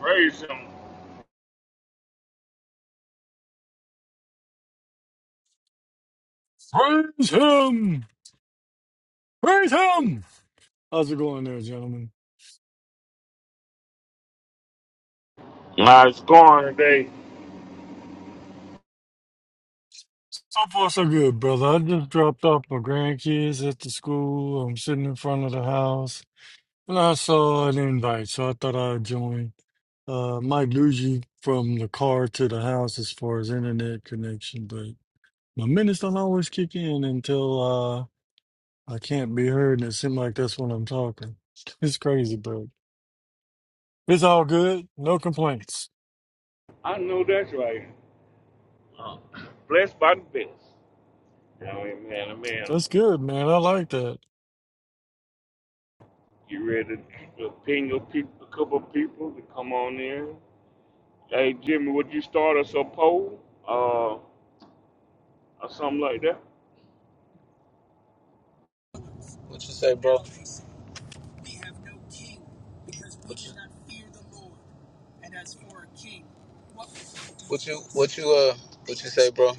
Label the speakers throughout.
Speaker 1: Praise him.
Speaker 2: Praise him! Praise him! How's it going there, gentlemen?
Speaker 1: How's it going today?
Speaker 2: So far, so good, brother. I just dropped off my grandkids at the school. I'm sitting in front of the house, and I saw an invite, so I thought I'd join. Uh, Mike Luigi from the car to the house as far as internet connection, but my minutes don't always kick in until uh, I can't be heard, and it seems like that's when I'm talking. It's crazy, but it's all good. No complaints.
Speaker 1: I know that's right. Uh, blessed by the best. Now, amen, amen.
Speaker 2: That's good, man. I like that.
Speaker 1: You ready to ping a, peop a couple of people to come on in? Hey, Jimmy, would you start us a poll uh, or something like that?
Speaker 3: What you say, bro? We have no king because we do not fear the Lord. And as for a king, What what you what you uh what you say, bro?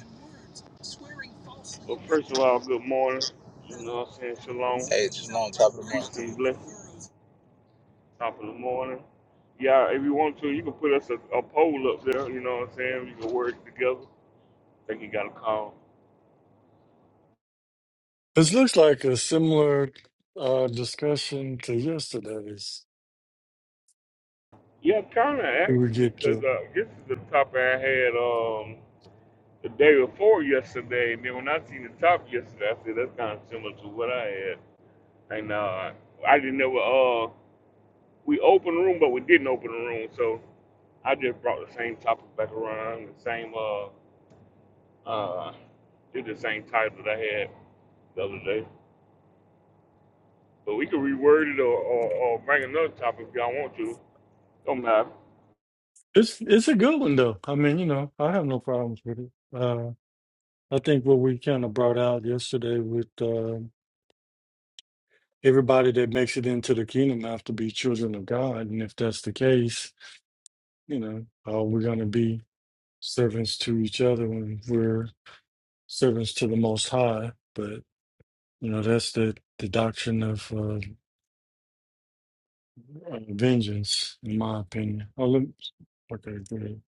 Speaker 1: Well, first of all, good morning. You know what I'm saying? Shalom,
Speaker 3: Hey, it's just on top of the morning,
Speaker 1: peace and blessings.
Speaker 3: King.
Speaker 1: Top of the morning. Yeah, if you want to, you can put us a, a poll up there. You know what I'm saying? We can work together. I think you got a call.
Speaker 2: This looks like a similar uh, discussion to yesterday's.
Speaker 1: Yeah, kind of
Speaker 2: that We
Speaker 1: actually,
Speaker 2: get
Speaker 1: because
Speaker 2: to
Speaker 1: uh, this is the topic I had um the day before yesterday, and then when I seen the topic yesterday, I said that's kind of similar to what I had. And uh, I didn't know uh we opened the room, but we didn't open the room, so I just brought the same topic back around, the same uh uh did the same title that I had the other day. But we can reword it or, or, or bring another topic if y'all want to. Don't matter.
Speaker 2: it's it's a good one though. I mean, you know, I have no problems with it. Uh, I think what we kind of brought out yesterday with uh, everybody that makes it into the kingdom have to be children of God, and if that's the case, you know, uh, we're going to be servants to each other when we're servants to the Most High. But you know, that's the the doctrine of uh, uh, vengeance, in my opinion. Oh, let me- okay, good.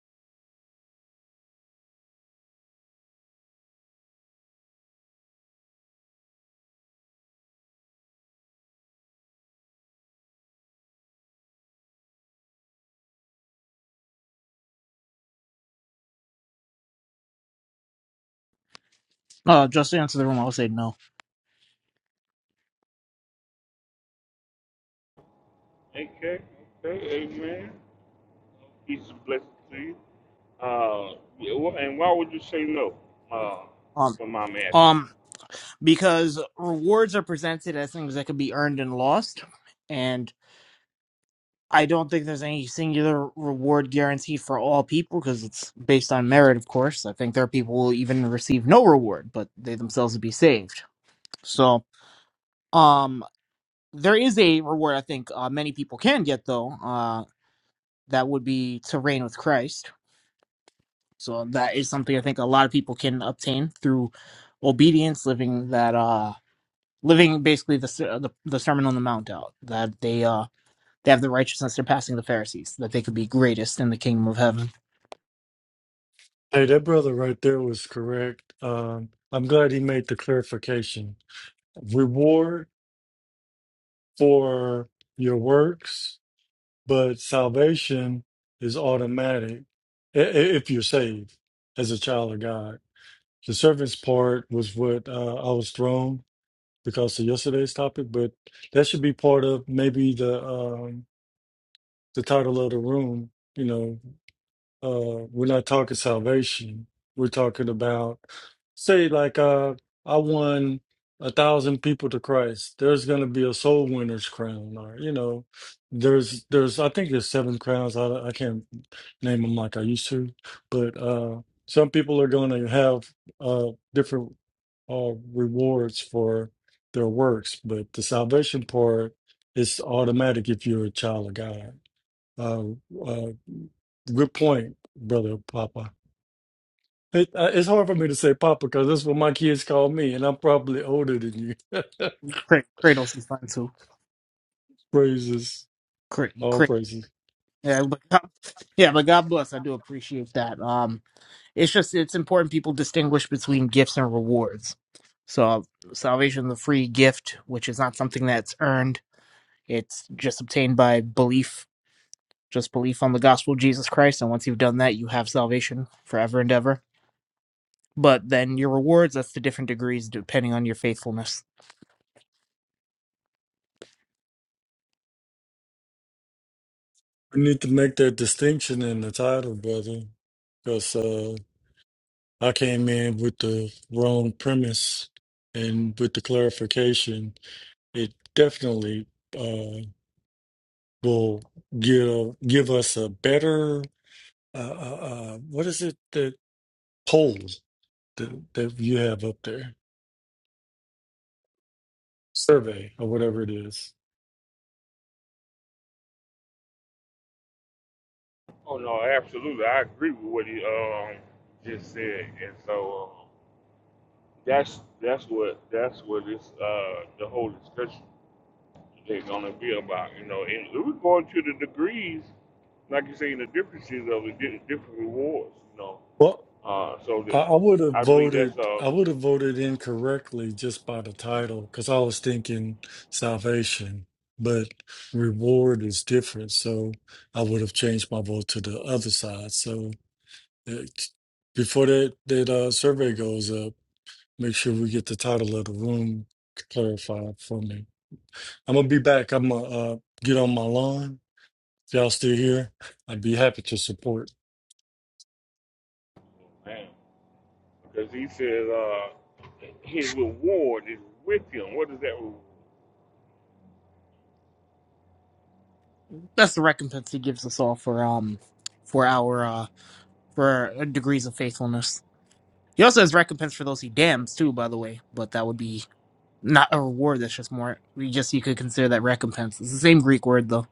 Speaker 4: Uh, just to answer the room, I would say no.
Speaker 1: Okay, okay, amen. He's a blessing to you. Uh, yeah, wh- and why would you say no? Uh,
Speaker 4: Um,
Speaker 1: my mom asked.
Speaker 4: um, because rewards are presented as things that can be earned and lost, and I don't think there's any singular reward guaranteed for all people because it's based on merit, of course. I think there are people who will even receive no reward, but they themselves would be saved. So, um, there is a reward I think uh, many people can get though. Uh, that would be to reign with Christ. So that is something I think a lot of people can obtain through obedience, living that. uh living basically the ser- the, the Sermon on the Mount out. That they uh they have the righteousness surpassing the Pharisees. That they could be greatest in the kingdom of heaven.
Speaker 2: Hey, that brother right there was correct. Um, I'm glad he made the clarification. Reward for your works, but salvation is automatic i- i- if you're saved as a child of God. The servant's part was what uh, I was thrown because of yesterday's topic, but that should be part of maybe the um, the title of the room. You know, Uh, we're not talking salvation. We're talking about, say, like uh, I won a thousand people to Christ. There's going to be a soul winner's crown, or you know, there's there's I think there's seven crowns. I I can't name them like I used to, but uh, some people are going to have uh different uh rewards for their works, but the salvation part is automatic if you're a child of God. Uh, uh, Good point, brother Papa. It, uh, it's hard for me to say Papa because that's what my kids call me, and I'm probably older than you.
Speaker 4: Cra- Kratos is fun too.
Speaker 2: Praises,
Speaker 4: Cra-
Speaker 2: all
Speaker 4: Cra-
Speaker 2: praises.
Speaker 4: yeah, but God, yeah, but God bless. I do appreciate that. Um, it's just it's important people distinguish between gifts and rewards. So salvation, is a free gift, which is not something that's earned. It's just obtained by belief, just belief on the gospel of Jesus Christ. And once you've done that, you have salvation forever and ever but then your rewards that's the different degrees depending on your faithfulness
Speaker 2: We need to make that distinction in the title, brother, because uh, I came in with the wrong premise, and with the clarification, it definitely uh, will give give us a better uh, uh, uh, what is it that poll that, that you have up there? survey or whatever it is.
Speaker 1: Oh no, absolutely. I agree with what he um just said, and so uh, that's that's what that's what this uh the whole discussion is gonna be about. You know, and we're going to the degrees, like you say, the differences of the di- different rewards. You know,
Speaker 2: Well,
Speaker 1: uh, so
Speaker 2: I,
Speaker 1: that
Speaker 2: I would have
Speaker 1: I believe
Speaker 2: voted.
Speaker 1: that's uh
Speaker 2: I would have voted incorrectly just by the title because I was thinking salvation, but reward is different. So I would have changed my vote to the other side. So it, before that that uh, survey goes up, make sure we get the title of the room clarified for me. I'm gonna be back. I'm gonna uh, get on my lawn. If y'all still here, I'd be happy to support.
Speaker 1: man, Because he says uh, his reward is with him. What is that? reward?
Speaker 4: that's the recompense he gives us all for um for our uh for our degrees of faithfulness he also has recompense for those he damns too by the way but that would be not a reward that's just more we just you could consider that recompense it's the same greek word though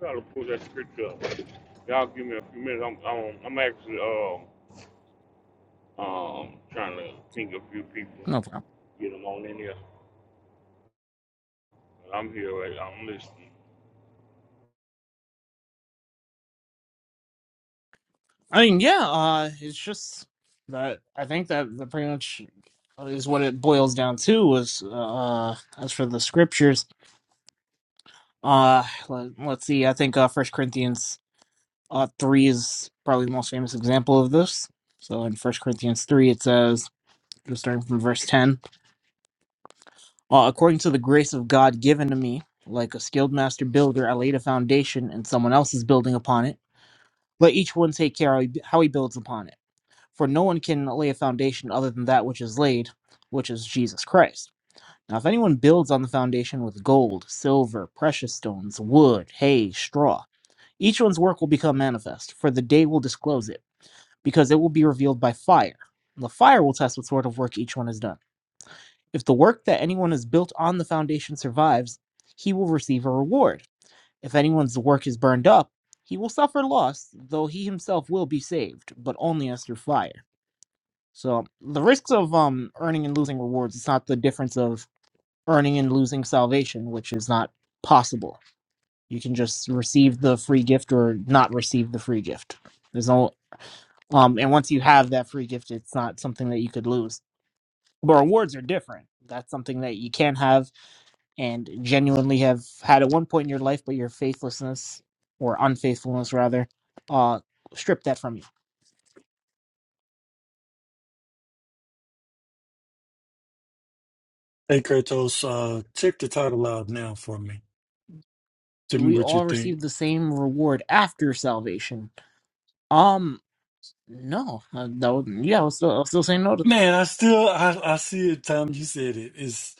Speaker 1: I gotta pull that scripture up. Y'all give me a few minutes. I'm I'm, I'm actually um um trying to think of a few people,
Speaker 4: no problem
Speaker 1: get them on in here. I'm here. Right, now. I'm listening.
Speaker 4: i mean yeah uh it's just that i think that that pretty much is what it boils down to was uh as for the scriptures uh let, let's see i think uh first corinthians Uh, three is probably the most famous example of this. So in First Corinthians 3, it says, just starting from verse 10, uh, according to the grace of God given to me, like a skilled master builder, I laid a foundation and someone else is building upon it. Let each one take care how he builds upon it. For no one can lay a foundation other than that which is laid, which is Jesus Christ. Now, if anyone builds on the foundation with gold, silver, precious stones, wood, hay, straw, each one's work will become manifest, for the day will disclose it because it will be revealed by fire. And the fire will test what sort of work each one has done. If the work that anyone has built on the foundation survives, he will receive a reward. If anyone's work is burned up, he will suffer loss, though he himself will be saved, but only as through fire. So the risks of um earning and losing rewards, it's not the difference of earning and losing salvation, which is not possible. You can just receive the free gift or not receive the free gift. There's no Um, and once you have that free gift, it's not something that you could lose. But rewards are different. That's something that you can have and genuinely have had at one point in your life, but your faithlessness or unfaithfulness, rather, uh, stripped that from you.
Speaker 2: Hey Kratos, uh, check the title out now for me. Tell me
Speaker 4: We
Speaker 2: what you
Speaker 4: all receive
Speaker 2: think.
Speaker 4: the same reward after salvation. Um, no, uh, that yeah, I'll still, I'll still saying no to.
Speaker 2: Man, I still I, I see it, Tom. You said it. It's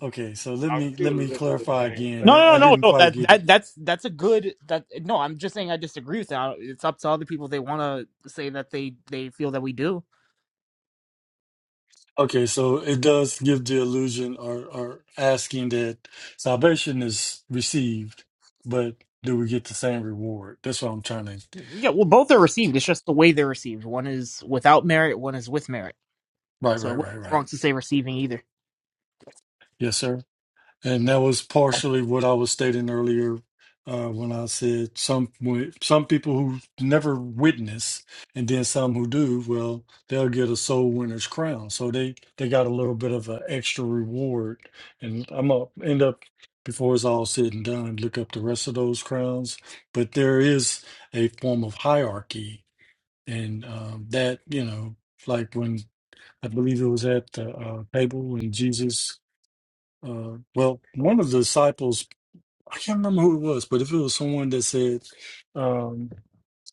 Speaker 2: okay, so let
Speaker 1: I
Speaker 2: me let
Speaker 1: still
Speaker 2: me
Speaker 1: live it the
Speaker 2: clarify
Speaker 1: same
Speaker 2: again.
Speaker 4: No,
Speaker 1: same
Speaker 4: no,
Speaker 2: I
Speaker 1: way.
Speaker 4: no,
Speaker 2: didn't
Speaker 4: no.
Speaker 2: quite
Speaker 4: That
Speaker 2: get it.
Speaker 4: that that's that's a good that. No, I'm just saying I disagree with that. It's up to other people. They want to say that they they feel that we do
Speaker 2: Okay, so it does give the illusion or or asking that salvation is received, but do we get the same reward? That's what I'm trying to
Speaker 4: Yeah, well, both are received. It's just the way they're received. One is without merit, one is with merit.
Speaker 2: Right,
Speaker 4: So it
Speaker 2: right,
Speaker 4: wouldn't
Speaker 2: right,
Speaker 4: be wrong
Speaker 2: right.
Speaker 4: to say receiving either.
Speaker 2: Yes, sir. And that was partially what I was stating earlier uh, when I said some some people who never witness, and then some who do. Well, they'll get a soul winner's crown, so they they got a little bit of an extra reward. And I'm gonna end up before it's all said and done, look up the rest of those crowns. But there is a form of hierarchy, and um, that you know, like when I believe it was at the uh, table when Jesus uh, well, one of the disciples, I can't remember who it was, but if it was someone that said, um,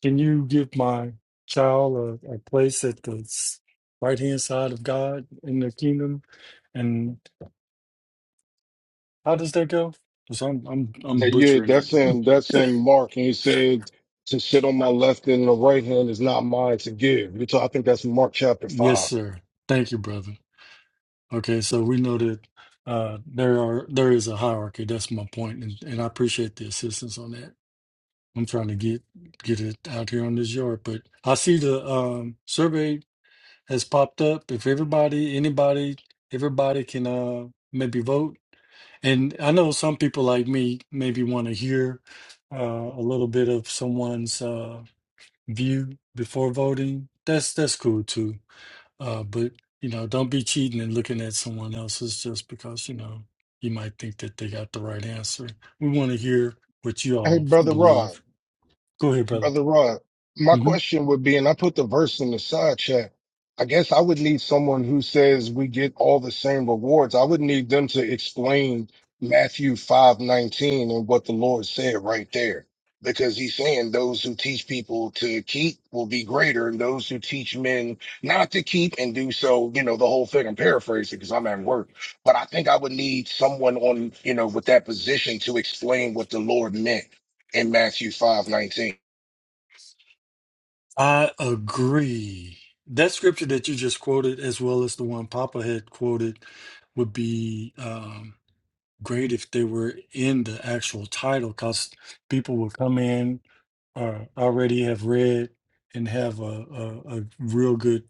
Speaker 2: Can you give my child a, a place at the right hand side of God in the kingdom? And how does that go? Because I'm, I'm, I'm
Speaker 5: That- Yeah,
Speaker 2: butchering it.
Speaker 5: that's in that's in Mark, and he said to sit on my left and the right hand is not mine to give. You talk- I think that's Mark chapter
Speaker 2: Yes,
Speaker 5: five.
Speaker 2: sir. Thank you, brother. Okay, so we know that uh, there are there is a hierarchy. That's my point, and, and I appreciate the assistance on that. I'm trying to get get it out here on this yard, but I see the um, survey has popped up. If everybody, anybody, everybody can uh maybe vote. And I know some people like me maybe want to hear uh, a little bit of someone's uh view before voting. That's that's cool too. Uh, but you know, don't be cheating and looking at someone else's just because you know you might think that they got the right answer. We want to hear what you
Speaker 5: Hey,
Speaker 2: all
Speaker 5: brother Rod.
Speaker 2: believe. Go ahead, brother.
Speaker 5: Brother Rod, my
Speaker 2: Mm-hmm.
Speaker 5: question would be, and I put the verse in the side chat. I guess I would need someone who says we get all the same rewards. I would need them to explain Matthew five nineteen and what the Lord said right there. Because he's saying those who teach people to keep will be greater, and those who teach men not to keep and do so, you know, the whole thing. I'm paraphrasing because I'm at work. But I think I would need someone on, you know, with that position to explain what the Lord meant in Matthew five nineteen.
Speaker 2: I agree. That scripture that you just quoted, as well as the one Papa had quoted, would be um, great if they were in the actual title, because people will come in or already have read and have a, a, a real good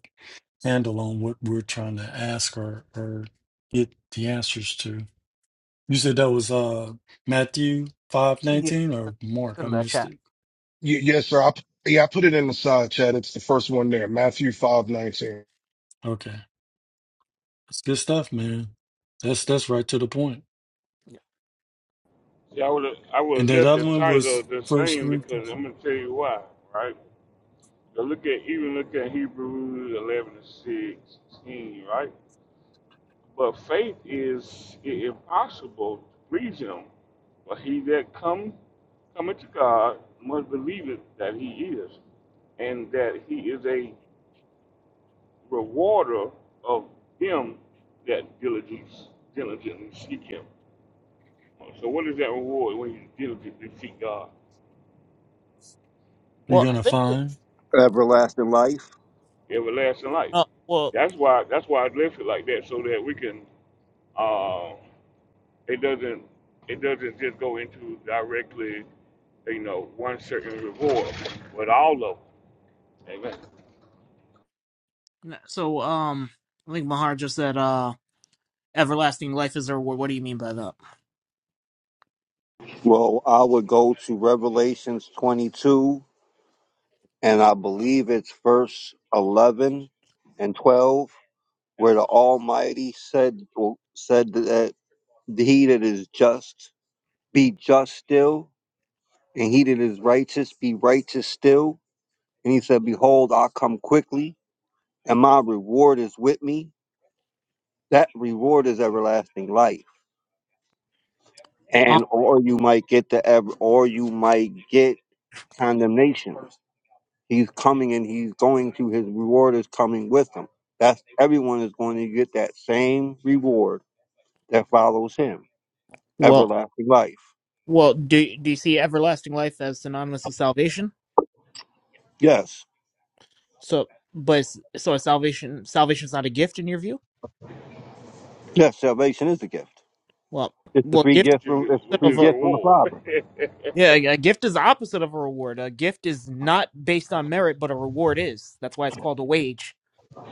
Speaker 2: handle on what we're trying to ask or, or get the answers to. You said that was uh, Matthew five
Speaker 4: Yeah,
Speaker 2: nineteen or Mark? I
Speaker 4: in the
Speaker 2: missed
Speaker 4: chat.
Speaker 2: it.
Speaker 5: Y- yes, sir. I, p- yeah, I put it in the side chat. It's the first one there, Matthew five nineteen.
Speaker 2: Okay, that's good stuff, man. That's that's right to the point.
Speaker 4: Yeah.
Speaker 1: See, I would I would
Speaker 2: And
Speaker 1: have
Speaker 2: that
Speaker 1: left the
Speaker 2: other one
Speaker 1: title
Speaker 2: was
Speaker 1: the
Speaker 2: First
Speaker 1: same because
Speaker 2: Corinthians.
Speaker 1: I'm gonna tell you why. Right. But look at even look at Hebrews 11 and 16. Right. But faith is i- impossible to please him. But he that come cometh to God must believe it that he is, and that he is a rewarder of them that diligence diligently seek him. So what is that reward when you diligently seek God?
Speaker 2: You're
Speaker 4: Well, I
Speaker 2: gonna
Speaker 4: think.
Speaker 2: find,
Speaker 6: everlasting life?
Speaker 1: Everlasting life.
Speaker 4: Uh, well,
Speaker 1: That's why that's why I left it like that so that we can uh, It doesn't it doesn't just go into directly, you know, one certain reward, but all of them. Amen.
Speaker 4: n- so um, I think Mahar just said, "Uh, everlasting life is a reward." What do you mean by that?
Speaker 6: Well, I would go to Revelations 22, and I believe it's verse 11 and 12, where the Almighty said said that he that is just be just still, and he that is righteous be righteous still. And he said, Behold, I come quickly, and my reward is with me. That reward is everlasting life.
Speaker 4: Um,
Speaker 6: And or you might get the ev- or you might get condemnation. He's coming and he's going to his reward is coming with him. That's everyone is going to get that same reward that follows him.
Speaker 4: well,
Speaker 6: Everlasting life.
Speaker 4: well, do do you see everlasting life as synonymous with salvation?
Speaker 6: Yes.
Speaker 4: So, but it's- so is salvation salvation's not a gift in your view?
Speaker 6: Yes, salvation is a gift.
Speaker 4: Well,
Speaker 6: It's the
Speaker 4: well,
Speaker 6: free
Speaker 4: gift is
Speaker 6: gift
Speaker 1: Which is
Speaker 6: from it's a
Speaker 4: the
Speaker 1: which
Speaker 6: free
Speaker 1: is a
Speaker 4: opposite
Speaker 6: gift from the
Speaker 1: reward.
Speaker 6: Father.
Speaker 4: Yeah, a a gift is the opposite of a reward. A gift is not based on merit, but a reward is. That's why it's called a wage.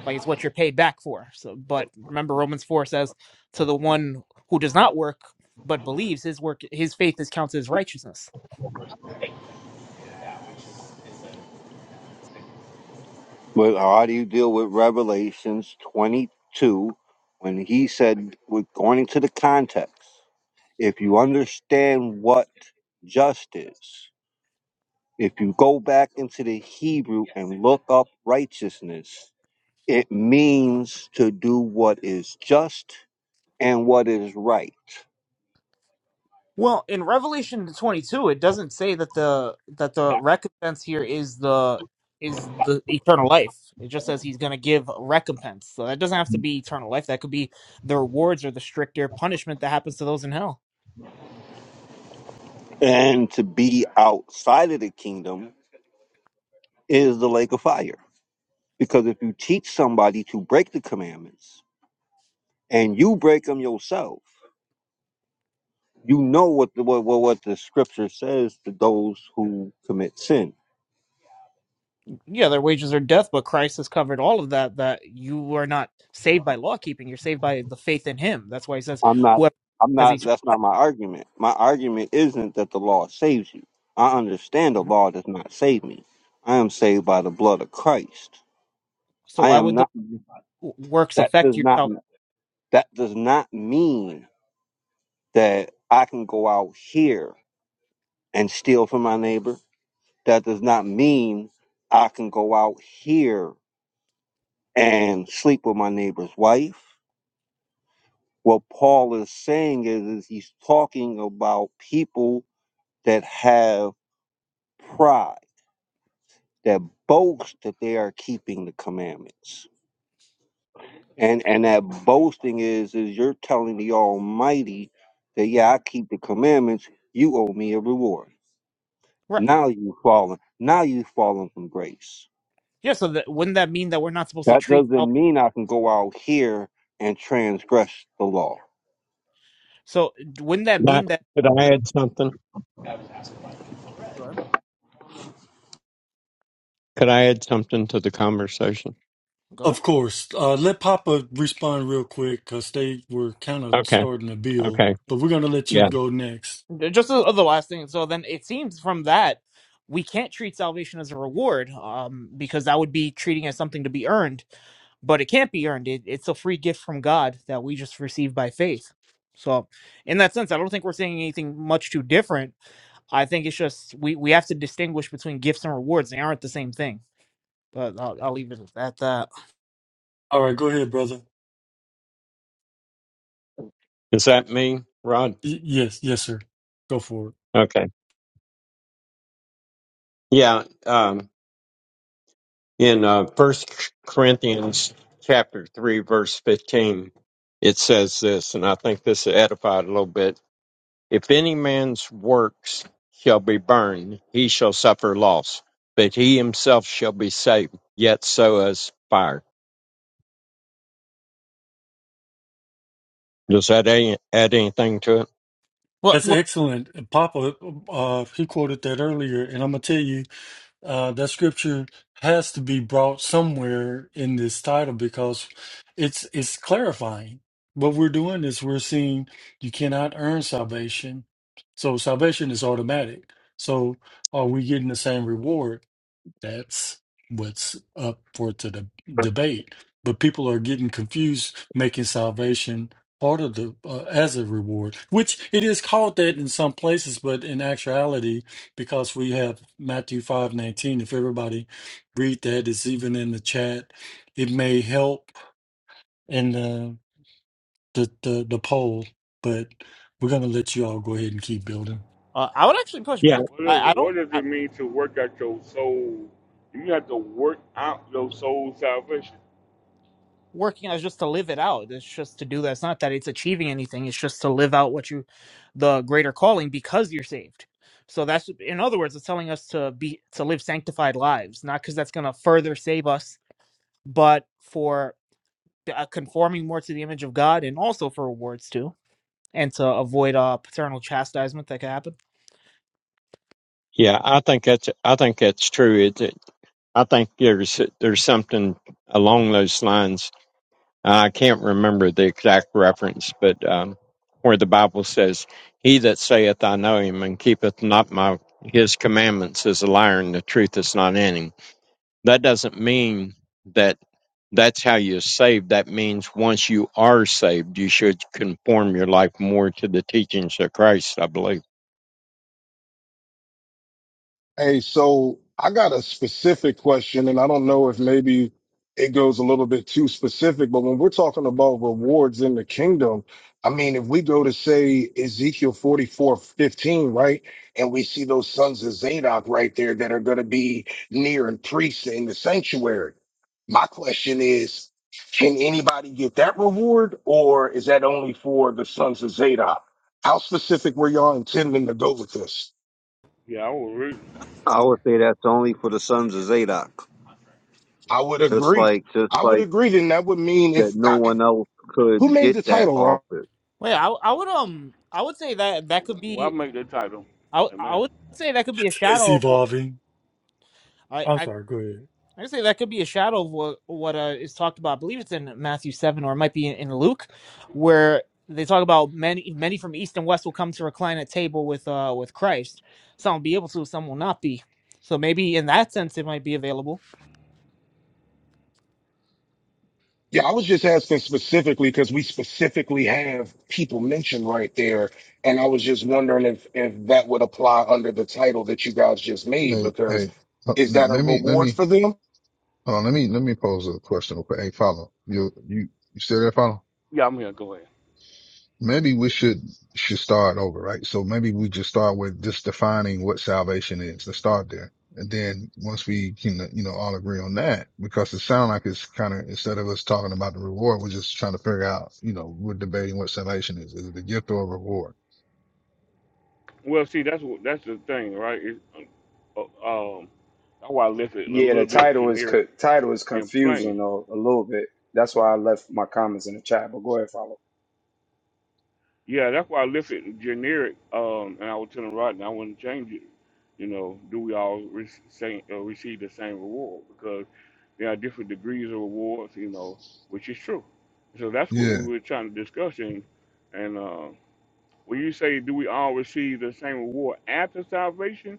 Speaker 4: Like it's what you're paid back for. So, but remember, Romans four says, "To the one who does not work but believes his work, his faith is counted as righteousness."
Speaker 6: But how do you deal with Revelations twenty two when he said according to the context, if you understand what just is, if you go back into the Hebrew and look up righteousness, It means to do what is just and what is right.
Speaker 4: Well, in Revelation 22, it doesn't say that the that the recompense here is the is the eternal life. It just says he's going to give a recompense. So that doesn't have to be eternal life. That could be the rewards or the stricter punishment that happens to those in hell.
Speaker 6: And to be outside of the kingdom is the lake of fire. Because if you teach somebody to break the commandments and you break them yourself, you know what the what, what, what the scripture says to those who commit sin.
Speaker 4: yeah, their wages are death, but Christ has covered all of that. That you are not saved by law keeping; you're saved by the faith in Him. That's why He says,
Speaker 6: I'm not
Speaker 4: "Whoever
Speaker 6: I'm
Speaker 4: has
Speaker 6: not
Speaker 4: eternal."
Speaker 6: that's not my argument. My argument isn't that the law saves you. I understand the law does not save me. I am saved by the blood of Christ.
Speaker 4: So
Speaker 6: I
Speaker 4: why
Speaker 6: am
Speaker 4: would the
Speaker 6: not.
Speaker 4: works
Speaker 6: That does
Speaker 4: affect your
Speaker 6: not
Speaker 4: salvation?
Speaker 6: that does not mean that I can go out here and steal from my neighbor. That does not mean I can go out here and sleep with my neighbor's wife. What Paul is saying is, is he's talking about people that have pride, that boast that they are keeping the commandments. And and that boasting is is you're telling the Almighty that
Speaker 4: Mm-hmm.
Speaker 6: yeah, I keep the commandments, you owe me a reward.
Speaker 4: Right?
Speaker 6: Now you've fallen. Now you've fallen from grace.
Speaker 4: Yeah. So that, wouldn't that mean that we're not supposed to
Speaker 6: That
Speaker 4: treat?
Speaker 6: doesn't
Speaker 4: Salvation?
Speaker 6: mean I can go out here and transgress the law.
Speaker 4: So wouldn't that
Speaker 7: Could I,
Speaker 4: mean that?
Speaker 7: could I add something?
Speaker 4: Go ahead.
Speaker 7: Could I add something to the conversation?
Speaker 4: Go ahead.
Speaker 2: of course. Uh, let Papa respond real quick because they were kind of
Speaker 7: Okay.
Speaker 2: starting to build.
Speaker 7: Okay.
Speaker 2: But we're gonna let you
Speaker 7: Yeah.
Speaker 2: go next.
Speaker 4: just the, the last thing. So then it seems from that we can't treat salvation as a reward, um, because that would be treating it as something to be earned. But it can't be earned. It, it's a free gift from God that we just receive by faith. So, in that sense, I don't think we're saying anything much too different. I think it's just we we have to distinguish between gifts and rewards. They aren't the same thing. But I'll, I'll leave it at that.
Speaker 2: All right, go ahead, brother.
Speaker 7: Is that me, Rod?
Speaker 2: Y- yes, yes, sir. Go for it.
Speaker 7: Okay. Yeah. Um, in uh, First Corinthians chapter three, verse fifteen, it says this, and I think this edified a little bit. If any man's works shall be burned, he shall suffer loss, but he himself shall be saved, yet so as fire. Does that add add anything to it?
Speaker 4: Well,
Speaker 2: That's
Speaker 4: well
Speaker 2: excellent, Papa. Uh, he quoted that earlier, and I'm gonna tell you. Uh, that scripture has to be brought somewhere in this title because it's it's clarifying. What we're doing is we're seeing you cannot earn salvation, so salvation is automatic. So are we getting the same reward? That's what's up for to the debate. But people are getting confused, making salvation part of the uh, as a reward, which it is called that in some places, but in actuality, because we have Matthew five nineteen. If everybody read that, it's even in the chat. It may help in the the the, the poll, but we're gonna let you all go ahead and keep building.
Speaker 4: uh, I would actually push back.
Speaker 1: what does
Speaker 4: I, I don't.
Speaker 1: what does it mean to work out your soul? You have to work out your soul salvation.
Speaker 4: working out is just to live it out. It's just to do that. It's not that it's achieving anything. It's just to live out what you, the greater calling, because you're saved. So that's, in other words, it's telling us to be to live sanctified lives, not because that's going to further save us, but for uh, conforming more to the image of God, and also for rewards too, and to avoid uh paternal chastisement that could happen.
Speaker 7: Yeah, I think that's I think that's true. It, it- I think there's there's something along those lines. I can't remember the exact reference, but um, where the Bible says, "He that saith, I know him, and keepeth not my his commandments, is a liar, and the truth is not in him." That doesn't mean that that's how you're saved. That means once you are saved, you should conform your life more to the teachings of Christ. I believe.
Speaker 5: Hey, so I got a specific question, and I don't know if maybe it goes a little bit too specific, but when we're talking about rewards in the kingdom, I mean, if we go to say Ezekiel 44 15, right? And we see those sons of Zadok right there that are going to be near and priests in the sanctuary. My question is, can anybody get that reward, or is that only for the sons of Zadok? How specific were y'all intending to go with this?
Speaker 1: Yeah, I will read.
Speaker 6: I would say that's only for the sons of Zadok.
Speaker 5: I would
Speaker 6: Just
Speaker 5: agree.
Speaker 6: like, just
Speaker 5: I would
Speaker 6: like
Speaker 5: agree. Then that would mean
Speaker 6: that,
Speaker 5: if
Speaker 6: no
Speaker 5: I,
Speaker 6: one else
Speaker 5: who
Speaker 6: could
Speaker 5: made
Speaker 6: get
Speaker 5: the
Speaker 6: that
Speaker 5: title wrong?
Speaker 6: office.
Speaker 4: Well, yeah, I, I would um, I would say that that could
Speaker 1: Well, I
Speaker 4: be,
Speaker 1: make the title.
Speaker 4: I, would- I
Speaker 1: Amen.
Speaker 4: would say that could be a
Speaker 2: It's it's
Speaker 4: shadow of what.
Speaker 2: evolving.
Speaker 4: I.
Speaker 2: I'm
Speaker 4: I
Speaker 2: sorry. Go ahead.
Speaker 4: I say that could be a shadow of what what uh, is talked about. I believe it's in Matthew seven, or it might be in, in Luke, where they talk about many many from east and west will come to recline at table with uh with Christ. Some will be able to, some will not be. So maybe in that sense, it might be available.
Speaker 5: Yeah, I was just asking specifically because we specifically have people mentioned right there, and I was just wondering if if that would apply under the title that you guys just made
Speaker 8: Hey,
Speaker 5: because
Speaker 8: hey, uh,
Speaker 5: is
Speaker 8: let
Speaker 5: that a
Speaker 8: let me, let
Speaker 5: reward
Speaker 8: me,
Speaker 5: for them?
Speaker 8: hold on, let me, let me pose a question real quick. Hey, follow, you, you, you still there, follow?
Speaker 1: Yeah, I'm here. Go ahead.
Speaker 8: Maybe we should, should start over, right? So maybe we just start with just defining what salvation is. Let's start there. And then once we can, you know, all agree on that, because it sounds like it's kind of, instead of us talking about the reward, we're just trying to figure out, you know, we're debating what salvation is. Is it a gift or a reward?
Speaker 1: Well, see, that's what that's the thing, right? It, uh, um, that's why I left it a
Speaker 9: Yeah,
Speaker 1: little
Speaker 9: the
Speaker 1: bit
Speaker 9: title is
Speaker 1: generic
Speaker 9: co- title is
Speaker 1: and plain.
Speaker 9: confusing a, a little bit. That's why I left my comments in the chat. But go ahead, follow.
Speaker 1: Yeah, that's why I left it generic. Um, and I was telling Rodney I wouldn't change it. You know, do we all re- same, uh, receive the same reward? Because there are different degrees of rewards. You know, which is true. So that's what
Speaker 8: Yeah.
Speaker 1: we were trying to discuss. And, and uh, when you say, do we all receive the same reward after salvation?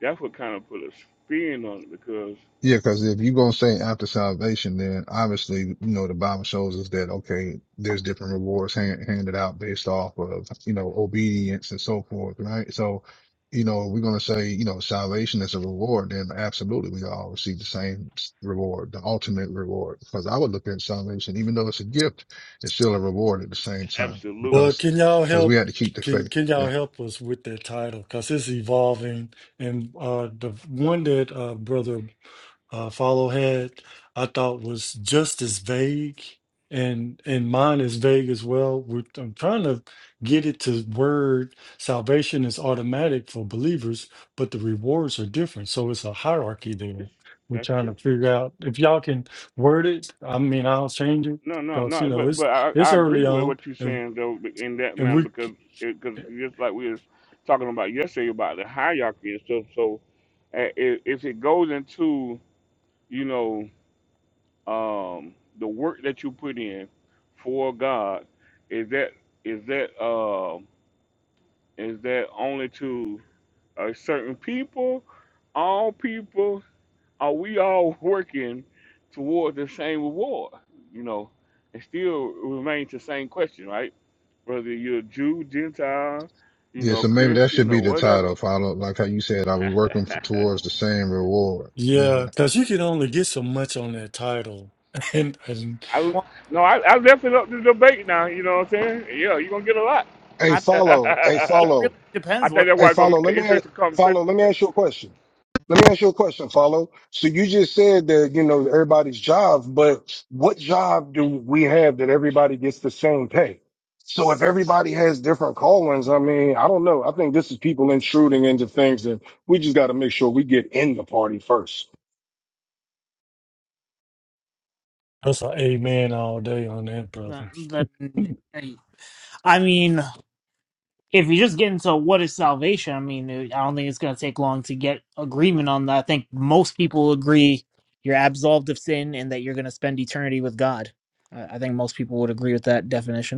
Speaker 1: That's what kind of put a spin on it because
Speaker 8: Yeah, because if you're gonna say after salvation, then obviously, you know, the Bible shows us that okay, there's different rewards hand, handed out based off of you know obedience and so forth, right? So, you know, if we're gonna say you know salvation is a reward, then absolutely we all receive the same s- reward, the ultimate reward. Because I would look at salvation, even though it's a gift, it's still a reward at the same time
Speaker 2: Well,
Speaker 1: absolutely,
Speaker 8: because
Speaker 2: can y'all
Speaker 8: because we
Speaker 2: help?
Speaker 8: had to keep the
Speaker 2: Can
Speaker 8: faith.
Speaker 2: can y'all
Speaker 8: Yeah.
Speaker 2: help us with that title? Because it's evolving, and uh, the one that uh, Brother uh, Follow had, I thought was just as vague, and and mine is vague as well. We're, I'm trying to get it to word salvation is automatic for believers, but the rewards are different, so it's a hierarchy there.
Speaker 1: it's,
Speaker 2: We're
Speaker 1: that's
Speaker 2: trying
Speaker 1: true.
Speaker 2: to figure out if y'all can word it. I mean, I'll change it
Speaker 1: No, no,
Speaker 2: because you
Speaker 1: no.
Speaker 2: know
Speaker 1: But
Speaker 2: it's
Speaker 1: but I,
Speaker 2: it's
Speaker 1: I agree
Speaker 2: early
Speaker 1: with
Speaker 2: on.
Speaker 1: what you're
Speaker 2: and.
Speaker 1: saying though in that
Speaker 2: And
Speaker 1: manner
Speaker 2: we,
Speaker 1: because because just like we were talking about yesterday about the hierarchy and stuff. So uh, if, if it goes into you know um, the work that you put in for God, is that is that uh, is that only to a certain people, all people? are we all working toward the same reward? You know, it still remains the same question, right? Whether you're Jew, Gentile, you
Speaker 8: Yeah,
Speaker 1: know,
Speaker 8: so maybe that should
Speaker 1: Christian
Speaker 8: be
Speaker 1: or
Speaker 8: the title,
Speaker 1: whatever.
Speaker 8: follow. Like how you said, are we working f towards the same reward? Yeah.
Speaker 2: yeah, because you can only get so much on that title. And, and
Speaker 1: I
Speaker 4: Well,
Speaker 1: no, I, I left it up to debate now, you know what I'm saying? Yeah, you're gonna get a lot.
Speaker 5: Hey,
Speaker 4: I mean,
Speaker 5: follow. Hey,
Speaker 4: it really
Speaker 5: follow.
Speaker 1: I
Speaker 4: depends
Speaker 1: think
Speaker 4: what
Speaker 1: that's
Speaker 5: Hey,
Speaker 1: why it's gonna
Speaker 5: follow.
Speaker 1: be
Speaker 5: Let
Speaker 1: an
Speaker 5: me
Speaker 1: interesting conversation.
Speaker 5: follow. Let me ask you a question. Let me ask you a question, follow. So you just said that you know everybody's job, but what job do we have that everybody gets the same pay? So if everybody has different callings, I mean, I don't know. I think this is people intruding into things that we just got to make sure we get in the party first.
Speaker 2: that's an amen all day on that,
Speaker 4: the,
Speaker 2: brother.
Speaker 4: the hey, I mean. if you just get into what is salvation, I mean, I don't think it's going to take long to get agreement on that. I think most people agree you're absolved of sin and that you're going to spend eternity with God. I I think most people would agree with that definition.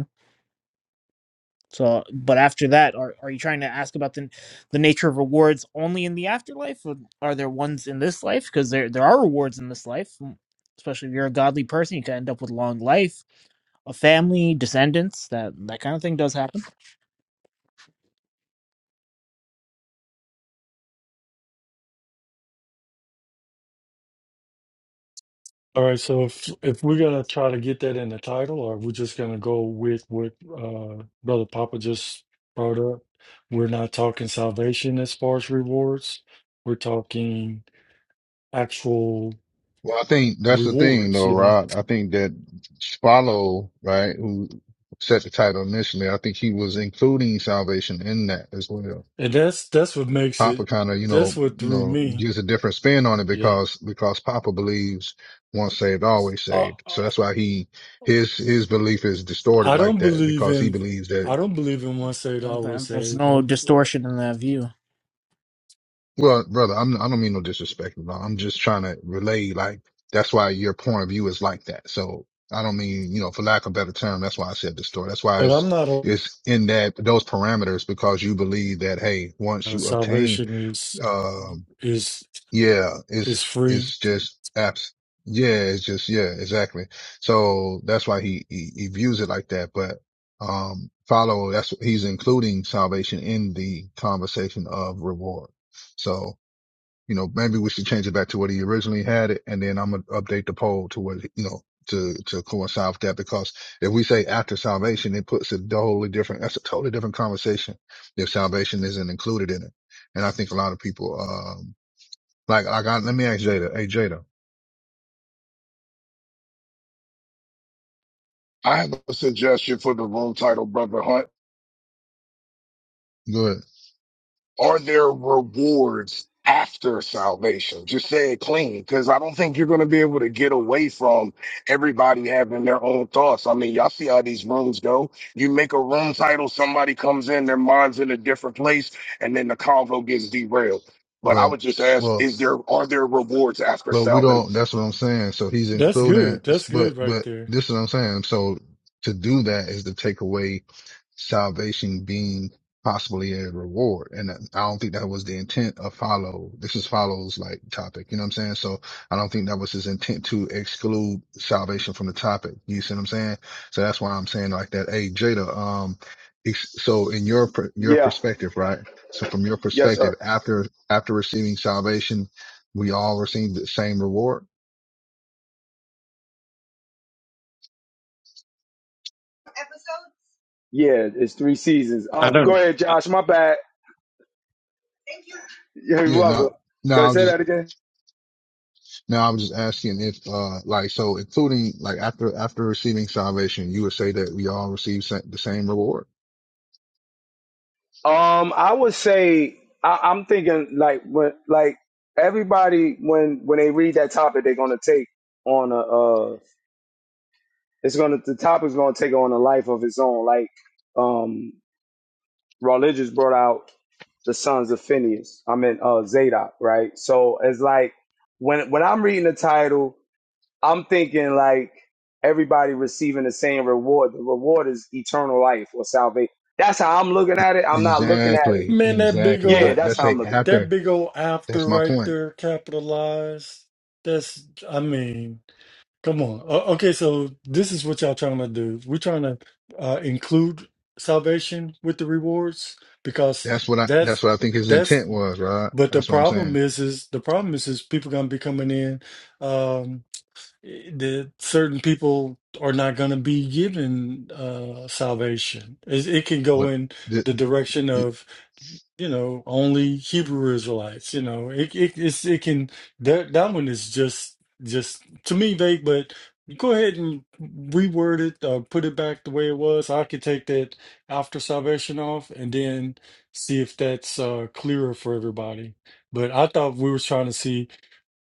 Speaker 4: So, but after that, are, are you trying to ask about the the nature of rewards only in the afterlife? Or are there ones in this life? Because there there are rewards in this life, m- especially if you're a godly person, you can end up with long life, a family, descendants. That that kind of thing does happen.
Speaker 2: All right, so if if we're gonna try to get that in the title, or we're just gonna go with what uh, Brother Papa just brought up, we're not talking salvation as far as rewards. We're talking actual
Speaker 8: Well, I think that's the thing
Speaker 2: rewards,
Speaker 8: though,
Speaker 2: you know,
Speaker 8: Rod. I think that Follow, right, who set the title initially, I think he was including salvation in that as well.
Speaker 2: and that's that's what makes
Speaker 8: Papa
Speaker 2: it.
Speaker 8: kind of, you
Speaker 2: That's
Speaker 8: know,
Speaker 2: what
Speaker 8: you
Speaker 2: threw
Speaker 8: know,
Speaker 2: me.
Speaker 8: gives a different spin on it
Speaker 2: Yeah,
Speaker 8: because, because Papa believes once saved, always
Speaker 2: uh,
Speaker 8: saved. So
Speaker 2: uh,
Speaker 8: that's why he, his, his belief is distorted
Speaker 2: I
Speaker 8: like
Speaker 2: don't
Speaker 8: that
Speaker 2: believe
Speaker 8: because he
Speaker 2: in
Speaker 8: believes that
Speaker 2: I don't believe in once saved
Speaker 4: And
Speaker 2: always
Speaker 4: th- There's
Speaker 2: saved, I
Speaker 4: no
Speaker 2: be-
Speaker 4: distortion in that view.
Speaker 8: Well, brother, I'm, I don't mean no disrespect. bro. I'm just trying to relay, like, that's why your point of view is like that. So I don't mean, you know, for lack of a better term, that's why I said the story. That's why
Speaker 2: but I'm
Speaker 8: it's,
Speaker 2: not a
Speaker 8: it's in that, those parameters, because you believe that, hey, once
Speaker 2: uh,
Speaker 8: you obtain,
Speaker 2: salvation is
Speaker 8: um,
Speaker 2: is
Speaker 8: yeah, it's,
Speaker 2: is free
Speaker 8: it's just apps. Yeah, it's just, yeah, exactly. So that's why he, he, he views it like that. But, um, follow, that's, he's including salvation in the conversation of reward. So, you know, maybe we should change it back to what he originally had it. And then I'm going to update the poll to what, you know, to, to coincide with that. Because if we say after salvation, it puts a totally different, that's a totally different conversation if salvation isn't included in it. And I think a lot of people, um, like, like I, let me ask Jada. Hey, Jada,
Speaker 5: I have a suggestion for the room title, Brother Hunt.
Speaker 8: good.
Speaker 5: Are there rewards after salvation? Just say it clean, because I don't think you're going to be able to get away from everybody having their own thoughts. I mean, y'all see how these rooms go. You make a room title, somebody comes in, their mind's in a different place, and then the convo gets derailed. But I
Speaker 8: Well,
Speaker 5: would just ask,
Speaker 8: well,
Speaker 5: is there are there rewards after
Speaker 8: but we
Speaker 5: salvation?
Speaker 8: don't, that's what I'm saying. So he's
Speaker 2: That's
Speaker 8: including,
Speaker 2: good. That's
Speaker 8: but,
Speaker 2: good right
Speaker 8: but
Speaker 2: there.
Speaker 8: this is what I'm saying. So to do that is to take away salvation being possibly a reward. And I don't think that was the intent of follow. This is follows like topic. You know what I'm saying? So I don't think that was his intent to exclude salvation from the topic. You see what I'm saying? So that's why I'm saying like that. Hey, Jada, um, it's, so in your, per- your
Speaker 9: Yeah,
Speaker 8: perspective, right? So from your
Speaker 9: yes,
Speaker 8: perspective,
Speaker 9: sir.
Speaker 8: after, after receiving salvation, we all receive the same reward.
Speaker 9: Yeah, it's three seasons. Uh,
Speaker 7: I
Speaker 9: go
Speaker 7: don't.
Speaker 9: ahead, Josh. My bad. Yeah, you're
Speaker 8: Yeah,
Speaker 9: welcome.
Speaker 8: no, no,
Speaker 9: Go ahead,
Speaker 8: I'm
Speaker 9: say
Speaker 8: just
Speaker 9: that again.
Speaker 8: Now I'm just asking if, uh, like, so including, like, after, after receiving salvation, you would say that we all receive sa- the same reward.
Speaker 9: Um, I would say I, I'm thinking like when like everybody when when they read that topic, they're gonna take on a uh, it's gonna the topic's gonna take on a life of its own. Like um. religious brought out the sons of Phineas. I mean uh Zadok, right? So it's like when when I'm reading the title, I'm thinking like everybody receiving the same reward. The reward is eternal life or salvation. That's how I'm looking at it. I'm not looking at it.
Speaker 8: Exactly.
Speaker 2: Man, that big
Speaker 8: Exactly.
Speaker 9: Yeah,
Speaker 2: old
Speaker 8: But
Speaker 9: that's
Speaker 8: let's
Speaker 9: how
Speaker 8: say
Speaker 9: I'm looking at it.
Speaker 2: that
Speaker 8: after,
Speaker 2: big old
Speaker 8: that's
Speaker 2: after
Speaker 8: my
Speaker 2: right
Speaker 8: point.
Speaker 2: there capitalized. That's I mean, come on. O- okay, so this is what y'all trying to do. We're trying to uh, include salvation with the rewards because
Speaker 8: That's what I, that's
Speaker 2: that's
Speaker 8: what I think his
Speaker 2: that's
Speaker 8: intent was, right?
Speaker 2: but the
Speaker 8: That's what I'm
Speaker 2: problem
Speaker 8: saying.
Speaker 2: is is the problem is is people gonna be coming in um, that certain people are not going to be given uh, salvation. It, it can go
Speaker 8: But
Speaker 2: in
Speaker 8: this,
Speaker 2: the direction
Speaker 8: it,
Speaker 2: of you know, only Hebrew Israelites. You know, it it it's, it can that that one is just just to me vague. But go ahead and reword it, uh, put it back the way it was. I could take that after salvation off, and then see if that's uh, clearer for everybody. But I thought we were trying to see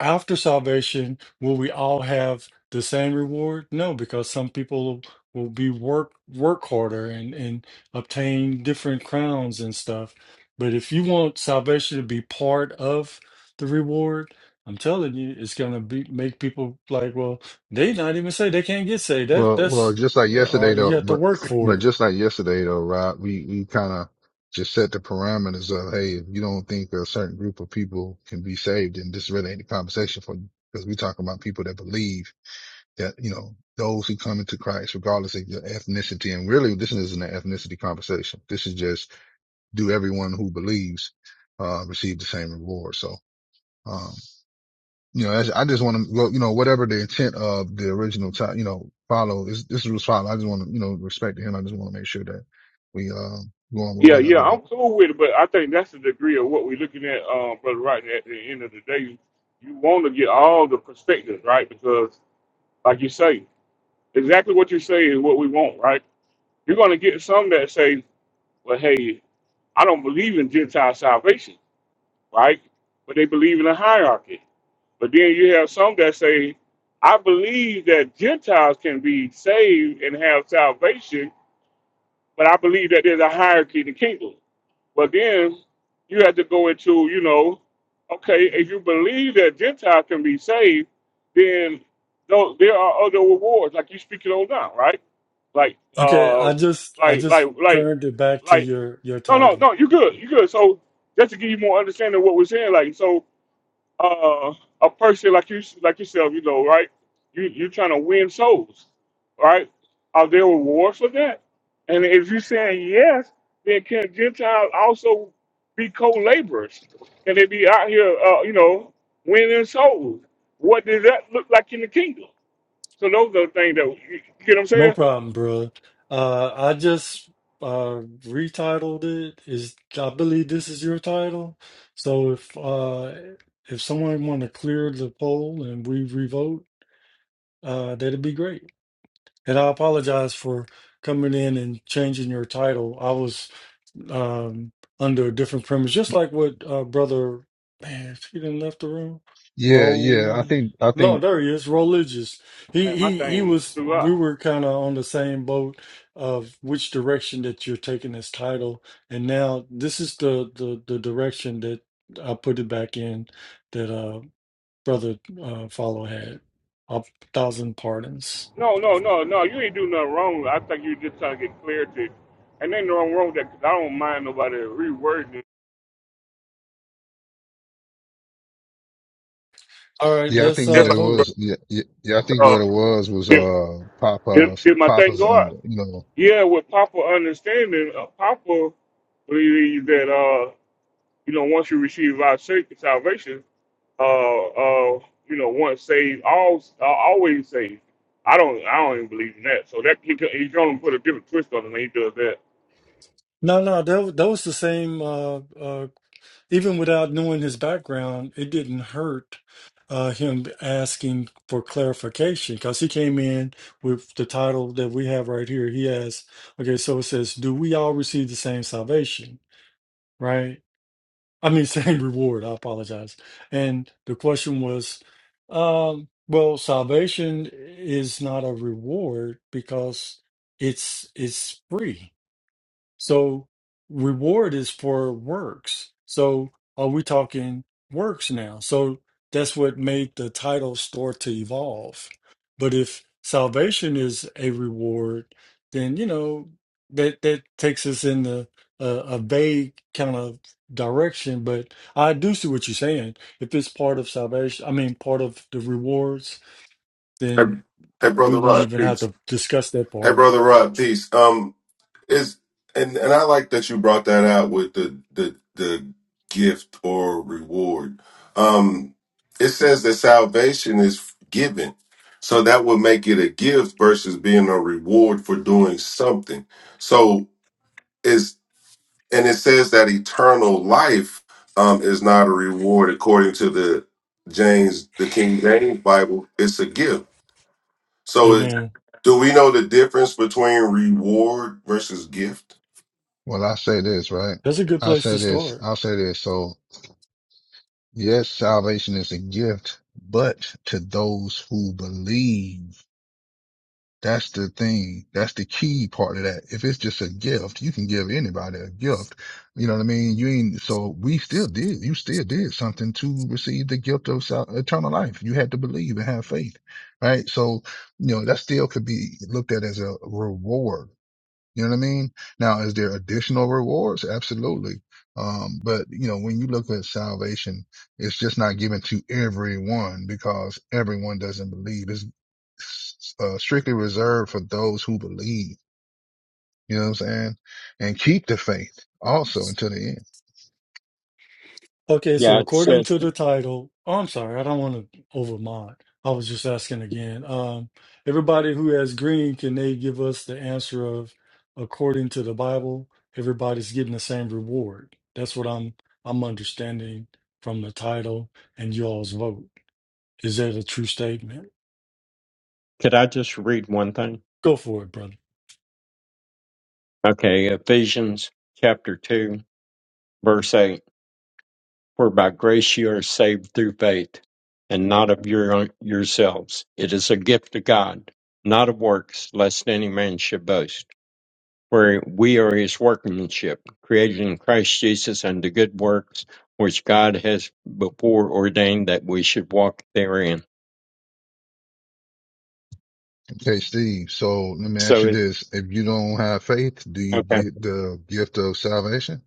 Speaker 2: after salvation will we all have the same reward? No, because some people will be work work harder and and obtain different crowns and stuff but if you want salvation to be part of the reward, I'm telling you, it's gonna be make people like, well, they not even say they can't get saved. That
Speaker 8: well, well,
Speaker 2: that's
Speaker 8: just like
Speaker 2: or
Speaker 8: yesterday
Speaker 2: you
Speaker 8: though,
Speaker 2: have to
Speaker 8: but,
Speaker 2: work for
Speaker 8: but
Speaker 2: it.
Speaker 8: just like yesterday though, right? We, we kind of just set the parameters of, hey, if you don't think a certain group of people can be saved, then this really ain't the conversation for you. Because we talking about people that believe that you know those who come into Christ, regardless of your ethnicity, and really this isn't an ethnicity conversation. This is just do everyone who believes uh, receive the same reward. So um, you know, I just want to go, you know, whatever the intent of the original time, you know, follow this. This was follow. I just want to you know respect him. I just want to make sure that we um go on with
Speaker 1: Yeah, yeah,
Speaker 8: whatever the
Speaker 1: I'm cool with it, but I think that's the degree of what we're looking at, um, brother. Right at the end of the day, you want to get all the perspectives, right? Because, like you say, exactly what you're saying is what we want, right? You're going to get some that say, well, hey, I don't believe in Gentile salvation, right? But they believe in a hierarchy. But then you have some that say, I believe that Gentiles can be saved and have salvation, but I believe that there's a hierarchy in the kingdom. But then you have to go into, you know, okay, if you believe that Gentiles can be saved, then tho- there are other rewards, like you're speaking on now, right? like
Speaker 2: Okay,
Speaker 1: uh
Speaker 2: I just I
Speaker 1: like like
Speaker 2: just
Speaker 1: like
Speaker 2: turned it back to
Speaker 1: like
Speaker 2: your your
Speaker 1: no no
Speaker 2: title.
Speaker 1: no you good you good so just to give you more understanding of what we're saying like so uh a person like you like yourself you know right you you're trying to win souls right are there rewards for that and if you're saying yes then can gentiles also be co-laborers can they be out here uh you know winning souls what does that look like in the kingdom so those are the things that you get what i'm saying
Speaker 2: No problem, bro. Uh, I just uh retitled it. Is I believe this is your title. So if uh if someone want to clear the poll and we revote, uh, that'd be great. And I apologize for coming in and changing your title. I was um, under a different premise, just like what uh, brother, man, if he didn't left the room.
Speaker 8: yeah yeah i
Speaker 2: Roll,
Speaker 8: think i
Speaker 2: no,
Speaker 8: think
Speaker 2: there he is. Religious.
Speaker 1: Hey,
Speaker 2: He
Speaker 1: my
Speaker 2: he he
Speaker 1: thing
Speaker 2: was.
Speaker 1: threw
Speaker 2: We
Speaker 1: up.
Speaker 2: were kind of on the same boat of which direction that you're taking this title, and now this is the the the direction that I put it back in that uh brother uh follow had. A thousand pardons.
Speaker 1: No, no, no, no. You ain't do nothing wrong. I think you just trying to get clarity. And ain't no wrong with that. Cause I don't mind nobody rewording it.
Speaker 2: All right,
Speaker 8: yeah i
Speaker 2: let's
Speaker 8: think what
Speaker 2: uh,
Speaker 1: Just
Speaker 8: it
Speaker 1: like,
Speaker 2: vote.
Speaker 8: was yeah yeah, yeah i think
Speaker 1: uh,
Speaker 8: what it was was
Speaker 1: did,
Speaker 8: uh
Speaker 1: did,
Speaker 8: papa's
Speaker 1: did my thing
Speaker 8: papa's
Speaker 1: go
Speaker 8: under
Speaker 1: up?
Speaker 8: you know
Speaker 1: Yeah, with Papa understanding, uh, Papa believes that, uh, you know, once you receive our sa- salvation, uh, uh, you know, once saved, all, uh, always saved. I don't, I don't even believe in that. So that he, can- he gonna put a different twist on it when he does that.
Speaker 2: No, no, that, that was the same. Uh, uh, even without knowing his background, it didn't hurt uh, him asking for clarification because he came in with the title that we have right here. He has, okay, so it says, Do we all receive the same salvation? Right? I mean, same reward. I apologize. And the question was, um, well, salvation is not a reward because it's it's free So reward is for works. So are we talking works now? So that's what made the title start to evolve. But if salvation is a reward, then you know that that takes us in the uh, a vague kind of direction. But I do see what you're saying. If it's part of salvation, I mean part of the rewards,
Speaker 10: Hey,
Speaker 2: then
Speaker 10: hey,
Speaker 2: we
Speaker 10: brother
Speaker 2: won't
Speaker 10: Rod.
Speaker 2: even
Speaker 10: Peace.
Speaker 2: have to discuss that
Speaker 10: Hey,
Speaker 2: part.
Speaker 10: brother Rod. Peace. Um, is and and I like that you brought that out with the the the gift or reward. Um, it says that salvation is given, so that would make it a gift versus being a reward for doing something. So is and it says that eternal life um is not a reward according to the James the King James Bible. It's a gift. So, it,
Speaker 2: Amen.
Speaker 10: do we know the difference between reward versus gift?
Speaker 8: Well, I say this, right?
Speaker 2: That's a good
Speaker 8: I
Speaker 2: place to
Speaker 8: say this,
Speaker 2: start.
Speaker 8: I say this. So yes, salvation is a gift, but to those who believe, that's the thing. That's the key part of that. If it's just a gift, you can give anybody a gift. You know what I mean? You ain't, so we still did, you still did something to receive the gift of sal- eternal life. You had to believe and have faith, right? So, you know, that still could be looked at as a reward you know what I mean? Now, is there additional rewards? Absolutely. Um, but you know, when you look at salvation, it's just not given to everyone because everyone doesn't believe. It's uh, strictly reserved for those who believe. You know what I'm saying? And keep the faith also until the end.
Speaker 2: Okay, so
Speaker 7: Yeah, it
Speaker 2: according
Speaker 7: says.
Speaker 2: to the title, oh, I'm sorry, I don't want to overmod. I was just asking again. Um, everybody who has green, can they give us the answer of according to the Bible, everybody's getting the same reward? That's what I'm I'm understanding from the title and y'all's vote. Is that a true statement?
Speaker 7: Could I just read one thing?
Speaker 2: Go for it, brother.
Speaker 7: Okay, Ephesians chapter 2, verse 8. For by grace you are saved through faith, and not of your yourselves. It is a gift of God, not of works, lest any man should boast. For we are his workmanship, created in Christ Jesus unto good works, which God has before ordained that we should walk therein.
Speaker 8: Okay, Steve. So let me ask
Speaker 7: So,
Speaker 8: you
Speaker 7: it,
Speaker 8: this: If you don't have faith, do you
Speaker 7: okay.
Speaker 8: get the gift of salvation?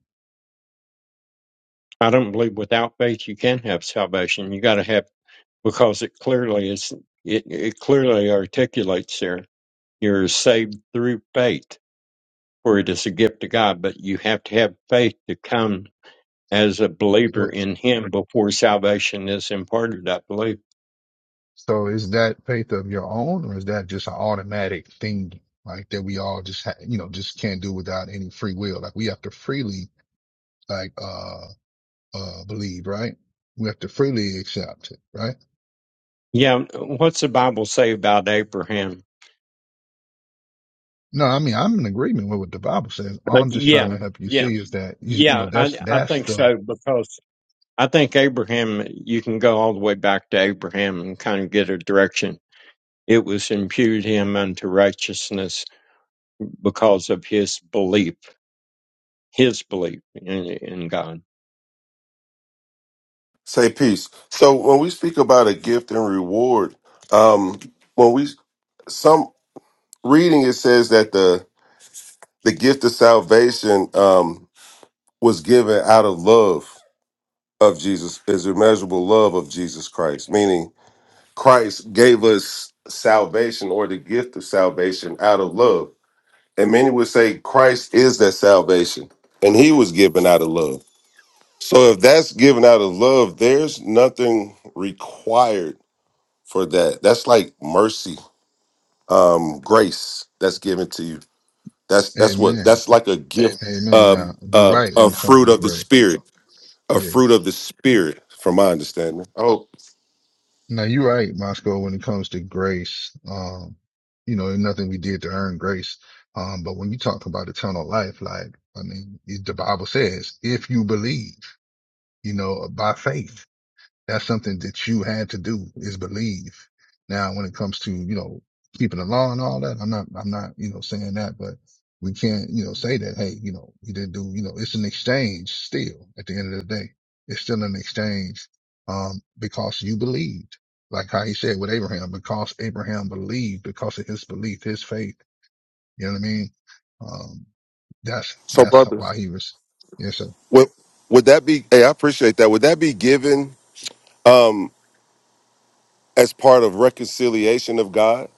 Speaker 7: I don't believe without faith you can have salvation. You got to have because it clearly is it, it clearly articulates there you're saved through faith for it is a gift of god but you have to have faith to come as a believer
Speaker 8: So,
Speaker 7: in him before salvation is imparted i believe
Speaker 8: So is that faith of your own, or is that just an automatic thing, like that we all just ha- you know just can't do without any free will? Like we have to freely like uh uh believe, right? We have to freely accept it, right?
Speaker 7: yeah what's the bible say about abraham
Speaker 8: No, I mean I'm in agreement with what the Bible says. All
Speaker 7: Uh,
Speaker 8: I'm just trying
Speaker 7: yeah
Speaker 8: to help you
Speaker 7: yeah
Speaker 8: see is that you, you
Speaker 7: yeah
Speaker 8: know
Speaker 7: i
Speaker 8: that's
Speaker 7: i
Speaker 8: that's
Speaker 7: think
Speaker 8: the
Speaker 7: so because i think abraham you can go all the way back to abraham and kind of get a direction it was imputed him unto righteousness because of his belief, his belief in, in God.
Speaker 10: Say peace. So when we speak about a gift and reward, um, when we some reading it says that the the gift of salvation um, was given out of love of Jesus, is immeasurable love of Jesus Christ, meaning Christ gave us salvation or the gift of salvation out of love. And many would say Christ is that salvation, and He was given out of love. So if that's given out of love, there's nothing required for that. That's like mercy, um, grace that's given to you. That's that's what
Speaker 8: Amen,
Speaker 10: that's like a gift,
Speaker 8: Amen. Now
Speaker 10: um,
Speaker 8: you're
Speaker 10: uh,
Speaker 8: right when
Speaker 10: a
Speaker 8: it comes to
Speaker 10: fruit of the
Speaker 8: grace.
Speaker 10: spirit, a
Speaker 8: yeah.
Speaker 10: fruit of the spirit, from my understanding. Oh,
Speaker 8: Now you're right, Moscow, when it comes to grace. Um, you know, there's nothing we did to earn grace. Um, but when you talk about eternal life, like, I mean, it, the Bible says, if you believe, you know, by faith. That's something that you had to do is believe. Now, when it comes to, you know, keeping the law and all that, I'm not, I'm not, you know, saying that, but we can't, you know, say that, hey, you know, you didn't do, you know, it's an exchange still at the end of the day. It's still an exchange, um, because you believed, like how he said with Abraham, because Abraham believed because of his belief, his faith. You know what I mean? Um, that's,
Speaker 10: so
Speaker 8: that's
Speaker 10: brother,
Speaker 8: why he was, yes, sir.
Speaker 10: would would that be? Hey, I appreciate that. Would that be given um, as part of reconciliation of God?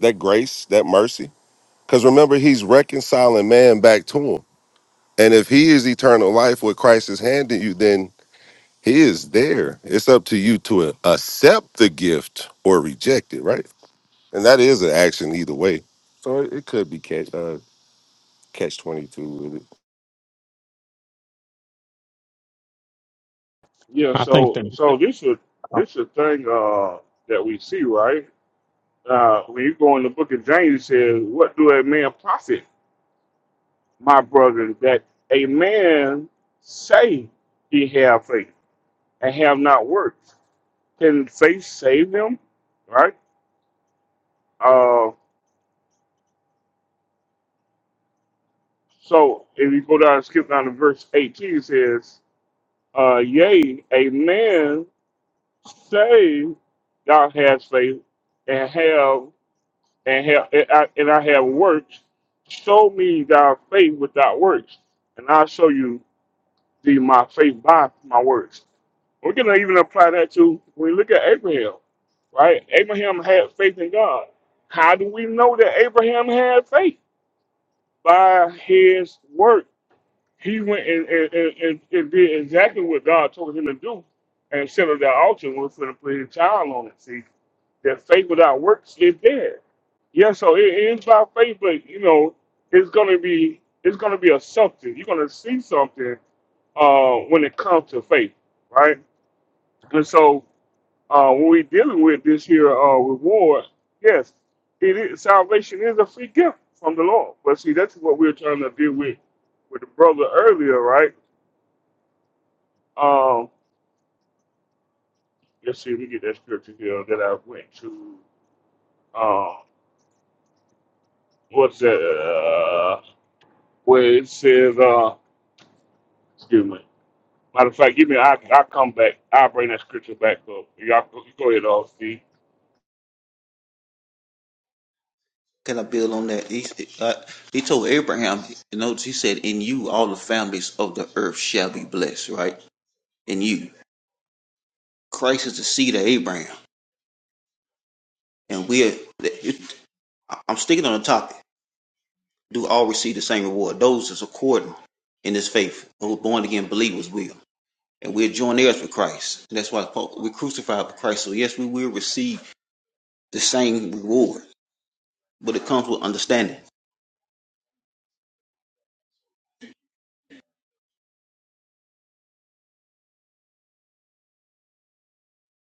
Speaker 10: That grace, that mercy, because remember, He's reconciling man back to Him. And if he is eternal life, what Christ is handing you, then he is there. It's up to you to accept the gift or reject it, right? And that is an action either way. So it, it could be catch uh, catch twenty two with it.
Speaker 1: Yeah,
Speaker 7: I think
Speaker 1: so
Speaker 7: that.
Speaker 1: so this is this is a thing uh, that we see, right? Uh, when you go in the book of James, it says, "What do a man profit, my brothers, that a man say he have faith and have not works? Can faith save him?" Right. Uh, so if you go down, skip down to verse eighteen, it says, uh, "Yea, a man say thou hast faith and have." and have and I, and I have works. Show me thy faith without works, and I'll show you thee my faith by my works. We're gonna even apply that to when we look at Abraham, right? Abraham had faith in God. How do we know that Abraham had faith? By his work. He went and, and, and, and and did exactly what God told him to do and set up that altar and was going to put his child on it. See, that faith without works is dead. Yeah, so it it is by faith, but you know, it's gonna be it's gonna be a something. You're gonna see something uh when it comes to faith, right? And so uh when we're dealing with this here uh reward, yes, it is salvation is a free gift from the Lord. But see that's what we are trying to deal with with the brother earlier, right? Um let's see, let me get that scripture here that I went to um what's that uh, where it says, uh, excuse me. Matter of fact, give me, I, I'll come back. I'll bring that scripture back up. Y'all go, go ahead, all see.
Speaker 11: Can I build on that? He, uh, he told Abraham, you know, he said, in you all the families of the earth shall be blessed, right? In you. Christ is the seed of Abraham. And we are, it- I'm sticking on the topic. Do all receive the same reward? Those that's according in this faith, who born again believers will. And we're joint heirs with Christ. And that's why we're crucified with Christ. So, yes, we will receive the same reward, but it comes with understanding.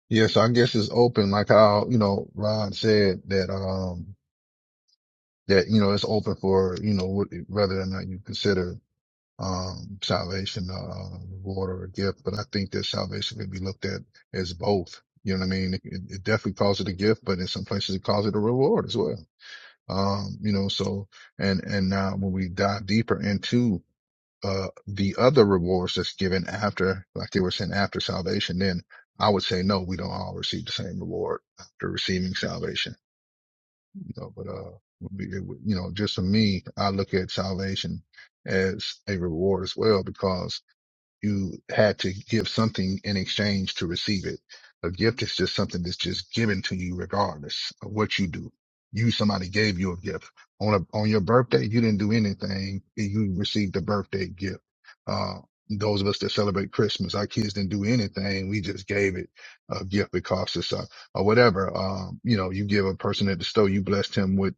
Speaker 8: Yes, I guess it's open, like how, you know, Rod said that, um, that you know it's open for you know wh- whether or not you consider um salvation uh, reward or a gift but i think that salvation can be looked at as both you know what i mean it, it definitely calls it a gift but in some places it calls it a reward as well um you know so and and now when we dive deeper into uh the other rewards that's given after like they were saying after salvation then i would say no we don't all receive the same reward after receiving salvation you know, but uh, it would- you know, just for me, I look at salvation as a reward as well, because you had to give something in exchange to receive it. A gift is just something that's just given to you regardless of what you do. You, somebody gave you a gift on a, on your birthday. You didn't do anything. and You received a birthday gift. Uh, those of us that celebrate Christmas, our kids didn't do anything. We just gave it a gift because it's a, or whatever. Um, you know, you give a person at the store, you blessed him with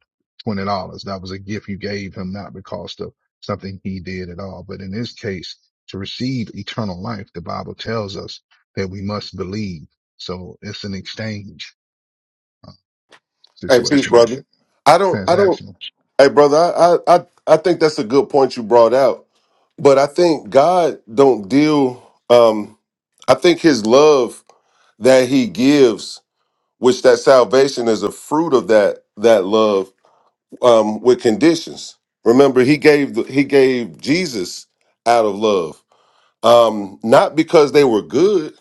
Speaker 8: $20. That was a gift you gave him, not because of something he did at all. But in this case, to receive eternal life, the Bible tells us that we must believe. So it's an exchange
Speaker 10: Hey, peace,
Speaker 8: situation there,
Speaker 10: brother. I don't. I don't.
Speaker 8: transactional.
Speaker 10: Hey, brother. I, I I I think that's a good point you brought out. But I think God don't deal. Um, I think His love that He gives, which that salvation is a fruit of that that love um, with conditions. Remember, he gave the, he gave Jesus out of love, um, not because they were good,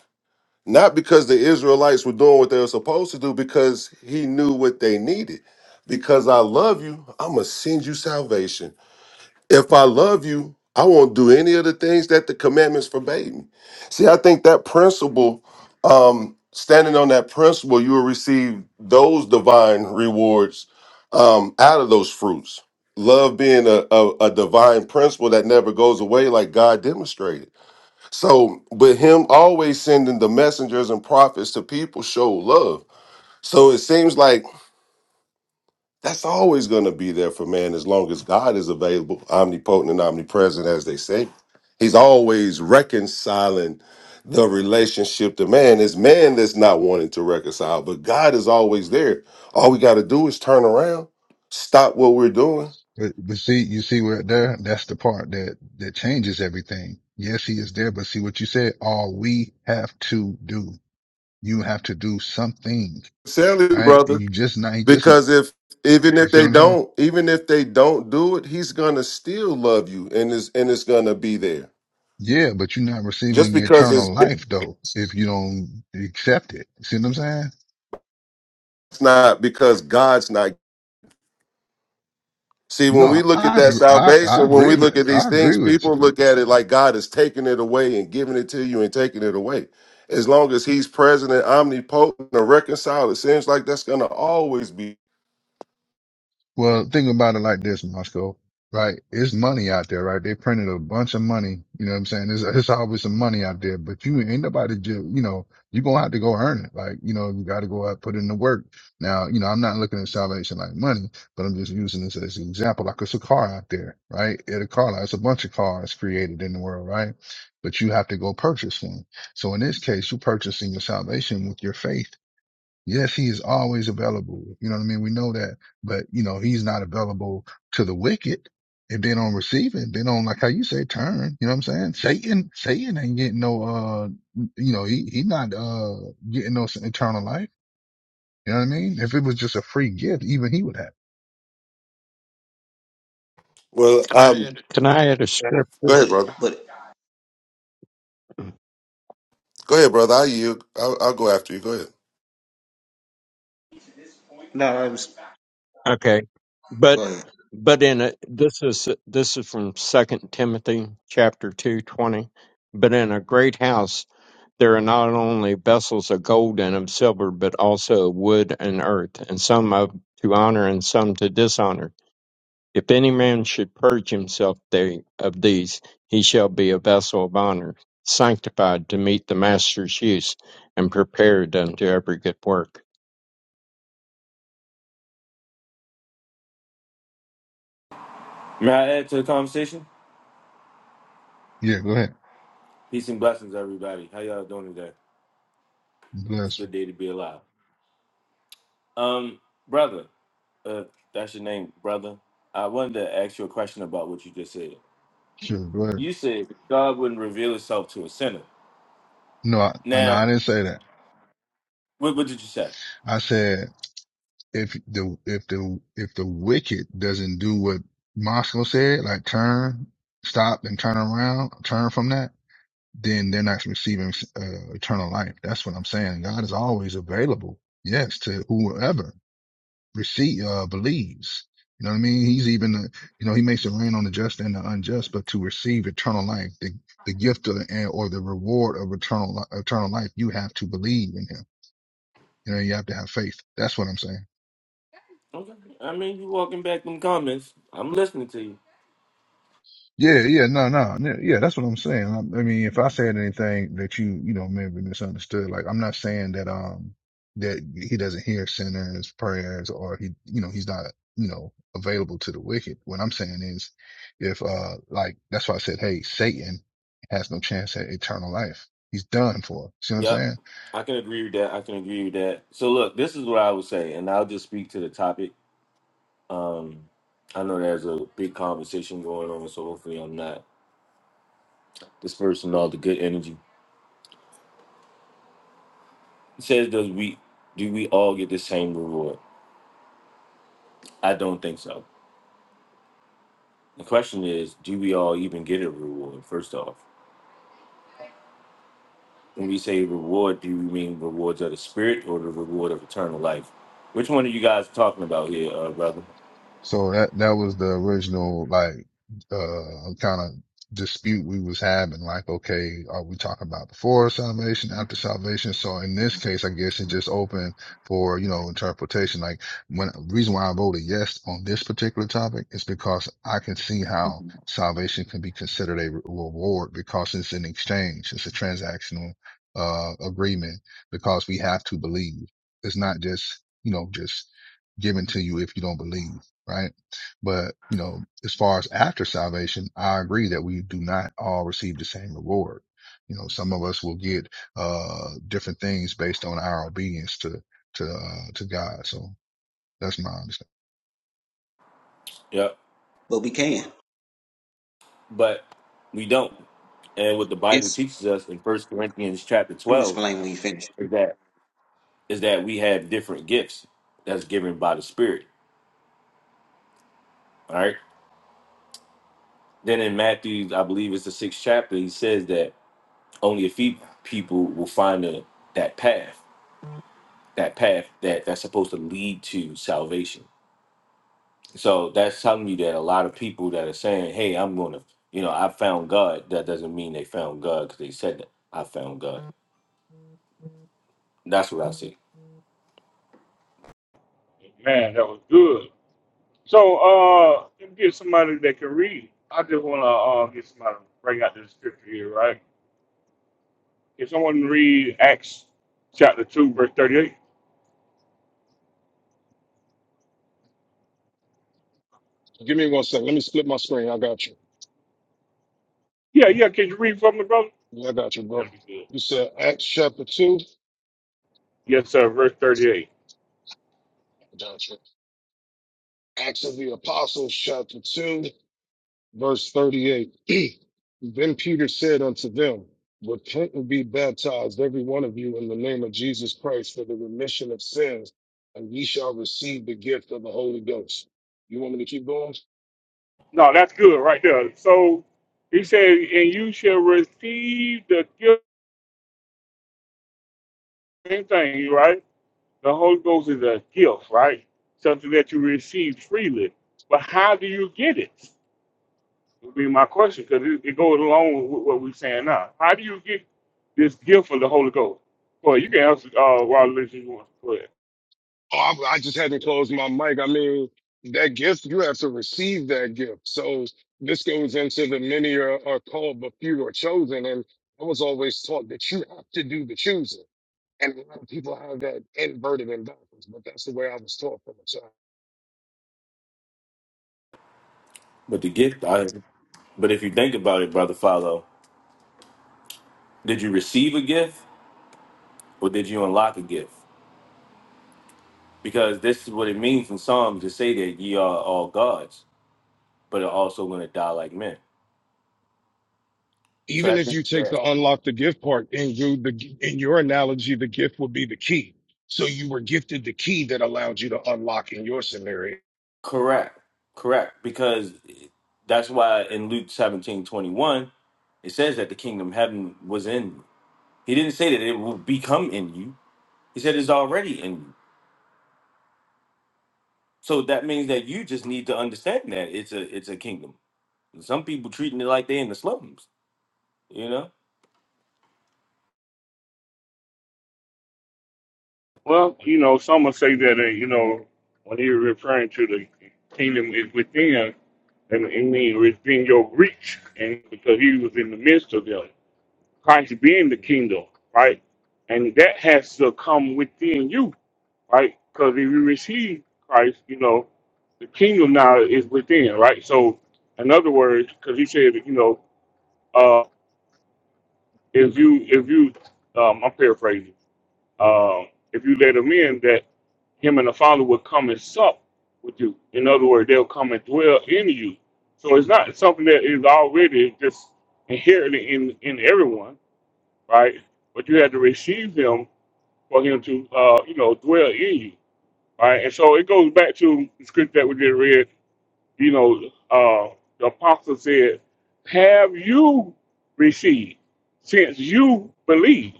Speaker 10: not because the Israelites were doing what they were supposed to do, because he knew what they needed. Because I love you, I'm gonna send you salvation if I love you, I won't do any of the things that the commandments forbade me. See, I think that principle, um, standing on that principle, you will receive those divine rewards um, out of those fruits. Love being a, a, a divine principle that never goes away, like God demonstrated. So, but Him always sending the messengers and prophets to people show love. So it seems like that's always going to be there for man as long as God is available, omnipotent and omnipresent, as they say. He's always reconciling the relationship to man. It's man that's not wanting to reconcile, but God is always there. All we got to do is turn around, stop what we're doing.
Speaker 8: But, but see, you see where there, that's the part that, that changes everything. Yes, he is there, but see what you said, all we have to do, you have to do something,
Speaker 10: Sally,
Speaker 8: right?
Speaker 10: brother,
Speaker 8: You just not, he just, not-
Speaker 10: because if even
Speaker 8: you
Speaker 10: if
Speaker 8: see what
Speaker 10: they
Speaker 8: I'm saying?
Speaker 10: don't, even if they don't do it, he's gonna still love you, and it's and it's gonna be there.
Speaker 8: Yeah, but you're not
Speaker 10: Just
Speaker 8: receiving
Speaker 10: because it's
Speaker 8: eternal life though, if you don't accept it. See what I'm saying?
Speaker 10: it's not because God's not See, when we
Speaker 8: No,
Speaker 10: look at
Speaker 8: I,
Speaker 10: that
Speaker 8: I, I
Speaker 10: salvation, when we
Speaker 8: agree with,
Speaker 10: look at
Speaker 8: I
Speaker 10: these
Speaker 8: agree
Speaker 10: things,
Speaker 8: with
Speaker 10: people
Speaker 8: you.
Speaker 10: look at it like God is taking it away and giving it to you and taking it away. As long as He's present and omnipotent and reconciled, it seems like that's going to always be.
Speaker 8: Well, think about it like this, Moscow, right? It's money out there, right? They printed a bunch of money. You know what I'm saying? There's, there's always some money out there, but you ain't nobody just, you know, you're going to have to go earn it. Like, you know, you got to go out, put in the work. Now, you know, I'm not looking at salvation like money, but I'm just using this as an example. Like it's a car out there, right? At a car lot, it's a bunch of cars created in the world, right? But you have to go purchase one. So in this case, you're purchasing your salvation with your faith Yes, he is always available. You know what I mean? We know that, but you know, he's not available to the wicked. If they don't receive it, they don't like how you say turn. You know what I'm saying? Satan, Satan ain't getting no, uh, you know, he, he not, uh, getting no eternal life. You know what I mean? If it was just a free gift, even he would have.
Speaker 10: Well, um,
Speaker 7: Can I add a scripture?
Speaker 10: go ahead, brother.
Speaker 11: But,
Speaker 10: Go ahead, brother. I yield. I'll, I'll go after you. Go ahead.
Speaker 11: no, I was,
Speaker 7: Okay, but
Speaker 11: go ahead.
Speaker 7: but in a, this is this is from Second Timothy chapter two twenty. But in a great house there are not only vessels of gold and of silver, but also of wood and earth, and some of to honor and some to dishonor. If any man should purge himself they, of these, he shall be a vessel of honor, sanctified to meet the master's use, and prepared unto every good work.
Speaker 12: May I add to the conversation?
Speaker 8: Yeah, go ahead.
Speaker 12: Peace and blessings, everybody. How y'all doing today? It's a
Speaker 8: Bless.
Speaker 12: good day to be alive. Um, brother, uh, that's your name, brother. I wanted to ask you a question about what you just said.
Speaker 8: Sure, go ahead.
Speaker 12: You said God wouldn't reveal Himself to a sinner.
Speaker 8: No, I, no,
Speaker 12: Now,
Speaker 8: I didn't say that.
Speaker 12: what, what did you say?
Speaker 8: I said if the if the if the wicked doesn't do what Moscow said, like turn, stop, and turn around, turn from that, then they're not receiving uh, eternal life. That's what I'm saying. God is always available, yes, to whoever receive uh, believes. You know what I mean? He's even, uh, you know, he makes it rain on the just and the unjust, but to receive eternal life, the the gift of, and- or the reward of eternal li- eternal life, you have to believe in him. You know, you have to have faith. That's what I'm saying.
Speaker 12: Okay. I mean, you walking back them comments. I'm listening to you.
Speaker 8: Yeah, yeah, no, no, no, yeah, that's what I'm saying. I, I mean, if I said anything that you, you know, maybe misunderstood, like I'm not saying that, um, that he doesn't hear sinners' prayers or he, you know, he's not, you know, available to the wicked. What I'm saying is, if, uh, like that's why I said, hey, Satan has no chance at eternal life. He's done for. See what I'm
Speaker 12: Yep.
Speaker 8: saying?
Speaker 12: I can agree with that. I can agree with that. So look, this is what I would say, and I'll just speak to the topic. Um, I know there's a big conversation going on, so hopefully I'm not Dispersing all the good energy. It says, does we do we all get the same reward? I don't think so. The question is, do we all even get a reward? First off, when we say reward, do we mean rewards of the spirit or the reward of eternal life? Which one are you guys talking about here, uh, brother?
Speaker 8: So that that was the original like uh kind of dispute we was having. Like, okay, are we talking about before salvation, after salvation? So in this case, I guess it's just open for you know interpretation. Like, when reason why I voted yes on this particular topic is because I can see how salvation can be considered a re- reward because it's an exchange, it's a transactional uh agreement because we have to believe. It's not just you know just given to you if you don't believe right? But, you know, as far as after salvation, I agree that we do not all receive the same reward. You know, some of us will get, uh, different things based on our obedience to, to, uh, to God. So that's my understanding.
Speaker 12: Yep.
Speaker 11: But we can.
Speaker 12: But we don't. And what the Bible
Speaker 11: It's,
Speaker 12: teaches us in First Corinthians chapter
Speaker 11: let me
Speaker 12: twelve
Speaker 11: explain when you finish.
Speaker 12: is that is that we have different gifts that's given by the Spirit. All right. Then in Matthew, I believe it's the sixth chapter, he says that Only a few people will find the, that path, that path that that's supposed to lead to salvation. So that's telling you that a lot of people that are saying, "Hey, I'm going to," you know, I found God. That doesn't mean they found God because they said that I found God. That's what I see.
Speaker 1: Man, that was good. So, uh, let me get somebody that can read. I just want to uh, get somebody to bring out this scripture here, right? Can someone read Acts chapter 2, verse 38?
Speaker 5: Give me one second. Let me split my screen. I got you.
Speaker 1: Yeah, yeah. Can you read from the brother?
Speaker 5: Yeah, I got you,
Speaker 1: that
Speaker 5: bro.
Speaker 1: will be good.
Speaker 5: You said Acts chapter 2.
Speaker 1: Yes, sir. Verse 38.
Speaker 5: I got you. Acts of the Apostles chapter 2. verse 38. then Peter said unto them, Repent and be baptized, every one of you, in the name of Jesus Christ for the remission of sins, and ye shall receive the gift of the Holy Ghost. You want me to keep going?
Speaker 1: No, that's good right there. So, he said, and you shall receive the gift, same thing, right? The Holy Ghost is a gift, right? Something that you receive freely. But how do you get it? Would be my question because it, it goes along with what we're saying now. How do you get this gift of the Holy Ghost? Well, you can answer, uh, Robert, if you want. Go ahead.
Speaker 5: Oh, I, I just hadn't closed my mic. I mean, that gift, you have to receive that gift. So this goes into the many are, are called, but few are chosen. And I was always taught that you have to do the choosing. And a lot of people have that inverted and backwards, but that's the way I was taught from a child.
Speaker 12: But the gift, I, but if you think about it, brother, follow. Did you receive a gift or did you unlock a gift? Because this is what it means in Psalms to say that ye are all gods, but are also going to die like men. So
Speaker 5: even
Speaker 12: that
Speaker 5: if
Speaker 12: means
Speaker 5: you take
Speaker 12: that.
Speaker 5: the unlock the gift part in you the in your analogy the gift would be the key so you were gifted the key that allowed you to unlock in your scenario
Speaker 12: Correct. Correct. Because that's why in Luke 17 21, it says that the kingdom of heaven was in you. He didn't say that it will become in you. He said it's already in you. So that means that you just need to understand that it's a it's a kingdom. Some people treating it like they in the slums, you know?
Speaker 1: Well, you know, some will say that, uh, you know, when you're referring to the kingdom is within, and it means within your reach, and because he was in the midst of them, Christ being the kingdom, right? And that has to come within you right? Because if you receive Christ, you know, the kingdom now is within, right? So, in other words, because he said, you know, uh, if you, if you, um, I'm paraphrasing, um, if you let him in, that him and the Father will come and sup with you. In other words, they'll come and dwell in you. So it's not something that is already just inherently in in everyone, right? But you had to receive him for him to, uh, you know, dwell in you. All right, and so it goes back to the scripture that we just read. You know, uh, the apostle said, "Have you received since you believe?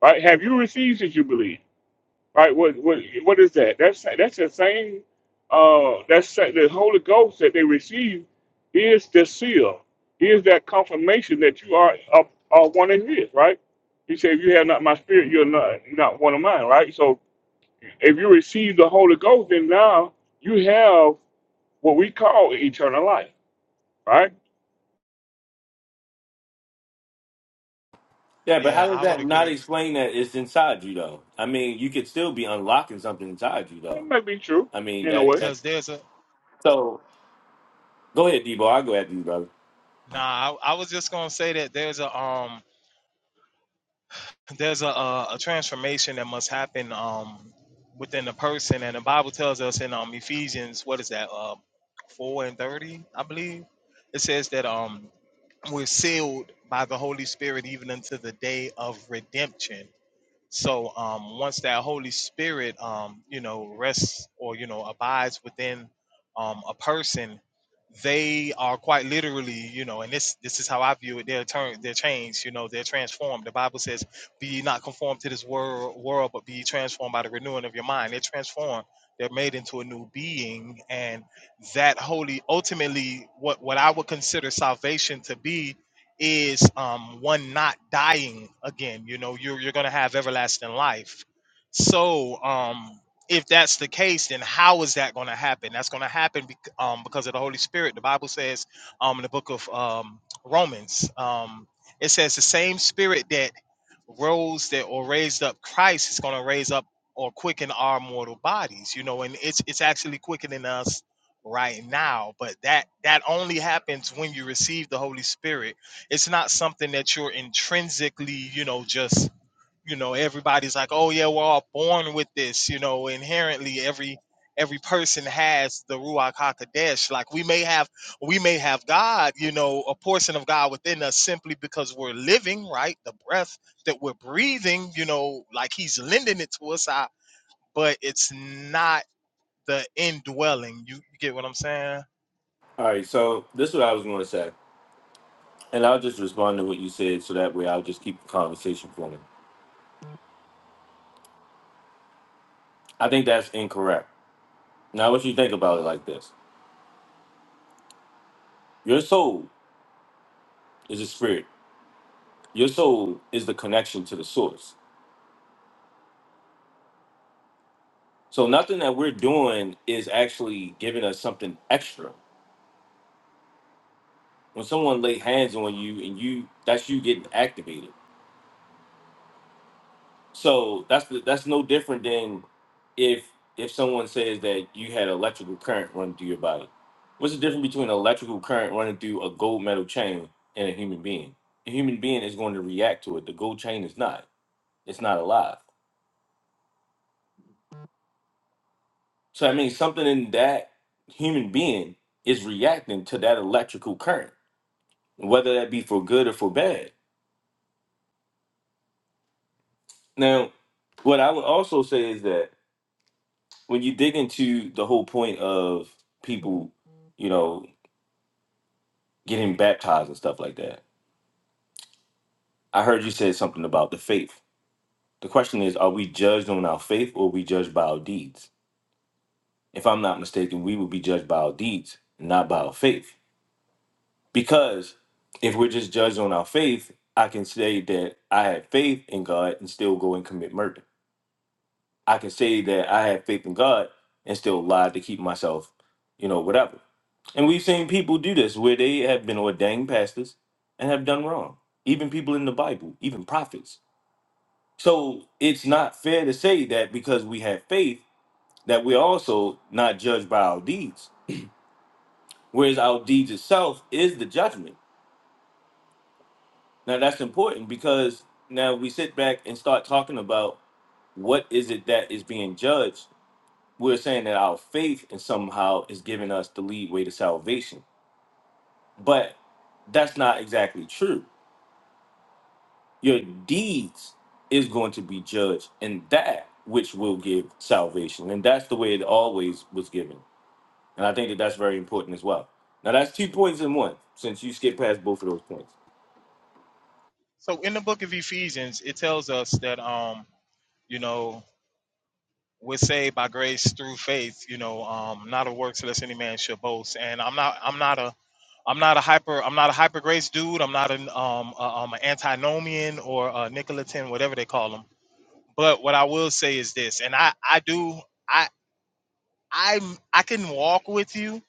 Speaker 1: Right? Have you received since you believe? Right? What what what is that? That's that's the same. Uh, that's the Holy Ghost that they receive is the seal, is that confirmation that you are are, are one of His. Right? He said, "If you have not my spirit, you're not not one of mine." Right? So if you receive the Holy Ghost, then now you have what we call eternal life, right?
Speaker 12: Yeah, but
Speaker 13: Yeah,
Speaker 12: how does
Speaker 13: I would
Speaker 12: that not
Speaker 13: agree
Speaker 12: explain that it's inside you though? I mean, you could still be unlocking something inside you
Speaker 1: That
Speaker 12: though.
Speaker 1: may be true
Speaker 12: I mean
Speaker 1: in a
Speaker 12: that
Speaker 1: way.
Speaker 12: that
Speaker 13: because there's a
Speaker 12: so go ahead, Debo, I'll go after you, brother.
Speaker 13: nah. I, I was just gonna say that there's a um there's a, a a transformation that must happen um within the person, and the Bible tells us in um Ephesians what is that uh four and thirty I believe it says that um we're sealed by the Holy Spirit even unto the day of redemption. So um, once that Holy Spirit, um, you know, rests or you know abides within um, a person, they are quite literally, you know, and this this is how I view it. They're turned, they're changed, you know, they're transformed. The Bible says, "Be ye not conformed to this world, world, but be ye transformed by the renewing of your mind." They're transformed. They're made into a new being, and that holy, ultimately, what what I would consider salvation to be, is um, one not dying again. You know, you're you're gonna have everlasting life. So um, if that's the case, then how is that going to happen? That's going to happen bec- um, because of the Holy Spirit. The Bible says um, in the book of um, Romans, um, it says the same Spirit that rose that or raised up Christ is going to raise up or quicken our mortal bodies. You know, and it's it's actually quickening us right now but that that only happens when you receive the holy spirit it's not something that you're intrinsically, you know, just, you know, everybody's like, oh yeah, we're all born with this, you know, inherently every every person has the Ruach HaKodesh. Like we may have we may have God, you know, a portion of God within us simply because we're living, right? The breath that we're breathing, you know, like he's lending it to us out, but it's not the indwelling. You you get what I'm saying?
Speaker 12: All right, so this is what I was gonna say. And I'll just respond to what you said so that way I'll just keep the conversation flowing. I think that's incorrect. Now, what you think about it like this your soul is a spirit, your soul is the connection to the source. So, nothing that we're doing is actually giving us something extra. When someone lay hands on you and you, that's you getting activated. So that's the, that's no different than if if someone says that you had electrical current running through your body. What's the difference between electrical current running through a gold metal chain and a human being? A human being is going to react to it. The gold chain is not. It's not alive. So I mean, something in that human being is reacting to that electrical current, whether that be for good or for bad. Now, what I would also say is that when you dig into the whole point of people, you know, getting baptized and stuff like that. I heard you said something about the faith. The question is, are we judged on our faith or are we judged by our deeds? If I'm not mistaken, we will be judged by our deeds, not by our faith. Because if we're just judged on our faith, I can say that I have faith in God and still go and commit murder. I can say that I have faith in God and still lie to keep myself, you know, whatever. And we've seen people do this where they have been ordained pastors and have done wrong. Even people in the Bible, even prophets So it's not fair to say that because we have faith that we're also not judged by our deeds, whereas our deeds itself is the judgment. Now that's important because now we sit back and start talking about what is it that is being judged. We're saying that our faith and somehow is giving us the lead way to salvation, but that's not exactly true. Your deeds is going to be judged, and that which will give salvation, and that's the way it always was given And I think that that's very important as well. Now, that's two points in one, since you skipped past both of those points.
Speaker 13: So in the book of Ephesians, it tells us that um, you know, we're saved by grace through faith you know um not of works lest any man should boast and i'm not i'm not a i'm not a hyper i'm not a hyper grace dude i'm not an um a, um an antinomian or a nicolaitan whatever they call them but what i will say is this and i i do i i i can walk with you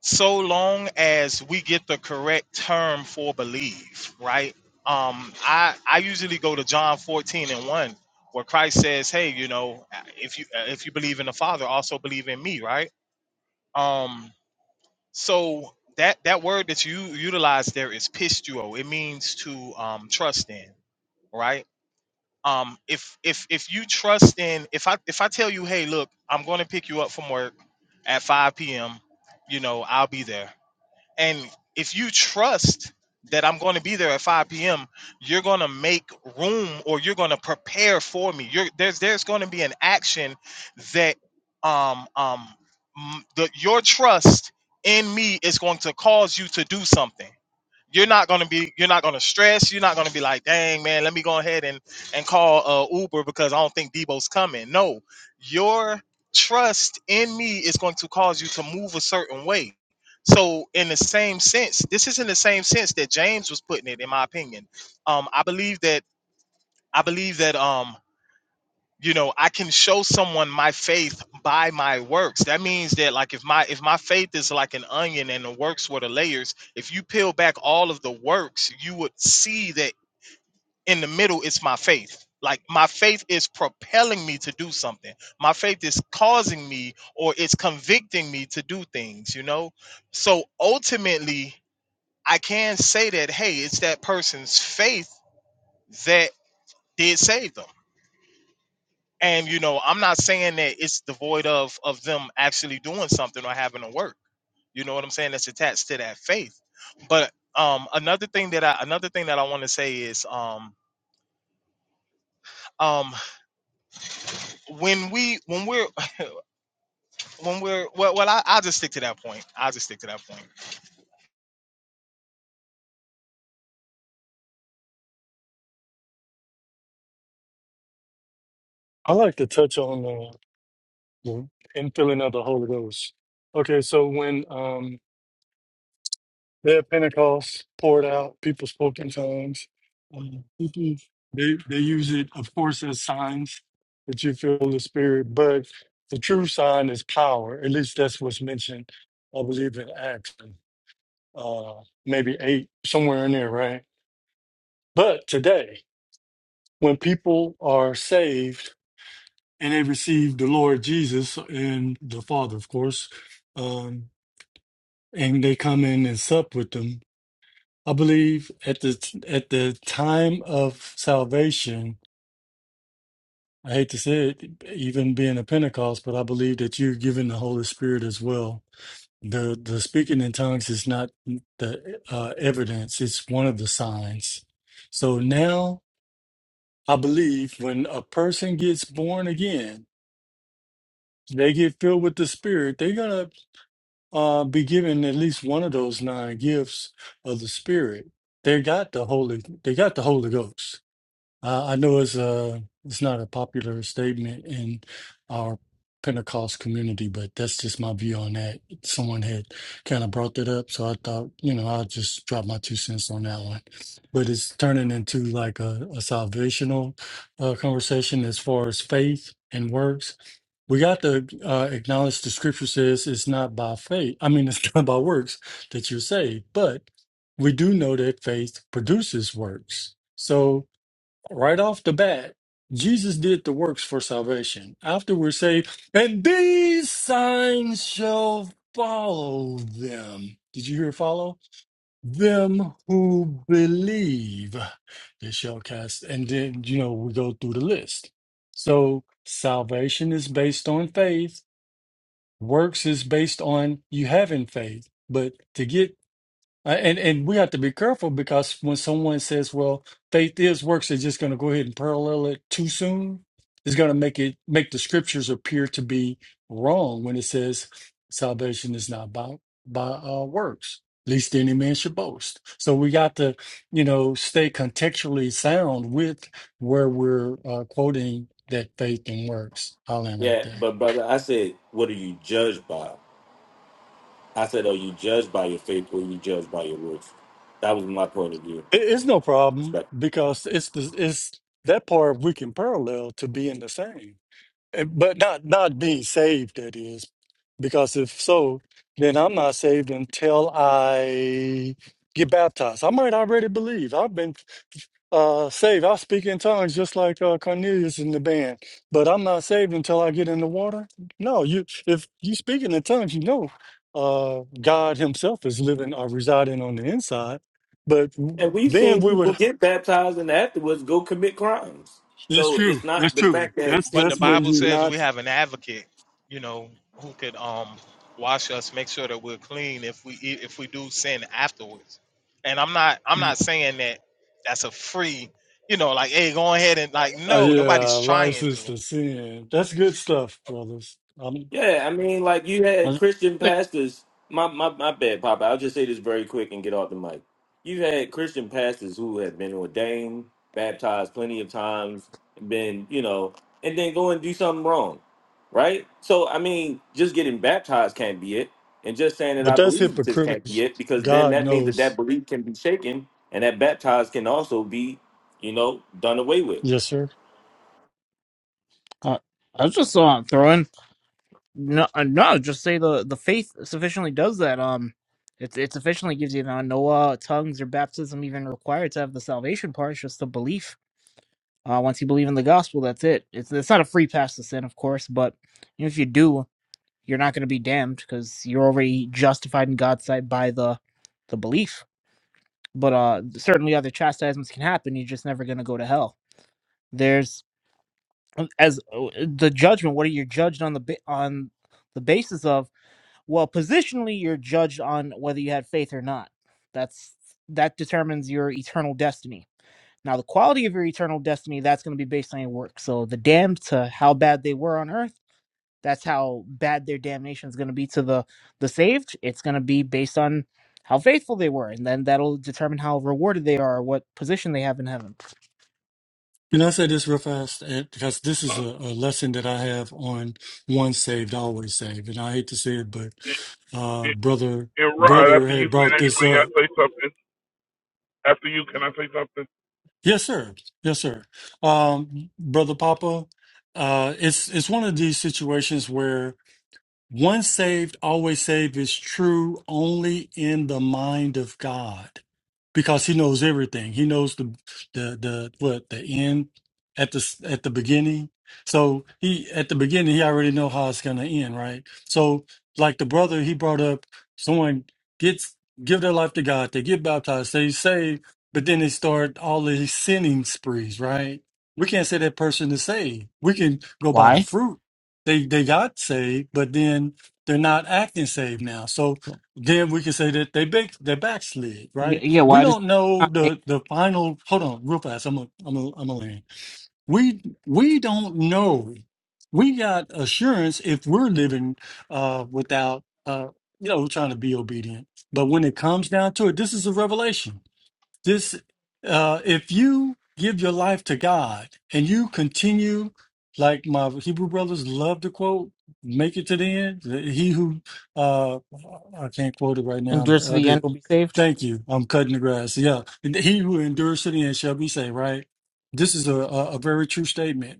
Speaker 13: so long as we get the correct term for believe, right? Um, I I usually go to John 14 and 1, where Christ says, "Hey, you know, if you if you believe in the Father, also believe in me," right? Um, so that that word that you utilize there is pistuo. It means to um, trust in, right? Um, if if if you trust in, if I if I tell you, "Hey, look, I'm going to pick you up from work at 5 p.m." You know, I'll be there and if you trust that I'm going to be there at 5 p.m., you're going to make room or you're going to prepare for me. You're, there's there's going to be an action that um um m- the, your trust in me is going to cause you to do something you're not gonna be you're not gonna stress. You're not gonna be like, dang man, let me go ahead and and call uh, Uber because I don't think Debo's coming. No, your trust in me is going to cause you to move a certain way. So in the same sense, this is in the same sense that James was putting it, in my opinion. Um, I believe that I believe that um you know i can show someone my faith by my works that means that like if my if my faith is like an onion and the works were the layers if you peel back all of the works you would see that in the middle it's my faith like my faith is propelling me to do something my faith is causing me or it's convicting me to do things you know so ultimately i can say that hey it's that person's faith that did save them And you know, I'm not saying that it's devoid of of them actually doing something or having to work. You know what I'm saying? That's attached to that faith. But um, another thing that I another thing that I want to say is um, um, when we when we're when we're well, well I, I'll just stick to that point. I'll just stick to that point.
Speaker 2: I like to touch on uh, the infilling of the Holy Ghost. Okay, so when um They Yeah, Pentecost poured out. People spoke in tongues. Um, people they they use it, of course, as signs that you feel the spirit. But the true sign is power. At least that's what's mentioned, I believe, in Acts, uh, maybe eight, somewhere in there, right? But today, when people are saved and they receive the Lord Jesus and the Father, of course, um, and they come in and sup with them. I believe at the at the time of salvation, I hate to say it, even being a Pentecost, but I believe that you're given the Holy Spirit as well. The the speaking in tongues is not the uh, evidence; it's one of the signs. So now I believe when a person gets born again, they get filled with the Spirit. They're gonna uh, be given at least one of those nine gifts of the Spirit. They got the Holy. They got the Holy Ghost Uh, I know it's a it's not a popular statement in our Pentecost community, but that's just my view on that. Someone had kind of brought that up, so I thought you know I'll just drop my two cents on that one. But it's turning into like a, a salvational uh, conversation as far as faith and works. We got to uh, acknowledge the scripture says it's not by faith. I mean, it's not by works that you're saved, but we do know that faith produces works. So right off the bat, Jesus did the works for salvation. After we're saved, and these signs shall follow them. Did you hear follow? Them who believe they shall cast. And then, you know, we go through the list. So salvation is based on faith, works is based on you having faith. But to get uh, And and we have to be careful because when someone says, "Well, faith is works," they're just going to go ahead and parallel it too soon. It's going to make it make the scriptures appear to be wrong when it says salvation is not by by uh, works, least any man should boast. So we got to, you know, stay contextually sound with where we're uh, quoting that faith and works. Holland right
Speaker 12: Yeah,
Speaker 2: there.
Speaker 12: but brother, I said, what are you judged by? I said, are you judged by your faith or are you judged by your works? That was my point of view.
Speaker 2: It- It's no problem
Speaker 12: Respect.
Speaker 2: because it's the it's that part we can parallel to being the same. And- but not not being saved that is because if so then i'm not saved until i get baptized i might already believe i've been uh saved i speak in tongues just like uh, cornelius in the band but i'm not saved until i get in the water no you if you speak in the tongues you know uh god himself is living or residing on the inside but
Speaker 12: And we've
Speaker 2: then
Speaker 12: seen
Speaker 2: we
Speaker 12: people
Speaker 2: would
Speaker 12: get baptized and afterwards go commit crimes.
Speaker 2: that's
Speaker 12: So
Speaker 2: true
Speaker 12: it's
Speaker 2: that's
Speaker 12: not the
Speaker 2: true
Speaker 12: fact that
Speaker 2: that's
Speaker 13: but the
Speaker 12: sin-
Speaker 2: that's
Speaker 12: you-
Speaker 2: when
Speaker 13: Bible
Speaker 2: you're
Speaker 12: you-
Speaker 13: says
Speaker 2: not
Speaker 13: we have an advocate, you know, who could um wash us, make sure that we're clean if we if we do sin afterwards. And I'm not I'm not saying that that's a free, you know, like hey, go ahead and like
Speaker 2: Uh,
Speaker 13: no,
Speaker 2: yeah,
Speaker 13: nobody's trying to.
Speaker 2: license to sin. That's good stuff, brothers. Um,
Speaker 12: Yeah, I mean, like you
Speaker 4: I
Speaker 12: had
Speaker 4: was,
Speaker 12: Christian
Speaker 4: like, I think-
Speaker 12: pastors. My my my bad, Papa. I'll just say this very quick and get off the mic. You've had Christian pastors who have been ordained, baptized plenty of times, been you know, and then go and do something wrong, right? So I mean, just getting baptized can't be it, and just saying that I
Speaker 2: but that's
Speaker 12: believe this
Speaker 2: hypocritical.
Speaker 12: can't be it, because then
Speaker 2: God
Speaker 12: that means that that
Speaker 2: knows.
Speaker 12: belief can be shaken, and that baptized can also be, you know, done away with.
Speaker 2: Yes, sir.
Speaker 4: uh, I was just uh, throwing. No, uh, no, just say the the faith sufficiently does that. Um, it it sufficiently gives you uh, no uh, tongues or baptism even required to have the salvation part. It's just the belief. Uh, once you believe in the gospel, that's it. It's it's not a free pass to sin, of course, but if you do, you're not going to be damned because you're already justified in God's sight by the the belief. But uh, certainly other chastisements can happen. You're just never going to go to hell. There's as uh, the judgment what are you judged on the ba- on the basis of well positionally you're judged on whether you had faith or not that's that determines your eternal destiny now the quality of your eternal destiny that's going to be based on your work so the damned to how bad they were on earth that's how bad their damnation is going to be to the the saved it's going to be based on how faithful they were and then that'll determine how rewarded they are what position they have in heaven
Speaker 2: Can I say this real fast? And- Because this is a, a lesson that I have on once saved, always saved. And I hate to say it, but uh,
Speaker 14: And,
Speaker 2: brother,
Speaker 14: and Rod,
Speaker 2: brother
Speaker 14: after you
Speaker 2: had brought
Speaker 14: finish,
Speaker 2: this
Speaker 14: may I
Speaker 2: up.
Speaker 14: say something? After you, can I say something?
Speaker 2: Yes, sir. Yes, sir. Um, brother Papa, uh, it's it's one of these situations where. Once saved, always saved is true only in the mind of God because he knows everything. He knows the the the what the end at the s- at the beginning. So he at the beginning he already know how it's going to end, right? So like the brother he brought up someone gets give their life to God, they get baptized, they saved, but then they start all these sinning sprees, right? We can't say that person is saved. We can go by the
Speaker 4: why
Speaker 2: fruit they they got saved, but then they're not acting saved now. So then we can say that they back, they backslid,
Speaker 4: yeah
Speaker 2: right?
Speaker 4: yeah,
Speaker 2: We
Speaker 4: why
Speaker 2: don't know
Speaker 4: does
Speaker 2: the the final. Hold on, real fast. I'm a, I'm a, I'm a land. We we don't know. We got assurance if we're living uh, without uh, you know trying to be obedient. But when it comes down to it, this is a revelation this, uh, if you give your life to God and you continue, like my Hebrew brothers love to quote, make it to the end. He who, uh, I can't quote it right now. but
Speaker 4: endures to
Speaker 2: I
Speaker 4: the end
Speaker 2: do.
Speaker 4: will be saved.
Speaker 2: Thank you. I'm cutting the grass. Yeah. He who endures to the end shall be saved, right? This is a, a, a very true statement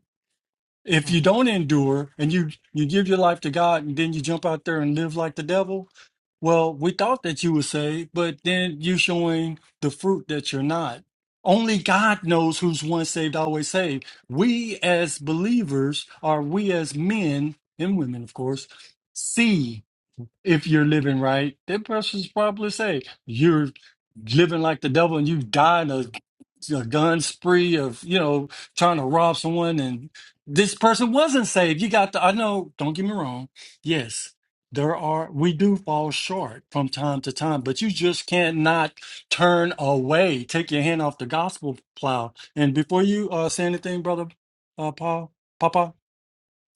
Speaker 2: if
Speaker 4: Hmm.
Speaker 2: you don't endure and you you give your life to God and then you jump out there and live like the devil, well, we thought that you were saved, but then you're showing the fruit that you're not. Only God knows who's once saved, always saved. We as believers, or we as men and women, of course, see if you're living right, that person's probably say you're living like the devil and you've died a, a gun spree of you know trying to rob someone and this person wasn't saved. You got the I know. Don't get me wrong. Yes, there are we do fall short from time to time, but you just can't not turn away. Take your hand off the gospel plow. And before you uh, say anything, brother uh, Paul, Papa,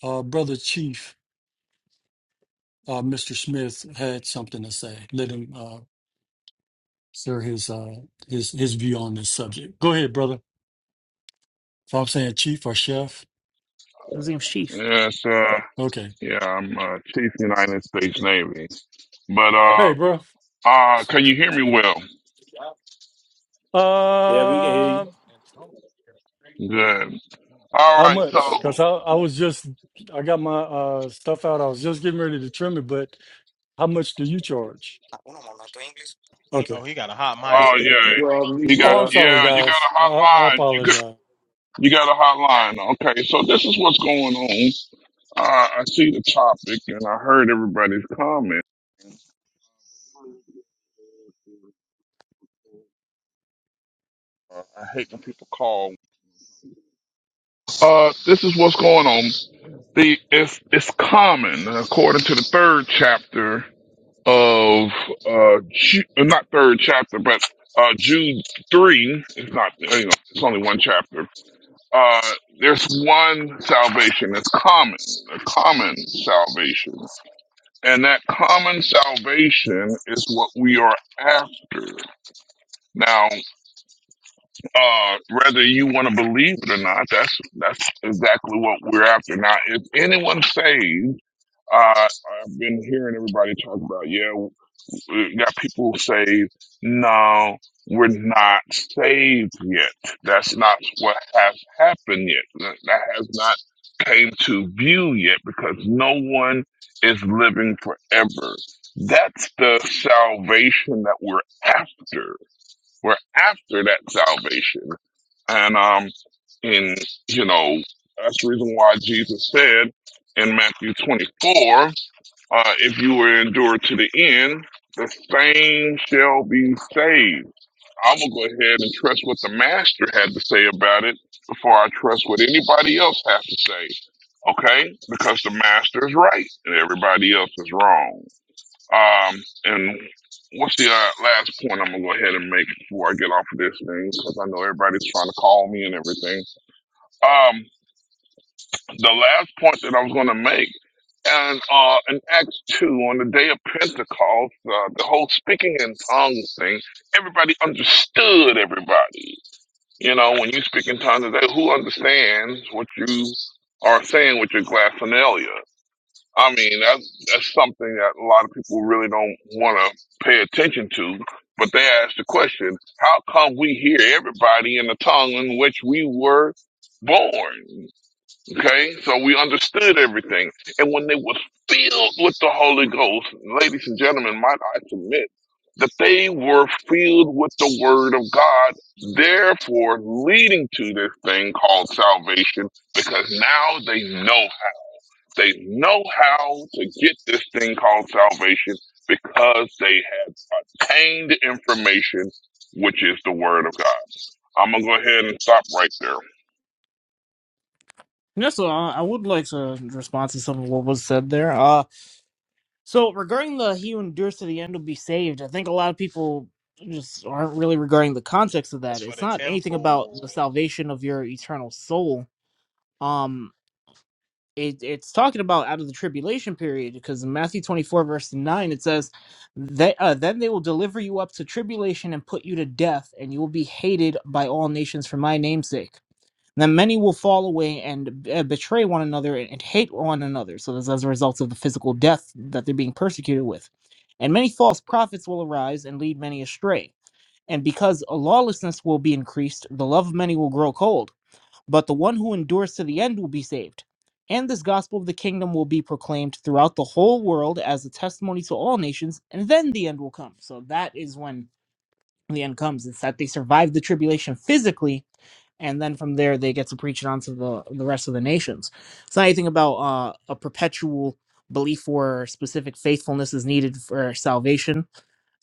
Speaker 2: uh, brother Chief uh, Mr. Smith had something to say. Let him uh, share his uh, his his view on this subject. Go ahead, brother. So I'm saying chief or chef.
Speaker 4: His name's Chief.
Speaker 14: Yes, uh,
Speaker 2: Okay.
Speaker 14: yeah, I'm uh, Chief United States Navy. But uh,
Speaker 2: Hey, bro.
Speaker 14: uh, can you hear me well?
Speaker 12: Yeah, we can hear
Speaker 2: Uh,
Speaker 12: you.
Speaker 14: Good. All
Speaker 2: how
Speaker 14: right. So,
Speaker 2: much? Because I,
Speaker 14: oh
Speaker 2: I was just, I got my uh, stuff out. I was just getting ready to trim it, but how much do you charge? Okay.
Speaker 13: Oh, he got a hot mic.
Speaker 14: yeah,
Speaker 12: You're on
Speaker 14: you
Speaker 12: mute,
Speaker 2: Oh,
Speaker 14: got
Speaker 2: I'm
Speaker 12: bro.
Speaker 2: sorry,
Speaker 14: yeah, you got
Speaker 2: guys. I, I
Speaker 14: a hotline. You got
Speaker 2: apologize.
Speaker 14: you got a hotline. Okay. So this is what's going on. Uh, I see the topic and I heard everybody's comment. Uh, I hate when people call. Uh, this is what's going on. the it's it's common according to the third chapter of uh Ju- uh, not third chapter but uh Jude three it's not you know it's only one chapter uh there's one salvation that's common a common salvation and that common salvation is what we are after now Uh, whether you want to believe it or not, that's that's exactly what we're after. Now, if anyone saved, uh, I've been hearing everybody talk about, yeah, we got people who say, no, we're not saved yet. That's not what has happened yet. That that has not came to view yet because no one is living forever. That's the salvation that we're after we're after that salvation. And um, in you know, that's the reason why Jesus said in Matthew 24, uh, if you will endure to the end, the same shall be saved. I'm gonna go ahead and trust what the master had to say about it before I trust what anybody else has to say. Okay? Because the master is right and everybody else is wrong. Um, and what's the uh, last point I'm gonna go ahead and make before I get off of this thing? Because I know everybody's trying to call me and everything. Um, the last point that I was gonna make, and uh, in Acts two, on the day of Pentecost, uh, the whole speaking in tongues thing, everybody understood everybody. You know, when you speak in tongues, today, who understands what you are saying with your glaphonalia? I mean, that's, that's something that a lot of people really don't want to pay attention to. But they ask the question, how come we hear everybody in the tongue in which we were born? Okay, so we understood everything. And when they were filled with the Holy Ghost, ladies and gentlemen, might I submit that they were filled with the Word of God, therefore leading to this thing called salvation, because now they know they know how to get this thing called salvation because they have gained information, which is the word of God. I'm gonna go ahead and stop right there.
Speaker 4: And also, uh, I would like to respond to some of what was said there. Uh, so regarding the "He who endures to the end will be saved," I think a lot of people just aren't really regarding the context of
Speaker 13: That's
Speaker 4: that.
Speaker 13: for
Speaker 4: It's
Speaker 13: the
Speaker 4: not anything about
Speaker 13: temple.
Speaker 4: the salvation of your eternal soul. Um, it, it's talking about out of the tribulation period because in Matthew twenty four verse nine it says that uh, then they will deliver you up to tribulation and put you to death, and you will be hated by all nations for my name's sake Then many will fall away and uh, betray one another and, and hate one another. So this is as a result of the physical death that they're being persecuted with. And many false prophets will arise and lead many astray. And because a lawlessness will be increased, the love of many will grow cold. But the one who endures to the end will be saved. And this gospel of the kingdom will be proclaimed throughout the whole world as a testimony to all nations, and then the end will come. So that is when the end comes. It's that they survive the tribulation physically, and then from there they get to preach it onto the the rest of the nations. It's not anything about uh, a perpetual belief or specific faithfulness is needed for salvation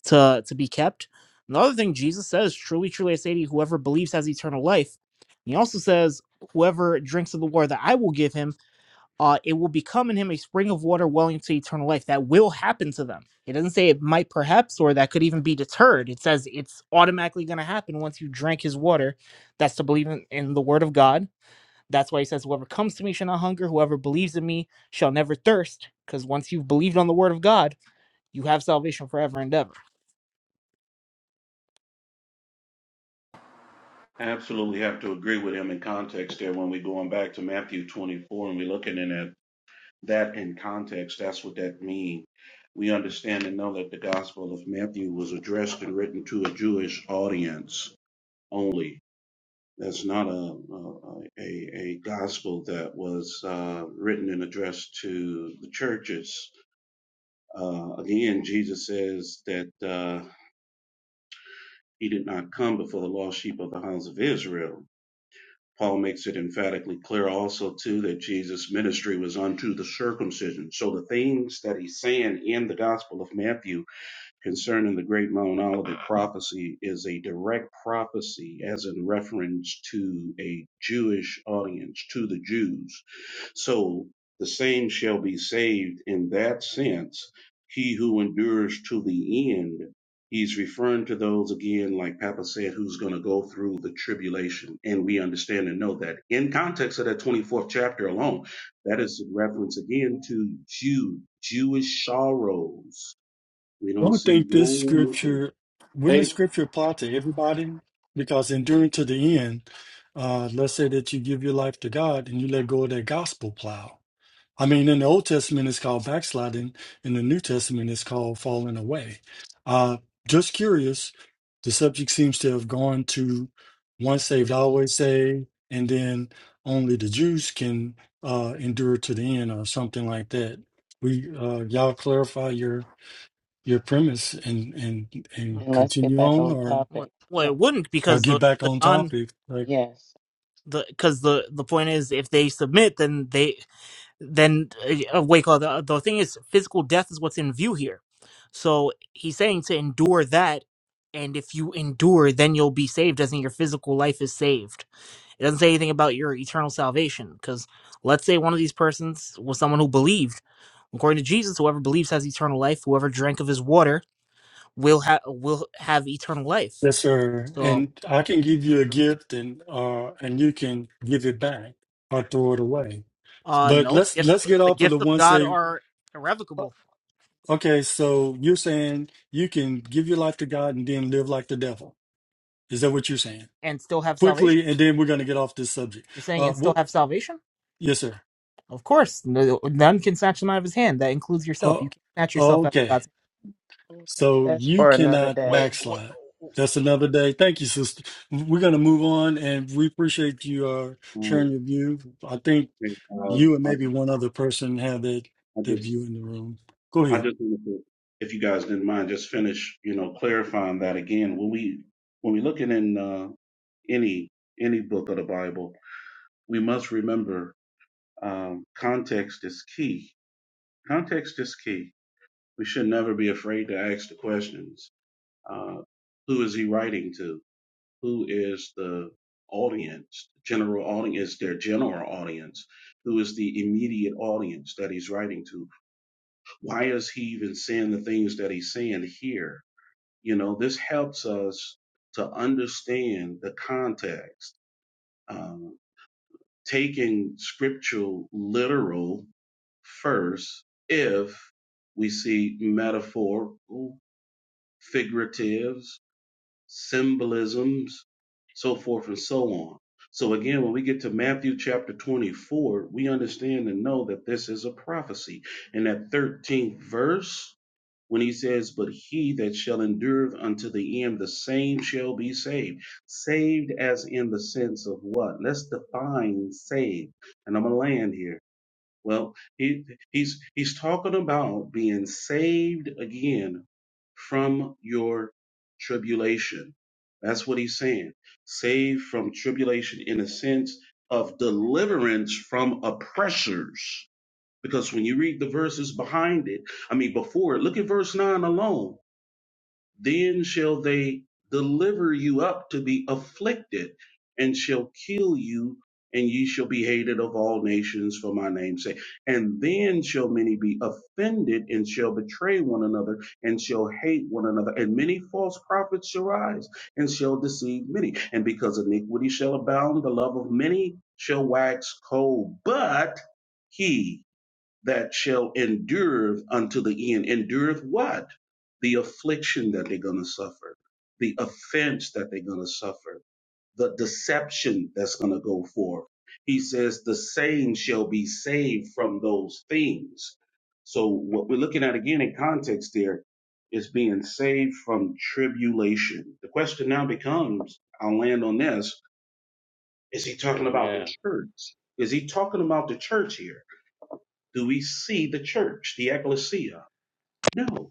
Speaker 4: to to be kept. Another thing Jesus says, "Truly, truly, I say to you, whoever believes has eternal life." And He also says, "Whoever drinks of the water that I will give him." uh, it will become in him a spring of water welling to eternal life. That will happen to them. It doesn't say it might perhaps or that could even be deterred. It says it's automatically going to happen once you drink his water. That's to believe in, in the word of God. That's why he says, Whoever comes to me shall not hunger, whoever believes in me shall never thirst. Because once you've believed on the word of God, you have salvation forever and ever.
Speaker 15: I absolutely have to agree with him in context there when we're going back to Matthew 24 and we're looking in at that in context. That's what that means. We understand and know that the Gospel of Matthew was addressed and written to a Jewish audience only. That's not a a, a, a gospel that was uh, written and addressed to the churches. Uh, again, Jesus says that uh, he did not come before the lost sheep of the house of Israel Paul makes it emphatically clear also too that Jesus' ministry was unto the circumcision. So the things that he's saying in the Gospel of Matthew concerning the great Mount Olivet prophecy is a direct prophecy, as in reference to a Jewish audience, to the Jews. So the same shall be saved in that sense. He who endures to the end, he's referring to those again, like Papa said, who's going to go through the tribulation. And we understand and know that in context of that 24th chapter alone, that is in reference again to Jew, Jewish sorrows we don't
Speaker 2: don't
Speaker 15: see
Speaker 2: think this
Speaker 15: no nothing.
Speaker 2: scripture wouldn't the scripture apply to everybody because enduring to the end uh let's say that you give your life to god and you let go of that gospel plow i mean in the old testament it's called backsliding in the new testament it's called falling away uh just curious the subject seems to have gone to once saved always saved and then only the jews can uh endure to the end or something like that we uh y'all clarify your your premise and and
Speaker 4: Mm,
Speaker 2: and
Speaker 16: And let's get
Speaker 2: continue
Speaker 16: back
Speaker 2: on
Speaker 16: on
Speaker 2: or
Speaker 4: Well,
Speaker 16: topic.
Speaker 4: well
Speaker 16: Yes.
Speaker 4: it wouldn't
Speaker 2: or
Speaker 4: because the,
Speaker 2: get back
Speaker 4: the
Speaker 2: on
Speaker 4: non
Speaker 2: topic like
Speaker 16: Yes.
Speaker 4: the because the the point is if they submit then they then uh, wake up. The, the thing is, physical death is what's in view here. So he's saying to endure that, and if you endure, then you'll be saved, as in your physical life is saved. It doesn't say anything about your eternal salvation, because let's say one of these persons was someone who believed. According to Jesus, whoever believes has eternal life. Whoever drank of his water will have will have eternal life.
Speaker 2: yes sir
Speaker 4: So,
Speaker 2: and i can give you a gift and uh and you can give it back or throw it away
Speaker 4: uh,
Speaker 2: but
Speaker 4: no, the
Speaker 2: let's
Speaker 4: gifts of,
Speaker 2: let's get
Speaker 4: the
Speaker 2: off of
Speaker 4: gifts
Speaker 2: the
Speaker 4: of
Speaker 2: one
Speaker 4: God
Speaker 2: say
Speaker 4: are
Speaker 2: uh,
Speaker 4: irrevocable
Speaker 2: okay so you're saying you can give your life to god and then live like the devil is that what you're saying
Speaker 4: and still have salvation.
Speaker 2: quickly and then we're going to get off this subject
Speaker 4: You're saying
Speaker 2: uh
Speaker 4: and still
Speaker 2: what
Speaker 4: have salvation.
Speaker 2: yes sir
Speaker 4: Of course, no, none can snatch him out of his hand. That includes yourself.
Speaker 2: uh,
Speaker 4: You can't snatch yourself out of
Speaker 2: okay
Speaker 4: God's
Speaker 16: Okay.
Speaker 2: So
Speaker 16: That's
Speaker 2: you
Speaker 16: for another
Speaker 2: cannot
Speaker 13: Wait,
Speaker 16: day.
Speaker 13: what?
Speaker 2: backslide. That's another day. Thank you, sister. We're going to move on, and we appreciate you uh, sharing
Speaker 15: Um,
Speaker 2: your view. I think
Speaker 15: and, uh,
Speaker 2: you and
Speaker 15: I,
Speaker 2: maybe one other person have that,
Speaker 15: I
Speaker 2: that
Speaker 15: just,
Speaker 2: view in the room. Go
Speaker 15: I
Speaker 2: ahead.
Speaker 15: just wanted to, if you guys didn't mind, just finish, you know, clarifying that again. When we, when we looking in uh, any any book of the Bible, we must remember um, context is key. Context is key. We should never be afraid to ask the questions. Uh, who is he writing to? who is the audience, general audience, is their general audience, who is the immediate audience that he's writing to. Why is he even saying the things that he's saying here? You know, this helps us to understand the context. Um, taking scriptural literal first, if we see metaphorical, figurative. symbolisms, so forth and so on. So again, when we get to Matthew chapter 24, we understand and know that this is a prophecy. In that 13th verse, when he says, But he that shall endure unto the end, the same shall be saved. Saved as in the sense of what? Let's define saved. And I'm going to land here well, he, he's he's talking about being saved again from your tribulation. That's what he's saying. Saved from tribulation in a sense of deliverance from oppressors. Because when you read the verses behind it, I mean before it, look at verse 9 alone. Then shall they deliver you up to be afflicted, and shall kill you, and ye shall be hated of all nations for my name's sake. And then shall many be offended, and shall betray one another, and shall hate one another. And many false prophets shall rise, and shall deceive many. And because iniquity shall abound, the love of many shall wax cold. But he that shall endure unto the end. Endureth what? The affliction that they're going to suffer, the offense that they're going to suffer, the deception that's going to go forth. He says, the same shall be saved from those things. So, what we're looking at again in context there is being saved from tribulation. The question now becomes I'll land on this is he talking about the
Speaker 1: Amen.
Speaker 15: church? Is he talking about the church here? Do we see the church, the ecclesia? No.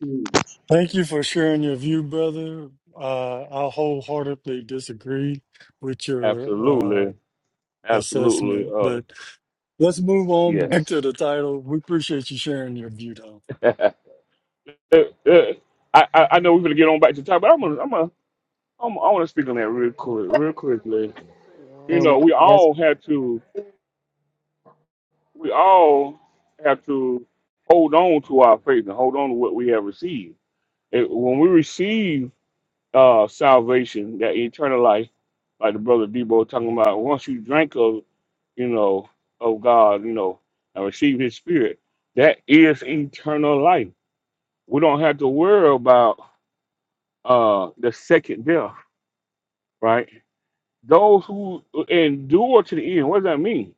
Speaker 15: Jeez.
Speaker 2: Thank you for sharing your view, brother. Uh, I wholeheartedly disagree with your uh,
Speaker 1: Absolutely. Absolutely.
Speaker 2: assessment,
Speaker 1: Uh,
Speaker 2: but let's move on back to
Speaker 1: yes.
Speaker 2: the title. We appreciate you sharing your view, though.
Speaker 1: Uh, uh, I, I I know we're gonna get on back to the time, but I'm gonna I'm gonna I'm, I want to speak on that real quick, real quickly. You know,
Speaker 16: Um,
Speaker 1: we
Speaker 16: that's
Speaker 1: all have to we all have to hold on to our faith and hold on to what we have received. It, when we receive uh, salvation, that eternal life, like the brother Debo talking about. Once you drink of, you know, of God, you know, and receive His Spirit, that is eternal life. We don't have to worry about uh the second death, right? Those who endure to the end. What does that mean?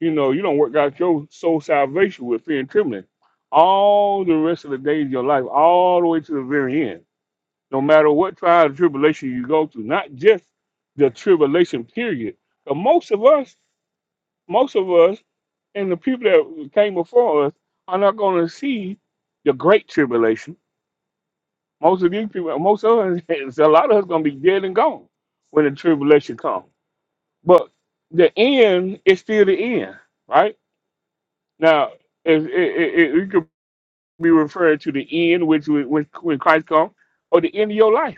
Speaker 1: You know, you don't work out your soul salvation with fear and trembling all the rest of the days of your life, all the way to the very end no matter what trial and tribulation you go through, not just the tribulation period. But most of us, most of us, and the people that came before us are not going to see the great tribulation. Most of these people, most of us, a lot of us, going to be dead and gone when the tribulation comes. But the end is still the end, right? Now, it, it, it, it could be referred to the end, which was- when, when Christ comes, or the end of your life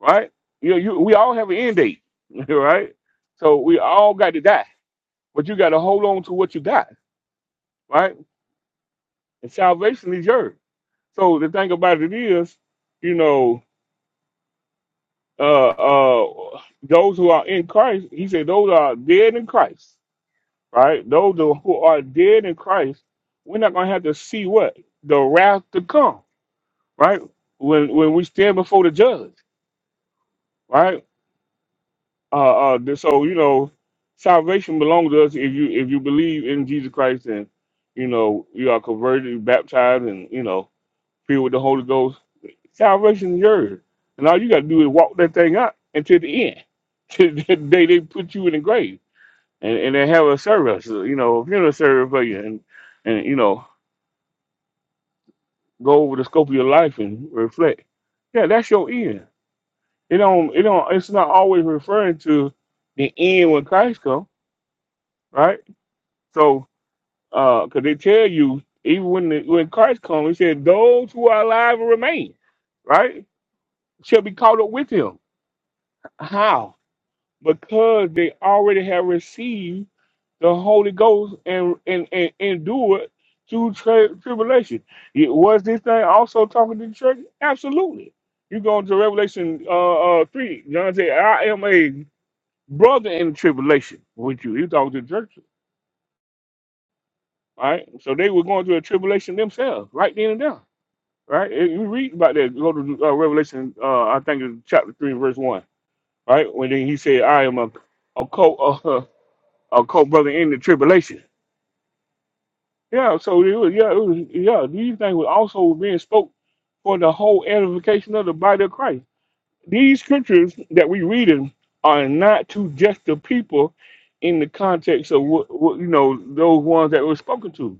Speaker 1: right? You know, you we all have an end date, right? So we all got to die, but you got to hold on to what you got, right? And salvation is yours. So the thing about it is, you know, uh, uh, those who are in Christ, he said, those are dead in Christ, right? Those who who are dead in Christ, we're not gonna have to see what the wrath to come, right? When when we stand before the judge, right? Uh, uh, th- so you know, salvation belongs to us if you if you believe in Jesus Christ and you know you are converted, baptized, and you know filled with the Holy Ghost. Salvation is yours, and all you got to do is walk that thing out until the end, till the day they put you in the grave, and and they have a service, uh, you know, a funeral service for you, and and you know go over the scope of your life and reflect. Yeah, that's your end. It don't it don't. It's not always referring to the end when Christ comes, right? So Uh, cause they tell you even when the, when Christ comes, he said those who are alive and remain, right, shall be caught up with him. How? Because they already have received the Holy Ghost and and and endured through tri- tribulation. It, was this thing also talking to the church? Absolutely. You go into Revelation uh, uh three. John said, "I am a brother in tribulation with you." He talking to the church, right? So they were going through a tribulation themselves, right then and there. right? And you read about that. Go to uh, Revelation, uh, I think it's chapter three, verse one, right? When then he said, "I am a a co uh, a co brother in the tribulation." Yeah, so it was, yeah, it was, yeah. These things were also being spoke for the whole edification of the body of Christ. These scriptures that we reading are not to just the people in the context of what, what you know those ones that were spoken to.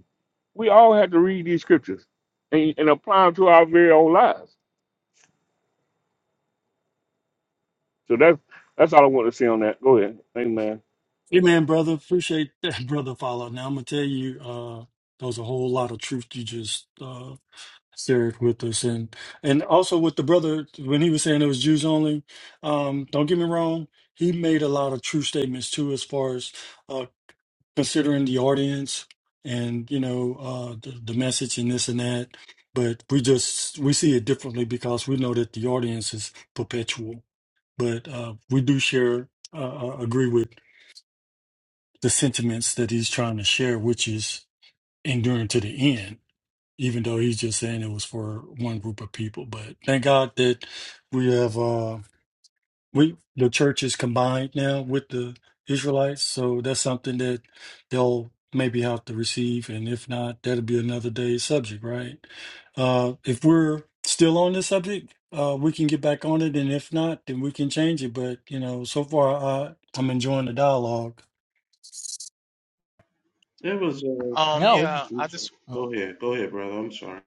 Speaker 1: We all have to read these scriptures and, and apply them to our very own lives So that's that's all I want to see on that. Go ahead. Amen.
Speaker 2: Hey man, brother, appreciate that, brother. Follow. Now I'm gonna tell you, uh, there was a whole lot of truth you just uh, shared with us, and and also with the brother when he was saying it was Jews only. Um, don't get me wrong, he made a lot of true statements too, as far as uh, considering the audience and you know uh, the, the message and this and that. But we just we see it differently because we know that the audience is perpetual, but uh, we do share uh, uh, agree with the sentiments that he's trying to share, which is enduring to the end, even though he's just saying it was for one group of people. But thank God that we have uh we the church is combined now with the Israelites, so that's something that they'll maybe have to receive, and if not, that'll be another day's subject, right? Uh if we're still on this subject, uh we can get back on it, and if not, then we can change it. But you know, so far I I'm enjoying the dialogue
Speaker 15: There was a.
Speaker 4: hand.
Speaker 13: Um,
Speaker 4: No,
Speaker 13: yeah, I just oh,
Speaker 15: Go ahead, go ahead, brother. I'm sorry.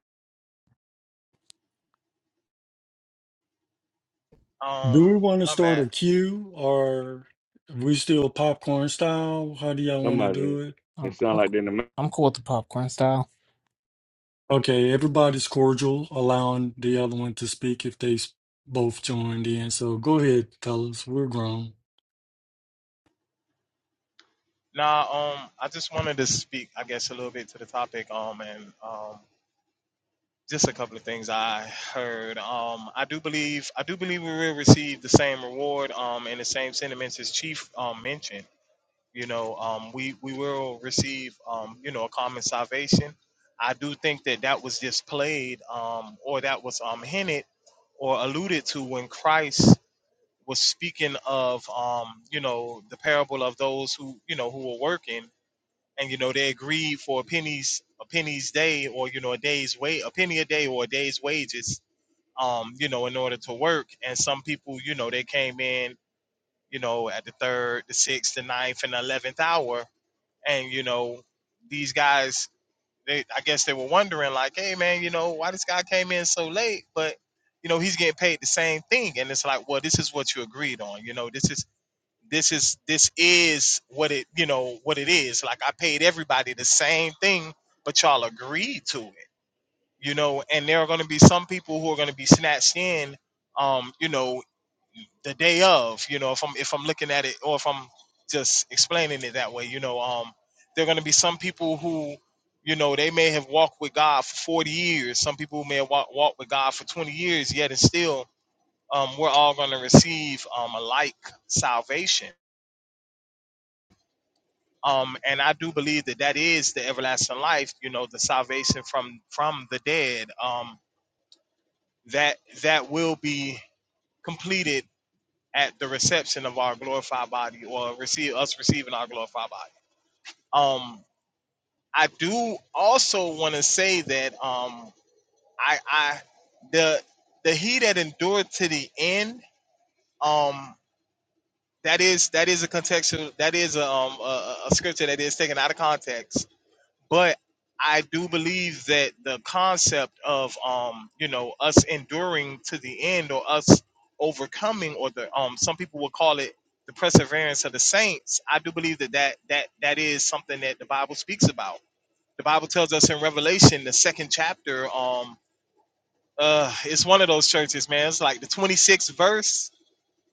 Speaker 2: Do we
Speaker 13: um,
Speaker 2: want to
Speaker 13: my
Speaker 2: start
Speaker 13: bad.
Speaker 2: a queue or we still popcorn style? How do y'all want to do
Speaker 1: Somebody
Speaker 2: it?
Speaker 1: it
Speaker 4: I'm,
Speaker 1: sound
Speaker 4: I'm,
Speaker 1: like they're in the ma-
Speaker 4: I'm cool with the popcorn style.
Speaker 2: Okay, everybody's cordial, allowing the other one to speak if they s- both joined in. So go ahead, fellas. We're grown.
Speaker 13: Nah, um, I just wanted to speak, I guess, a little bit to the topic. Um, and um, just a couple of things I heard. Um, I do believe I do believe we will receive the same reward um, and the same sentiments as Chief um, mentioned. You know, um, we we will receive um, you know a common salvation. I do think that that was just played um, or that was um, hinted or alluded to when Christ was speaking of um, you know the parable of those who you know who were working and you know they agreed for a penny's a penny's day or you know a day's wait a penny a day or a day's wages um you know in order to work and some people you know they came in you know at the third the sixth the ninth and the eleventh hour and you know these guys they i guess they were wondering like hey man you know why this guy came in so late but you know he's getting paid the same thing and it's like well this is what you agreed on you know this is this is this is what it you know what it is like i paid everybody the same thing but y'all agreed to it you know and there are going to be some people who are going to be snatched in um you know the day of you know if i'm if i'm looking at it or if i'm just explaining it that way you know um there are going to be some people who you know they may have walked with god for 40 years some people may have walked, walked with god for 20 years yet and still um, we're all going to receive um, a like salvation um and i do believe that that is the everlasting life you know the salvation from from the dead um that that will be completed at the reception of our glorified body or receive us receiving our glorified body um i do also want to say that um i i the the he that endured to the end um that is that is a contextual that is a, um, a, a a scripture that is taken out of context but I do believe that the concept of um, you know us enduring to the end or us overcoming or the um some people will call it the perseverance of the saints I do believe that that that that is something that the Bible speaks about the Bible tells us in Revelation the second chapter um uh it's one of those churches man it's like the 26th verse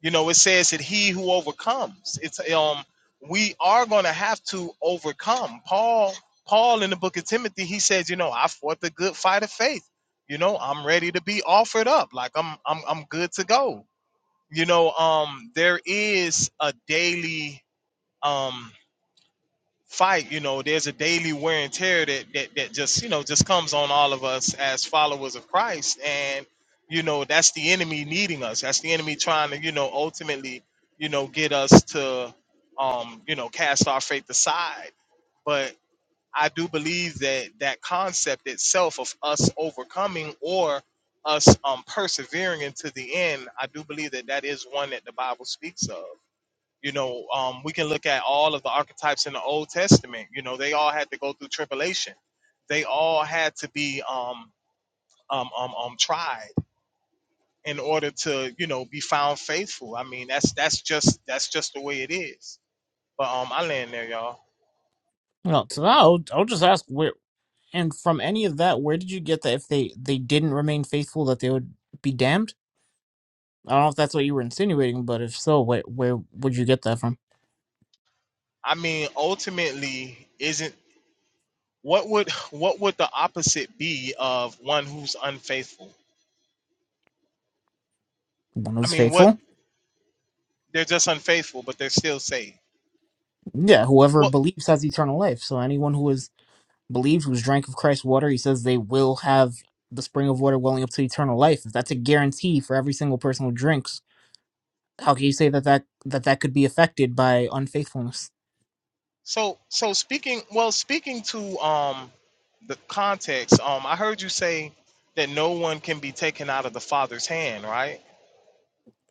Speaker 13: you know, it says that he who overcomes. It's um we are gonna have to overcome. Paul, Paul in the book of Timothy, he says, you know, I fought the good fight of faith. You know, I'm ready to be offered up. Like I'm I'm I'm good to go. You know, um there is a daily um fight you know there's a daily wear and tear that, that that just you know just comes on all of us as followers of christ and you know that's the enemy needing us that's the enemy trying to you know ultimately you know get us to um you know cast our faith aside but i do believe that that concept itself of us overcoming or us um persevering into the end i do believe that that is one that the bible speaks of you know, um, we can look at all of the archetypes in the Old Testament. You know, they all had to go through tribulation. They all had to be um, um, um, um, tried in order to, you know, be found faithful. I mean, that's that's just that's just the way it is. But um, I land there, y'all.
Speaker 4: No, so I'll, I'll just ask where, and from any of that, where did you get that if they, they didn't remain faithful, that they would be damned? I don't know if that's what you were insinuating, but if so, where, where would you get that from?
Speaker 13: I mean, ultimately, isn't what would what would the opposite be of one who's unfaithful?
Speaker 4: One
Speaker 13: I
Speaker 4: who's
Speaker 13: mean, what
Speaker 4: faithful?
Speaker 13: they're just unfaithful, but they're still saved
Speaker 4: Yeah, whoever
Speaker 13: Well.
Speaker 4: believes has eternal life. So anyone who is believe, who's drank of Christ's water, he says they will have the spring of water welling up to eternal life. If that's a guarantee for every single person who drinks, how can you say that that that, that could be affected by unfaithfulness?
Speaker 13: So so speaking well speaking to um the context, um I heard you say that no one can be taken out of the father's hand, right?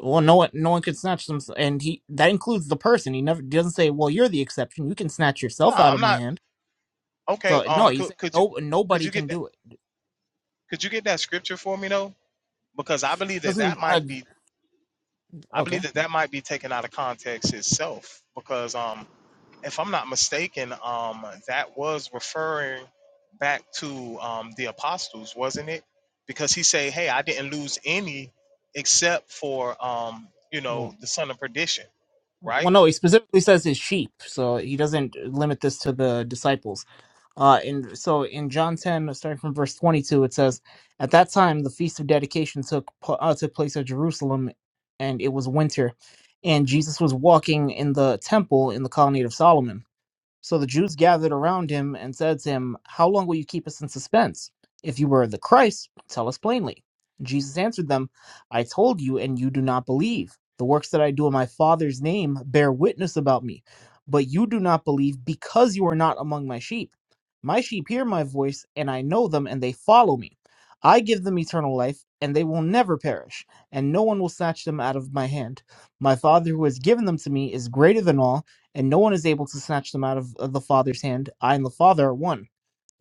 Speaker 4: Well, no one, no one could snatch them, and he that includes the person. He never doesn't say, "Well, you're the exception. You can snatch
Speaker 13: No,
Speaker 4: yourself out
Speaker 13: I'm
Speaker 4: of my
Speaker 13: not
Speaker 4: hand."
Speaker 13: okay,
Speaker 4: So no,
Speaker 13: um
Speaker 4: he's
Speaker 13: could
Speaker 4: saying
Speaker 13: could you
Speaker 4: no,
Speaker 13: could
Speaker 4: nobody
Speaker 13: you get
Speaker 4: can
Speaker 13: that
Speaker 4: do it.
Speaker 13: could you get that scripture for me though? Because I believe that that
Speaker 4: Doesn't uh,
Speaker 13: might be I believe
Speaker 4: okay?
Speaker 13: that that might be taken out of context itself because um if I'm not mistaken, um, that was referring back to um, the apostles, wasn't it? Because he said, "Hey, I didn't lose any, except for um, you
Speaker 4: Well,
Speaker 13: know the son of perdition,
Speaker 4: well,
Speaker 13: right?"
Speaker 4: no, he specifically says his sheep, so he doesn't limit this to the disciples. Uh, and so in John 10, starting from verse 22, it says, At that time, the feast of dedication took, pl- uh, took place at Jerusalem, and it was winter. And Jesus was walking in the temple in the colonnade of Solomon so the Jews gathered around him and said to him, How long will you keep us in suspense? If you were the Christ, tell us plainly. Jesus answered them, I told you, and you do not believe. The works that I do in my Father's name bear witness about me, but you do not believe because you are not among my sheep. My sheep hear my voice, and I know them, and they follow me. I give them eternal life, and they will never perish, and no one will snatch them out of my hand. My Father who has given them to me is greater than all and no one is able to snatch them out of, of the Father's hand. I and the Father are one.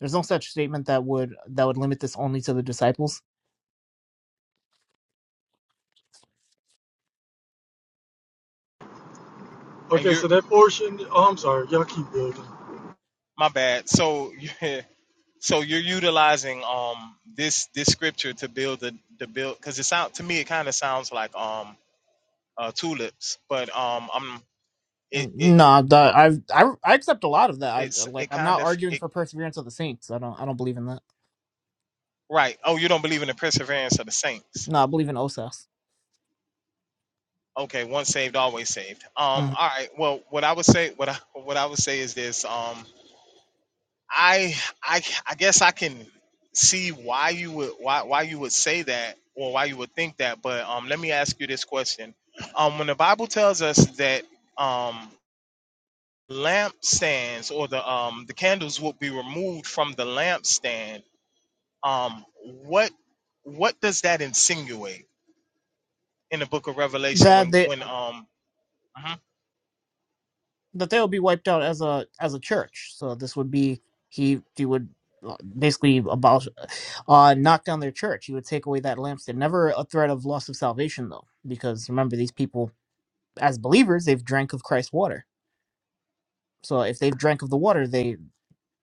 Speaker 4: There's no such statement that would that would limit this only to the disciples.
Speaker 13: And
Speaker 2: Okay,
Speaker 13: you're
Speaker 2: so that portion, oh, I'm sorry, y'all keep building.
Speaker 13: my bad. So so you're utilizing um this this scripture to build the the build because it sound to me it kind of sounds like um uh, tulips, but um I'm it
Speaker 4: Mm,
Speaker 13: it
Speaker 4: No, the, I, I I accept a lot of that. I
Speaker 13: it's
Speaker 4: like
Speaker 13: it
Speaker 4: I'm
Speaker 13: kind
Speaker 4: not
Speaker 13: of
Speaker 4: arguing
Speaker 13: it
Speaker 4: for perseverance of the saints. I don't I don't believe in that.
Speaker 13: right. Oh, you don't believe in the perseverance of the saints
Speaker 4: No, I believe in osas.
Speaker 13: Okay, once saved, always saved. Um,
Speaker 4: Mhm.
Speaker 13: all right. Well, what I would say, what I what I would say is this. Um, I I I guess I can see why you would why why you would say that or why you would think that. But um, let me ask you this question. Um, when the Bible tells us that um lampstands or the um the candles will be removed from the lampstand, um, what what does that insinuate in the Book of Revelation
Speaker 4: That
Speaker 13: when
Speaker 4: they
Speaker 13: when um. Mhm.
Speaker 4: that they will be wiped out as a as a church. So this would be he he would uh, basically abolish uh knock down their church. He would take away that lampstand. Never a threat of loss of salvation though, because remember these people as believers they've drank of christ's water so if they've drank of the water they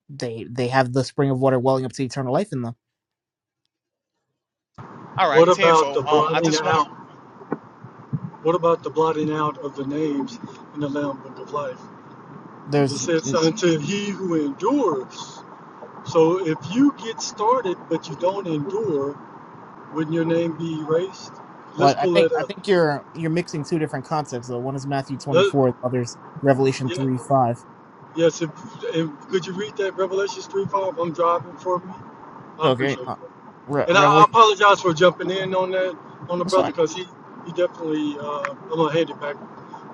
Speaker 4: they they have the spring of water welling up to eternal life in them
Speaker 13: All right,
Speaker 2: What about
Speaker 13: tenfold.
Speaker 2: the
Speaker 13: Um, I
Speaker 2: blotting
Speaker 13: just want to
Speaker 2: out? What about the blotting out of the names in the Lamb Book of Life? It
Speaker 4: there's
Speaker 2: says,
Speaker 4: e,
Speaker 2: unto he who endures. So if you get started but you don't endure, Wouldn't your name be erased?
Speaker 4: well
Speaker 2: Let's
Speaker 4: i
Speaker 2: pull
Speaker 4: think
Speaker 2: it
Speaker 4: i
Speaker 2: up.
Speaker 4: think you're you're mixing two different concepts though one is matthew
Speaker 2: Let,
Speaker 4: 24 the other's revelation
Speaker 2: yeah,
Speaker 4: 3 5
Speaker 2: yes, if, if, could you read that Revelations 3 5? I'm driving for me. I
Speaker 4: okay
Speaker 2: appreciate it.
Speaker 4: uh, Re-
Speaker 2: And I, I
Speaker 4: revelation
Speaker 2: apologize for jumping in on that, on the
Speaker 4: that's
Speaker 2: brother,
Speaker 4: fine
Speaker 2: because he, he definitely, uh, I'm going to hand it back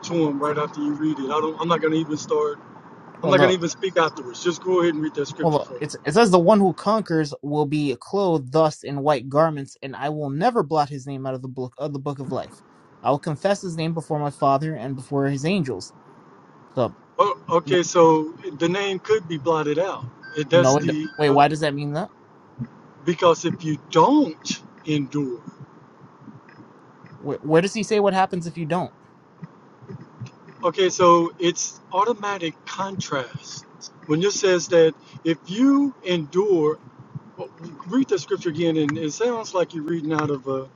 Speaker 2: to him right after you read it. I don't, I'm not going to even start, I'm
Speaker 4: well
Speaker 2: not going
Speaker 4: the
Speaker 2: to even speak afterwards. Just go ahead and read that
Speaker 4: well,
Speaker 2: scripture for
Speaker 4: the-
Speaker 2: me.
Speaker 4: it's, it says the one who conquers will be clothed thus in white garments, and I will never blot his name out of the book of the book of life. I will confess his name before my Father and before his angels. So
Speaker 2: Oh, okay, so the name could be blotted out. It, that's
Speaker 4: No, it do-
Speaker 2: the,
Speaker 4: wait.
Speaker 2: uh,
Speaker 4: Why does that mean that?
Speaker 2: because if you don't endure,
Speaker 4: Where, where does he say what happens if you don't?
Speaker 2: Okay, so it's automatic contrast. When it says that if you endure, well, read the scripture again, and it sounds like you're reading out of a,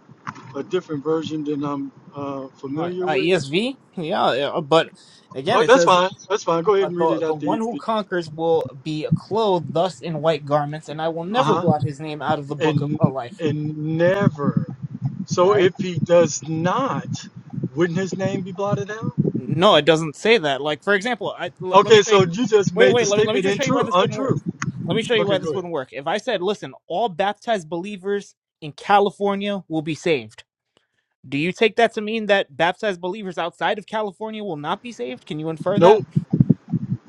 Speaker 2: a different version than I'm uh,
Speaker 4: Uh,
Speaker 2: familiar
Speaker 4: uh,
Speaker 2: with.
Speaker 4: ESV. Yeah, yeah, uh, but again,
Speaker 2: Oh,
Speaker 4: it
Speaker 2: that's
Speaker 4: says
Speaker 2: fine. That's fine. Go ahead
Speaker 4: uh,
Speaker 2: and read
Speaker 4: the
Speaker 2: it
Speaker 4: the
Speaker 2: out the
Speaker 4: one who
Speaker 2: ESV.
Speaker 4: conquers will be clothed thus in white garments, and I will
Speaker 2: Uh
Speaker 4: never
Speaker 2: huh.
Speaker 4: blot his name out of the book of of
Speaker 2: And
Speaker 4: life.
Speaker 2: and never. So
Speaker 4: Right?
Speaker 2: if he does not, wouldn't his name be blotted out?
Speaker 4: No, it doesn't say that. Like for example, I l- let me
Speaker 2: Okay,
Speaker 4: show you.
Speaker 2: so you just
Speaker 4: Wait,
Speaker 2: made the
Speaker 4: wait. Let me let me
Speaker 2: statement
Speaker 4: just show you why
Speaker 2: untrue.
Speaker 4: this wouldn't work.
Speaker 2: Untrue.
Speaker 4: Let me show you
Speaker 2: Okay,
Speaker 4: why this
Speaker 2: go ahead.
Speaker 4: wouldn't work. If I said, listen, all baptized believers in California will be saved. Do you take that to mean that baptized believers outside of California will not be saved? Can you infer
Speaker 2: Nope.
Speaker 4: that?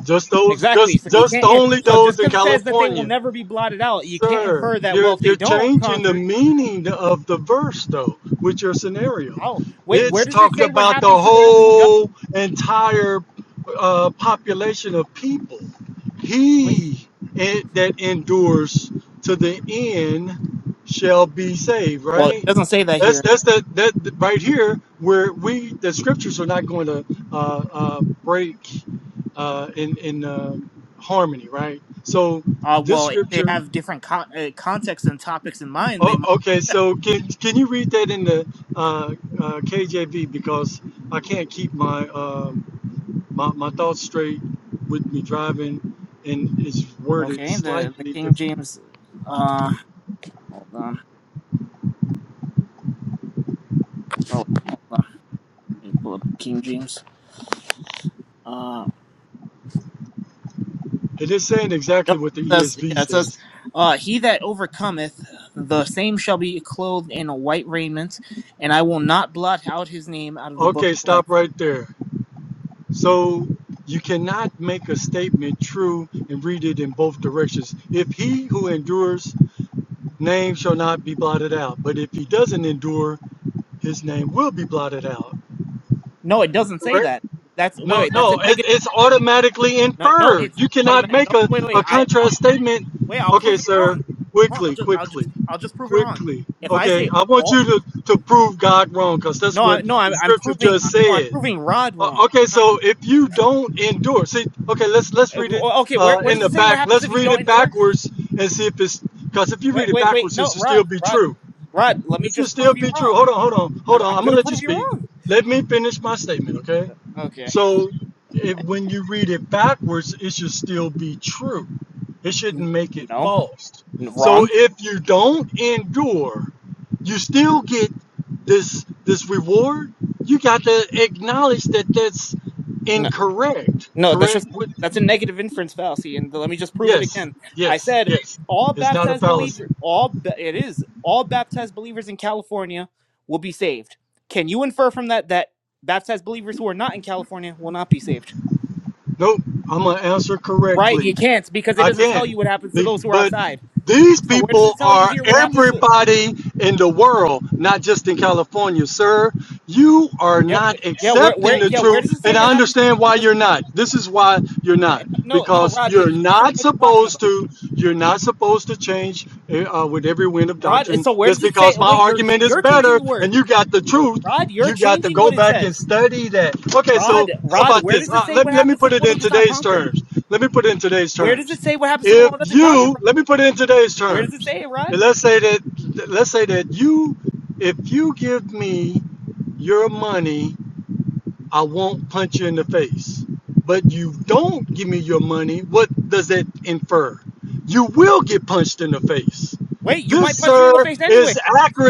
Speaker 2: Just those,
Speaker 4: Exactly.
Speaker 2: just
Speaker 4: So you
Speaker 2: just
Speaker 4: can't.
Speaker 2: only
Speaker 4: So just
Speaker 2: those in
Speaker 4: because it says that they will
Speaker 2: California.
Speaker 4: never be blotted out, you can't
Speaker 2: Sir,
Speaker 4: infer that. Well,
Speaker 2: you're
Speaker 4: if they
Speaker 2: you're
Speaker 4: don't
Speaker 2: changing the
Speaker 4: conquer,
Speaker 2: meaning of the verse though with your scenario.
Speaker 4: oh wait, where
Speaker 2: It's
Speaker 4: does it
Speaker 2: talking
Speaker 4: say what
Speaker 2: about the
Speaker 4: happens to the one who doesn't?
Speaker 2: whole entire uh, population of people.
Speaker 4: Wait,
Speaker 2: He it, that endures to the end shall be saved.
Speaker 4: well, it
Speaker 2: Right?
Speaker 4: doesn't say that
Speaker 2: That's
Speaker 4: here.
Speaker 2: that's the that right here where we the scriptures are not going to uh, uh, break uh, in in uh, harmony. Right? So
Speaker 4: Uh,
Speaker 2: this
Speaker 4: well, if they
Speaker 2: scripture
Speaker 4: have different con- uh, contexts and topics in mind, they
Speaker 2: Oh,
Speaker 4: might look
Speaker 2: okay.
Speaker 4: that.
Speaker 2: So can can you read that in the uh, uh, KJV because I can't keep my um my my thoughts straight with me driving, and it's worded
Speaker 4: Okay, the the
Speaker 2: slightly
Speaker 4: King
Speaker 2: different.
Speaker 4: James. Uh, hold on. Oh, wait, hold on. Let me pull up King James. Uh,
Speaker 2: It is saying exactly
Speaker 4: Nope.
Speaker 2: what the
Speaker 4: It says,
Speaker 2: ESV
Speaker 4: yeah, it says,
Speaker 2: says.
Speaker 4: uh, He that overcometh, the same shall be clothed in a white raiment, and I will not blot out his name out of the book
Speaker 2: Okay,
Speaker 4: of life.
Speaker 2: stop right there. So you cannot make a statement true and read it in both directions. If he who endures, name shall not be blotted out. But if he doesn't endure, his name will be blotted out.
Speaker 4: No, it doesn't say
Speaker 2: Correct?
Speaker 4: that. That's wait,
Speaker 2: No,
Speaker 4: wait that's a
Speaker 2: no, it,
Speaker 4: negative.
Speaker 2: it's automatically
Speaker 4: No, no
Speaker 2: inferred.
Speaker 4: it's
Speaker 2: You
Speaker 4: not
Speaker 2: cannot
Speaker 4: automatic.
Speaker 2: make
Speaker 4: No,
Speaker 2: a,
Speaker 4: wait, wait,
Speaker 2: a
Speaker 4: I, I'll
Speaker 2: contrast statement.
Speaker 4: wait. I'll
Speaker 2: Okay,
Speaker 4: prove it
Speaker 2: sir,
Speaker 4: wrong. Hold on, I'll
Speaker 2: quickly,
Speaker 4: just, I'll just,
Speaker 2: quickly,
Speaker 4: I'll just prove it wrong.
Speaker 2: quickly.
Speaker 4: If I
Speaker 2: Okay,
Speaker 4: say
Speaker 2: I want
Speaker 4: all,
Speaker 2: you to, to prove God wrong because that's
Speaker 4: no,
Speaker 2: what
Speaker 4: I, no, I'm,
Speaker 2: the
Speaker 4: I'm
Speaker 2: scripture
Speaker 4: proving,
Speaker 2: just
Speaker 4: no, I'm
Speaker 2: said.
Speaker 4: proving Rod
Speaker 2: Uh,
Speaker 4: wrong.
Speaker 2: okay, so if you don't endure, see, okay, let's let's read it
Speaker 4: Okay, where,
Speaker 2: uh,
Speaker 4: where
Speaker 2: in
Speaker 4: does
Speaker 2: the
Speaker 4: it say what
Speaker 2: back.
Speaker 4: happens
Speaker 2: Let's
Speaker 4: if you
Speaker 2: read
Speaker 4: don't
Speaker 2: it
Speaker 4: endure?
Speaker 2: backwards and see if it's because if you
Speaker 4: Wait,
Speaker 2: read it
Speaker 4: wait, wait.
Speaker 2: backwards, it
Speaker 4: No,
Speaker 2: should still
Speaker 4: Rod,
Speaker 2: be
Speaker 4: Rod,
Speaker 2: true.
Speaker 4: Rod. Let me
Speaker 2: It should
Speaker 4: just
Speaker 2: still
Speaker 4: prove you
Speaker 2: be true.
Speaker 4: wrong.
Speaker 2: Hold on, hold on,
Speaker 4: I,
Speaker 2: hold on.
Speaker 4: I'm
Speaker 2: I'm gonna
Speaker 4: gonna
Speaker 2: let you
Speaker 4: prove you
Speaker 2: speak.
Speaker 4: wrong.
Speaker 2: Let me finish my statement, okay?
Speaker 4: Okay.
Speaker 2: So if, when you read it backwards, it should still be true. It
Speaker 4: N-
Speaker 2: shouldn't make it
Speaker 4: No,
Speaker 2: false.
Speaker 4: N-
Speaker 2: So
Speaker 4: wrong.
Speaker 2: if you don't endure, you still get this this reward. You got to acknowledge that that's
Speaker 4: No,
Speaker 2: incorrect.
Speaker 4: no, that's
Speaker 2: Correct?
Speaker 4: just
Speaker 2: What-
Speaker 4: that's a negative inference fallacy, and let me just prove it
Speaker 2: Yes,
Speaker 4: again. I
Speaker 2: yes,
Speaker 4: said
Speaker 2: yes.
Speaker 4: all
Speaker 2: It's not a
Speaker 4: baptized
Speaker 2: fallacy.
Speaker 4: believers, all ba- it is all baptized believers in California will be saved. Can you infer from that that baptized believers who are not in California will not be saved?
Speaker 2: Nope. I'm gonna answer
Speaker 4: Right,
Speaker 2: correctly.
Speaker 4: you can't because it
Speaker 2: I
Speaker 4: doesn't tell
Speaker 2: can.
Speaker 4: you what happens to
Speaker 2: Be-
Speaker 4: those who are
Speaker 2: But
Speaker 4: outside.
Speaker 2: these
Speaker 4: So where does
Speaker 2: people
Speaker 4: it tell you
Speaker 2: are
Speaker 4: here what happens to?
Speaker 2: everybody in the world, not just in California, sir. You are
Speaker 4: Yeah, wh-
Speaker 2: not
Speaker 4: yeah, where,
Speaker 2: accepting
Speaker 4: where,
Speaker 2: the
Speaker 4: yeah, where
Speaker 2: truth.
Speaker 4: does it
Speaker 2: And
Speaker 4: say
Speaker 2: I
Speaker 4: what happens? to
Speaker 2: understand
Speaker 4: someone
Speaker 2: why
Speaker 4: who doesn't come?
Speaker 2: you're not. This is why you're not.
Speaker 4: Wait, no, no,
Speaker 2: Because
Speaker 4: Rod, you,
Speaker 2: you're
Speaker 4: you just don't know
Speaker 2: not
Speaker 4: what you're talking
Speaker 2: supposed
Speaker 4: about.
Speaker 2: to, you're not supposed to change uh, with every wind of
Speaker 4: Rod,
Speaker 2: doctrine.
Speaker 4: so where
Speaker 2: Just
Speaker 4: does it say?
Speaker 2: because my
Speaker 4: Wait, you're
Speaker 2: argument is
Speaker 4: you're changing
Speaker 2: better
Speaker 4: the word.
Speaker 2: and you got the truth,
Speaker 4: Rod, you're
Speaker 2: you got to
Speaker 4: changing
Speaker 2: go
Speaker 4: what it
Speaker 2: back and
Speaker 4: says.
Speaker 2: study that. Okay, so
Speaker 4: Rod,
Speaker 2: how
Speaker 4: Rod,
Speaker 2: about
Speaker 4: where
Speaker 2: this?
Speaker 4: does it
Speaker 2: Uh,
Speaker 4: say
Speaker 2: let,
Speaker 4: what
Speaker 2: let me
Speaker 4: happens to
Speaker 2: put
Speaker 4: the
Speaker 2: it
Speaker 4: one who
Speaker 2: in
Speaker 4: does not
Speaker 2: today's
Speaker 4: conquer?
Speaker 2: terms. Let me put it in today's
Speaker 4: Where does
Speaker 2: terms
Speaker 4: it say what happens to the one
Speaker 2: if
Speaker 4: who doesn't conquer?
Speaker 2: you
Speaker 4: Rod?
Speaker 2: let me put it in today's
Speaker 4: Where does it
Speaker 2: terms
Speaker 4: say it, Rod?
Speaker 2: and let's say that let's say that you if you give me your money I won't punch you in the face. But you don't give me your money, what does that infer? You will get punched in the face.
Speaker 4: Wait, you might
Speaker 2: This,
Speaker 4: punch me in
Speaker 2: sir,
Speaker 4: the face anyway.
Speaker 2: is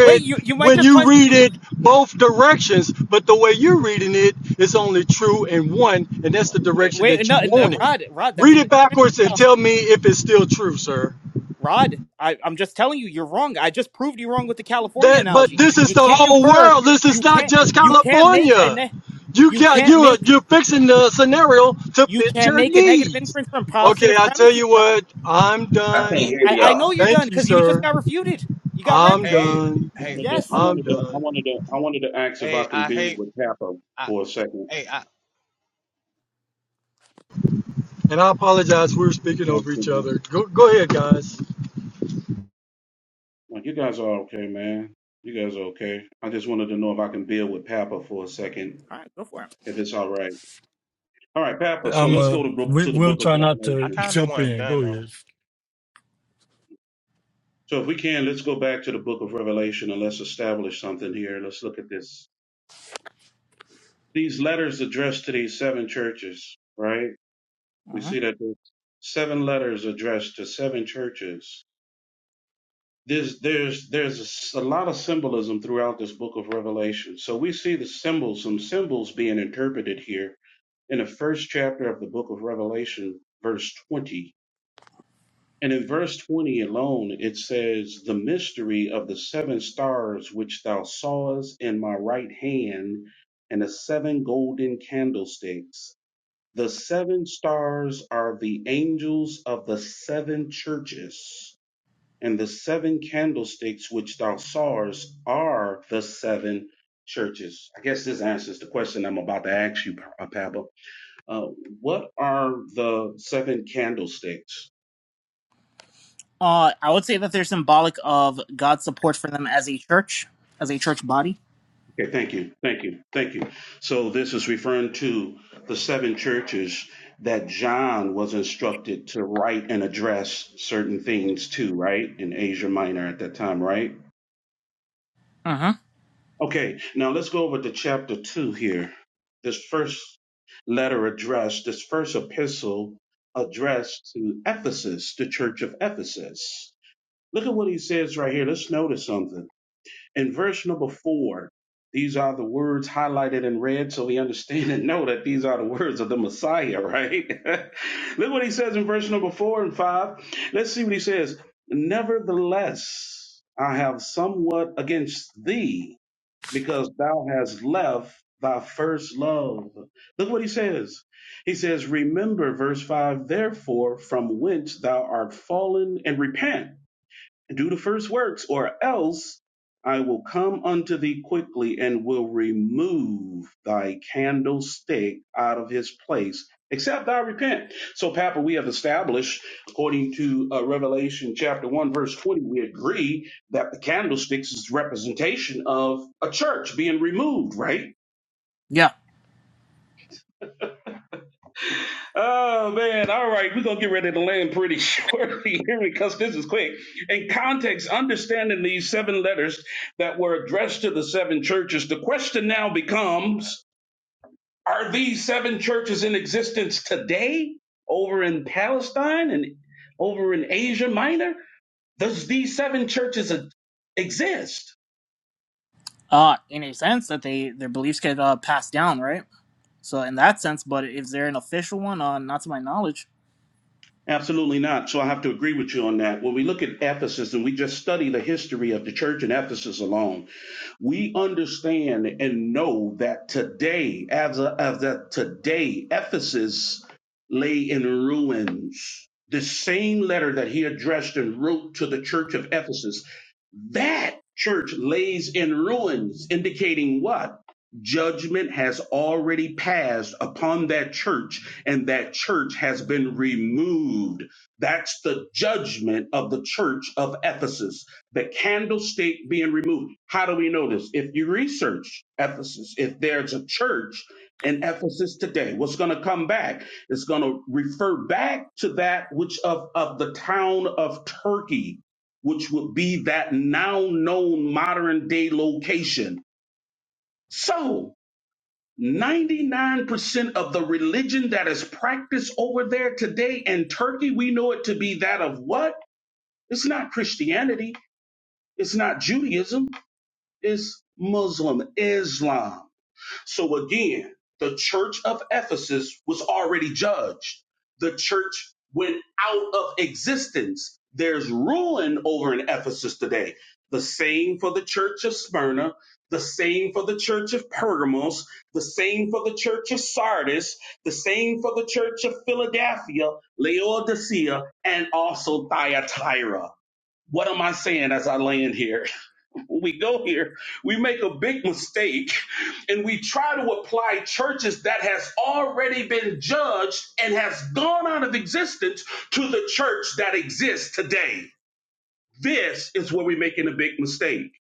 Speaker 4: Wait, you you might
Speaker 2: when
Speaker 4: just
Speaker 2: you
Speaker 4: punch.
Speaker 2: read it both directions, but the way you're reading it is only true in one, and that's the
Speaker 4: Wait, wait,
Speaker 2: direction
Speaker 4: wait
Speaker 2: that you
Speaker 4: no, no
Speaker 2: want it.
Speaker 4: Rod, Rod, that's a
Speaker 2: Read it
Speaker 4: negative inference
Speaker 2: backwards and tell
Speaker 4: fallacy.
Speaker 2: me if it's still true, sir.
Speaker 4: Rod, I, I'm just telling you, you're wrong. I just proved you wrong with the California
Speaker 2: That, but
Speaker 4: analogy.
Speaker 2: this is
Speaker 4: You
Speaker 2: the
Speaker 4: can't
Speaker 2: whole
Speaker 4: infer.
Speaker 2: world. This is
Speaker 4: You
Speaker 2: not
Speaker 4: can't.
Speaker 2: just
Speaker 4: You can't make a.
Speaker 2: California.
Speaker 4: Ne-
Speaker 2: You
Speaker 4: you
Speaker 2: got
Speaker 4: can't
Speaker 2: you are
Speaker 4: make.
Speaker 2: you're fixing the scenario to
Speaker 4: You
Speaker 2: fit
Speaker 4: can't
Speaker 2: your
Speaker 4: make a negative
Speaker 2: needs.
Speaker 4: inference from
Speaker 2: Okay,
Speaker 4: positive
Speaker 2: I tell
Speaker 4: premises,
Speaker 2: you
Speaker 4: Rod.
Speaker 2: what, I'm
Speaker 11: I can't
Speaker 2: done.
Speaker 11: hear
Speaker 4: I, I know
Speaker 11: y'all.
Speaker 4: you're done
Speaker 2: Thank you,
Speaker 4: because you just
Speaker 2: sir.
Speaker 4: got refuted. You got wrecked,
Speaker 2: I'm
Speaker 4: bro.
Speaker 13: Hey,
Speaker 2: done.
Speaker 15: I
Speaker 13: hey,
Speaker 15: wanted to, I
Speaker 4: Yes.
Speaker 2: I'm
Speaker 15: wanted to, I
Speaker 2: done.
Speaker 15: wanted to, I wanted to ask if I
Speaker 13: hey,
Speaker 15: can
Speaker 13: I
Speaker 15: be
Speaker 13: hate,
Speaker 15: with Papa
Speaker 13: I,
Speaker 15: for a second.
Speaker 13: hey, I,
Speaker 2: And I apologize. We were speaking
Speaker 15: Yeah,
Speaker 2: over
Speaker 15: good
Speaker 2: each
Speaker 15: night.
Speaker 2: other. Go go ahead, guys.
Speaker 15: Like you guys are okay, man. You guys are okay. I just wanted to know if I can be with Papa for a second,
Speaker 4: All right, go for it.
Speaker 15: if it's all right. All right, Papa. So
Speaker 2: I'm
Speaker 15: let's
Speaker 2: uh
Speaker 15: go to book,
Speaker 2: we,
Speaker 15: to the
Speaker 2: we'll
Speaker 15: Book of
Speaker 2: try not
Speaker 13: I
Speaker 2: to
Speaker 15: Revelation.
Speaker 13: kind of
Speaker 2: jump
Speaker 13: wasn't
Speaker 2: in.
Speaker 13: done
Speaker 2: Go
Speaker 13: though.
Speaker 2: ahead.
Speaker 15: So if we can, let's go back to the Book of Revelation and let's establish something here. Let's look at this. these letters addressed to these seven churches, right? We
Speaker 4: Uh-huh.
Speaker 15: see that there's seven letters addressed to seven churches. There's there's there's a, s- a lot of symbolism throughout this book of Revelation. So we see the symbols, some symbols being interpreted here in the first chapter of the book of Revelation, verse 20. And in verse 20 alone, it says, The mystery of the seven stars which thou sawest in my right hand, and the seven golden candlesticks. The seven stars are the angels of the seven churches, and the seven candlesticks which thou sawest are the seven churches. I guess this answers the question I'm about to ask you, Pa- uh, Pablo. Uh, what are the seven candlesticks?
Speaker 4: Uh, I would say that they're symbolic of God's support for them as a church, as a church body.
Speaker 15: Okay, thank you, thank you, thank you. So this is referring to the seven churches that John was instructed to write and address certain things to, right? In Asia Minor at that time, right?
Speaker 4: Uh-huh.
Speaker 15: Okay, now let's go over to chapter 2 here. This first letter addressed, this first epistle addressed to Ephesus, the church of Ephesus. Look at what he says right here. Let's notice something. In verse number 4, these are the words highlighted in red so we understand and know that these are the words of the Messiah, right? Look what he says in verse number 4 and 5. Let's see what he says. Nevertheless, I have somewhat against thee because thou hast left thy first love. Look what he says. He says, Remember, verse 5, therefore, from whence thou art fallen, and repent do the first works, or else I will come unto thee quickly and will remove thy candlestick out of his place, except thou repent. So, Papa, we have established, according to uh, Revelation chapter 1, verse 20, we agree that the candlesticks is representation of a church being removed, right?
Speaker 4: Yeah.
Speaker 15: Oh man, all right, we're gonna get ready to land pretty shortly here because this is quick. In context, understanding these seven letters that were addressed to the seven churches, the question now becomes are these seven churches in existence today over in Palestine and over in Asia Minor? Does these seven churches e- exist?
Speaker 4: Uh, in a sense that they their beliefs get uh, passed down, right? So in that sense, but is there an official one? Uh, not to my knowledge.
Speaker 15: Absolutely not. So I have to agree with you on that. When we look at Ephesus and we just study the history of the church in Ephesus alone, we understand and know that today, as a, as that today, Ephesus lay in ruins. The same letter that he addressed and wrote to the church of Ephesus, that church lays in ruins, indicating what? Judgment has already passed upon that church, and that church has been removed. That's the judgment of the church of Ephesus the candlestick being removed. How do we know this? If you research Ephesus, if there's a church in Ephesus today, what's going to come back is going to refer back to that which of, of the town of Turkey, which would be that now known modern day location. So, 99% of the religion that is practiced over there today in Turkey, we know it to be that of what? It's not Christianity. It's not Judaism is Muslim Islam. So again, the church of Ephesus was already judged. The church went out of existence. There's ruin over in Ephesus today. The same for the church of Smyrna, the same for the church of Pergamos, the same for the church of Sardis, the same for the church of Philadelphia, Laodicea, and also Thyatira. What am I saying as I land here? when we go here, we make a big mistake and we try to apply churches that has already been judged and has gone out of existence to the church that exists today. This is where we're making a big mistake.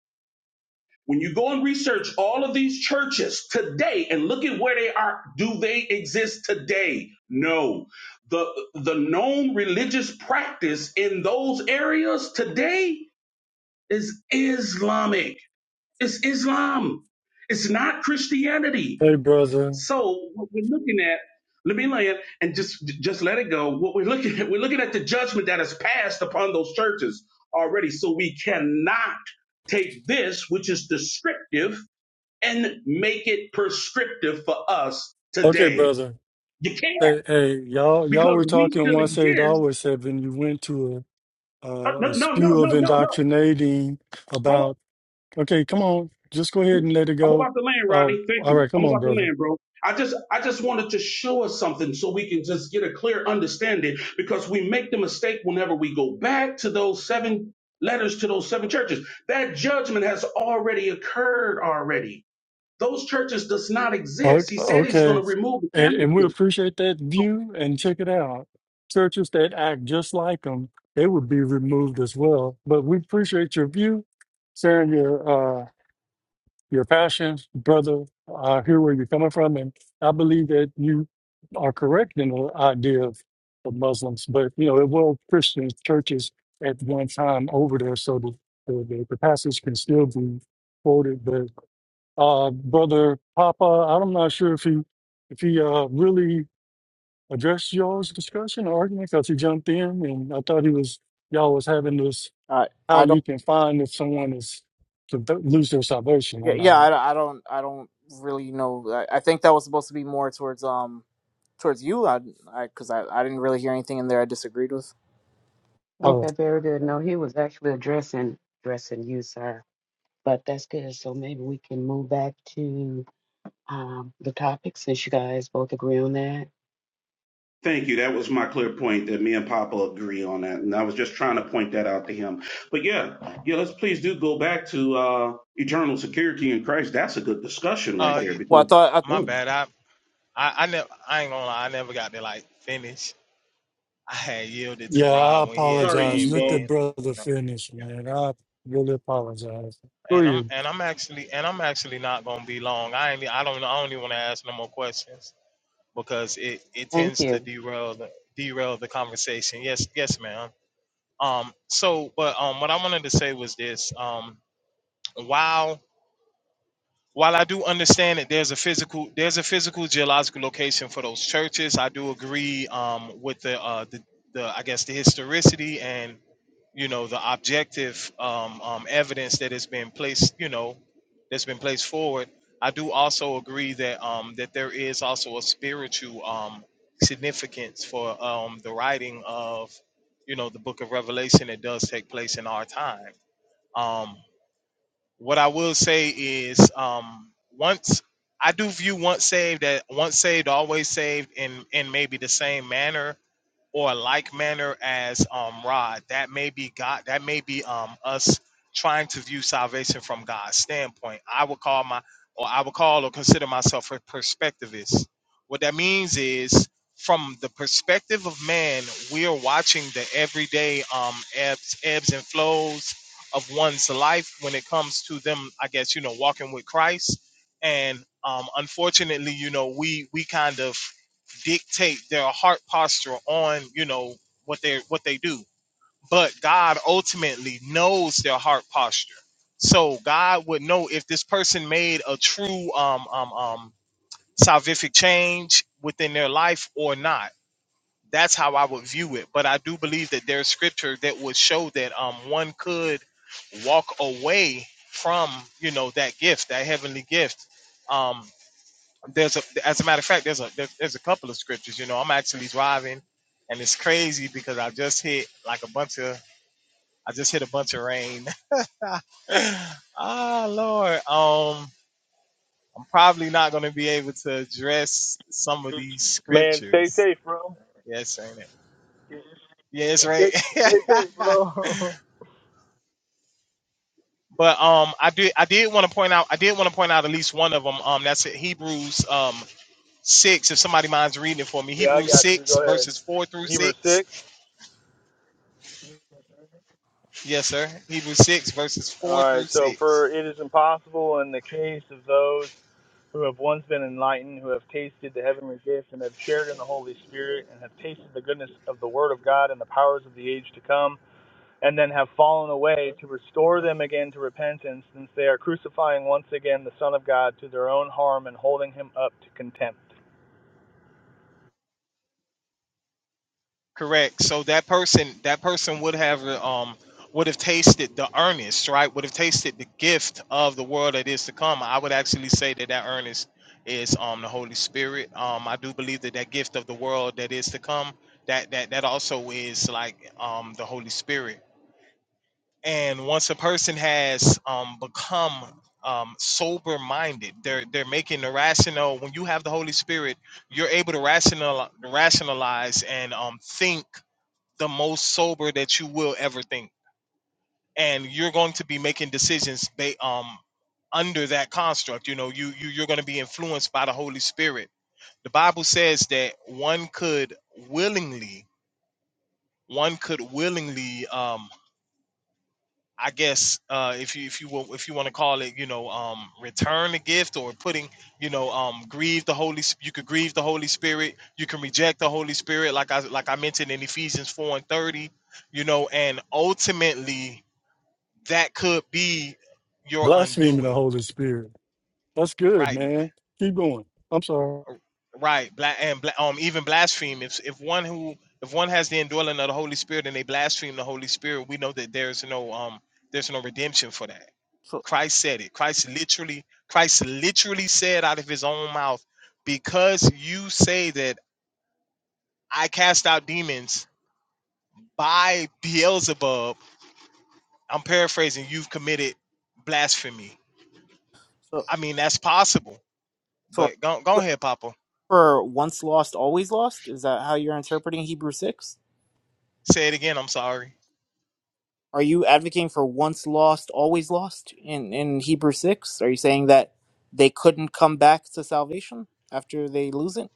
Speaker 15: When you go and research all of these churches today and look at where they are, do they exist today? No. The the known religious practice in those areas today is Islamic. It's Islam. It's not Christianity.
Speaker 2: Hey, brother.
Speaker 15: So what we're looking at, let me land and just just let it go. What we're looking at, we're looking at the judgment that has passed upon those churches already. So we cannot take this, which is descriptive, and make it prescriptive for us
Speaker 2: Okay,
Speaker 15: today.
Speaker 2: brother.
Speaker 15: You can't
Speaker 2: Hey, hey, y'all. Y'all
Speaker 15: because
Speaker 2: were
Speaker 15: we
Speaker 2: talking
Speaker 15: still
Speaker 2: once saved,
Speaker 15: exist.
Speaker 2: always saved, and you went to a
Speaker 15: Uh,
Speaker 2: a, a
Speaker 15: No, no, no,
Speaker 2: spew of
Speaker 15: no, no,
Speaker 2: indoctrinating
Speaker 15: no.
Speaker 2: Okay, come on. Just go ahead and let it
Speaker 15: I'm
Speaker 2: go.
Speaker 15: about to land,
Speaker 2: Uh,
Speaker 15: Rodney. Thank
Speaker 2: all
Speaker 15: you.
Speaker 2: right,
Speaker 15: I'm
Speaker 2: come on,
Speaker 15: about to
Speaker 2: brother.
Speaker 15: land, bro. I just I just wanted to show us something so we can just get a clear understanding because we make the mistake whenever we go back to those seven letters to those seven churches. That judgment has already occurred already. Those churches does not
Speaker 2: O-
Speaker 15: exist. He said he's going
Speaker 2: Okay.
Speaker 15: to remove the
Speaker 2: And, and we
Speaker 15: candlestick.
Speaker 2: appreciate that view and check it out. Churches that act just like them, they would be removed as well. But we appreciate your view, sharing your uh, your passion, brother. I hear where you're coming from, and I believe that you are correct in the idea of, of Muslims. But you know, it was Christian churches at one time over there, so the the, the passage can still be quoted. But uh, brother Papa, I'm not sure if he if he uh, really addressed y'all's discussion or argument because he jumped in, and I thought he was y'all was having this
Speaker 4: I
Speaker 2: how
Speaker 4: I don't.
Speaker 2: you can find if someone is to lose their salvation
Speaker 4: Yeah,
Speaker 2: or
Speaker 4: yeah,
Speaker 2: not.
Speaker 4: I, I don't. I don't really know. I, I think that was supposed to be more towards um towards you. I because I, 'cause I, I didn't really hear anything in there I disagreed with.
Speaker 2: Uh,
Speaker 16: okay. Very good. No, he was actually addressing addressing you, sir. But that's good. So maybe we can move back to um, the topic since you guys both agree on that.
Speaker 15: Thank you. That was my clear point that me and Papa agree on that. And I was just trying to point that out to him. But yeah, yeah, let's please do go back to uh, eternal security in Christ. That's a good discussion right
Speaker 13: Uh,
Speaker 15: there
Speaker 13: y-
Speaker 4: Well, I
Speaker 15: because,
Speaker 4: thought. I,
Speaker 13: my
Speaker 15: oh,
Speaker 13: bad. I, I, I never, I ain't gonna lie. I never got to like finish. I had yielded to
Speaker 2: Yeah, I
Speaker 13: Rob when he had
Speaker 15: sorry,
Speaker 2: apologize.
Speaker 13: came
Speaker 2: Let
Speaker 15: Debo.
Speaker 2: that
Speaker 13: in. I
Speaker 2: brother
Speaker 13: don't know.
Speaker 2: finish,
Speaker 13: Yeah.
Speaker 2: man. I really apologize. Go
Speaker 13: And I'm,
Speaker 2: ahead.
Speaker 13: and I'm actually, and I'm actually not gonna be long. I ain't, I don't, I don't even want to ask no more questions because it, it
Speaker 16: Thank
Speaker 13: tends to
Speaker 16: you.
Speaker 13: derail the, derail the conversation. Yes, yes, ma'am. Um, so, but um, what I wanted to say was this. Um, wow while I do understand that there's a physical there's a physical geological location for those churches, I do agree um, with the, uh, the the I guess the historicity and you know the objective um, um, evidence that has been placed you know that's been placed forward. I do also agree that um, that there is also a spiritual um, significance for um, the writing of you know the Book of Revelation that does take place in our time. Um, what I will say is um once I do view once saved that once saved always saved in in maybe the same manner or like manner as um Rod. That may be God. That may be um us trying to view salvation from God's standpoint. I would call my or I would call or consider myself a perspectivist. What that means is from the perspective of man, we are watching the everyday um ebbs ebbs and flows of one's life when it comes to them, I guess, you know, walking with Christ. And um unfortunately, you know, we we kind of dictate their heart posture on you know what they what they do but god ultimately knows their heart posture so god would know if this person made a true um um um salvific change within their life or not that's how i would view it but i do believe that there's scripture that would show that um one could walk away from you know that gift that heavenly gift um there's a as a matter of fact there's a there's, there's a couple of scriptures you know i'm actually driving and it's crazy because i just hit like a bunch of i just hit a bunch of rain ah lord um i'm probably not going to be able to address some of these
Speaker 17: Man, stay
Speaker 13: scriptures
Speaker 17: safe, bro.
Speaker 13: yes ain't it yeah it's
Speaker 17: Yeah,
Speaker 13: right
Speaker 17: stay, stay safe, bro.
Speaker 13: but um i did i did want to point out i did want to point out at least one of them um that's it hebrews um six if somebody minds reading it for me
Speaker 17: yeah, I
Speaker 13: hebrews
Speaker 17: got you.
Speaker 13: six
Speaker 17: Go ahead.
Speaker 13: verses four through
Speaker 17: Hebrews
Speaker 13: six
Speaker 17: 6.
Speaker 13: Yes, sir. Hebrews 6 verses
Speaker 17: All
Speaker 13: 4 through
Speaker 17: right, so for
Speaker 13: 6.
Speaker 17: it is impossible in the case of those who have once been enlightened, who have tasted the heavenly gift, and have shared in the Holy Spirit, and have tasted the goodness of the Word of God and the powers of the age to come, and then have fallen away to restore
Speaker 13: Uh-huh.
Speaker 17: them again to repentance, since they are crucifying once again the Son of God to their own harm and holding him up to contempt.
Speaker 13: Correct. So that person, that person would have uh, um would have tasted the earnest, right? Would have tasted the gift of the world that is to come. I would actually say that that earnest is um the Holy Spirit. Um, I do believe that that gift of the world that is to come, that that that also is like um the Holy Spirit. and once a person has um, become um, sober minded they're they're making the rational when you have the holy spirit you're able to rational rationalize and um, think the most sober that you will ever think and you're going to be making decisions ba- um, under that construct you know you, you you're going to be influenced by the holy spirit the bible says that one could willingly one could willingly Um, I guess uh, if you if you will, if you want to call it, you know, um, return the gift or putting, you know, um, grieve the Holy. Sp- You could grieve the Holy Spirit. You can reject the Holy Spirit, like I like I mentioned in Ephesians four and thirty. You know, and ultimately that could be your
Speaker 2: Blaspheming the
Speaker 13: undoing,
Speaker 2: Holy Spirit. That's good,
Speaker 13: right?
Speaker 2: man. Keep going. I'm sorry.
Speaker 13: Right. Bla- and bla- um, even blaspheme. If if one who if one has the indwelling of the Holy Spirit and they blaspheme the Holy Spirit, we know that there's no um there's no redemption for that
Speaker 4: so
Speaker 13: Christ said it. Christ literally, Christ literally said out of his own mouth, because you say that I cast out demons by Beelzebub, I'm paraphrasing, you've committed blasphemy.
Speaker 4: so
Speaker 13: I mean, that's possible,
Speaker 4: so are
Speaker 13: but go, go
Speaker 4: you
Speaker 13: ahead, Papa.
Speaker 4: for once lost, always lost. Is that how you're interpreting Hebrew six?
Speaker 13: Say it again. I'm sorry.
Speaker 4: Are you advocating for once lost, always lost in in Hebrew six? Are you saying that they couldn't come back to salvation after they lose it?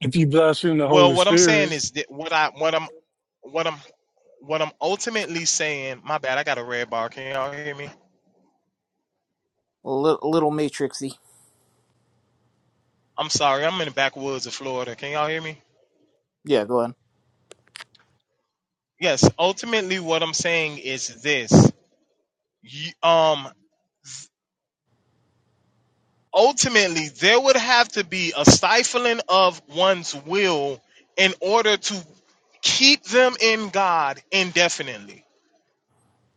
Speaker 2: If you blaspheme the
Speaker 13: Well,
Speaker 2: Holy
Speaker 13: what I'm saying
Speaker 2: Spirit,
Speaker 13: is that what I, what I'm, what I'm, what I'm ultimately saying, my bad, I got a red bar. Can y'all hear me?
Speaker 4: a little, a little matrixy.
Speaker 13: I'm sorry. I'm in the backwoods of Florida. Can y'all hear me?
Speaker 4: Yeah, go ahead.
Speaker 13: Yes, ultimately, what I'm saying is this. You- um, ultimately, there would have to be a stifling of one's will in order to keep them in God indefinitely.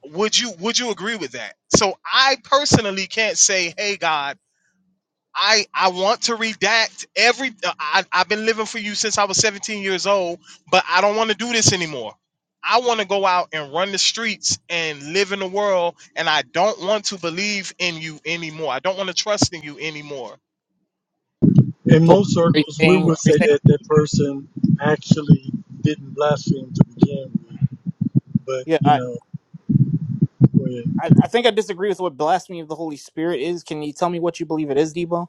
Speaker 13: Would you Would you agree with that? So I personally can't say, "Hey, God." I I want to redact every. I I've been living for you since I was 17 years old, but I don't want to do this anymore. I want to go out and run the streets and live in the world, and I don't want to believe in you anymore. I don't want to trust in you anymore.
Speaker 2: In
Speaker 4: So
Speaker 2: most
Speaker 4: are you
Speaker 2: circles, we
Speaker 4: saying? Are
Speaker 2: would
Speaker 4: you
Speaker 2: say
Speaker 4: saying?
Speaker 2: that that person actually didn't blaspheme to begin with, but
Speaker 4: Yeah,
Speaker 2: you
Speaker 4: I,
Speaker 2: know, go ahead.
Speaker 4: I I think I disagree with what blasphemy of the Holy Spirit is. Can you tell me what you believe it is, Debo?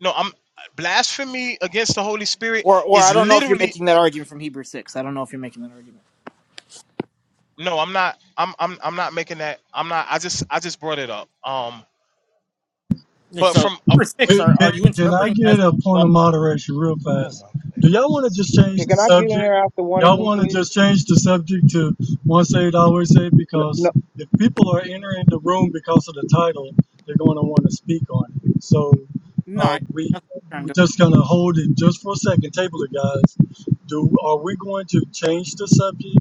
Speaker 13: No, I'm blasphemy against the Holy Spirit
Speaker 4: Or or I
Speaker 13: is
Speaker 4: don't know if you're
Speaker 13: literally
Speaker 4: making that argument from Hebrew six. I don't know if you're making that argument.
Speaker 13: no. I'm not. I'm I'm I'm not making that. I'm not. I just I just brought it up. Um,
Speaker 4: Yeah,
Speaker 13: but
Speaker 4: So
Speaker 13: from a-
Speaker 4: Hebrew six,
Speaker 2: Can,
Speaker 4: are
Speaker 2: can
Speaker 4: are you
Speaker 2: can I
Speaker 4: interpreting that as
Speaker 2: get a point
Speaker 4: law?
Speaker 2: of moderation real
Speaker 13: oh
Speaker 2: fast?
Speaker 13: my
Speaker 2: Do y'all
Speaker 13: goodness,
Speaker 2: want to just change
Speaker 18: Yeah,
Speaker 2: the
Speaker 18: Can I get in
Speaker 2: subject?
Speaker 18: there after one of
Speaker 2: Y'all
Speaker 18: them,
Speaker 2: want to
Speaker 18: please?
Speaker 2: just change the subject to once saved, always saved?
Speaker 18: N-
Speaker 2: Because
Speaker 18: No.
Speaker 2: if people are entering the room because of the title, they're going to want to speak on it. So
Speaker 4: No,
Speaker 2: uh,
Speaker 4: I-
Speaker 2: we
Speaker 4: that's what I'm trying
Speaker 2: we're
Speaker 4: to do it.
Speaker 2: just going to hold it just for a second. Table it, guys. Do are we going to change the subject?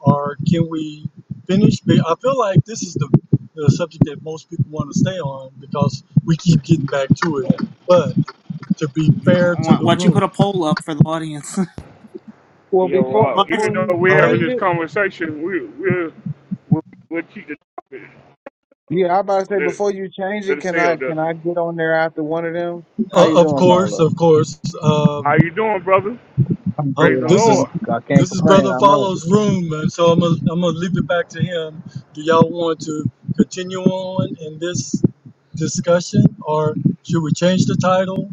Speaker 2: or can we finish? But I feel like this is the, the subject that most people want to stay on because we keep getting back to it. But to be fair to
Speaker 4: Why
Speaker 2: the
Speaker 4: why don't you
Speaker 2: room,
Speaker 4: put a poll up for the audience?
Speaker 18: Well,
Speaker 1: Yo,
Speaker 18: before
Speaker 4: well,
Speaker 1: uh, even
Speaker 18: before
Speaker 4: actually,
Speaker 1: though
Speaker 18: you
Speaker 2: all
Speaker 1: we're
Speaker 2: right.
Speaker 1: having
Speaker 18: change
Speaker 1: this
Speaker 18: it,
Speaker 1: conversation, we we'll we'll, we'll keep the uh,
Speaker 18: yeah, I about to say
Speaker 1: let it
Speaker 18: before you change it,
Speaker 1: let it
Speaker 18: can
Speaker 1: stay
Speaker 18: I
Speaker 1: up there.
Speaker 18: can I get on there after one of them? How
Speaker 2: Uh,
Speaker 18: you
Speaker 2: of
Speaker 18: doing,
Speaker 2: course,
Speaker 18: Paolo?
Speaker 2: of course.
Speaker 1: How
Speaker 2: Um,
Speaker 1: you doing, brother?
Speaker 18: I'm
Speaker 1: Praise
Speaker 2: um,
Speaker 18: good.
Speaker 1: the
Speaker 18: I
Speaker 2: this is
Speaker 18: can't
Speaker 1: Lord.
Speaker 18: I can't
Speaker 2: this is
Speaker 18: complain.
Speaker 2: brother
Speaker 18: I'm up.
Speaker 2: follows room, and so I'm gonna, I'm gonna leave it back to him. Do y'all want to continue on in this discussion, or should we change the title,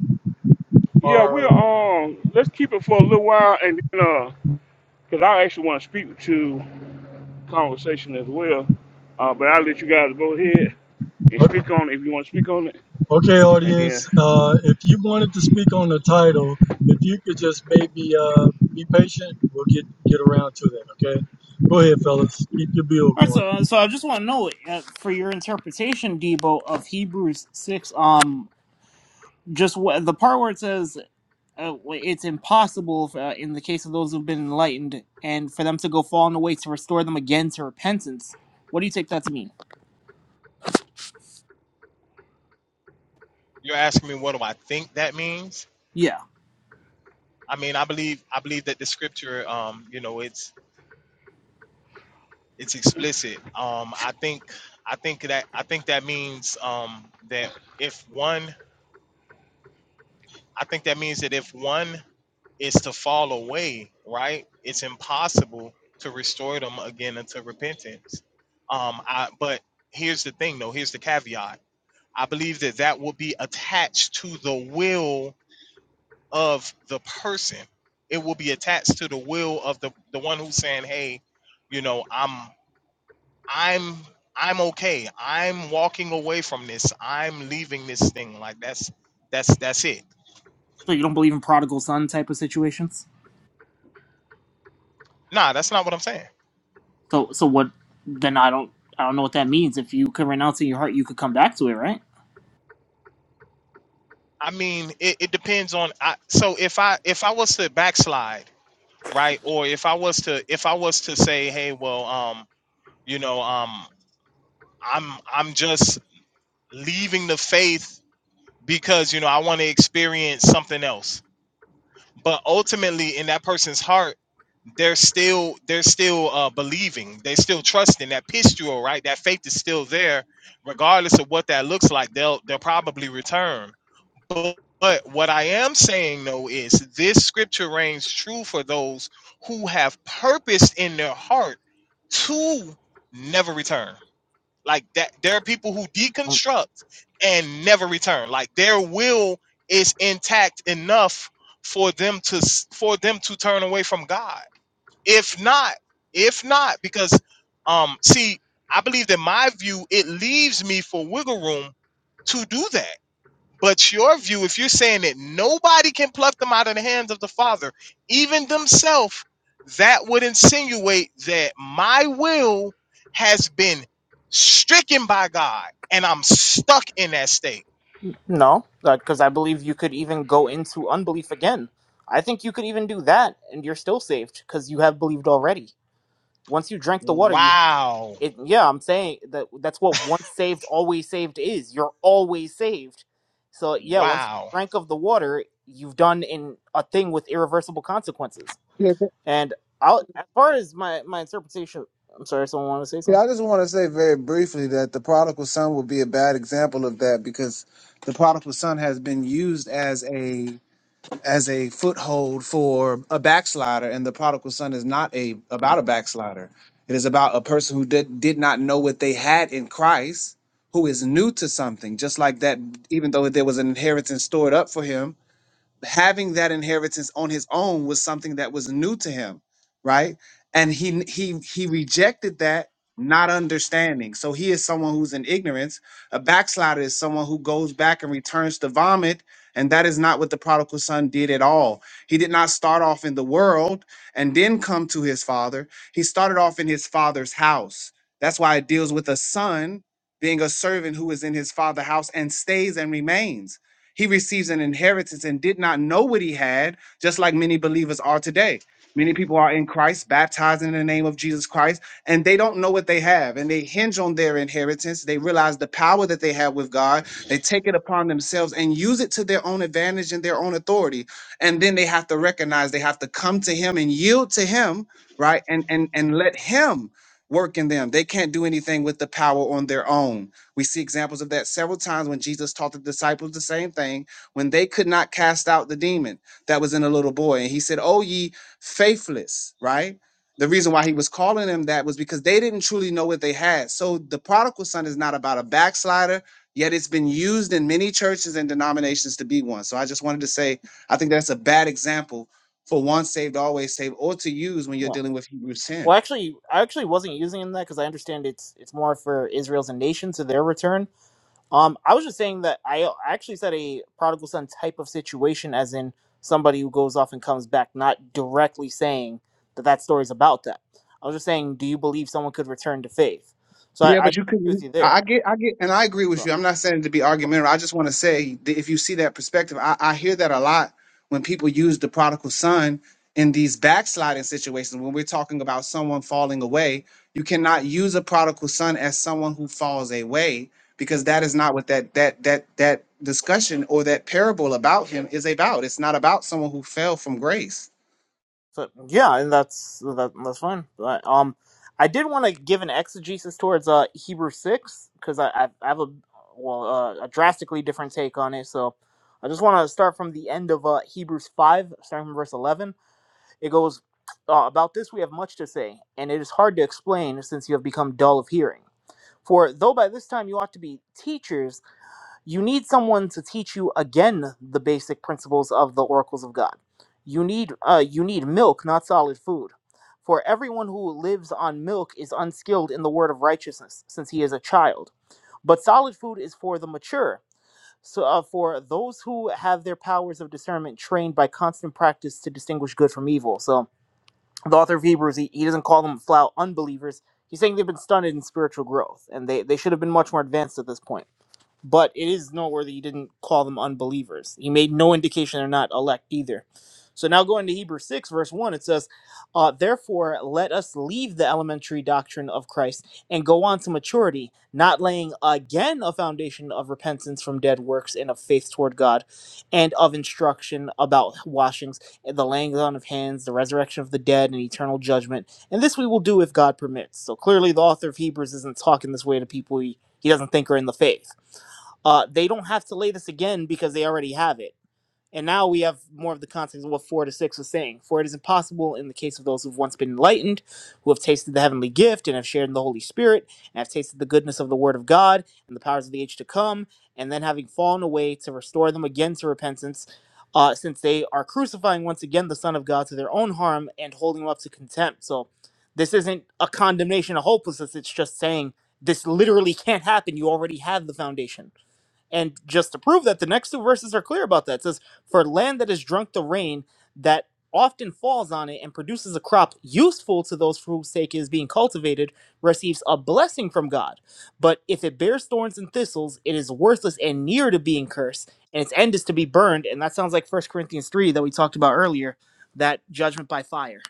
Speaker 1: Yeah, we're
Speaker 2: or?
Speaker 1: um let's keep it for a little while and then uh because I actually want to speak to conversation as well. Uh but I'll let you guys go ahead and speak on it if you want to speak on it.
Speaker 2: Okay,
Speaker 1: and then.
Speaker 2: audience, uh, if you wanted to speak on the title, if you could just maybe uh, be patient, we'll get get around to that. Okay, go ahead, fellas, keep your bill
Speaker 4: all right,
Speaker 2: going.
Speaker 4: so so I just want to know uh, for your interpretation, Debo, of Hebrews six. Um, just what the part where it says uh, it's impossible uh, in the case of those who've been enlightened and for them to go fall on the way to restore them again to repentance. What do you take that to mean?
Speaker 13: you're asking me what do I think that means?
Speaker 4: Yeah.
Speaker 13: I mean, I believe I believe that the scripture, um, you know, it's it's explicit. Um, I think I think that I think that means um, that if one, I think that means that if one is to fall away, right, it's impossible to restore them again unto repentance. Um, I, but here's the thing, though. Here's the caveat. I believe that that will be attached to the will of the person. It will be attached to the will of the the one who's saying, "Hey, you know, I'm I'm I'm okay. I'm walking away from this. I'm leaving this thing. Like that's that's that's it."
Speaker 4: So you don't believe in prodigal son type of situations?
Speaker 13: Nah, that's not what I'm saying.
Speaker 4: So so what then I don't I don't know what that means. If you could renounce in your heart, you could come back to it, right?
Speaker 13: I mean, it, it depends on. I, so if I if I was to backslide, right, or if I was to if I was to say, "Hey, well, um, you know, um, I'm I'm just leaving the faith because you know I want to experience something else." but ultimately in that person's heart they're still they're still uh, believing they're still trusting that pistol right that faith is still there regardless of what that looks like they'll they'll probably return but, but what i am saying though is this scripture reigns true for those who have purposed in their heart to never return like that, there are people who deconstruct and never return. Like their will is intact enough for them to s- for them to turn away from God. If not, if not, because um, see, I believe that my view it leaves me for wiggle room to do that but your view, if you're saying that nobody can pluck them out of the hands of the Father, even themselves, that would insinuate that my will has been stricken by God and I'm stuck in that state.
Speaker 4: No, because I believe you could even go into unbelief again. I think you could even do that and you're still saved because you have believed already. Once you drank the water, you.
Speaker 13: Wow.
Speaker 4: It, yeah, I'm saying that that's what once saved, always saved is. You're always saved. So yeah, once you
Speaker 13: Wow.
Speaker 4: drink of the water, you've done in a thing with irreversible consequences.
Speaker 18: Yeah, th-
Speaker 4: And I'll, as far as my my interpretation, I'm sorry, someone wanted to say
Speaker 18: yeah.
Speaker 4: something.
Speaker 18: I just want to say very briefly that the prodigal son would be a bad example of that because the prodigal son has been used as a as a foothold for a backslider, and the prodigal son is not a about a backslider. It is about a person who did did not know what they had in Christ, who is new to something. Just like that, even though there was an inheritance stored up for him, having that inheritance on his own was something that was new to him right and he he he rejected that not understanding so he is someone who's in ignorance a backslider is someone who goes back and returns to vomit and that is not what the prodigal son did at all he did not start off in the world and then come to his father he started off in his father's house that's why it deals with a son being a servant who is in his father's house and stays and remains he receives an inheritance and did not know what he had, just like many believers are today. Many people are in Christ, baptized in the name of Jesus Christ, and they don't know what they have. And they hinge on their inheritance. They realize the power that they have with God. They take it upon themselves and use it to their own advantage and their own authority. And then they have to recognize they have to come to Him and yield to Him, right? And and and let Him work in them. They can't do anything with the power on their own we see examples of that several times when Jesus taught the disciples the same thing when they could not cast out the demon that was in a little boy. And he said, Oh, ye faithless, right? The reason why he was calling them that was because they didn't truly know what they had. So the prodigal son is not about a backslider, yet it's been used in many churches and denominations to be one. So I just wanted to say, I think that's a bad example for once saved, always saved, or to use when you're
Speaker 4: Well,
Speaker 18: dealing with Hebrews 10.
Speaker 4: well, actually, I actually wasn't using that because I understand it's it's more for Israel's and nation to their return. Um, I was just saying that I I actually said a prodigal son type of situation, as in somebody who goes off and comes back, not directly saying that that story is about that. I was just saying, do you believe someone could return to faith? So
Speaker 18: Yeah,
Speaker 4: I, I
Speaker 18: but you
Speaker 4: do
Speaker 18: could.
Speaker 4: agree with you
Speaker 18: I
Speaker 4: there.
Speaker 18: I get, I get, and I agree with
Speaker 4: So,
Speaker 18: you. I'm not saying to be argumentative. I just want to say that if you see that perspective, I, I hear that a lot when people use the prodigal son in these backsliding situations. When we're talking about someone falling away, you cannot use a prodigal son as someone who falls away because that is not what that that that that discussion or that parable about him is about. It's not about someone who fell from grace.
Speaker 4: so yeah, and that's that, that's fine. But, um, I did want to give an exegesis towards uh Hebrew six because I, I I have a well uh, a drastically different take on it. So I just want to start from the end of uh Hebrews five, starting from verse eleven It goes, uh, About this we have much to say, and it is hard to explain since you have become dull of hearing. For though by this time you ought to be teachers, you need someone to teach you again the basic principles of the oracles of God. You need, uh, you need milk, not solid food. For everyone who lives on milk is unskilled in the word of righteousness, since he is a child. But solid food is for the mature, so uh, for those who have their powers of discernment trained by constant practice to distinguish good from evil. So the author of Hebrews, he, he doesn't call them flat unbelievers. He's saying they've been stunted in spiritual growth, and they, they should have been much more advanced at this point but it is noteworthy he didn't call them unbelievers. He made no indication they're not elect either. So now going to Hebrews 6, verse 1, it says, uh, Therefore, let us leave the elementary doctrine of Christ and go on to maturity, not laying again a foundation of repentance from dead works and of faith toward God, and of instruction about washings, and the laying on of hands, the resurrection of the dead, and eternal judgment. And this we will do if God permits. So clearly, the author of Hebrews isn't talking this way to people he, he doesn't think are in the faith uh, they don't have to lay this again because they already have it. And now we have more of the context of what four to six was saying. For it is impossible in the case of those who've once been enlightened, who have tasted the heavenly gift and have shared in the Holy Spirit, and have tasted the goodness of the Word of God and the powers of the age to come, and then having fallen away to restore them again to repentance, uh, since they are crucifying once again the Son of God to their own harm and holding him up to contempt. So this isn't a condemnation of hopelessness, it's just saying this literally can't happen. You already have the foundation. And just to prove that, the next two verses are clear about that. It says, For land that has drunk the rain that often falls on it and produces a crop useful to those for whose sake it is being cultivated receives a blessing from God. But if it bears thorns and thistles, it is worthless and near to being cursed, and its end is to be burned. And that sounds like First Corinthians 3 that we talked about earlier, that judgment by fire.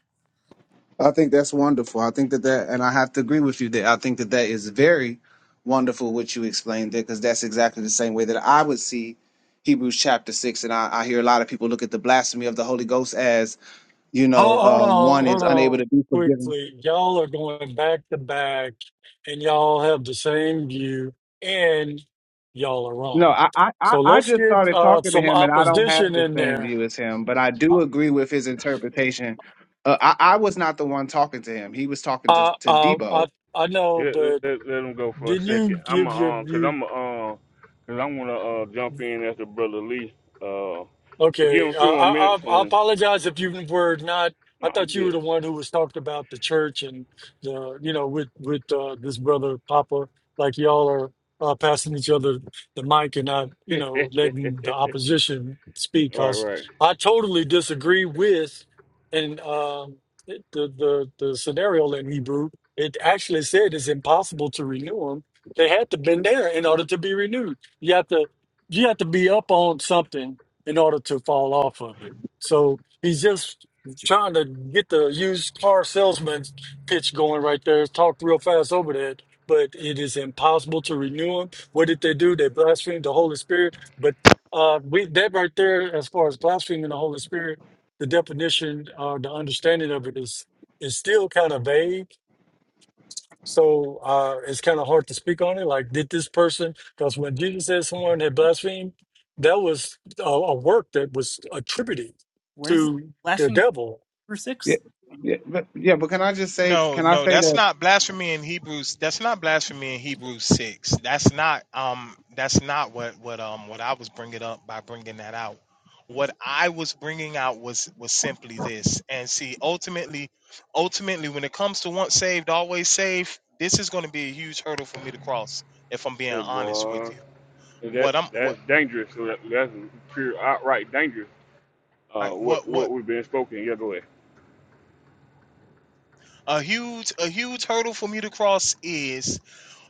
Speaker 18: I think that's wonderful. I think that that, and I have to agree with you there. I think that that is very wonderful what you explained there, because that's exactly the same way that I would see Hebrews chapter six. And I, I hear a lot of people look at the blasphemy of the Holy Ghost as, you know,
Speaker 2: Oh, hold on,
Speaker 18: um, one is
Speaker 2: hold
Speaker 18: unable to
Speaker 2: on.
Speaker 18: be forgiven.
Speaker 2: Quickly, y'all are going back to back, and y'all have the same view, and y'all are
Speaker 18: No,
Speaker 2: wrong.
Speaker 18: I, I, I
Speaker 2: So
Speaker 18: I
Speaker 2: let's
Speaker 18: just
Speaker 2: get
Speaker 18: started
Speaker 2: uh,
Speaker 18: talking to
Speaker 2: some
Speaker 18: him, and I don't have
Speaker 2: opposition
Speaker 18: the
Speaker 2: in
Speaker 18: same
Speaker 2: there.
Speaker 18: view as him, but I do agree with his interpretation. Uh, I, I was not the one talking to him; he was talking to
Speaker 2: Uh,
Speaker 18: to
Speaker 2: uh,
Speaker 18: Debo.
Speaker 2: I I know,
Speaker 1: Let,
Speaker 2: but
Speaker 1: let, let him go for a
Speaker 2: didn't
Speaker 1: second.
Speaker 2: you
Speaker 1: I'm a,
Speaker 2: give your
Speaker 1: um, cause
Speaker 2: view
Speaker 1: I'm a, um, cause I wanna uh jump in after brother Lee. Uh, I'll
Speaker 2: Okay,
Speaker 1: give him a few
Speaker 2: uh,
Speaker 1: more
Speaker 2: I, I
Speaker 1: minutes
Speaker 2: I
Speaker 1: and
Speaker 2: apologize if you were not. I
Speaker 1: no,
Speaker 2: thought you
Speaker 1: you
Speaker 2: were the one who was talked about the church and the, you know, with with uh, this brother Papa, like y'all are uh, passing each other the mic and not, you
Speaker 1: good.
Speaker 2: know, letting the opposition speak.
Speaker 1: right,
Speaker 2: Cause
Speaker 1: right.
Speaker 2: I totally disagree with, and um, it- the the the scenario in Hebrew. It actually said it's impossible to renew them. They had to been there in order to be renewed. You have to you have to be up on something in order to fall off of it. So he's just trying to get the used car salesman pitch going right there. Talked real fast over that, but it is impossible to renew them. What did they do? They blasphemed the Holy Spirit. But uh, we that right there, as far as blaspheming the Holy Spirit, the definition or the understanding of it is is still kind of vague so uh, it's kind of hard to speak on it. Like, did this person? Because when Jesus said someone had blasphemed, that was a, a work that was attributed
Speaker 4: Where's the
Speaker 2: to
Speaker 4: last
Speaker 2: the
Speaker 4: thing,
Speaker 2: devil.
Speaker 4: verse
Speaker 18: Yeah,
Speaker 4: 6?
Speaker 18: yeah, but yeah. But can I just say?
Speaker 13: No,
Speaker 18: Can I
Speaker 13: no,
Speaker 18: say
Speaker 13: that's
Speaker 18: that?
Speaker 13: not blasphemy in Hebrews. That's not blasphemy in Hebrews six. That's not um. That's not what what um what I was bringing up by bringing that out. What I was bringing out was was simply this. And see, ultimately, ultimately, when it comes to once saved, always saved, this is going to be a huge hurdle for me to cross. If I'm being
Speaker 1: Hey
Speaker 13: honest with
Speaker 1: boy,
Speaker 13: you,
Speaker 1: that
Speaker 13: what I'm what
Speaker 1: that's dangerous. So That, that's pure outright dangerous. Uh,
Speaker 13: I, what
Speaker 1: what
Speaker 13: what
Speaker 1: what we've been spoken. Yeah, go ahead.
Speaker 13: a huge a huge hurdle for me to cross is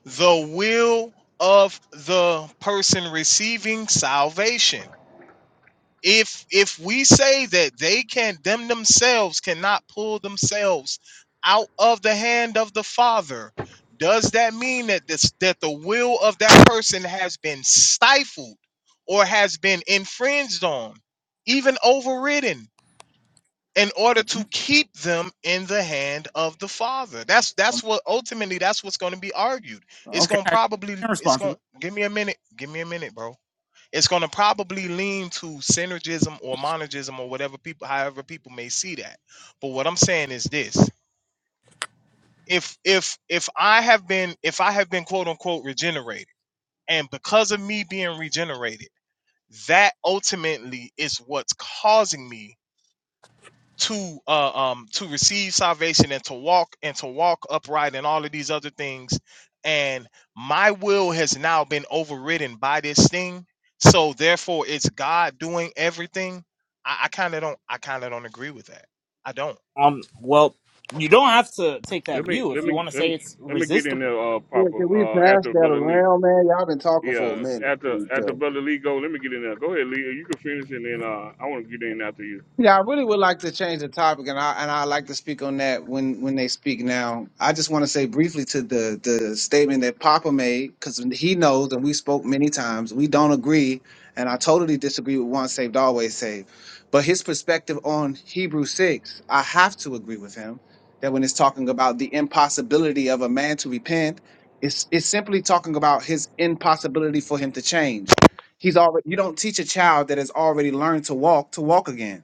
Speaker 13: the will of the person receiving salvation. If if we say that they can them themselves cannot pull themselves out of the hand of the Father, does that mean that this that the will of that person has been stifled or has been infringed on, even overridden? in order
Speaker 4: Okay.
Speaker 13: to keep them in the hand of the father that's
Speaker 4: Um,
Speaker 13: that's what ultimately that's what's going to be argued it's
Speaker 4: okay.
Speaker 13: going to
Speaker 4: I
Speaker 13: probably
Speaker 4: can
Speaker 13: it's
Speaker 4: respond to that.
Speaker 13: going give me a minute give me a minute bro it's going to probably lean to synergism or monogism or whatever people however people may see that but what i'm saying is this if if if i have been if i have been quote unquote regenerated and because of me being regenerated that ultimately is what's causing me to uh, um to receive salvation and to walk and to walk upright and all of these other things and my will has now been overridden by this thing so therefore it's god doing everything i, I kind of don't i kind of don't agree with that i don't
Speaker 4: Um, well, you don't have to take that
Speaker 1: Let me
Speaker 4: view
Speaker 1: let
Speaker 4: if you
Speaker 1: me
Speaker 4: want to
Speaker 1: let
Speaker 4: say
Speaker 1: me
Speaker 4: it's
Speaker 1: let me get in
Speaker 4: resistible.
Speaker 1: there, uh,
Speaker 18: Yeah,
Speaker 1: Papa.
Speaker 18: can we
Speaker 1: Uh,
Speaker 18: pass
Speaker 1: after
Speaker 18: that
Speaker 1: brother Lee.
Speaker 18: around, man? Y'all been talking for a
Speaker 1: Yeah,
Speaker 18: minute to
Speaker 1: after
Speaker 18: each
Speaker 1: after
Speaker 18: other.
Speaker 1: brother Lee go, let me get in there. Go ahead, Lee. You can finish and then uh, I want to get in after you.
Speaker 18: Yeah, I really would like to change the topic, and I and I like to speak on that when when they speak now. I just want to say briefly to the the statement that Papa made because he knows, and we spoke many times. We don't agree, and I totally disagree with once saved, always saved. But his perspective on Hebrew six, I have to agree with him that when it's talking about the impossibility of a man to repent, it's it's simply talking about his impossibility for him to change. He's already you don't teach a child that has already learned to walk to walk again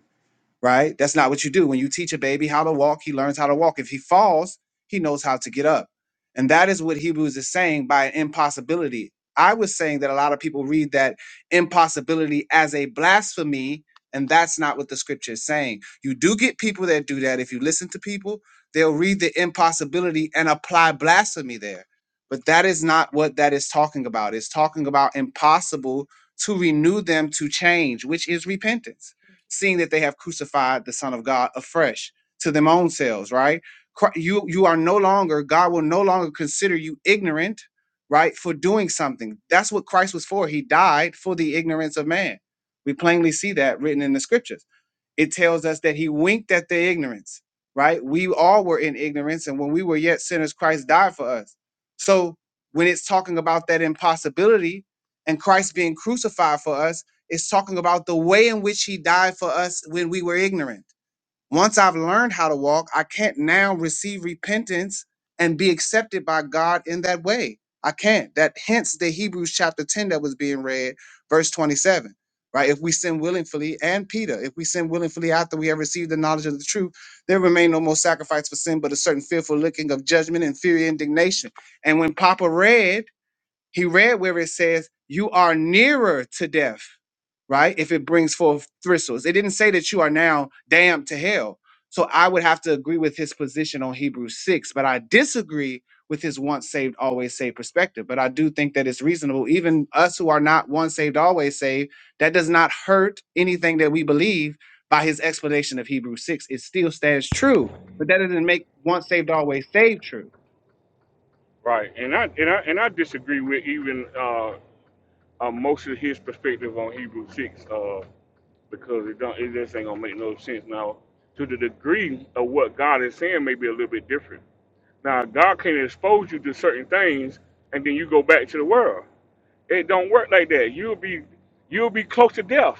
Speaker 18: right? That's not what you do. When you teach a baby how to walk, he learns how to walk. If he falls, he knows how to get up. And that is what Hebrews is saying by impossibility. I was saying that a lot of people read that impossibility as a blasphemy, and that's not what the scripture is saying. You do get people that do that. If you listen to people, they'll read the impossibility and apply blasphemy there. But that is not what that is talking about. It's talking about impossible to renew them to change, which is repentance seeing that they have crucified the Son of God afresh to them own selves, right? Cri- You you are no longer, God will no longer consider you ignorant, right, for doing something. That's what Christ was for. He died for the ignorance of man. We plainly see that written in the scriptures it tells us that he winked at the ignorance, right? We all were in ignorance, and when we were yet sinners, Christ died for us. So when it's talking about that impossibility and Christ being crucified for us, is talking about the way in which he died for us when we were ignorant. Once I've learned how to walk, I can't now receive repentance and be accepted by God in that way. I can't. That hence the Hebrews chapter 10 that was being read, verse 27. Right? If we sin willingly, and Peter, if we sin willingly after we have received the knowledge of the truth, there remain no more sacrifice for sin, but a certain fearful looking of judgment and fury indignation. And when Papa read, he read where it says, You are nearer to death, right? If it brings forth thistles. It didn't say that you are now damned to hell. So I would have to agree with his position on Hebrews 6, but I disagree with his once saved, always saved perspective. But I do think that it's reasonable, even us who are not once saved, always saved, that does not hurt anything that we believe by his explanation of Hebrews 6. It still stands true, but that doesn't make once saved, always saved true.
Speaker 1: Right, and I and I and I disagree with even uh, uh most of his perspective on Hebrew six, uh, because it don't it just ain't gonna make no sense now. To the degree of what God is saying, may be a little bit different. Now, God can expose you to certain things, and then you go back to the world. It don't work like that. You'll be you'll be close to death,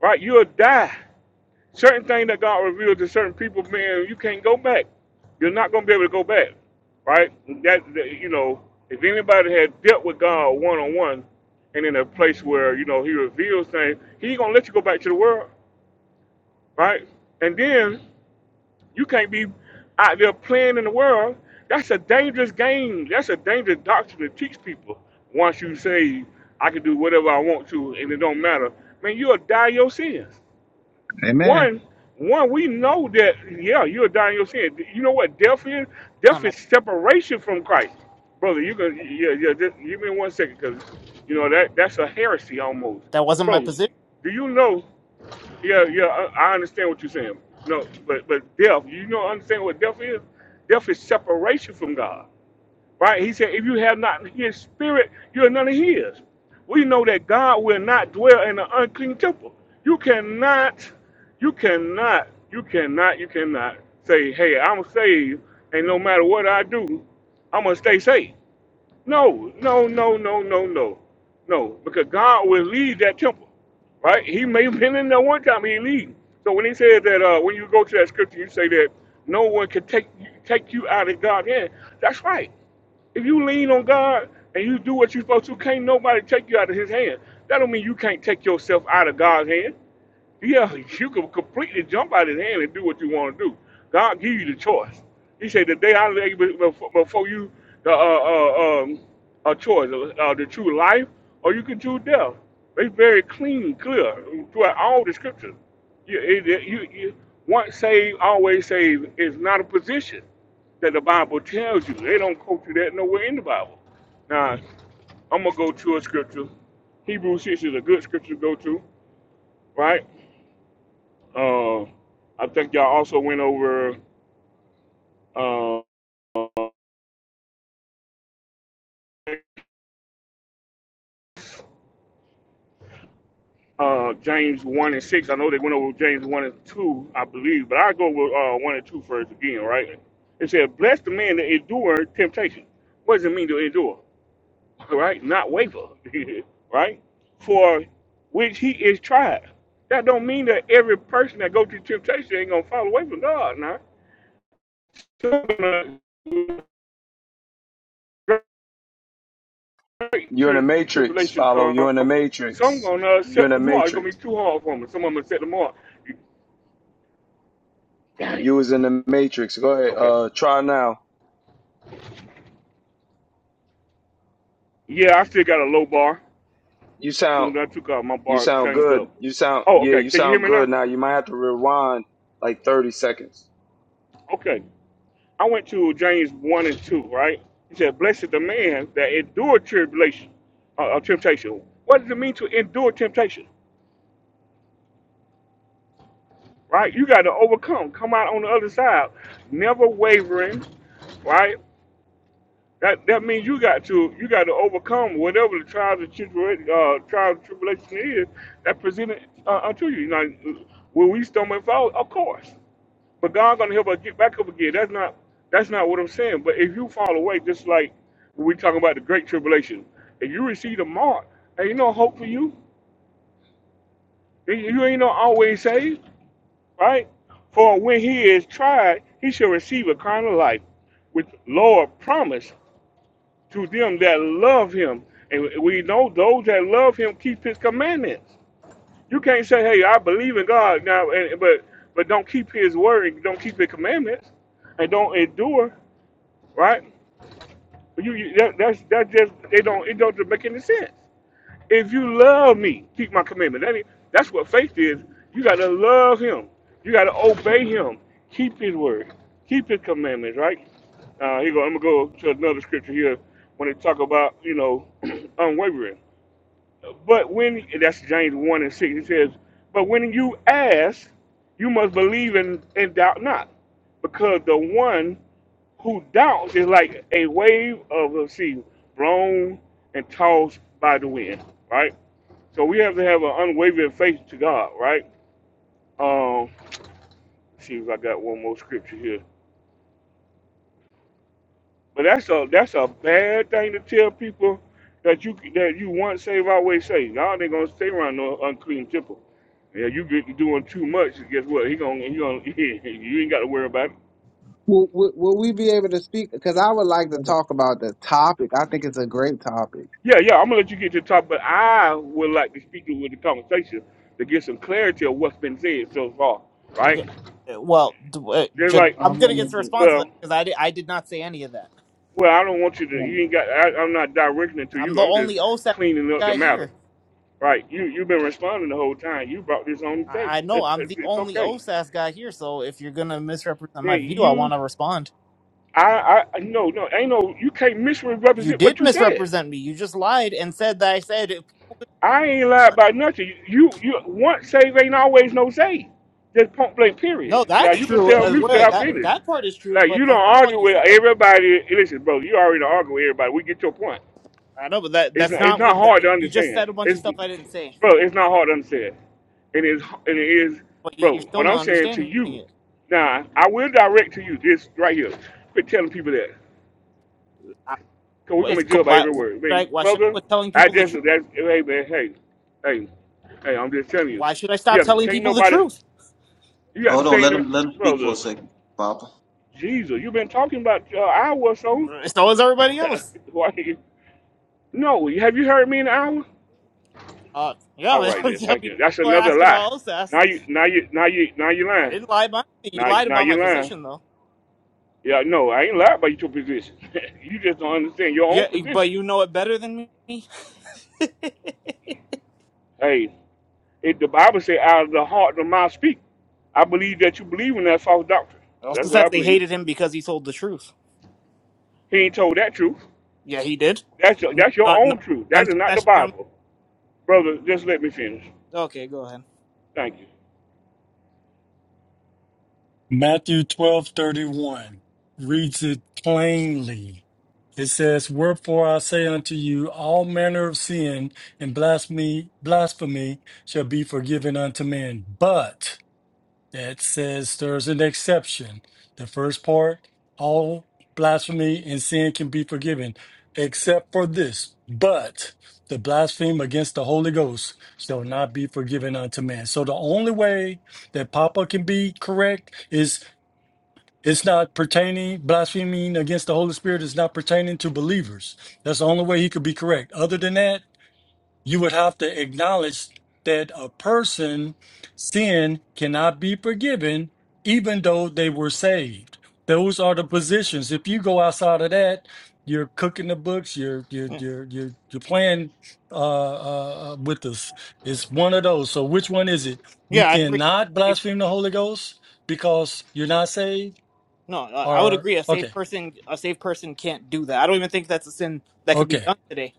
Speaker 1: right? You'll die. Certain thing that God revealed to certain people, man, you can't go back. You're not going to be able to go back, right? That, that you know, if anybody had dealt with God one on one, and in a place where you know He reveals things, He gonna let you go back to the world, right? And then you can't be out there playing in the world. That's a dangerous game. That's a dangerous doctrine to teach people. Once you say I can do whatever I want to, and it don't matter, man, you'll die your sins.
Speaker 18: Amen.
Speaker 1: One, one, we know that, yeah, you're dying in your sin. You know what death is?
Speaker 4: That's not
Speaker 1: Death
Speaker 4: my,
Speaker 1: is separation from Christ. Brother, you can, yeah, yeah, just give me one second, because, you know, that that's a heresy almost.
Speaker 4: that wasn't my
Speaker 1: Bro,
Speaker 4: position.
Speaker 1: do you know? Yeah, yeah, I, I understand what you're saying. No, but, but death, you know, understand what death is? Death is separation from God. Right? He said, if you have not his spirit, you're none of his. We know that God will not dwell in an unclean temple. You cannot, you cannot, you cannot, you cannot say, hey, I'm saved, and no matter what I do, I'm going to stay safe. No, no, no, no, no, no. No, because God will leave that temple, right? He may have been in there one time, he leave. So when he says that, uh, when you go to that scripture, you say that no one can take, take you out of God's hand, that's right if you lean on God and you do what you're supposed to, can't nobody take you out of His hand. That don't mean you can't take yourself out of God's hand. Yeah, you can completely jump out his hand and do what you want to do. God give you the choice. He said, "The day I lay be- befo- before you the uh, uh, um, a choice, uh, the true life, or you can choose death." It's very clean, clear throughout all the scriptures. You, it, it- you, you once saved, always saved is not a position that the Bible tells you. They don't quote you that nowhere in the Bible. Now, I'm gonna go to a scripture. Hebrews six is a good scripture to go to, right? Uh, I think y'all also went over uh, uh, James one and six. I know they went over James one and two, I believe, but I go with uh, one and two first again, right? It said, "Bless the man that endure temptation." What does it mean to endure? Right? Not waver, right? For which he is tried. That don't mean that every person that go through temptation ain't gonna fall away from God. Now, Some, uh, great
Speaker 9: You're in the
Speaker 1: tri-
Speaker 9: matrix,
Speaker 1: tribulation
Speaker 9: follow.
Speaker 1: come.
Speaker 9: You're in the
Speaker 1: Some
Speaker 9: matrix.
Speaker 1: gonna
Speaker 9: You're in
Speaker 1: set
Speaker 9: the
Speaker 1: the mark. It's gonna
Speaker 9: matrix.
Speaker 1: be too hard for me. Some of them set the mark. Dang.
Speaker 9: You was in the matrix. Go ahead.
Speaker 1: Okay.
Speaker 9: Uh try now.
Speaker 1: Yeah, I still got a low bar.
Speaker 9: You sound
Speaker 1: Soon as I took out my
Speaker 9: You
Speaker 1: bar,
Speaker 9: sound
Speaker 1: changed
Speaker 9: good.
Speaker 1: up.
Speaker 9: You sound
Speaker 1: Oh,
Speaker 9: yeah.
Speaker 1: okay.
Speaker 9: You
Speaker 1: Can you hear
Speaker 9: sound
Speaker 1: me now?
Speaker 9: good now. You might have to rewind like thirty seconds.
Speaker 1: Okay. I went to James one and two. Right. He said, "Blessed the man that endure tribulation, uh, uh, temptation." What does it mean to endure temptation? Right. You got to overcome. Come out on the other side, never wavering. Right. That that means you got to you got to overcome whatever the trials and tribulation uh, trials and tribulation is that presented uh, unto you. Now, will we stumble and fall? Of course, but God gonna help us get back up again. That's not that's not what I'm saying. But if you fall away, just like we talking about the great tribulation, if you receive the mark, and you no hope for you, and you ain't no always saved, right? For when he is tried, he shall receive a crown of life, which Lord promised to them that love him. And we know those that love him keep his commandments. You can't say, hey, I believe in God now, and, but but don't keep his word and don't keep his commandments and don't endure, right? You, you that, that's that just they don't it doesn't make any sense. If you love me, keep my commandment. That is, that's what faith is. You got to love him. You got to obey him. Keep his word. Keep his commandments, right? Uh, here you go. I'm going to go to another scripture here when they talk about, you know, unwavering. But when, that's James 1 and 6, it says, But when you ask, you must believe and, and doubt not. Because the one who doubts is like a wave of the sea, blown and tossed by the wind, right? So we have to have an unwavering faith to God, right? Um, let's see if I got one more scripture here. But that's a that's a bad thing to tell people that you that you once saved, always saved. Now they're gonna stay around no unclean temple. Yeah, you get doing too much. Guess what? He gonna he gonna you ain't got to worry about it.
Speaker 18: Will, will, will we be able to speak? Because I would like to
Speaker 15: Brother,
Speaker 18: talk about the topic. I think it's a great topic.
Speaker 1: Yeah, yeah. I'm gonna let you get to the top, but I would like to speak to you with the conversation to get some clarity of what's been said so far, right?
Speaker 4: Yeah. uh, Well, d- uh,
Speaker 1: Just
Speaker 15: I,
Speaker 4: just
Speaker 1: like,
Speaker 15: I
Speaker 4: I'm gonna get
Speaker 15: wanted
Speaker 4: the
Speaker 15: to,
Speaker 4: response
Speaker 1: well.
Speaker 4: because I did, I did not say any of that.
Speaker 1: Well, I don't want you to. You
Speaker 15: um,
Speaker 1: ain't got. I, I'm not directing it to
Speaker 4: I'm
Speaker 1: you.
Speaker 4: the
Speaker 1: I'm just
Speaker 4: only OSAS
Speaker 1: cleaning up the
Speaker 4: guy
Speaker 1: matter.
Speaker 4: here.
Speaker 1: Right? You you've been responding the whole time. You brought this on the
Speaker 4: I, I
Speaker 1: table.
Speaker 4: know I'm
Speaker 1: it's
Speaker 4: the
Speaker 1: it's
Speaker 4: only
Speaker 1: okay.
Speaker 4: OSAS guy here. So if you're gonna misrepresent
Speaker 1: Now,
Speaker 4: my view, I
Speaker 1: you,
Speaker 4: want to respond.
Speaker 1: I, I, no, no, ain't no. You can't
Speaker 4: You
Speaker 1: misrepresent
Speaker 4: did
Speaker 1: what you said.
Speaker 4: misrepresent me. You just lied and said that I said
Speaker 1: I ain't lied about nothing. You, you, once save ain't always no save. Just point blank. Period.
Speaker 4: no.
Speaker 1: Now
Speaker 4: That's
Speaker 1: you can
Speaker 4: true.
Speaker 1: tell
Speaker 4: Uh,
Speaker 1: me
Speaker 4: wait,
Speaker 1: till
Speaker 4: wait,
Speaker 1: I
Speaker 4: that
Speaker 1: finish.
Speaker 4: that part is true,
Speaker 1: Like
Speaker 4: but
Speaker 1: you don't
Speaker 4: that's not all
Speaker 1: argue
Speaker 4: you
Speaker 1: with
Speaker 4: said.
Speaker 1: everybody. Listen, bro, you already argue with everybody. We get your point.
Speaker 4: I know, but that
Speaker 1: It's
Speaker 4: that's
Speaker 1: it's
Speaker 4: not
Speaker 1: not
Speaker 4: what that
Speaker 1: hard to
Speaker 4: you just
Speaker 1: understand.
Speaker 4: said. A bunch of
Speaker 1: It's
Speaker 4: stuff I didn't say.
Speaker 1: bro, it's not hard to understand. It is it is
Speaker 4: but yet
Speaker 1: bro,
Speaker 4: you're still
Speaker 1: what I'm
Speaker 4: not
Speaker 1: saying to
Speaker 4: understanding
Speaker 1: you,
Speaker 4: it.
Speaker 1: now I will direct to you this right here. Quit telling people that.
Speaker 4: I,
Speaker 1: Cause we're
Speaker 4: well,
Speaker 1: gonna
Speaker 4: it's
Speaker 1: be
Speaker 4: co-
Speaker 1: judged by
Speaker 4: why
Speaker 1: every
Speaker 4: why
Speaker 1: word. I
Speaker 4: should I
Speaker 1: mean,
Speaker 4: why should I
Speaker 1: brother,
Speaker 4: quit telling
Speaker 1: I
Speaker 4: people the
Speaker 1: just
Speaker 4: truth?
Speaker 1: that's hey man, hey, hey, hey, I'm just telling you.
Speaker 4: Why should I stop
Speaker 1: Yeah,
Speaker 4: telling
Speaker 1: can't
Speaker 4: people the
Speaker 1: nobody
Speaker 4: truth?
Speaker 1: you got the
Speaker 11: Hold on, let
Speaker 1: same
Speaker 11: him let him speak for a
Speaker 1: brother,
Speaker 11: second, Papa.
Speaker 1: Jesus, you've been talking about uh, hour or so.
Speaker 4: Mm, So is everybody else.
Speaker 1: Why no, have you heard me in an hour?
Speaker 4: Uh,
Speaker 1: All
Speaker 4: yeah,
Speaker 1: right, then. Thank
Speaker 4: people
Speaker 1: you. That's
Speaker 4: are
Speaker 1: another
Speaker 4: asking
Speaker 1: lie.
Speaker 4: about OSAS.
Speaker 1: Now you, now you, now you, now you
Speaker 4: I
Speaker 1: lying.
Speaker 4: didn't lie about anything. You
Speaker 1: Now, you-
Speaker 4: lied
Speaker 1: now
Speaker 4: about my
Speaker 1: you lying.
Speaker 4: position though.
Speaker 1: Yeah, no, I ain't lying about your position. you just don't understand your
Speaker 4: Yeah,
Speaker 1: own
Speaker 4: eh, but
Speaker 1: position.
Speaker 4: you know it better than me. it
Speaker 1: Hey, it, the Bible say, out of the heart the mouth speak. I believe that you believe in that false doctrine.
Speaker 4: also
Speaker 1: That's what
Speaker 4: says
Speaker 1: I
Speaker 4: they
Speaker 1: believe.
Speaker 4: hated him because he told the truth.
Speaker 1: He ain't told that truth.
Speaker 4: Yeah, he did.
Speaker 1: That's your,
Speaker 4: N-
Speaker 1: that's your
Speaker 4: Uh,
Speaker 1: own
Speaker 4: none,
Speaker 1: truth.
Speaker 4: none
Speaker 1: That is
Speaker 4: took
Speaker 1: not the
Speaker 4: that
Speaker 1: Bible, brother. Just let me finish.
Speaker 4: my- Okay, go ahead.
Speaker 1: Thank you.
Speaker 2: Matthew twelve thirty one reads it plainly. It says, Wherefore I say unto you, all manner of sin and blasphemy, blasphemy shall be forgiven unto men, but that says there's an exception. The first part, all blasphemy and sin can be forgiven, except for this. But the blasphemy against the Holy Ghost shall not be forgiven unto man. So the only way that Papa can be correct is it's not pertaining, blaspheming against the Holy Spirit is not pertaining to believers. That's the only way he could be correct. Other than that, you would have to acknowledge that a person sin cannot be forgiven even though they were saved those are the positions if you go outside of that you're cooking the books you're you're
Speaker 4: Yeah,
Speaker 2: you're you're, you're playing uh, uh uh, with us it's one of those so which one is it you
Speaker 4: yeah I
Speaker 2: cannot
Speaker 4: agree.
Speaker 2: blaspheme the holy ghost because you're not saved
Speaker 4: No, I I would
Speaker 2: or
Speaker 4: agree. A safe
Speaker 2: okay
Speaker 4: person, a safe person can't do that. I don't even think that's a sin that could be
Speaker 2: okay
Speaker 4: done today.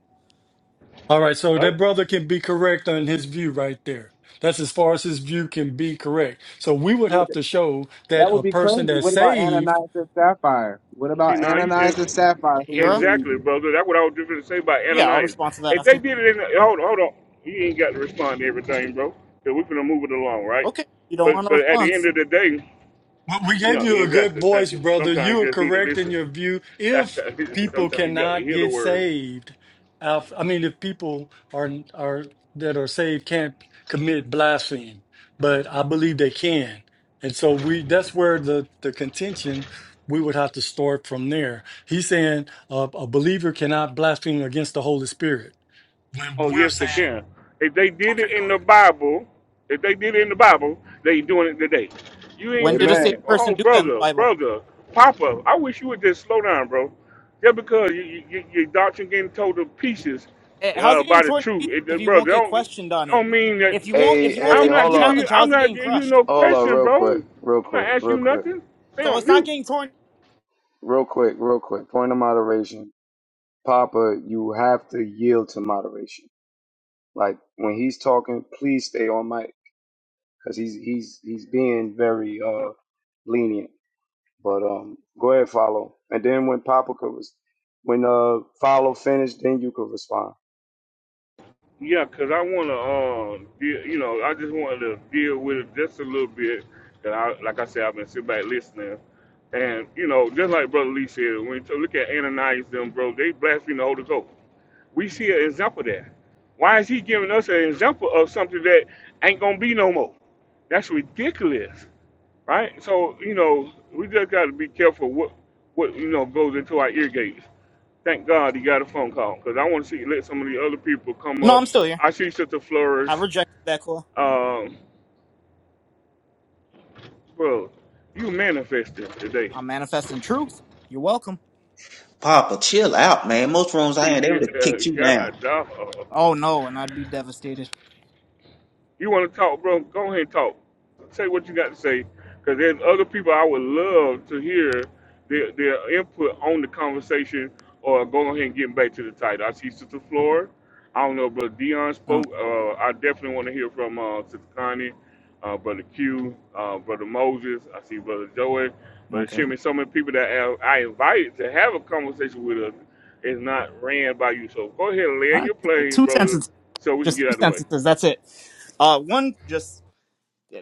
Speaker 2: All right, so
Speaker 1: What?
Speaker 2: that brother can be correct on his view right there. That's as far as his view can be correct. So we would
Speaker 18: Would,
Speaker 2: have to show
Speaker 18: that
Speaker 2: that
Speaker 18: would
Speaker 2: a
Speaker 18: be crazy.
Speaker 2: person that's
Speaker 18: What about
Speaker 2: saved
Speaker 18: Ananias and Sapphire? What
Speaker 1: See,
Speaker 18: about
Speaker 1: now you
Speaker 18: Ananias
Speaker 1: just
Speaker 18: and Sapphire who were
Speaker 4: Sapphira,
Speaker 1: exactly,
Speaker 18: believers?
Speaker 1: brother. That's what I was just going to say about
Speaker 4: yeah, I'll
Speaker 1: Ananias.
Speaker 4: respond to that
Speaker 1: If they
Speaker 4: after.
Speaker 1: did it in, the, hold on, hold on. You ain't got to respond to everything, bro. Cause we're gonna move it along, right?
Speaker 4: Okay, you don't
Speaker 1: But
Speaker 4: want a
Speaker 1: but at the end
Speaker 4: response.
Speaker 1: of the day,
Speaker 2: Well, we gave
Speaker 1: no,
Speaker 2: you a good
Speaker 1: exactly. Thank
Speaker 2: voice,
Speaker 1: you.
Speaker 2: brother.
Speaker 1: Sometimes
Speaker 2: You are
Speaker 1: you just need to
Speaker 2: correct in
Speaker 1: listen.
Speaker 2: your view. If people
Speaker 1: Sometimes you got to
Speaker 2: cannot
Speaker 1: hear the
Speaker 2: get
Speaker 1: word.
Speaker 2: saved, uh, I mean, if people are are that are saved can't commit blasphemy, but I believe they can, and so we that's where the the contention we would have to start from there. He's saying uh, a believer cannot blaspheme against the Holy Spirit. When
Speaker 1: Oh,
Speaker 2: we're
Speaker 1: yes, they
Speaker 2: saying,
Speaker 1: can. If they did
Speaker 2: okay,
Speaker 1: it
Speaker 2: go
Speaker 1: in the
Speaker 2: ahead.
Speaker 1: Bible, if they did it in the Bible, they doing it today. You ain't
Speaker 4: When did a
Speaker 1: finna.
Speaker 18: Amen.
Speaker 1: T-
Speaker 4: safe
Speaker 1: oh,
Speaker 4: person do that in the
Speaker 1: brother,
Speaker 4: Bible?
Speaker 1: brother, Papa, I wish you would just slow down, bro. Just because you, you, you, your doctrine getting told to pieces
Speaker 4: Eh, How's
Speaker 1: uh,
Speaker 4: it
Speaker 1: by
Speaker 4: getting
Speaker 1: the
Speaker 4: torn to
Speaker 1: truth,
Speaker 4: pieces
Speaker 1: it, uh,
Speaker 4: if you won't
Speaker 1: brother,
Speaker 4: get
Speaker 1: don't
Speaker 4: questioned on it?
Speaker 1: don't mean that.
Speaker 4: If you won't,
Speaker 9: Hey
Speaker 4: if you won't
Speaker 9: hey,
Speaker 1: I'm
Speaker 4: take any
Speaker 1: not
Speaker 9: hold
Speaker 1: giving
Speaker 9: up,
Speaker 1: you.
Speaker 4: challenge,
Speaker 1: I'm
Speaker 4: how's it
Speaker 1: not
Speaker 4: getting
Speaker 1: giving you
Speaker 4: crushed?
Speaker 1: no
Speaker 9: hold up,
Speaker 1: question,
Speaker 9: real quick,
Speaker 1: bro.
Speaker 9: real
Speaker 1: I'm not
Speaker 9: quick,
Speaker 1: asking
Speaker 9: real
Speaker 1: you
Speaker 9: quick,
Speaker 1: nothing. Stay
Speaker 4: So
Speaker 1: on
Speaker 4: it's not
Speaker 1: mute.
Speaker 4: getting torn.
Speaker 9: real quick, real quick. Point of moderation, Papa. You have to yield to moderation. Like when he's talking, please stay on mic because he's he's he's being very uh lenient. But um, go ahead, follow, and then when Papa could was when uh follow finished, then you could respond.
Speaker 1: Yeah, 'cause I want to, um, de- you know, I just wanted to deal with it just a little bit. That I, like I said, I've been sitting back listening, and you know, just like Brother Lee said, when you look at Ananias, them bro, they blaspheme the Holy Ghost. We see an example of that. Why is he giving us an example of something that ain't gonna be no more? That's ridiculous right? So you know, we just got to be careful what what you know goes into our ear gates. Thank God he got a phone call because I want to see let some of the other people come
Speaker 4: No,
Speaker 1: up.
Speaker 4: I'm still here.
Speaker 1: I see Sister Flourish,
Speaker 4: I rejected that call.
Speaker 1: um, bro, you manifested today.
Speaker 4: I'm manifesting truth. You're welcome.
Speaker 11: Papa, chill out, man. Most rooms I ain't able to
Speaker 1: yeah,
Speaker 11: kick you down.
Speaker 1: God dog.
Speaker 4: Oh no, and I'd be devastated.
Speaker 1: You want to talk, bro? Go ahead and talk. Say what you got to say, because there's other people I would love to hear their, their input on the conversation or go ahead and get back to the title. I see Sister Flora. I don't know, Brother Dion
Speaker 4: Oh,
Speaker 1: spoke. Uh, I definitely want to hear from uh, Sister Connie, uh, Brother Q, uh, Brother Moses. I see Brother Joey, Brother
Speaker 4: okay.
Speaker 1: Shimmy. So many people that I I invited to have a conversation with us is not ran by you. So go ahead and
Speaker 4: All
Speaker 1: land your
Speaker 4: right,
Speaker 1: plane,
Speaker 4: two
Speaker 1: brother,
Speaker 4: sentences.
Speaker 1: so we can
Speaker 4: just
Speaker 1: get out
Speaker 4: two
Speaker 1: of the way.
Speaker 4: sentences. That's it. Uh, one, just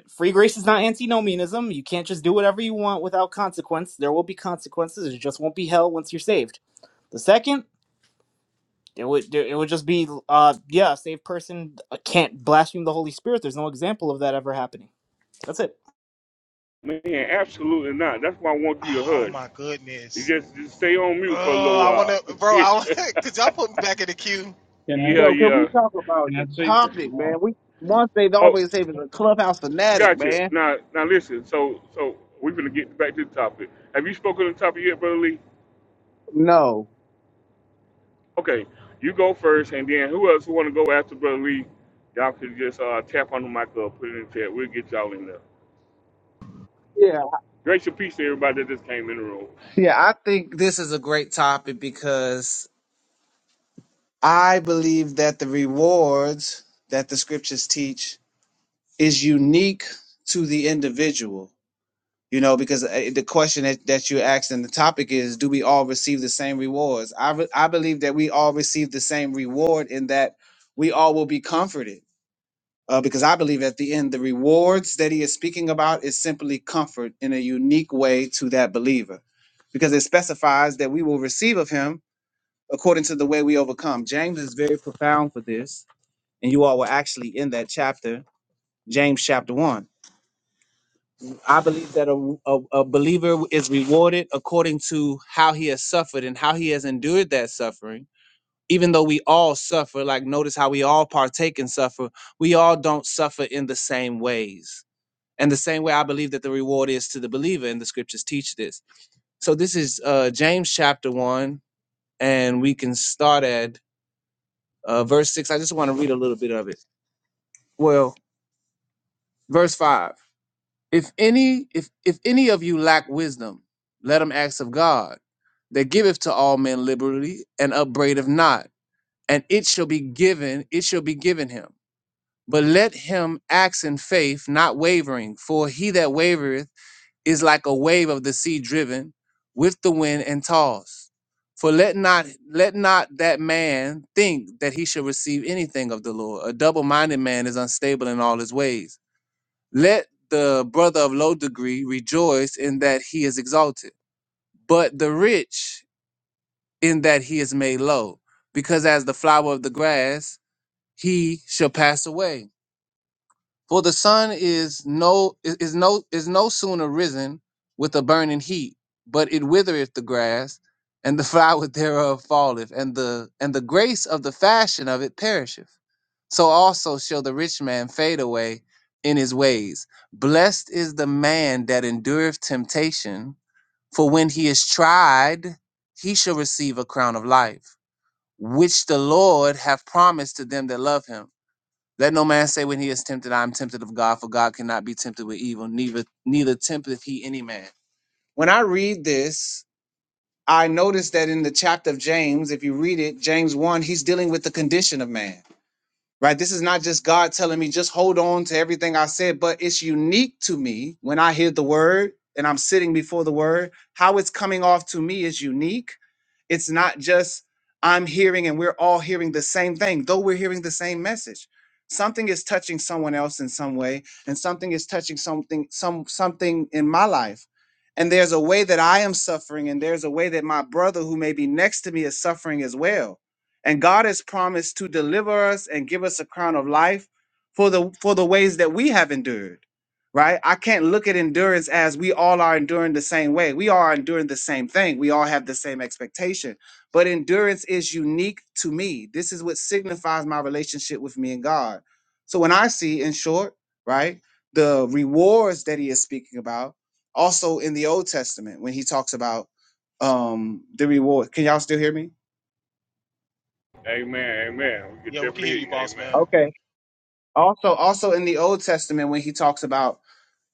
Speaker 4: free grace is not antinomianism. You can't just do whatever you want without consequence. There will be consequences. It just won't be hell once you're saved. The second, it would it would just be uh yeah, a saved person can't blaspheme the Holy Spirit. There's no example of that ever happening. That's it.
Speaker 1: Man, absolutely not. That's why I want you to
Speaker 13: oh
Speaker 1: hush.
Speaker 13: my
Speaker 1: You
Speaker 13: goodness
Speaker 1: just, just stay on mute for a
Speaker 13: oh
Speaker 1: little
Speaker 13: i want
Speaker 1: while.
Speaker 13: to bro i want could y'all put me back in the queue
Speaker 15: can I,
Speaker 1: yeah,
Speaker 18: No, can we
Speaker 1: yeah.
Speaker 18: talk about
Speaker 15: can I
Speaker 18: the
Speaker 15: say something?
Speaker 18: topic, man?
Speaker 15: No.
Speaker 18: We once they
Speaker 1: Oh,
Speaker 18: always say it's a clubhouse fanatic,
Speaker 1: gotcha.
Speaker 18: man.
Speaker 1: Now, now listen. So, so we're gonna get back to the topic. Have you spoken to the topic yet, Brother Lee?
Speaker 18: No.
Speaker 1: Okay, you go first, and then who else want to go after Brother Lee? Y'all can just uh, tap on the mic or put it in the chat. We'll get y'all in there.
Speaker 18: Yeah.
Speaker 1: Grace and peace to everybody that just came in the room.
Speaker 18: Yeah, I think this is a great topic because I believe that the rewards that the scriptures teach is unique to the individual you know because uh, the question that, that you asked and the topic is do we all receive the same rewards I, re- I believe that we all receive the same reward in that we all will be comforted uh, because i believe at the end the rewards that he is speaking about is simply comfort in a unique way to that believer because it specifies that we will receive of him according to the way we overcome james is very profound for this and you all were actually in that chapter james chapter 1 I believe that a, a, a believer is rewarded according to how he has suffered and how he has endured that suffering. Even though we all suffer, like notice how we all partake and suffer, we all don't suffer in the same ways. And the same way I believe that the reward is to the believer, and the scriptures teach this. So this is uh, James chapter 1, and we can start at uh, verse 6. I just want to read a little bit of it. Well, verse 5. if any if if any of you lack wisdom let him ask of god that giveth to all men liberally and upbraideth not and it shall be given it shall be given him but let him ask in faith not wavering for he that wavereth is like a wave of the sea driven with the wind and tossed for let not let not that man think that he shall receive anything of the lord a double-minded man is unstable in all his ways let the brother of low degree rejoice in that he is exalted, but the rich in that he is made low, because as the flower of the grass, he shall pass away. For the sun is no is is no is no sooner risen with a burning heat, but it withereth the grass, and the flower thereof falleth, and the and the grace of the fashion of it perisheth. So also shall the rich man fade away in his ways. Blessed is the man that endureth temptation, for when he is tried, he shall receive a crown of life, which the Lord hath promised to them that love him. Let no man say when he is tempted, I am tempted of God, for God cannot be tempted with evil, neither neither tempteth he any man. When I read this, I notice that in the chapter of James, if you read it, James 1, he's dealing with the condition of man right? This is not just God telling me, just hold on to everything I said, but it's unique to me when I hear the word and I'm sitting before the word. How it's coming off to me is unique. It's not just I'm hearing and we're all hearing the same thing, though we're hearing the same message. Something is touching someone else in some way, and something is touching something, some something in my life. And there's a way that I am suffering, and there's a way that my brother who may be next to me is suffering as well and God has promised to deliver us and give us a crown of life for the for the ways that we have endured. Right? I can't look at endurance as we all are enduring the same way. We are enduring the same thing. We all have the same expectation. But endurance is unique to me. This is what signifies my relationship with me and God. So when I see in short, right, the rewards that he is speaking about also in the Old Testament when he talks about um the reward. Can y'all still hear me?
Speaker 1: Amen. Amen. We could
Speaker 13: yeah we can
Speaker 1: definitely
Speaker 13: hear
Speaker 1: hear
Speaker 13: you
Speaker 1: you.
Speaker 13: boss
Speaker 1: Amen.
Speaker 13: man
Speaker 18: Okay. Also, also in the Old Testament, when he talks about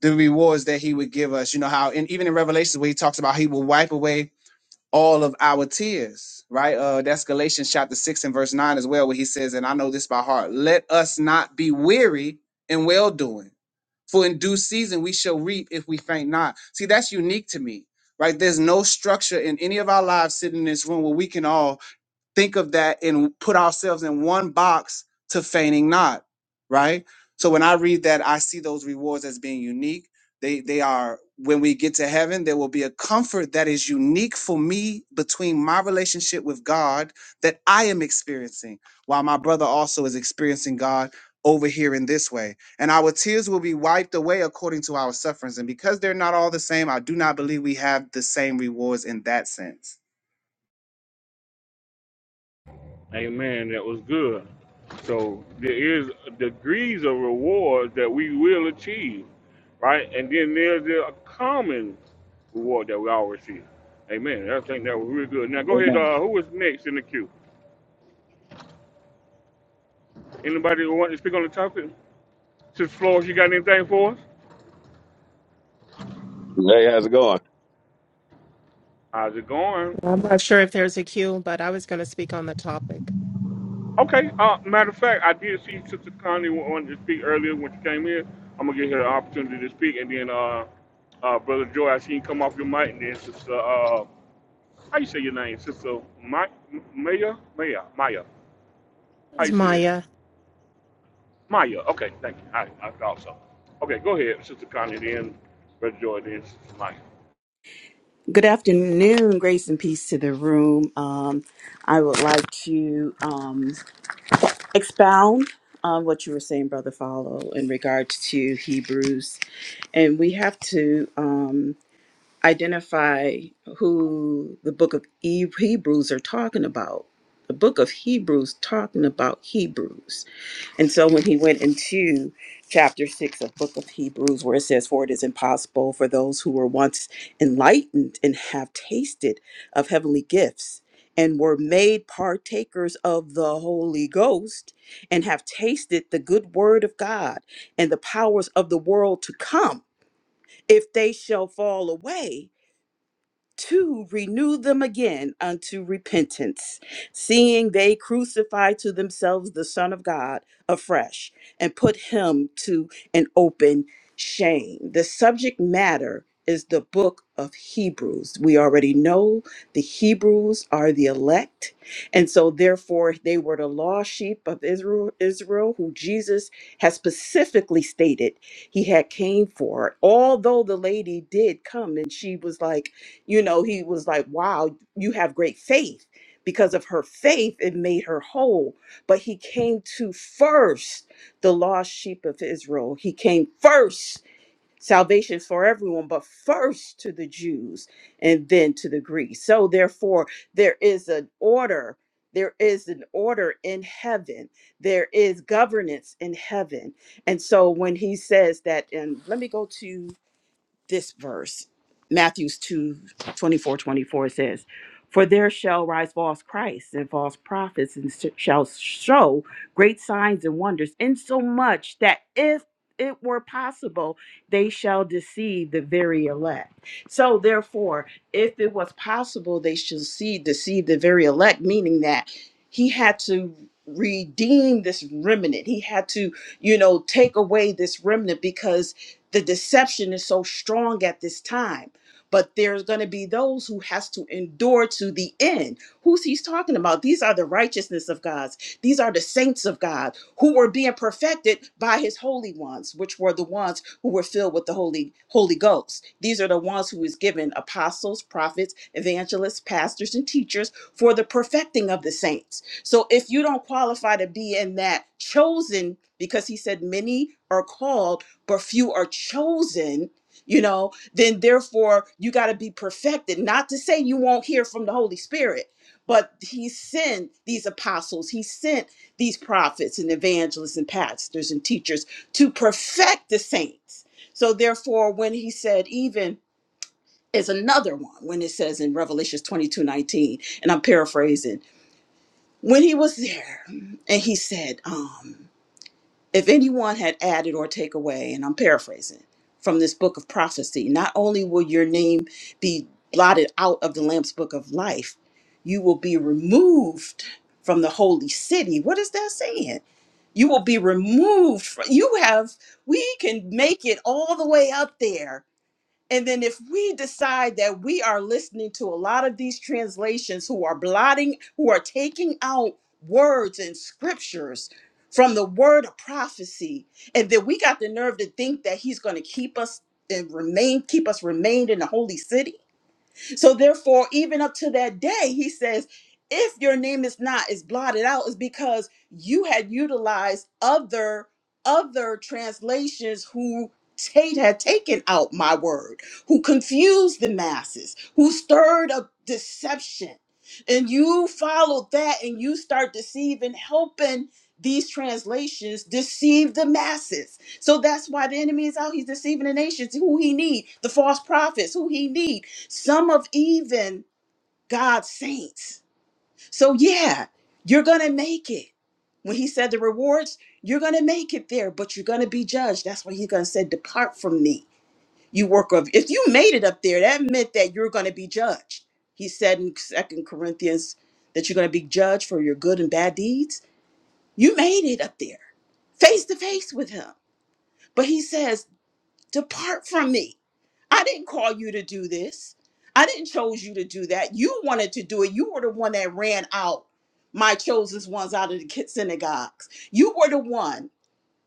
Speaker 18: the rewards that he would give us, you know how, and even in Revelations, where he talks about he will wipe away all of our tears, right? Uh, that's Galatians chapter six and verse nine as well, where he says, "And I know this by heart: Let us not be weary in well doing, for in due season we shall reap if we faint not." See, that's unique to me, right? There's no structure in any of our lives sitting in this room where we can all think of that and put ourselves in one box to feigning not, right? So when I read that, I see those rewards as being unique. They they are when we get to heaven, there will be a comfort that is unique for me between my relationship with God that I am experiencing, while my brother also is experiencing God over here in this way. And our tears will be wiped away according to our sufferings. And because they're not all the same, I do not believe we have the same rewards in that sense.
Speaker 1: Amen. That was good. So there is degrees of rewards that we will achieve, right? And then there's the common reward that we all receive. Amen. I think that was really good. Now go ahead.
Speaker 18: Amen.
Speaker 1: Uh, who is next in the queue? Anybody who want to speak on the topic? Sister Flores, you got anything for us?
Speaker 19: Hey, how's it going?
Speaker 1: How's it going?
Speaker 20: I'm not sure if there's a queue, but I was going to speak on the topic.
Speaker 1: Okay. Uh, matter of fact, I did see Sister Connie wa- wanted to speak earlier when she came in. I'm gonna give her the opportunity to speak, and then uh, uh, brother Joy, I seen you come off your mic, and then Sister uh, How you say your name, sister? My, Maya, Maya, Maya. How
Speaker 20: It's
Speaker 1: you say it?
Speaker 20: Maya.
Speaker 1: Maya. Okay, thank you. I, I thought so. Okay, go ahead, sister Connie. Then, brother Joy. Then, sister Maya.
Speaker 21: Good afternoon, grace and peace to the room. Um, I would like to um, expound on what you were saying, Brother Follow, in regard to Hebrews. And we have to. um, identify who the book of E- Hebrews are talking about. The book of Hebrews talking about Hebrews. And so when he went into chapter 6 of book of Hebrews where it says for it is impossible for those who were once enlightened and have tasted of heavenly gifts and were made partakers of the Holy Ghost and have tasted the good word of God and the powers of the world to come if they shall fall away to renew them again unto repentance, seeing they crucify to themselves the Son of God afresh and put him to an open shame. The subject matter is the book of Hebrews. We already know the Hebrews are the elect, and so therefore they were the lost sheep of Israel, Israel who Jesus has specifically stated he had came for. Although the lady did come and she was like, you know, he was like, wow, you have great faith. Because of her faith, it made her whole. But he came to first the lost sheep of Israel. He came first, salvation for everyone, but first to the Jews and then to the Greeks. So, therefore, there is an order. There is an order in heaven. There is governance in heaven. And so when he says that, and let me go to this verse, Matthew's 2 24 24 says, For there shall rise false Christs and false prophets, and s- shall show great signs and wonders, insomuch that if it were possible, they shall deceive the very elect. So, therefore, if it was possible, they should see deceive the very elect, meaning that he had to redeem this remnant. He had to, you know, take away this remnant because the deception is so strong at this time but there's going to be those who has to endure to the end who's he's talking about these are the righteousness of god's these are the saints of god who were being perfected by his holy ones which were the ones who were filled with the holy holy ghost these are the ones who is given apostles prophets evangelists pastors and teachers for the perfecting of the saints so if you don't qualify to be in that chosen because he said many are called but few are chosen, you know, then therefore you got to be perfected. Not to say you won't hear from the Holy Spirit, but he sent these apostles, he sent these prophets and evangelists and pastors and teachers to perfect the saints. So therefore, when he said, even is another one, when it says in Revelation 22 19, and I'm paraphrasing, when he was there and he said, um, if anyone had added or take away, and I'm paraphrasing from this book of prophecy, not only will your name be blotted out of the Lamb's book of life, you will be removed from the holy city. What is that saying? You will be removed. From, you have, we can make it all the way up there and then if we decide that we are listening to a lot of these translations who are blotting, who are taking out words and scriptures from the word of prophecy, and then we got the nerve to think that he's going to keep us and remain, keep us remained in the holy city so therefore, even up to that day, he says, if your name is not is blotted out, is because you had utilized other other translations who Tate had taken out my word, who confused the masses, who stirred up deception. And you followed that and you start deceiving, helping these translations deceive the masses. So that's why the enemy is out. He's deceiving the nations, who he need, the false prophets, who he need some of even God's saints. So, yeah, you're going to make it. When he said the rewards, you're going to make it there, but you're going to be judged. That's why he's going to say, Depart from me, you worker of. If you made it up there, that meant that you're going to be judged. He said in Second Corinthians that you're going to be judged for your good and bad deeds. You made it up there, face to face with him. But he says, Depart from me. I didn't call you to do this. I didn't chose you to do that. You wanted to do it. You were the one that ran out my chosen ones out of the ki- synagogues. You were the one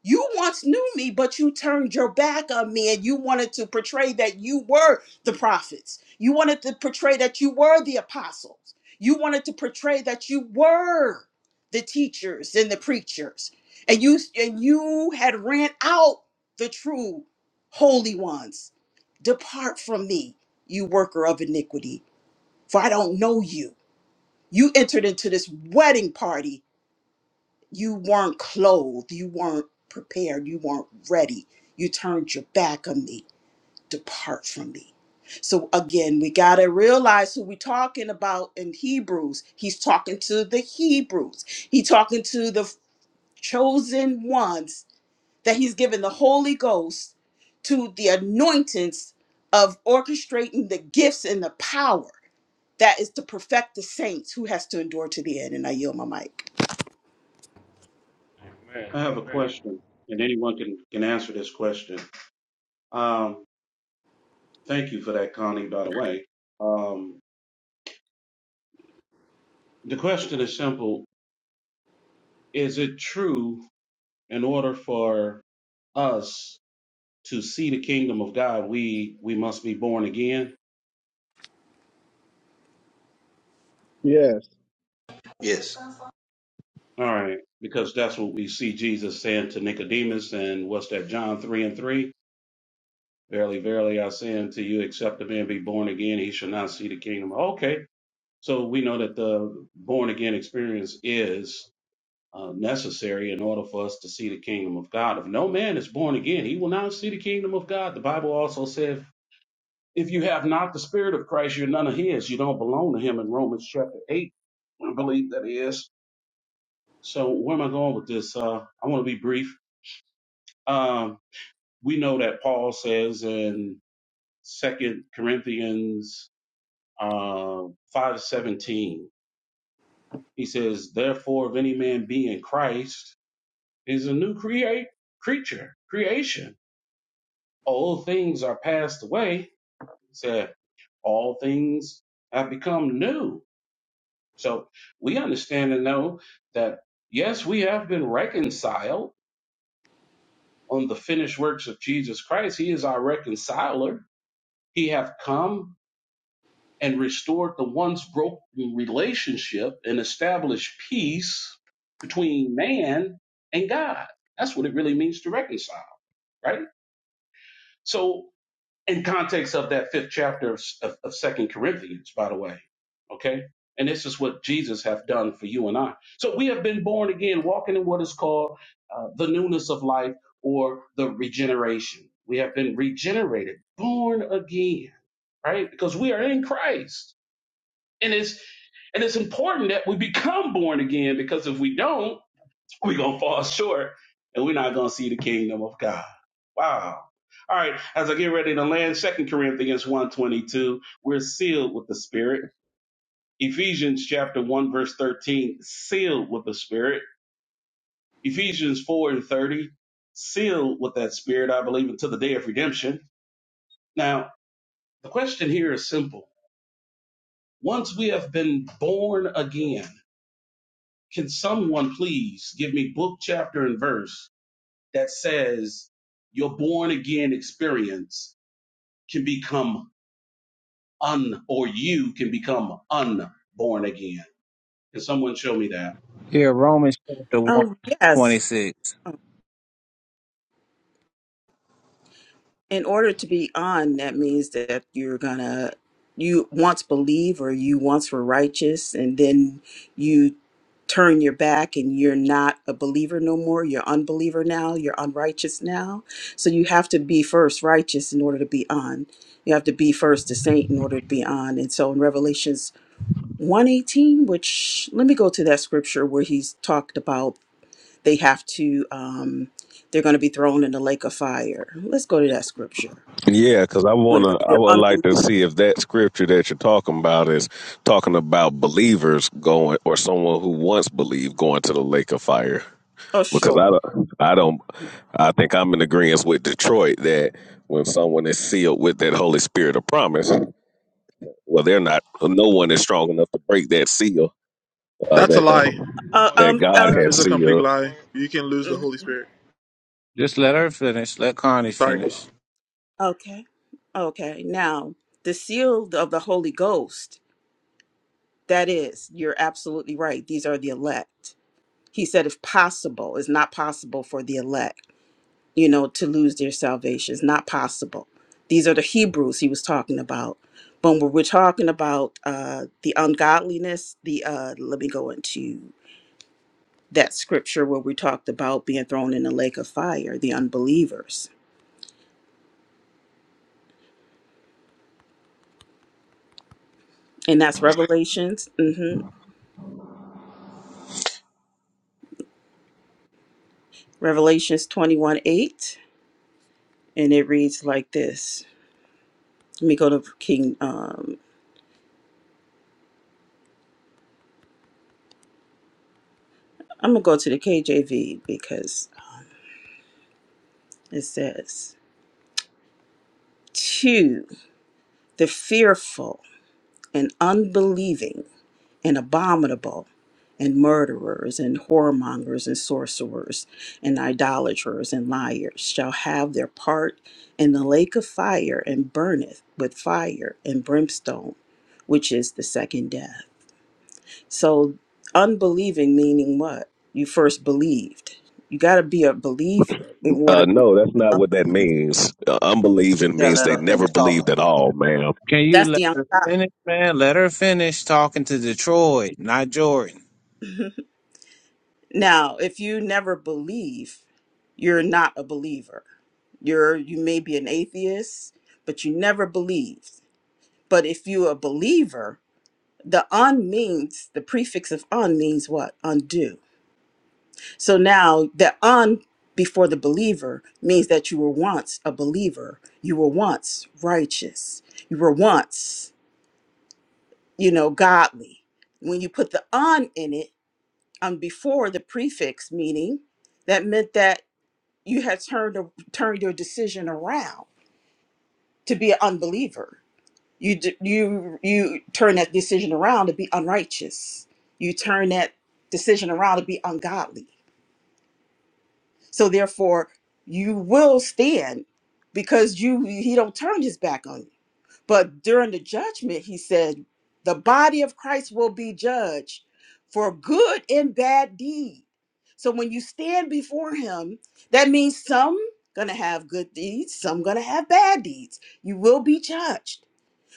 Speaker 21: you once knew me, but you turned your back on me and you wanted to portray that you were the prophets. You wanted to portray that you were the apostles. You wanted to portray that you were the teachers and the preachers. And you and you had ran out the true holy ones. Depart from me, you worker of iniquity, for I don't know you. You entered into this wedding party you weren't clothed, you weren't prepared, you weren't ready. You turned your back on me. Depart from me. So again, we got to realize who we're talking about in Hebrews. He's talking to the Hebrews. He's talking to the chosen ones that he's given the Holy Ghost to the anointings of orchestrating the gifts and the power that is to perfect the saints who has to endure to the end. And I yield my mic.
Speaker 1: Amen,
Speaker 15: I have a
Speaker 1: man,
Speaker 15: question and anyone can, can answer this question. Um, thank you for that, Connie, by the way. Um, the question is simple. Is it true in order for us to see the kingdom of God, we we must be born again.
Speaker 18: Yes.
Speaker 11: Yes.
Speaker 15: All right, because that's what we see Jesus saying to Nicodemus, and what's that? John three and three. Verily, verily, I say unto you, except a man be born again, he shall not see the kingdom. Okay, so we know that the born again experience is uh, necessary in order for us to see the kingdom of God. If no man is born again, he will not see the kingdom of God. The Bible also says If you have not the Spirit of Christ, you're none of His. You don't belong to Him in Romans chapter 8, I believe that is. So, where am I going with this? Uh, I want to be brief. Um, we know that Paul says in Second Corinthians uh, 5 seventeen, he says, Therefore, if any man be in Christ, he is a new create creature, creation. Old things are passed away. He said, All things have become new So we understand and know that, yes, we have been reconciled on the finished works of Jesus Christ. He is our reconciler. He hath come and restored the once broken relationship and established peace between man and God. That's what it really means to reconcile, right? So in context of that fifth chapter of, of, second corinthians by the way okay and this is what jesus hath done for you and i so we have been born again walking in what is called uh, the newness of life or the regeneration we have been regenerated born again right because we are in christ and it's and it's important that we become born again because if we don't we're gonna fall short and we're not gonna see the kingdom of God. Wow. All right, as I get ready to land, Second Corinthians 122, we're sealed with the Spirit. Ephesians chapter 1, verse 13, sealed with the Spirit. Ephesians 4 and 30, sealed with that Spirit, I believe, until the day of redemption. Now, the question here is simple. Once we have been born again, can someone please give me book, chapter, and verse that says your born again experience can become un or you can become unborn again. Can someone show me that?
Speaker 18: Here, Romans chapter one,
Speaker 21: Oh, yes.
Speaker 18: 26.
Speaker 21: in order to be on, that means that you're gonna you once believe or you once were righteous, and then you turn your back and you're not a believer no more. You're unbeliever now. You're unrighteous now. So you have to be first righteous in order to be on. You have to be first a saint in order to be on. And so in Revelations 118, which let me go to that scripture where he's talked about they have to um, they're going to be thrown in the lake of fire. Let's go to that scripture
Speaker 19: Yeah, because I
Speaker 21: when
Speaker 19: wanna, I
Speaker 21: they're
Speaker 19: would like to
Speaker 21: unbelievers.
Speaker 19: see if that scripture that you're talking about is talking about believers going, or someone who once believed going to the lake of fire.
Speaker 21: Oh,
Speaker 19: Because
Speaker 21: sure.
Speaker 19: I, don't- I don't,
Speaker 21: Mm-hmm.
Speaker 19: I think I'm in agreement with Detroit that when someone is sealed with that Holy Spirit of promise, well, they're not. No one is strong enough to break that seal uh,
Speaker 22: That's a
Speaker 19: that the,
Speaker 22: lie.
Speaker 21: Uh,
Speaker 13: but
Speaker 19: that
Speaker 21: um.
Speaker 13: but
Speaker 19: God
Speaker 21: Uh,
Speaker 22: That
Speaker 19: had
Speaker 13: but
Speaker 22: is a
Speaker 13: wait a
Speaker 22: complete
Speaker 13: minute
Speaker 19: sealed.
Speaker 13: the
Speaker 22: lie.
Speaker 13: word
Speaker 22: You can lose the
Speaker 21: mm,
Speaker 22: Holy Spirit. Sorry.
Speaker 21: okay. Okay. Now, the seal of the Holy Ghost. That is, you're absolutely right. These are the elect. He said, if possible, it's not possible for the elect. you know, to lose their salvation. It's not possible. These are the Hebrews he was talking about. But when we're talking about uh, the ungodliness, the uh, let me go into that scripture where we talked about being thrown in the lake of fire, the unbelievers, and that's Revelations, hmm Revelations twenty-one eight, and it reads like this. Let me go to King. Um, I'm gonna go to the KJV because it says to the fearful and unbelieving and abominable and murderers and whoremongers and sorcerers and idolaters and liars shall have their part in the lake of fire and burneth with fire and brimstone, which is the second death. So, unbelieving meaning what? You first believed. You got to be a believer in order.
Speaker 19: Uh, no, that's not what that means. Uh, unbelieving
Speaker 11: Yeah,
Speaker 19: means
Speaker 11: let
Speaker 19: they
Speaker 11: us finish
Speaker 19: never
Speaker 11: talking.
Speaker 19: believed at all, ma'am.
Speaker 18: Can you
Speaker 21: That's
Speaker 18: let
Speaker 21: the
Speaker 18: her
Speaker 21: ungodly.
Speaker 18: finish, man? Let her finish talking to Detroit, not Jordan.
Speaker 21: Now, if you never believe, you're not a believer. You're you may be an atheist, but you never believed. But if you're a believer, the un means the prefix of un means what? Undo. So now the un before the believer means that you were once a believer. You were once righteous. You were once, you know, godly. When you put the un in it, um before the prefix meaning, that meant that you had turned turned your decision around to be an unbeliever. You d- you you turn that decision around to be unrighteous. You turn that decision around to be ungodly. So therefore, you will stand because you he don't turn his back on you. But during the judgment, he said, the body of Christ will be judged for good and bad deed. So when you stand before him, that means some gonna have good deeds, some gonna have bad deeds. You will be judged.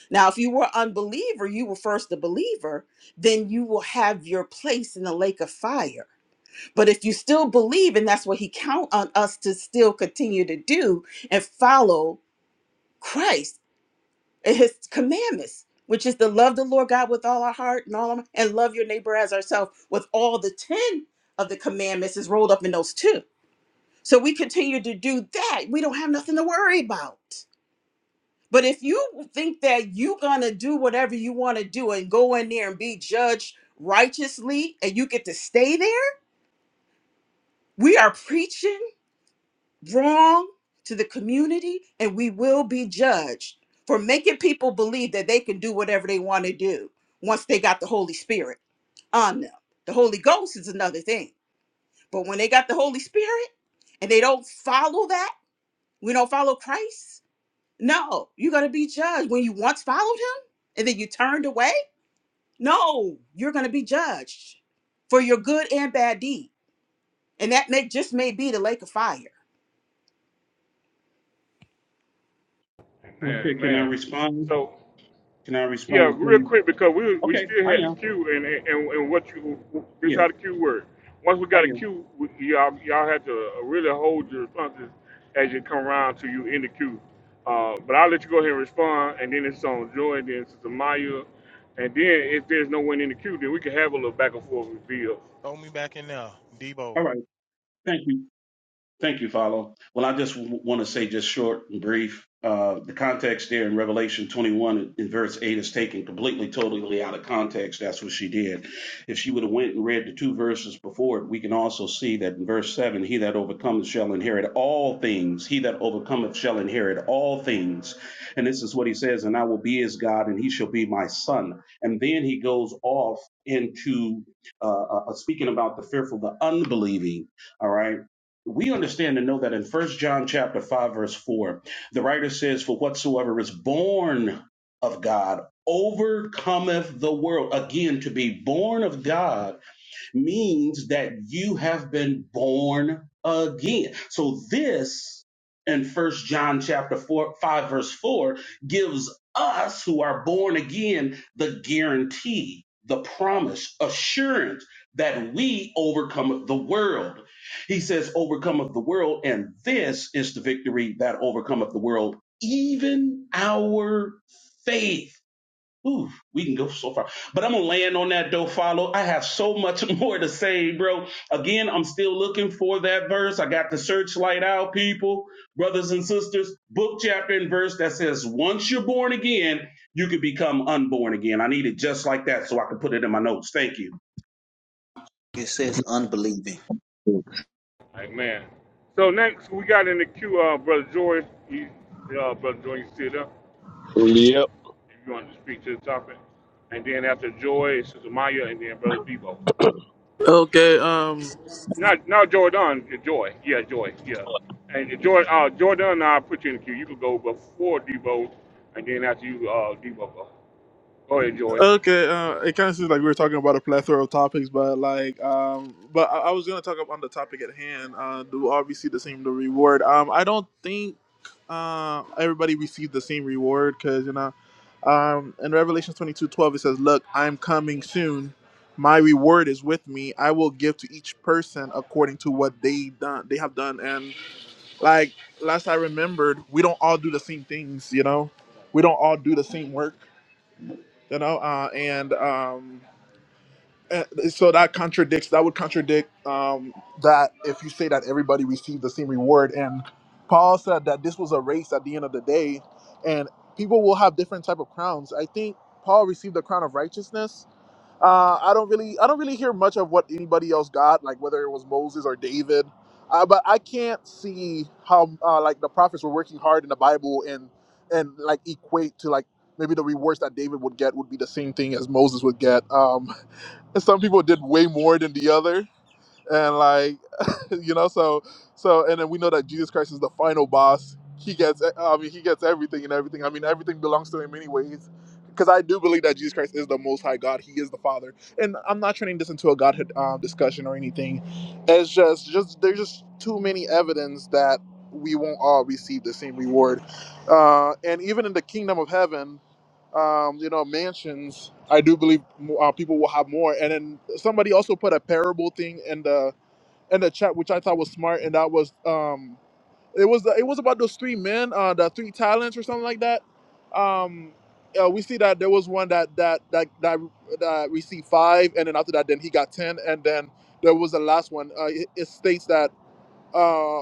Speaker 21: Now, if you were unbeliever, you were first a believer, then you will have your place in the lake of fire. But if you still believe, and that's what he count on us to still continue to do and follow Christ, his commandments which is to love the lord god with all our heart and all our, and love your neighbor as ourselves with all the 10 of the commandments is rolled up in those two so we continue to do that we don't have nothing to worry about but if you think that you're gonna do whatever you want to do and go in there and be judged righteously and you get to stay there we are preaching wrong to the community and we will be judged for making people believe that they can do whatever they want to do once they got the Holy Spirit on them. The Holy Ghost is another thing. But when they got the Holy Spirit and they don't follow that, we don't follow Christ. No, you're going to be judged when you once followed him and then you turned away. No, you're going to be judged for your good and bad deed. And that may just may be the lake of fire.
Speaker 15: Okay,
Speaker 1: amen,
Speaker 15: can I
Speaker 1: man.
Speaker 15: respond?
Speaker 1: So
Speaker 15: Can I
Speaker 1: Yeah,
Speaker 15: respond,
Speaker 1: real
Speaker 15: please?
Speaker 1: quick because we we
Speaker 15: Okay,
Speaker 1: still
Speaker 15: I
Speaker 1: had the
Speaker 15: am.
Speaker 1: queue and and, and what you this
Speaker 15: Yeah,
Speaker 1: how the queue work. Once we
Speaker 15: I
Speaker 1: got a
Speaker 15: am.
Speaker 1: queue, we, y'all y'all had to really hold your responses as you come around to you in the queue. Uh, but I'll let you go ahead and respond, and then it's on Joy, and then Sister Maya, and then if there's no one in the queue, then we can have a little back and forth reveal.
Speaker 13: throw me back in there debo
Speaker 15: All right, thank you. Thank you, Follow. Well, I just w- want to say, just short and brief, uh, the context there in Revelation 21 in verse 8 is taken completely, totally out of context. That's what she did. If she would have went and read the two verses before it, we can also see that in verse 7, he that overcometh shall inherit all things. He that overcometh shall inherit all things. And this is what he says, and I will be his God, and he shall be my son. And then he goes off into uh, uh, uh, speaking about the fearful, the unbelieving. All right we understand and know that in first john chapter 5 verse 4 the writer says for whatsoever is born of god overcometh the world again to be born of god means that you have been born again. So this in First John chapter 4 5 verse 4 gives us who are born again the guarantee, the promise, assurance that we overcome the world. He says overcometh the world and this is the victory that overcometh the world, even our faith. Ooh, we can go so far. But I'm gonna land on that though, follow. I have so much more to say, bro. Again, I'm still looking for that verse. I got the searchlight out, people, brothers and sisters, book chapter and verse that says, once you're born again, you can become unborn again. I need it just like that so I can put it in my notes. Thank you.
Speaker 11: It says unbelieving.
Speaker 1: Like man, So next we got in the queue, uh, brother Joy. He, uh, brother Joy, you still there?
Speaker 19: Yep.
Speaker 1: if you want to speak to the topic. And then after Joy, Sister Maya, and then Brother Bebo.
Speaker 22: Okay, um
Speaker 1: Not not Jordan, Joy. Yeah, Joy. Yeah. And Joy, uh, Jordan, I'll put you in the queue. You can go before Debo, and then after you, uh, Debo go. Go ahead, Joy.
Speaker 22: okay, uh it kinda seems like we were talking about a plethora of topics, but like um but I, I was gonna talk up on the topic at hand, uh do obviously the same the reward. Um I don't think uh everybody received the same reward because you know um in Revelation twenty two twelve it says, Look, I'm coming soon. My reward is with me. I will give to each person according to what they done they have done and." Like last I remembered, we don't all do the same things, you know. We don't all do the same work, you know. Uh, and um, eh, so that contradicts. That would contradict um, that if you say that everybody received the same reward. And Paul said that this was a race at the end of the day, and people will have different type of crowns. I think Paul received the crown of righteousness uh, I don't really, I don't really hear much of what anybody else got, like whether it was Moses or David. Uh, but I can't see how uh, like the prophets were working hard in the Bible and and like equate to like maybe the rewards that David would get would be the same thing as Moses would get. Um, some people did way more than the other and like you know so so and then we know that jesus christ is the final boss he gets e, i mean he gets everything and everything i mean everything belongs to him anyways because i do believe that jesus christ is the most high god he is the father and i'm not turning this into a godhood um, discussion or anything it's just just there's just too many evidence that we won't all receive the same reward uh, and even in the kingdom of heaven um, you know mansions i do believe uh, people will have more and then somebody also put a parable thing in the in the chat, which I thought was smart, and that was um, it was it was about those three men, uh, the three talents or something like that. Um, uh, we see that there was one that that that that, that received five, and then after that, then he got ten, and then there was the last one. Uh, it, it states that uh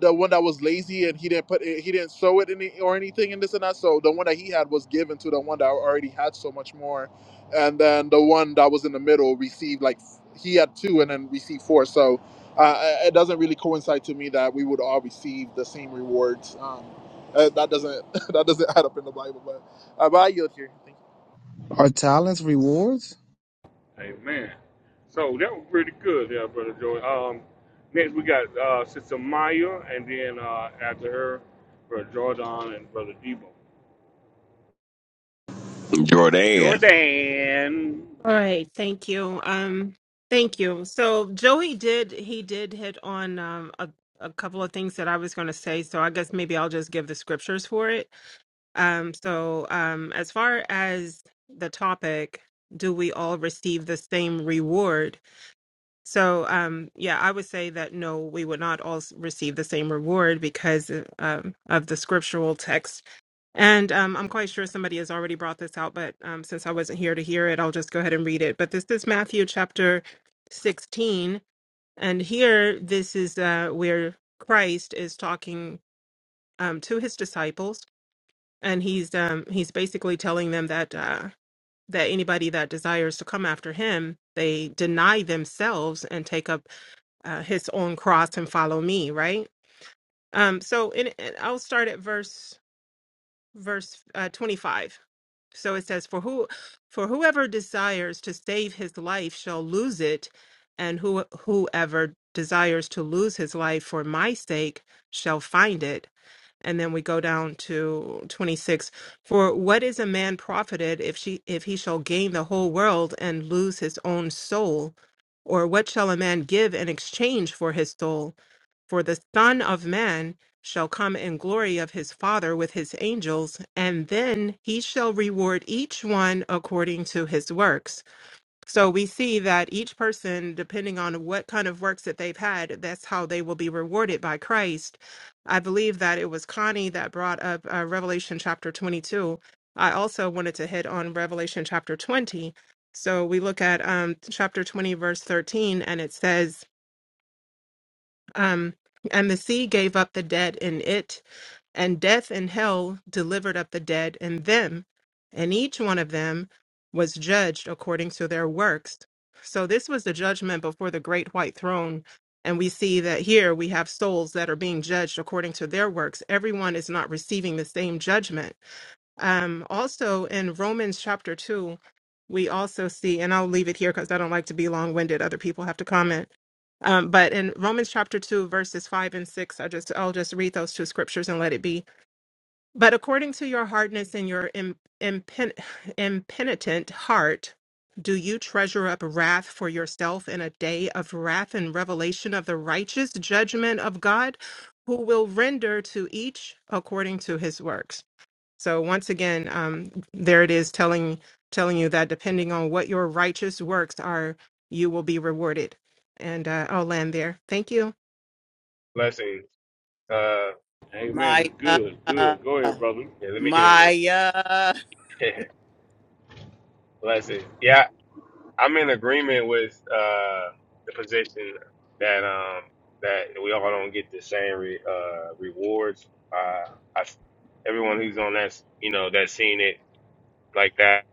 Speaker 22: the one that was lazy and he didn't put it, he didn't sew it any or anything and this and that so the one that he had was given to the one that already had so much more and then the one that was in the middle received like f- he had two and then received four so uh, uh, it doesn't really coincide to me that we would all receive the same rewards um uh, that doesn't that doesn't add up in the bible but, uh, but i yield here thank
Speaker 18: Are talents rewards?
Speaker 1: Amen. So that was pretty good, there, Brother Joy. Um, next we got uh, Sister Maya, and then uh, after her, Brother Jordan and Brother Debo.
Speaker 19: Jordan.
Speaker 1: Jordan.
Speaker 20: All right, thank you. Um, thank you. So Joey did he did hit on um a, a couple of things that I was going to say. So I guess maybe I'll just give the scriptures for it. Um, so um, as far as the topic, do we all receive the same reward? So um, yeah, I would say that no, we would not all s- receive the same reward because uh, um, of the scriptural text And um, I'm quite sure somebody has already brought this out, but um, since I wasn't here to hear it, I'll just go ahead and read it. But this is Matthew chapter 16. And here, this is uh, where Christ is talking um, to his disciples. And he's um, he's basically telling them that uh, that anybody that desires to come after him, they deny themselves and take up uh, his own cross and follow me. Right. Um, so in, I'll start at verse verse uh, 25. So it says, "For who, for whoever desires to save his life shall lose it, and who whoever desires to lose his life for my sake shall find it." And then we go down to twenty six. For what is a man profited if she if he shall gain the whole world and lose his own soul, or what shall a man give in exchange for his soul? For the Son of Man shall come in glory of his Father with his angels, and then he shall reward each one according to his works. So we see that each person, depending on what kind of works that they've had, that's how they will be rewarded by Christ. I believe that it was Connie that brought up uh, Revelation chapter 22. I also wanted to hit on Revelation chapter 20. So we look at um, chapter 20, verse 13, and it says, um, and the sea gave up the dead in it, and death and hell delivered up the dead in them, and each one of them was judged according to their works. So this was the judgment before the great white throne. And we see that here we have souls that are being judged according to their works. Everyone is not receiving the same judgment um, also in Romans chapter 2, we also see, and I'll leave it here because I don't like to be long winded. Other people have to comment. Um, but in Romans chapter 2, verses 5 and 6, I just, I'll just read those two scriptures and let it be. But according to your hardness and your im- impen- impenitent heart, do you treasure up wrath for yourself in a day of wrath and revelation of the righteous judgment of God, who will render to each according to his works? So once again, um, there it is telling telling you that depending on what your righteous works are, you will be rewarded. And uh, I'll land there. Thank you.
Speaker 23: Blessings. Uh,
Speaker 1: Amen. It's
Speaker 21: Maya.
Speaker 1: good. Good. Go ahead, brother.
Speaker 23: yeah, let me get in there too.
Speaker 21: Maya.
Speaker 23: Blessings. Yeah, I'm in agreement with uh the position that um that we all don't get the same re- uh rewards. Uh, I, everyone who's on that, you know, that's seen it like that,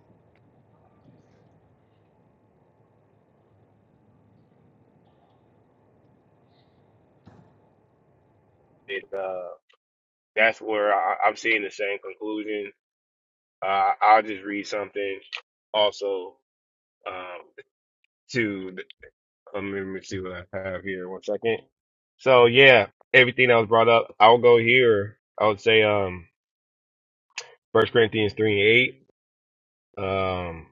Speaker 23: it uh that's where I, I'm seeing the same conclusion. Uh, I'll just read something also um to Um, let me see what I have here. One second. So yeah, everything that was brought up, I'll go here. I would say um First Corinthians three and eight. Um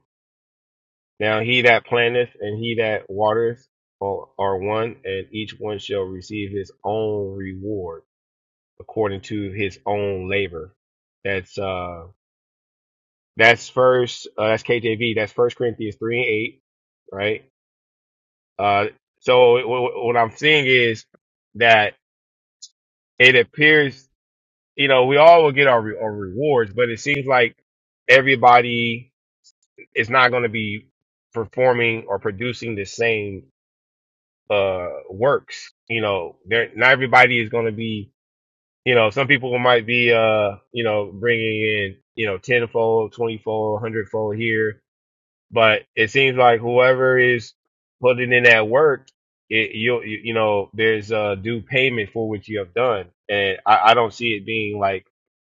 Speaker 23: now he that planteth and he that waters are, are one, and each one shall receive his own reward according to his own labor. That's uh that's first uh, that's KJV. That's First Corinthians three and eight, right? Uh, so w- w- what I'm seeing is that it appears you know, we all will get our, re- our rewards, but it seems like everybody is not going to be performing or producing the same uh works. You know, there not everybody is going to be. You know, some people might be, uh, you know, bringing in, you know, tenfold, twentyfold, hundredfold here, but it seems like whoever is putting in that work, it, you you you know, there's a due payment for what you have done, and I, I don't see it being like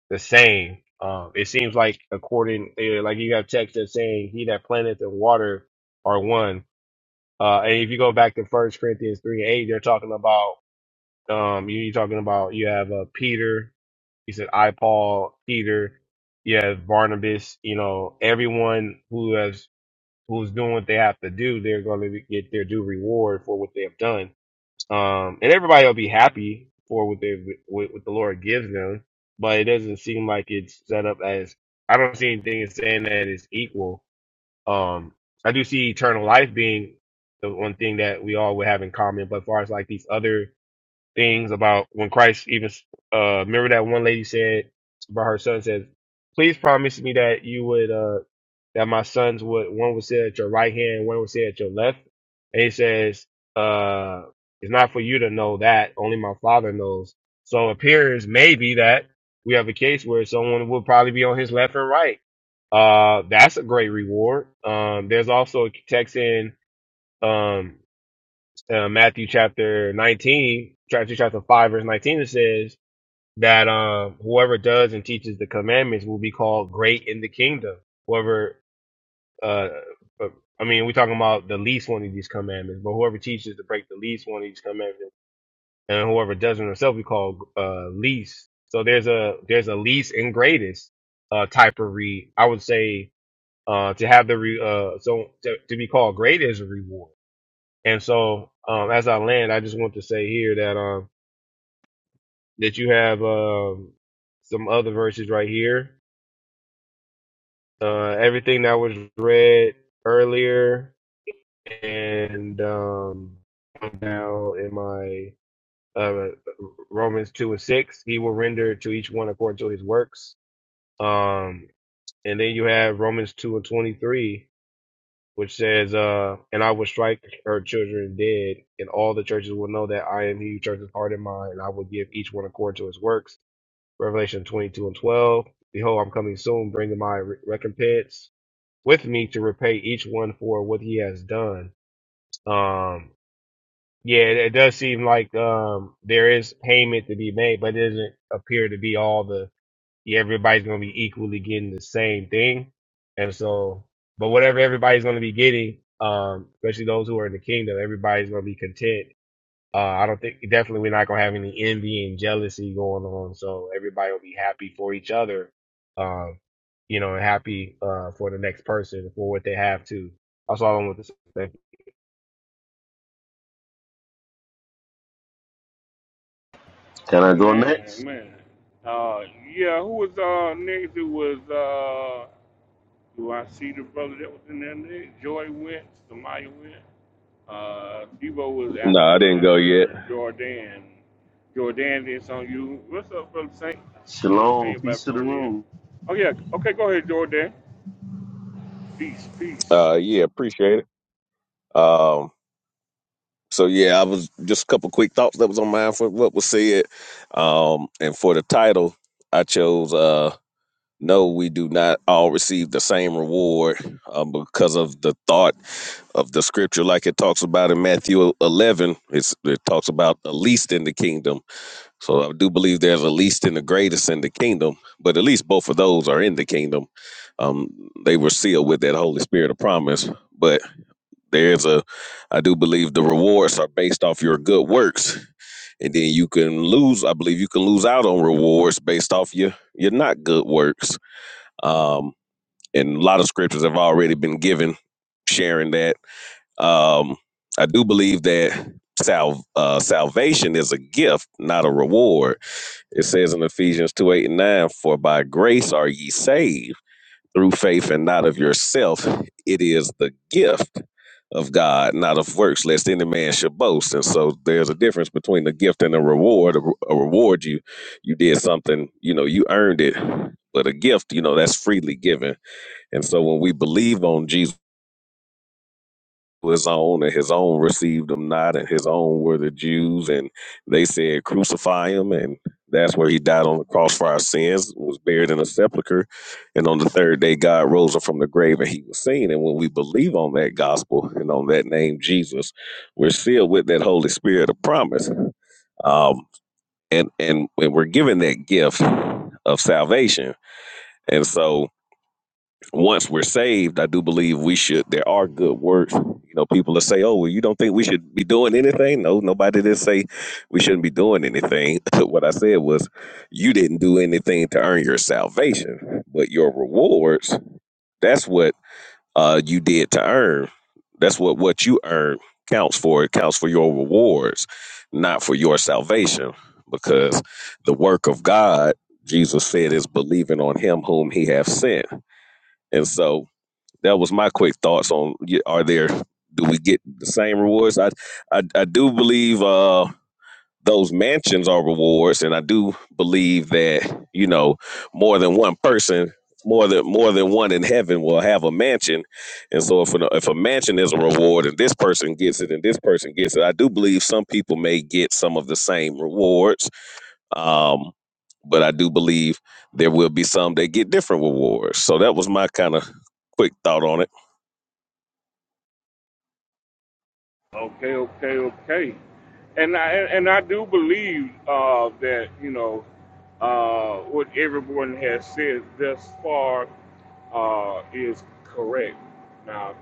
Speaker 23: the same. Um, it seems like according, eh, like you have text that's saying, "He that planteth and water are one." Uh, and if you go back to First Corinthians three eight, they're talking about um, you, you're talking about you have uh, Peter. He said, "I Paul, Peter." You have Barnabas. You know, everyone who has who's doing what they have to do, they're going to get their due reward for what they have done um, and everybody will be happy for what they what, what the Lord gives them. But it doesn't seem like it's set up as I don't see anything as saying that it's equal. Um, I do see eternal life being the one thing that we all would have in common. But as far as like these other things about when Christ even uh remember that one lady said about her son said, Please promise me that you would uh that my sons would one would sit at your right hand, one would sit at your left. And he says, uh it's not for you to know that, only my father knows. So it appears maybe that we have a case where someone will probably be on his left and right. Uh that's a great reward. Um there's also a text in um uh, Matthew chapter 19, chapter chapter 5 verse 19 it says that um whoever does and teaches the commandments will be called great in the kingdom. Whoever uh uh, I mean, we're talking about the least one of these commandments, but whoever teaches to break the least one of these commandments, and whoever doesn't himself, be called uh, least. So there's a there's a least and greatest uh, type of read. I would say uh, to have the re, uh, so to, to be called great is a reward and so, um, as I land, I just want to say here that um, that you have um, some other verses right here. Uh, everything that was read earlier and um, now in my uh, Romans two and six, he will render to each one according to his works. Um, and then you have Romans two and twenty three. which says, uh, and I will strike her children dead, and all the churches will know that I am he who churches heart and mind, and I will give each one according to his works. Revelation 22 and 12. Behold, I'm coming soon, bringing my re- recompense with me to repay each one for what he has done. Um, yeah, it, it does seem like um, there is payment to be made, but it doesn't appear to be all the yeah, everybody's gonna be equally getting the same thing. And so, but whatever everybody's gonna be getting, um, especially those who are in the kingdom, everybody's gonna be content. Uh, I don't think definitely we're not gonna have any envy and jealousy going on. So everybody will be happy for each other, um, you know, and happy uh for the next person for what they have too. That's all I want to say. Thank you.
Speaker 24: Can I go
Speaker 1: Amen,
Speaker 24: next?
Speaker 1: amen. Uh, yeah, who was uh next? It was uh, do I see the brother that was in there next? Joy went, Samaya went. Uh, Debo was
Speaker 19: No, I didn't go yet.
Speaker 1: after Jordan. Jordan did something. You, what's up, brother Saint? You know,
Speaker 24: Shalom,
Speaker 1: came
Speaker 24: peace
Speaker 1: back
Speaker 24: to the
Speaker 1: on here.
Speaker 24: room.
Speaker 1: Oh yeah, okay, go ahead, Jordan. Peace, peace.
Speaker 19: Uh, yeah, appreciate it. Um, so yeah, I was just a couple quick thoughts that was on my mind for what was said. Um, and for the title, I chose. uh. no, we do not all receive the same reward um, because of the thought of the scripture, like it talks about in Matthew 11. It's, it talks about the least in the kingdom. So I do believe there's a least and the greatest in the kingdom, but at least both of those are in the kingdom. Um, they were sealed with that Holy Spirit of promise. But there's a, I do believe the rewards are based off your good works. And then you can lose, I believe you can lose out on rewards based off your, your not good works. Um, and a lot of scriptures have already been given sharing that. Um, I do believe that sal- uh, salvation is a gift, not a reward. It says in Ephesians 2 8 and 9, For by grace are ye saved through faith and not of yourself. It is the gift of God, not of works, lest any man should boast. And so there's a difference between a gift and a reward. A, re- a reward, you you did something, you know, you earned it. But a gift, you know, that's freely given and so when we believe on Jesus, his own and his own received him not, and his own were the Jews, and they said, Crucify him. And that's where he died on the cross for our sins, was buried in a sepulchre. And on the third day, God rose him from the grave and he was seen. And when we believe on that gospel and on that name, Jesus, we're sealed with that Holy Spirit of promise. Um, and, and, and we're given that gift of salvation. And so once we're saved, I do believe we should. There are good works. You know, people that say, "Oh, well, you don't think we should be doing anything?" No, nobody did say we shouldn't be doing anything. what I said was, you didn't do anything to earn your salvation, but your rewards—that's what uh, you did to earn. That's what what you earn counts for. It counts for your rewards, not for your salvation, because the work of God, Jesus said, is believing on Him whom He hath sent, and so that was my quick thoughts on y- are there do we get the same rewards i i, I do believe uh those mansions are rewards and i do believe that you know more than one person more than more than one in heaven will have a mansion and so if a, if a mansion is a reward and this person gets it and this person gets it i do believe some people may get some of the same rewards um but i do believe there will be some that get different rewards so that was my kind of quick thought on it
Speaker 1: Okay, okay, okay. And I and I do believe uh, that you know uh, what everyone has said thus far uh, is correct. Now,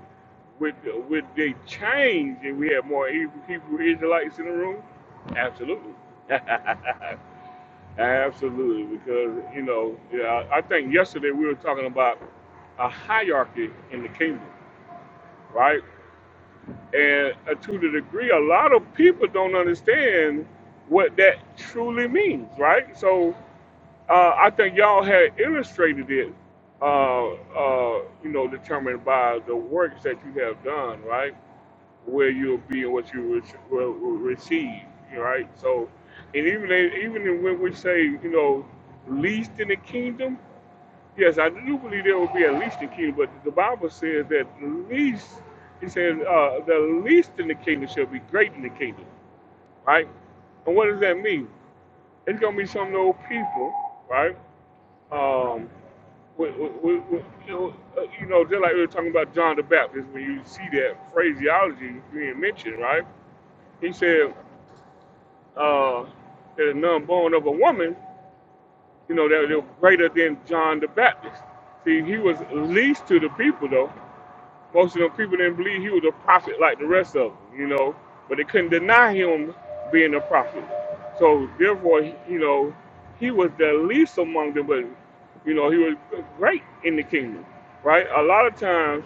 Speaker 1: with with the change if we have more Hebrew, Hebrew Israelites in the room? Absolutely, absolutely. Because you know, yeah, I think yesterday we were talking about a hierarchy in the kingdom, right? And uh, to the degree, a lot of people don't understand what that truly means, right? So uh, I think y'all had illustrated it, uh, uh, you know, determined by the works that you have done, right? Where you'll be and what you re- will will receive, right? So, and even even when we say, you know, least in the kingdom, Yes, I do believe there will be at least in the kingdom, but the Bible says that least, he says, uh, the least in the kingdom shall be great in the kingdom, right? And what does that mean? It's going to be some old people, right? Um, with, with, with, with, you know, uh, you know, just like we were talking about John the Baptist, when you see that phraseology being mentioned, right? He said, uh, there's none born of a woman, you know, that they're greater than John the Baptist. See, he was least to the people, though Most of them people didn't believe he was a prophet like the rest of them, you know, but they couldn't deny him being a prophet. So therefore, he- you know, he was the least among them, but you know, he was great in the kingdom, right? A lot of times,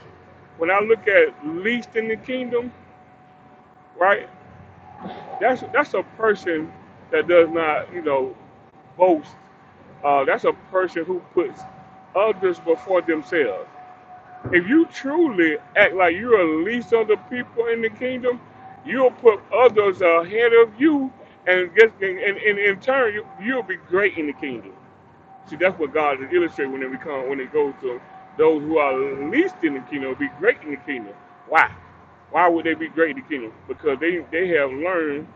Speaker 1: when I look at least in the kingdom, right, that's that's a person that does not, you know, boast. Uh, that's a person who puts others before themselves if you truly act like you're the least of the people in the kingdom, you'll put others ahead of you, and guess and, and, and in turn you, you'll be great in the kingdom. See, that's what God is illustrating when we come, when it goes to those who are least in the kingdom will be great in the kingdom. Why? Why would they be great in the kingdom? Because they they have learned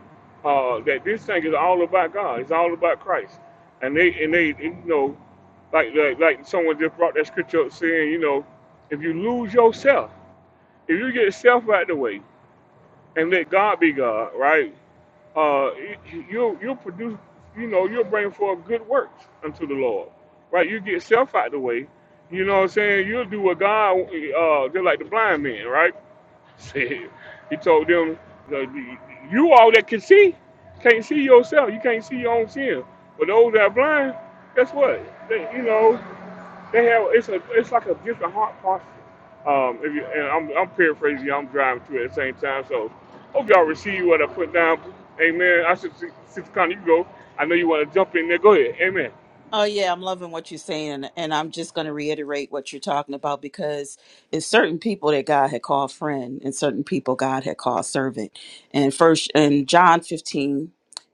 Speaker 1: uh, that this thing is all about God. It's all about Christ, and they and they you know, like like, like someone just brought that scripture up saying, you know, if you lose yourself, if you get yourself out of the way and let God be God, right? uh, you- you'll you'll produce, you know, you'll bring forth good works unto the Lord, right? You get self out the way, you know what I'm saying? You'll do what God, uh, just like the blind man, right? Said he told them, you all that can see, can't see yourself. You can't see your own sin. But those that are blind, guess what? They, you know, they have it's a it's like a different heart posture. Um, if you and I'm I'm paraphrasing, I'm driving through at the same time. So hope y'all receive what I put down. Amen. I should see Sister Connie, you go. I know you want to jump in there. Go ahead. Amen.
Speaker 21: Oh yeah, I'm loving what you're saying, and I'm just going to reiterate what you're talking about because it's certain people that God had called friend, and certain people God had called servant. And first, in John 15,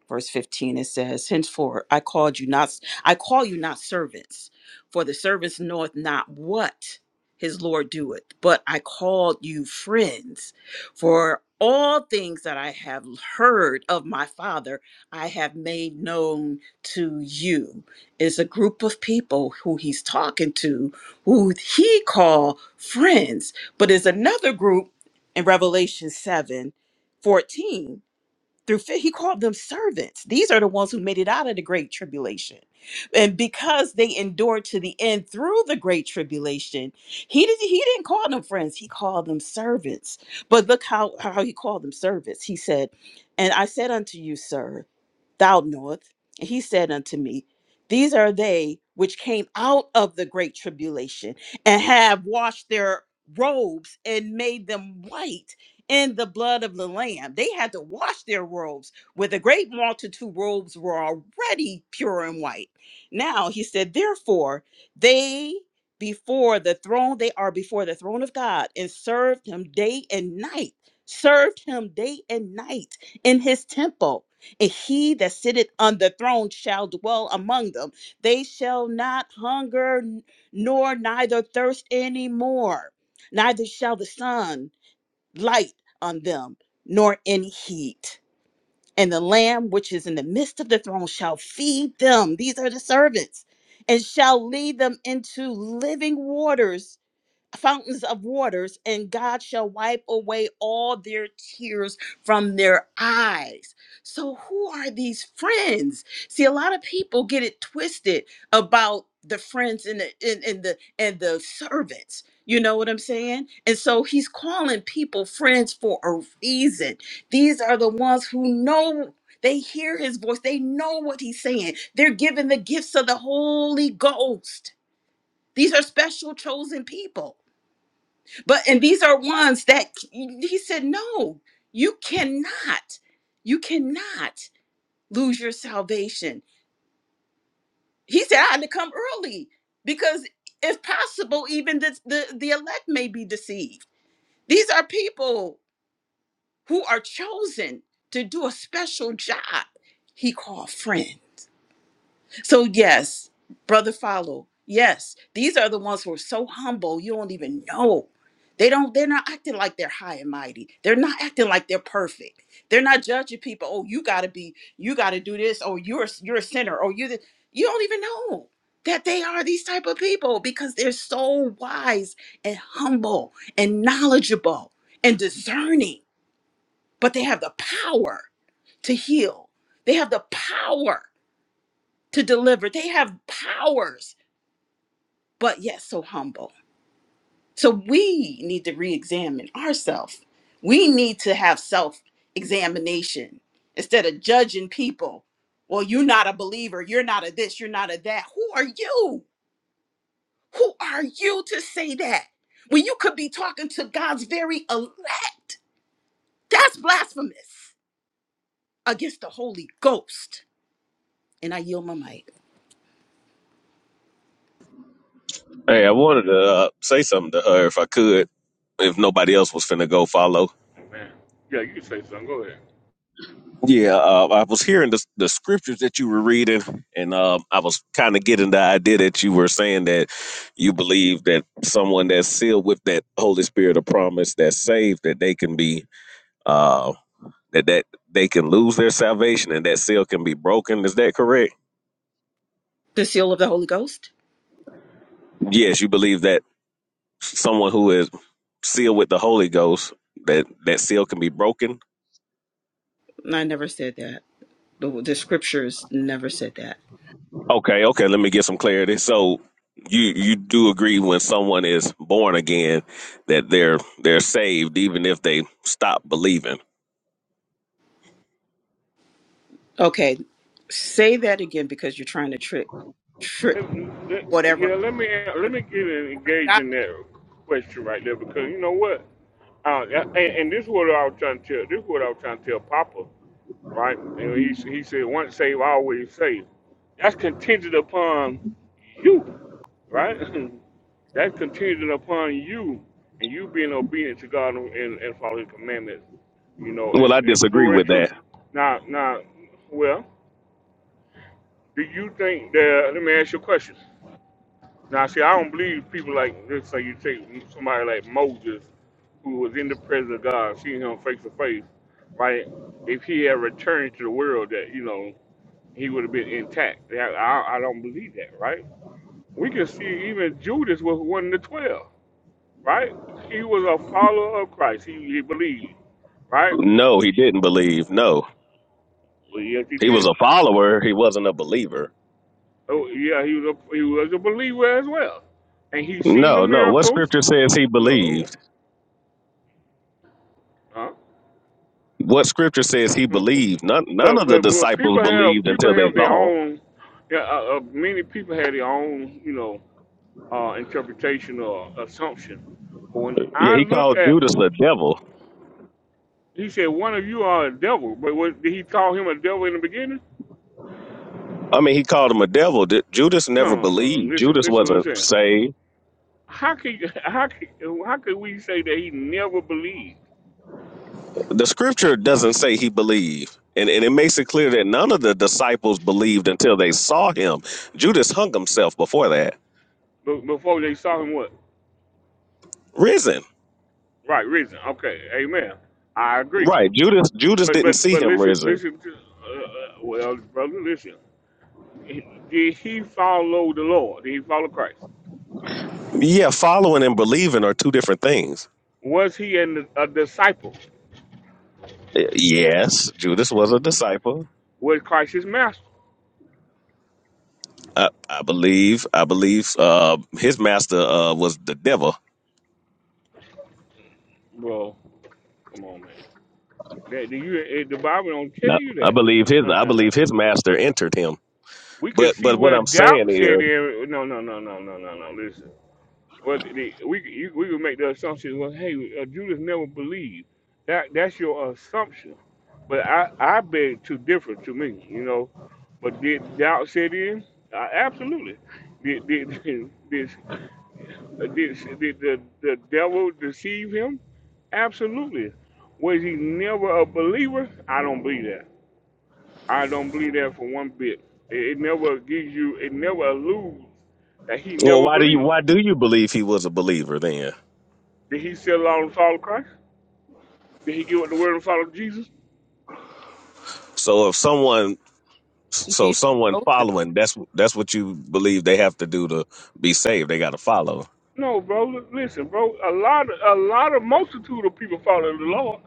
Speaker 21: verse 15, it says, "Henceforth I called you not, I call you not servants, for the servants knoweth not what his Lord doeth, but I called you friends, for all things that I have heard of my Father I have made known to you." is a group of people who he's talking to who he call friends but is another group in revelation 7 14 through 15 he called them servants these are the ones who made it out of the great tribulation and because they endured to the end through the great tribulation he didn't he didn't call them friends he called them servants but look how how he called them servants he said and i said unto you sirs thou knowest. And he said unto me, These are they which came out of the great tribulation and have washed their robes and made them white in the blood of the Lamb. They had to wash their robes, where the great multitude robes were already pure and white. Now he said, Therefore, they before the throne, they are before the throne of God and served him day and night, served him day and night in his temple and he that sitteth on the throne shall dwell among them. They shall not hunger n- nor neither thirst any more, neither shall the sun light on them, nor any heat. And the Lamb which is in the midst of the throne shall feed them. These are the servants, and shall lead them into living waters fountains of waters, and God shall wipe away all their tears from their eyes. So, who are these friends? See, a lot of people get it twisted about the friends and the and, and the and the servants. You know what I'm saying? And so he's calling people friends for a reason. These are the ones who know they hear his voice. They know what he's saying. They're given the gifts of the Holy Ghost. These are special chosen people. But and these are ones that he said, no, you cannot, you cannot lose your salvation. He said, I had to come early because if possible, even the, the, the elect may be deceived. These are people who are chosen to do a special job he called friend. So, yes, brother, follow. Yes, these are the ones who are so humble you don't even know. They don't, they're not acting like they're high and mighty. They're not acting like they're perfect. They're not judging people. Oh, you gotta be, you gotta do this, or you're you're a sinner, or you th- you don't even know that they are these type of people because they're so wise and humble and knowledgeable and discerning, but they have the power to heal. They have the power to deliver. They have powers, but yet so humble. So we need to re examine ourselves. We need to have self examination instead of judging people. Well, you're not a believer. You're not a this. You're not a that. Who are you? Who are you to say that? When you could be talking to God's very elect. That's blasphemous against the Holy Ghost. And I yield my mic.
Speaker 19: Hey, I wanted to uh, say something to her if I could, if nobody else was finna go follow.
Speaker 1: Amen. Yeah, you can say something. Go ahead.
Speaker 19: Yeah, uh, I was hearing the, the scriptures that you were reading, and um, I was kind of getting the idea that you were saying that you believe that someone that's sealed with that Holy Spirit of promise, that's saved, that they can be uh, that that they can lose their salvation, and that seal can be broken. Is that correct?
Speaker 21: The seal of the Holy Ghost?
Speaker 19: Yes, you believe that someone who is sealed with the Holy Ghost, that that seal can be broken.
Speaker 21: I never said that. The, the scriptures never said that.
Speaker 19: Okay, okay, let me get some clarity. So you you do agree when someone is born again that they're they're saved even if they stop believing.
Speaker 21: Okay, say that again because you're trying to trick, trick
Speaker 1: Let, let,
Speaker 21: whatever,
Speaker 1: yeah, let me let
Speaker 21: whatever.
Speaker 1: me get in,
Speaker 21: word
Speaker 1: engaged in that question right there because you know what. Uh, and, and this is what I was trying to tell. This is what I was trying to tell Papa. right? And he, he said, once saved, always saved. That's contingent upon you,
Speaker 21: Mm.
Speaker 1: right? That's contingent upon you and you being obedient to God and, and following His commandments, you know,
Speaker 19: Well, I
Speaker 1: and, and
Speaker 19: disagree
Speaker 1: through and
Speaker 19: with
Speaker 1: through.
Speaker 19: that.
Speaker 1: Now, now, well, do you think that, let me ask you a question. Now, see, I don't believe people like, let's say you take somebody like Moses, who was in the presence of God, seeing him face to face, right? If he had returned to the world that, you know, he would have been intact. Yeah, I, I don't believe that, right? We can see even Judas was one of the twelve, right? He was a follower of Christ. He, he believed, right?
Speaker 19: No, he didn't believe. No.
Speaker 1: Well, yes, he
Speaker 19: He was
Speaker 1: did.
Speaker 19: a follower, he wasn't a believer.
Speaker 1: Oh, yeah, he was a he was a believer as well, and he seen the
Speaker 19: No, no. What
Speaker 1: miracles.
Speaker 19: scripture says he
Speaker 1: No,
Speaker 19: believed?
Speaker 1: huh?
Speaker 19: What scripture says he believed? None none
Speaker 1: well,
Speaker 19: of the
Speaker 1: well, well,
Speaker 19: disciples
Speaker 1: people have
Speaker 19: believed
Speaker 1: people
Speaker 19: until they
Speaker 1: have their
Speaker 19: saw. him.
Speaker 1: own. Yeah, uh, uh, many people have their own, you know, uh, interpretation or assumption. But when
Speaker 19: Yeah,
Speaker 1: I
Speaker 19: he
Speaker 1: look
Speaker 19: called
Speaker 1: at
Speaker 19: Judas a devil.
Speaker 1: He said one of you are a devil. But what, did he call him a devil in the beginning?
Speaker 19: I mean, he called him a devil. D- Judas never
Speaker 1: No, no, no.
Speaker 19: believed.
Speaker 1: Listen,
Speaker 19: Judas
Speaker 1: listen what I'm
Speaker 19: wasn't
Speaker 1: saying.
Speaker 19: saved.
Speaker 1: How could how could how could we say that he never believed
Speaker 19: The scripture doesn't say he believed. And, and it makes it clear that none of the disciples believed until they saw him. Judas hung himself before that.
Speaker 1: before they saw him what?
Speaker 19: Risen.
Speaker 1: Right, risen. Okay, amen. I agree.
Speaker 19: Right. Judas Judas
Speaker 1: But
Speaker 19: didn't
Speaker 1: but
Speaker 19: see
Speaker 1: but
Speaker 19: him
Speaker 1: listen
Speaker 19: risen.
Speaker 1: listen. To, uh, uh, well, brother, listen. Did he follow the Lord? Did he follow Christ?
Speaker 19: Yeah, following and believing are two different things.
Speaker 1: Was he an, a disciple?
Speaker 19: Y- Yes, Judas was a disciple.
Speaker 1: Was Christ his master?
Speaker 19: I, I believe I believe uh, his master uh, was the devil.
Speaker 1: Bro, come on, man. That, do you, eh, the Bible don't tell
Speaker 19: No,
Speaker 1: you
Speaker 19: I believe his I
Speaker 1: that.
Speaker 19: believe his master entered him.
Speaker 1: we can
Speaker 19: But
Speaker 1: see
Speaker 19: but what
Speaker 1: where
Speaker 19: I'm saying
Speaker 1: doubt set
Speaker 19: is,
Speaker 1: in. No, no, no, no, no, no, no. Listen, well, the, we could- you, we would make the assumption. Well, hey, uh, Judas never believed. That that's your assumption. But I I beg to differ to me, you know. But did doubt set in? Uh, absolutely. Did did did, did, did the, the devil deceive him? Absolutely. Was he never a believer? I don't believe that. I don't believe that for one bit. It, it never gives you, it never alludes that he
Speaker 19: well,
Speaker 1: never
Speaker 19: why do you
Speaker 1: believed.
Speaker 19: why do you believe he was a believer then?
Speaker 1: Did he still out and follow Christ? Did he give up the word and follow Jesus?
Speaker 19: So if someone, so
Speaker 21: Jesus
Speaker 19: someone
Speaker 21: knows them?
Speaker 19: following, that's that's what you believe they have to do to be saved. They got to follow.
Speaker 1: No, bro. Li- Listen, bro. A lot of, a lot of multitude of people following the Lord.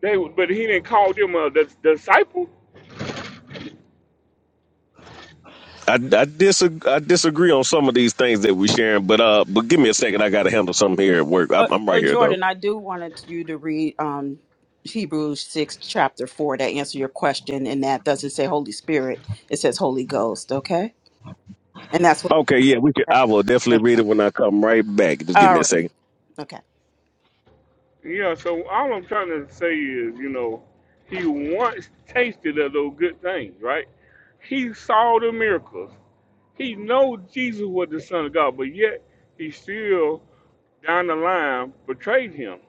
Speaker 1: They, but he didn't call them a dis- disciple.
Speaker 19: I, I disagree. I disagree on some of these things that we sharing, but uh, but give me a second. I got to handle something here at work.
Speaker 21: Oh,
Speaker 19: I'm, I'm right
Speaker 21: oh,
Speaker 19: here though.
Speaker 21: Jordan, I do wanted you to read um, Hebrews 6, chapter 4 to answer your question. And that doesn't say Holy Spirit, it says Holy Ghost, okay? And that's what
Speaker 19: Okay, yeah, we could.
Speaker 21: I
Speaker 19: I will definitely
Speaker 21: think.
Speaker 19: read it when I come right back. Just give
Speaker 21: All
Speaker 19: me a
Speaker 21: right.
Speaker 19: second.
Speaker 21: Okay.
Speaker 1: Yeah. So all I'm trying to say is, you know, he once tasted of those good things, right? He saw the miracles. He know Jesus was the Son of God, but yet he still down the line betrayed him.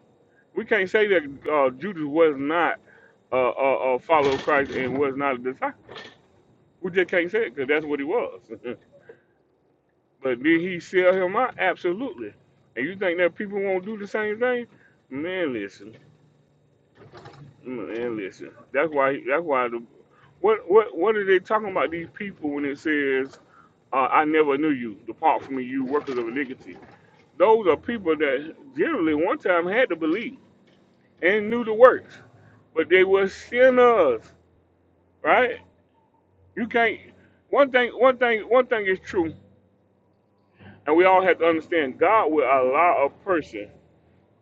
Speaker 1: We can't say that uh, Judas was not a uh, uh, uh, follower of Christ and was not a disciple. We just can't say it because that's what he was. but did he sell him out? Absolutely. And you think that people won't do the same thing? Man, listen, man, listen. That's why. That's why the what what what are they talking about these people when it says uh, I never knew you, depart from me, you workers of iniquity? Those are people that generally one time had to believe. and knew the works, but they were sinners, right? You can't. One thing, one thing, one thing is true, and we all have to understand: God will allow a person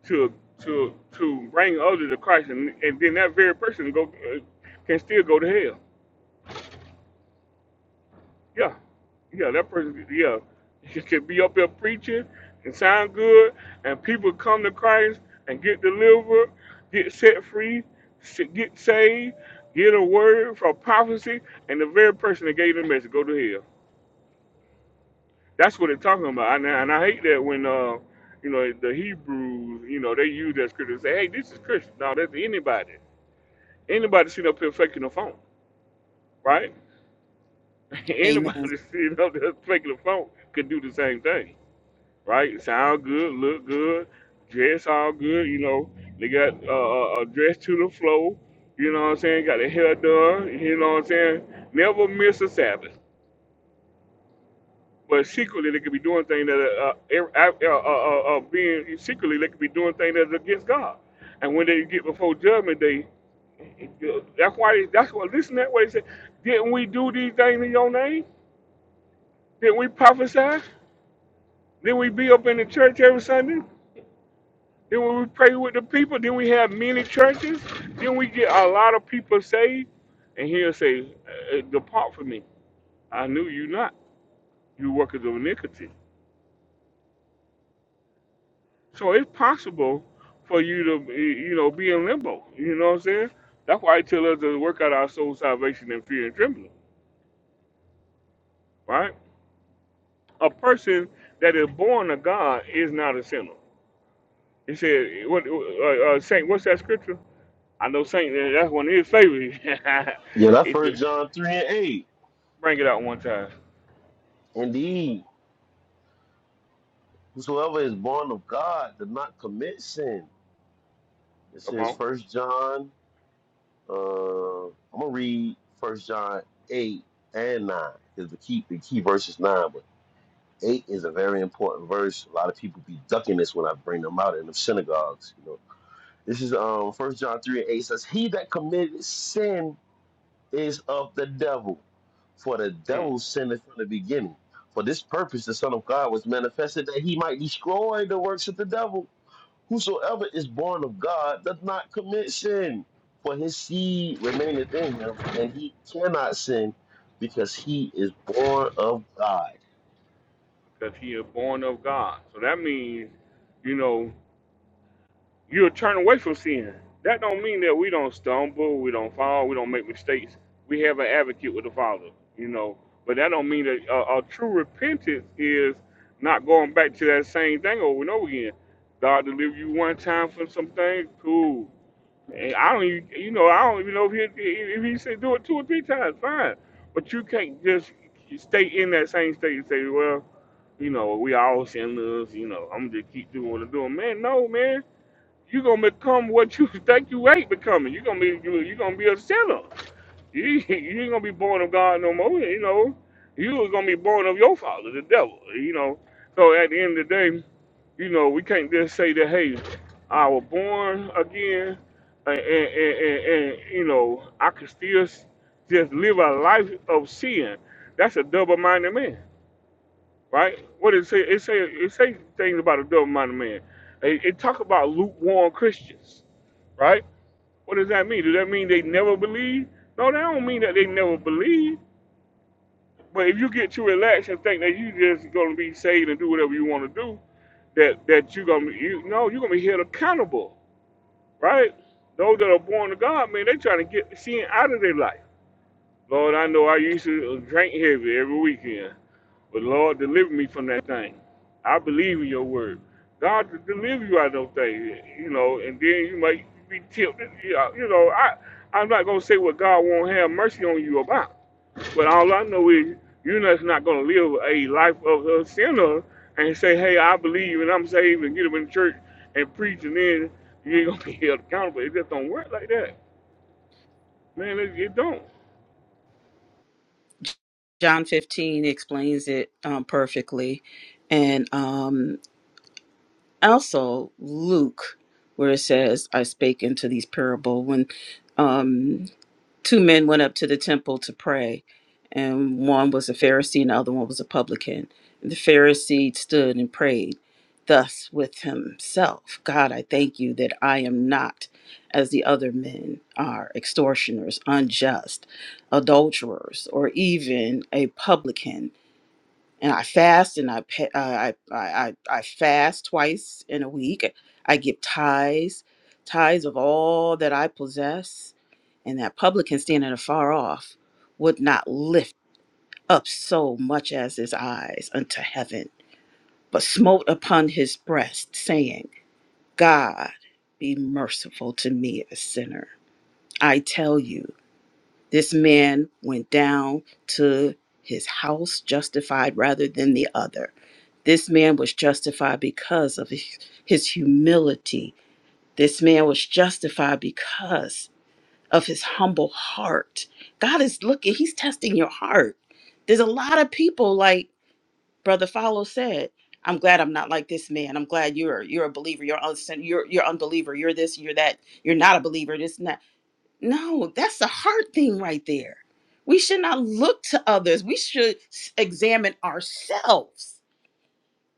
Speaker 1: to to to bring others to Christ, and, and then that very person go uh, can still go to hell Yeah, yeah, that person, yeah, you can be up there preaching and sound good, and people come to Christ and get delivered, get set free, s- get saved, get a word from prophecy, and the very person that gave the message go to hell. That's what they're talking about, and I, and I hate that when uh, you know, the Hebrews, you know, they use that scripture and say, "Hey, this is Christian." No, that's anybody. Anybody sitting up here faking a phone, right?
Speaker 21: Amen.
Speaker 1: anybody sitting up there faking a phone could do the same thing right? Sound good, look good, dress all good, you know. They got uh, a dress to the flow, you know what I'm saying? Got their hair done, you know what I'm saying? Never miss a Sabbath. But secretly, they could be doing things that are uh, er- uh, uh, uh, uh, uh, being secretly they could be doing things that's against God. And when they get before judgment day, that's why they, that's what listen that way. They say, didn't we do these things in your name? Didn't we prophesy? Didn't we be up in the church every Sunday? Then when we pray with the people, then we have many churches. Then we get a lot of people saved. And he'll say, "Uh, uh, Depart from me. I knew you not, you workers of iniquity. So it's possible for you to, eh, you know, be in limbo. You know what I'm saying? That's why he tell us to work out our soul salvation in fear and trembling, right? A person that is born of God is not a sinner. He said, what, uh, uh, Saint, what's that scripture? I know Saint, uh, that's one of his favorites.
Speaker 24: Yeah, that
Speaker 1: He
Speaker 24: first
Speaker 1: said,
Speaker 24: John 3 and 8.
Speaker 1: Bring it out one time.
Speaker 24: Indeed, whosoever is born of God does not commit sin. It
Speaker 1: Come
Speaker 24: says
Speaker 1: on.
Speaker 24: first John, uh, I'm gonna read first John 8 and 9, because the key the key verse is nine, but eight is a very important verse. A lot of people be ducking this when I bring them out in the synagogues, you know. This is um first John 3 and 8 says, He that committed sin is of the devil, for the
Speaker 1: Mm.
Speaker 24: devil sinned from the beginning. For this purpose, the Son of God was manifested that he might destroy the works of the devil. Whosoever is born of God does not commit sin, for his seed remaineth in him, and he cannot sin because he is born of God.
Speaker 1: Because he is born of God. So that means, you know, you'll turn away from sin. That don't mean that we don't stumble, we don't fall, we don't make mistakes. We have an advocate with the Father, you know. But that don't mean that uh, a true repentance is not going back to that same thing over and over again. God deliver you one time from some things, cool. And I don't even, you know, I don't even know if he if he said do it two or three times, fine. But you can't just stay in that same state and say, well, you know, we all sinners, you know, I'm gonna just keep doing what I'm doing. Man, no, man. You're gonna become what you think you ain't becoming. You're gonna be you you gonna be a sinner. You you ain't gonna be born of God no more. You know, you was gonna be born of your father, the devil. You know, so at the end of the day, you know, we can't just say that hey, I was born again, and and, and, and, and, you know, I can still s- just live a life of sin. That's a double-minded man right? What it say? It say it say things about a double-minded man. It, it talk about lukewarm Christians, right? What does that mean? Does that mean they never believe? No, that don't mean that they never believe. But if you get too relaxed and think that you just gonna be saved and do whatever you want to do, that that you gonna you no, you're gonna be held accountable, right? Those that are born to God, man, they trying to get sin out of their life. Lord, I know I used to drink heavy every weekend. But Lord, deliver me from that thing. I believe in your word. God to deliver you out of those things, you know, and then you might be tempted. You know, you know, I, I'm not going to say what God won't have mercy on you about, but all I know is you're just not going to live a life of a sinner and say, hey, I believe and I'm saved and get up in the church and preach and then you ain't going to be held accountable. It just don't work like that. Man, it, it don't.
Speaker 21: John 15 explains it um, perfectly. And um, also Luke, where it says, I spake into these parable. When um, two men went up to the temple to pray, and one was a Pharisee and the other one was a publican. And the Pharisee stood and prayed thus with himself God, I thank you that I am not as the other men are extortioners, unjust, adulterers, or even a publican and I fast and I pa- uh, I, I I I fast twice in a week. I give tithes, tithes of all that I possess, and that publican standing afar off would not lift up so much as his eyes unto heaven, but smote upon his breast, saying, God, be merciful to me, a sinner. I tell you. This man went down to his house justified rather than the other. This man was justified because of his his humility. This man was justified because of his humble heart. God is looking, he's testing your heart. There's a lot of people like Brother Follow said, I'm glad I'm not like this man. I'm glad you're you're a believer. You're un- you're you're unbeliever. You're this. You're that. You're not a believer. This. No, that's a hard thing right there. We should not look to others. We should s- examine ourselves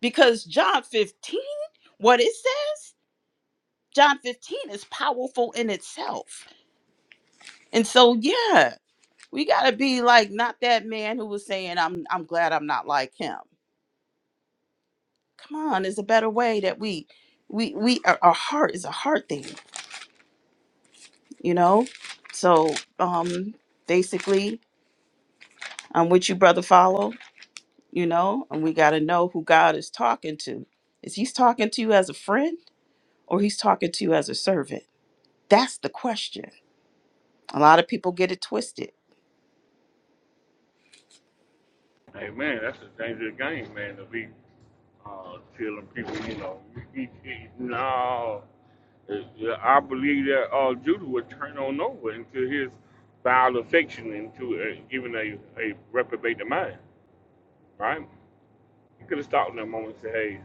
Speaker 21: because John 15, what it says, John 15 is powerful in itself. And so, yeah, we got to be like not that man who was saying I'm I'm glad I'm not like him. Come on, there's a better way that we we we our, our heart is a heart thing, you know? So, um basically, I'm with you brother follow you know, and we got to know who God is talking to. Is he's talking to you as a friend or he's talking to you as a servant? That's the question. A lot of people get it twisted.
Speaker 1: Hey man, that's the dangerous game, man. To be uh, telling people, you know, no. Yeah, I believe that uh, Judah would turn on over into his vile affection into uh, even a, a reprobate mind, right? He could have stopped in that moment and said, hey,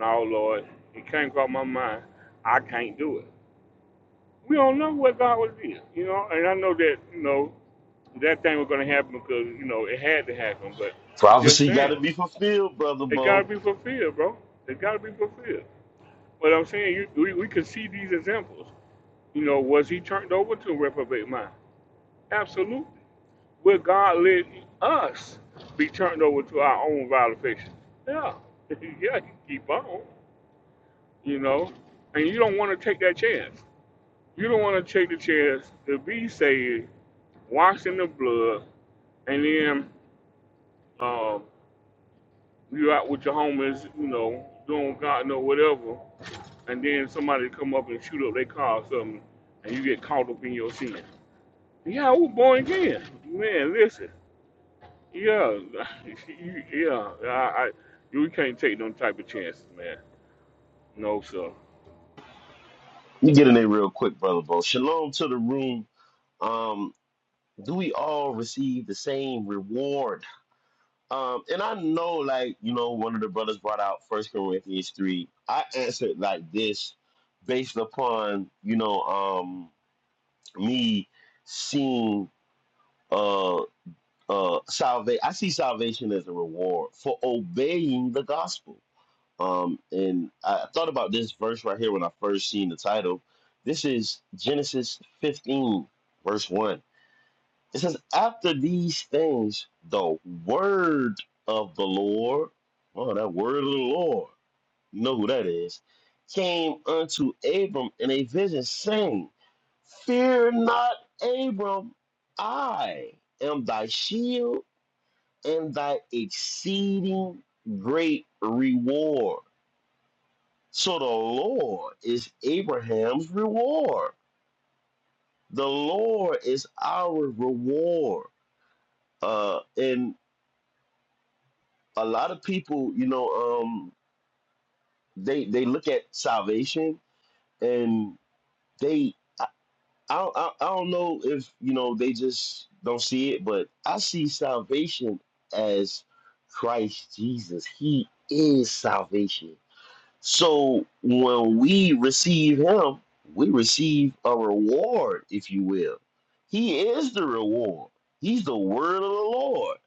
Speaker 1: no, Lord, it came from my mind. I can't do it. We don't know what God was doing, you know, and I know that, you know, that thing was going to happen because, you know, it had to happen, but just
Speaker 24: Prophecy got
Speaker 1: saying,
Speaker 24: to be fulfilled, brother
Speaker 1: it got to
Speaker 24: Bo.
Speaker 1: be fulfilled, bro. It got to be fulfilled. But I'm saying you, we, we can see these examples. You know, was he turned over to a reprobate mind? Absolutely. Will God let us be turned over to our own violation? Yeah. yeah, you keep on, you know. And you don't want to take that chance. You don't want to take the chance to be saved, washed in the blood, and then um you out with your homies, you know, doing God know whatever, and then somebody come up and shoot up their car or something, and you get caught up in your sin. Yeah, I was born again. Man, listen. Yeah, yeah. I, I, you can't take them type of chances, man. No, sir.
Speaker 24: You get in there real quick, brother Bo. Shalom to the room. Um, do we all receive the same reward? Um, and I know, like you know, one of the brothers brought out First Corinthians three. I answered like this, based upon you know, um, me seeing uh uh salvation. I see salvation as a reward for obeying the gospel. Um, and I thought about this verse right here when I first seen the title. This is Genesis fifteen, verse one. It says, after these things, the word of the Lord, oh, that word of the Lord, you know who that is, came unto Abram in a vision, saying, Fear not, Abram, I am thy shield and thy exceeding great reward. So the Lord is Abraham's reward. The Lord is our reward. Uh, in a lot of people, you know, um, they they look at salvation and they I, I I I don't know if you know they just don't see it, but I see salvation as Christ Jesus. He is salvation. So when we receive Him, we receive a reward, if you will. He is the reward. He's the word of the Lord.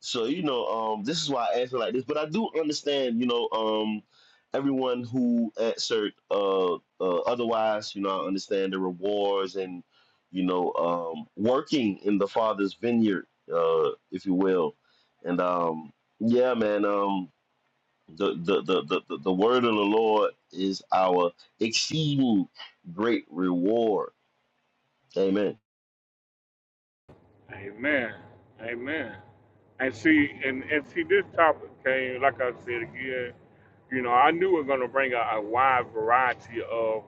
Speaker 24: So you know, um, this is why I ask it like this, but I do understand, you know, um, everyone who answered uh, uh, otherwise, you know, I understand the rewards and you know, um, working in the Father's vineyard, uh, if you will, and um, yeah, man, um, the the, the the the the word of the Lord is our exceeding great reward. Amen.
Speaker 1: Amen. Amen. And see, and, and see, this topic came, like I said again, you know, I knew we are going to bring a, a wide variety of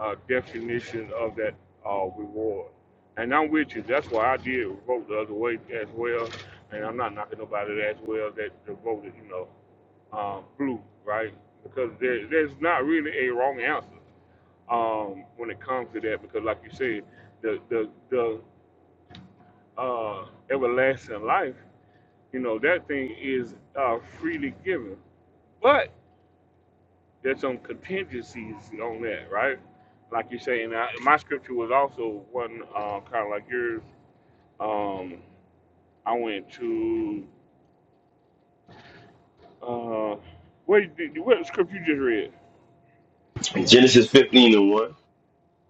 Speaker 1: uh, definition of that uh, reward. And I'm with you. That's why I did vote the other way as well. And I'm not knocking nobody as well that that voted, you know, um, blue, right? Because there, there's not really a wrong answer um, when it comes to that. Because, like you said, the the the uh, everlasting life, you know, that thing is uh, freely given. but. there's some contingencies on that, right? Like you're saying, I, my scripture was also one uh, kind of like yours. Um, I went to uh, wait, did, what script you just read?
Speaker 24: Genesis fifteen and one.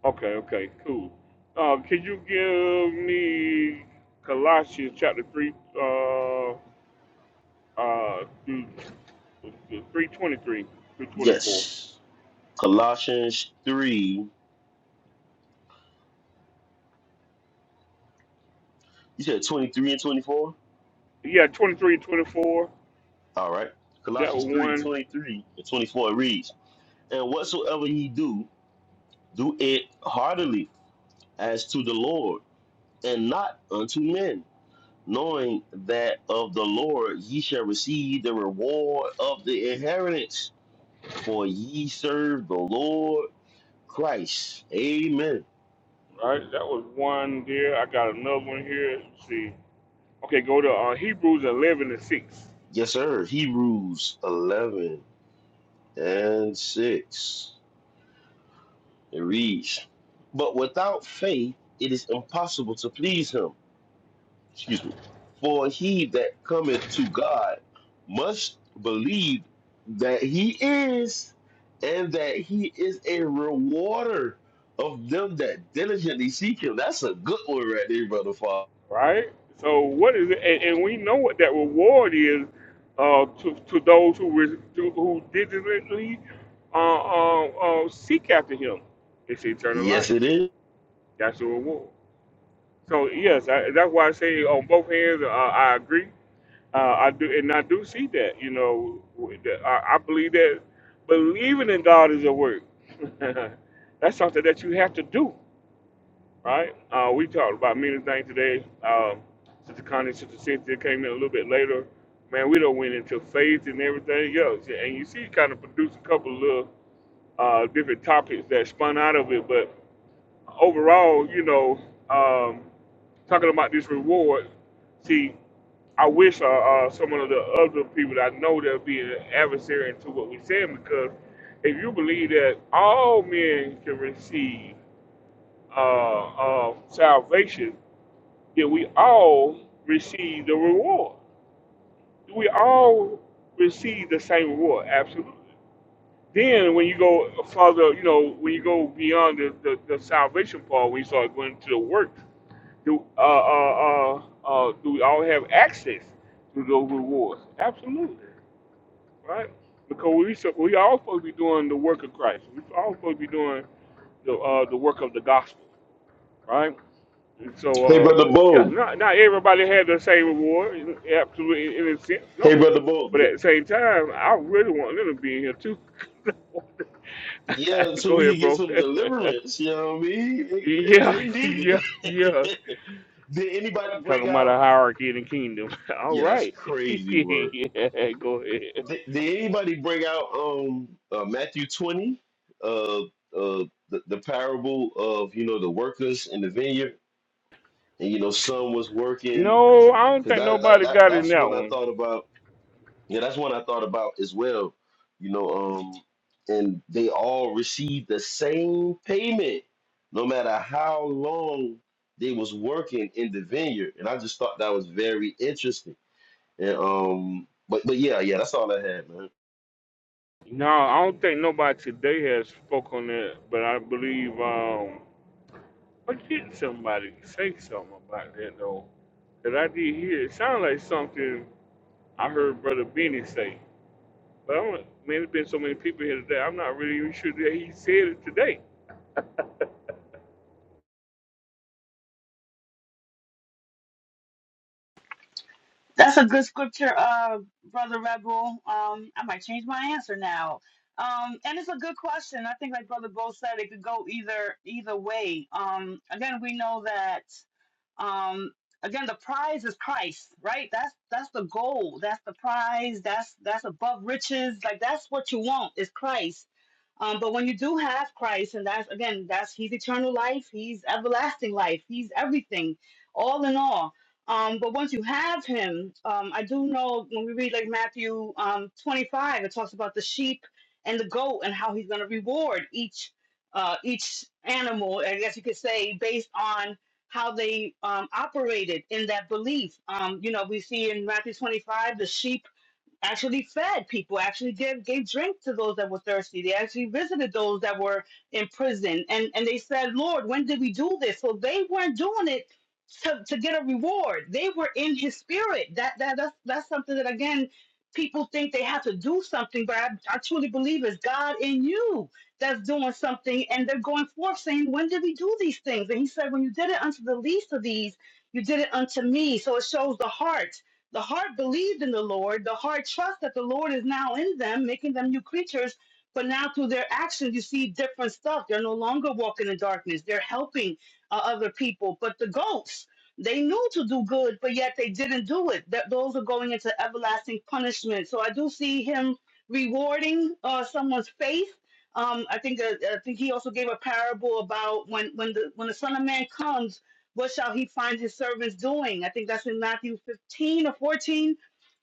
Speaker 1: Okay, okay, cool. Uh, can you give me Colossians chapter three, uh, uh, through three twenty-three through twenty-four?
Speaker 24: Yes. Colossians three. You said 23 and 24?
Speaker 1: Yeah, twenty-three and twenty-four.
Speaker 24: All right.
Speaker 1: That
Speaker 24: Colossians 3
Speaker 1: one.
Speaker 24: 23 and 24 reads, And whatsoever ye do, do it heartily as to the Lord, and not unto men, knowing that of the Lord ye shall receive the reward of the inheritance, for ye serve the Lord Christ. Amen.
Speaker 1: All right, that was one there. I got another one here. Let's see, okay, go to uh, Hebrews eleven and six.
Speaker 24: Yes, sir. Hebrews 11 and 6. It reads, But without faith it is impossible to please him. Excuse me. For he that cometh to God must believe that he is, and that he is a rewarder of them that diligently seek him. That's a good one right there, brother Father.
Speaker 1: Right. So what is it? And, and we know what that reward is uh, to to those who re- to, who diligently uh, uh, uh, seek after Him. It's eternal
Speaker 24: Yes,
Speaker 1: life.
Speaker 24: it is.
Speaker 1: That's the reward. So yes, I, that's why I say on both hands, uh, I agree. Uh, I do, and I do see that. You know, w- that- I, I believe that believing in God is a work. That's something that you have to do, right? Uh, we talked about many things today. Um, Sister Connie, Sister Cynthia came in a little bit later. Man, we don't went into faith and everything else, and you see, it kind of produced a couple of little uh, different topics that spun out of it overall, you know, um, talking about this reward, see, I wish uh, uh, some of the other people that I know that be an adversary into what we're saying because if you believe that all men can receive uh, uh, salvation, then we all receive the reward. We all receive the same reward, absolutely. Then when you go further, you know, when you go beyond the, the, the salvation part, when you start going to the work, do uh, uh, uh, uh, do we all have access to those rewards? Absolutely, right? Because we so we all supposed to be doing the work of Christ. We all supposed to be doing the uh, the work of the gospel, right? And so,
Speaker 24: Hey,
Speaker 1: uh,
Speaker 24: brother
Speaker 1: yeah,
Speaker 24: Bo.
Speaker 1: not not everybody had the same reward. Absolutely, in a sense,
Speaker 24: Hey,
Speaker 1: no.
Speaker 24: brother Bo.
Speaker 1: But
Speaker 24: D-
Speaker 1: at the same time, I really want them to be in here too.
Speaker 24: Yeah, so
Speaker 1: Go
Speaker 24: we
Speaker 1: ahead,
Speaker 24: can get
Speaker 1: bro.
Speaker 24: some deliverance. You know what I mean? They, they
Speaker 1: yeah,
Speaker 24: they need
Speaker 1: yeah, yeah.
Speaker 24: it. Did anybody bring
Speaker 1: Talking about a
Speaker 24: out?
Speaker 1: hierarchy in the kingdom. All
Speaker 24: Yeah, that's
Speaker 1: right.
Speaker 24: crazy word.
Speaker 1: yeah, go ahead.
Speaker 24: Did, did anybody bring out um uh, Matthew twenty, uh uh the, the parable of you know the workers in the vineyard, and you know some was working
Speaker 1: No, I don't
Speaker 24: because
Speaker 1: think
Speaker 24: that, that
Speaker 1: nobody
Speaker 24: that
Speaker 1: got in
Speaker 24: that's
Speaker 1: that
Speaker 24: one I
Speaker 1: one.
Speaker 24: thought about. Yeah, that's one I thought about as well. You know, um, and they all received the same payment, no matter how long they was working in the vineyard, and I just thought that was very interesting And um, but but yeah, yeah, that's all I had, man.
Speaker 1: No, I don't think nobody today has spoke on that, but I believe um I did somebody say something about that though. Cause I did hear it sounded like something I heard Brother Benny say. But I'm like, man, there's been so many people here today, I'm not really even sure that he said it today.
Speaker 25: That's a good scripture, uh, Brother Rebel. Um, I might change my answer now. Um, and it's a good question. I think, like Brother Bo said, it could go either either way. Um, again, we know that. Um, again, the prize is Christ, right? That's that's the goal. That's the prize. That's that's above riches. Like that's what you want is Christ. Um, but when you do have Christ, and that's again, that's He's eternal life, He's everlasting life, He's everything, all in all. Um, but once you have Him, um, I do know when we read like Matthew um, 25, it talks about the sheep and the goat and how He's going to reward each uh, each animal. I guess you could say based on how they um, operated in that belief. Um, you know, we see in Matthew 25 the sheep actually fed people, actually gave, gave drink to those that were thirsty. They actually visited those that were in prison. And, and they said, Lord, when did we do this? So they weren't doing it to, to get a reward. They were in his spirit. That, that that's, that's something that, again, people think they have to do something, but I, I truly believe it's God in you that's doing something. And they're going forth saying, when did we do these things? And he said, when you did it unto the least of these, you did it unto me. So it shows the heart the heart believed in the Lord. The heart trusts that the Lord is now in them, making them new creatures. But now through their actions, you see different stuff. They're no longer walking in darkness. They're helping uh, other people. But the goats, they knew to do good, but yet they didn't do it. That those are going into everlasting punishment. So I do see him rewarding uh, someone's faith. Um, I think uh, I think he also gave a parable about when when the when the Son of Man comes what shall he find his servants doing? I think that's in Matthew 15 or 14.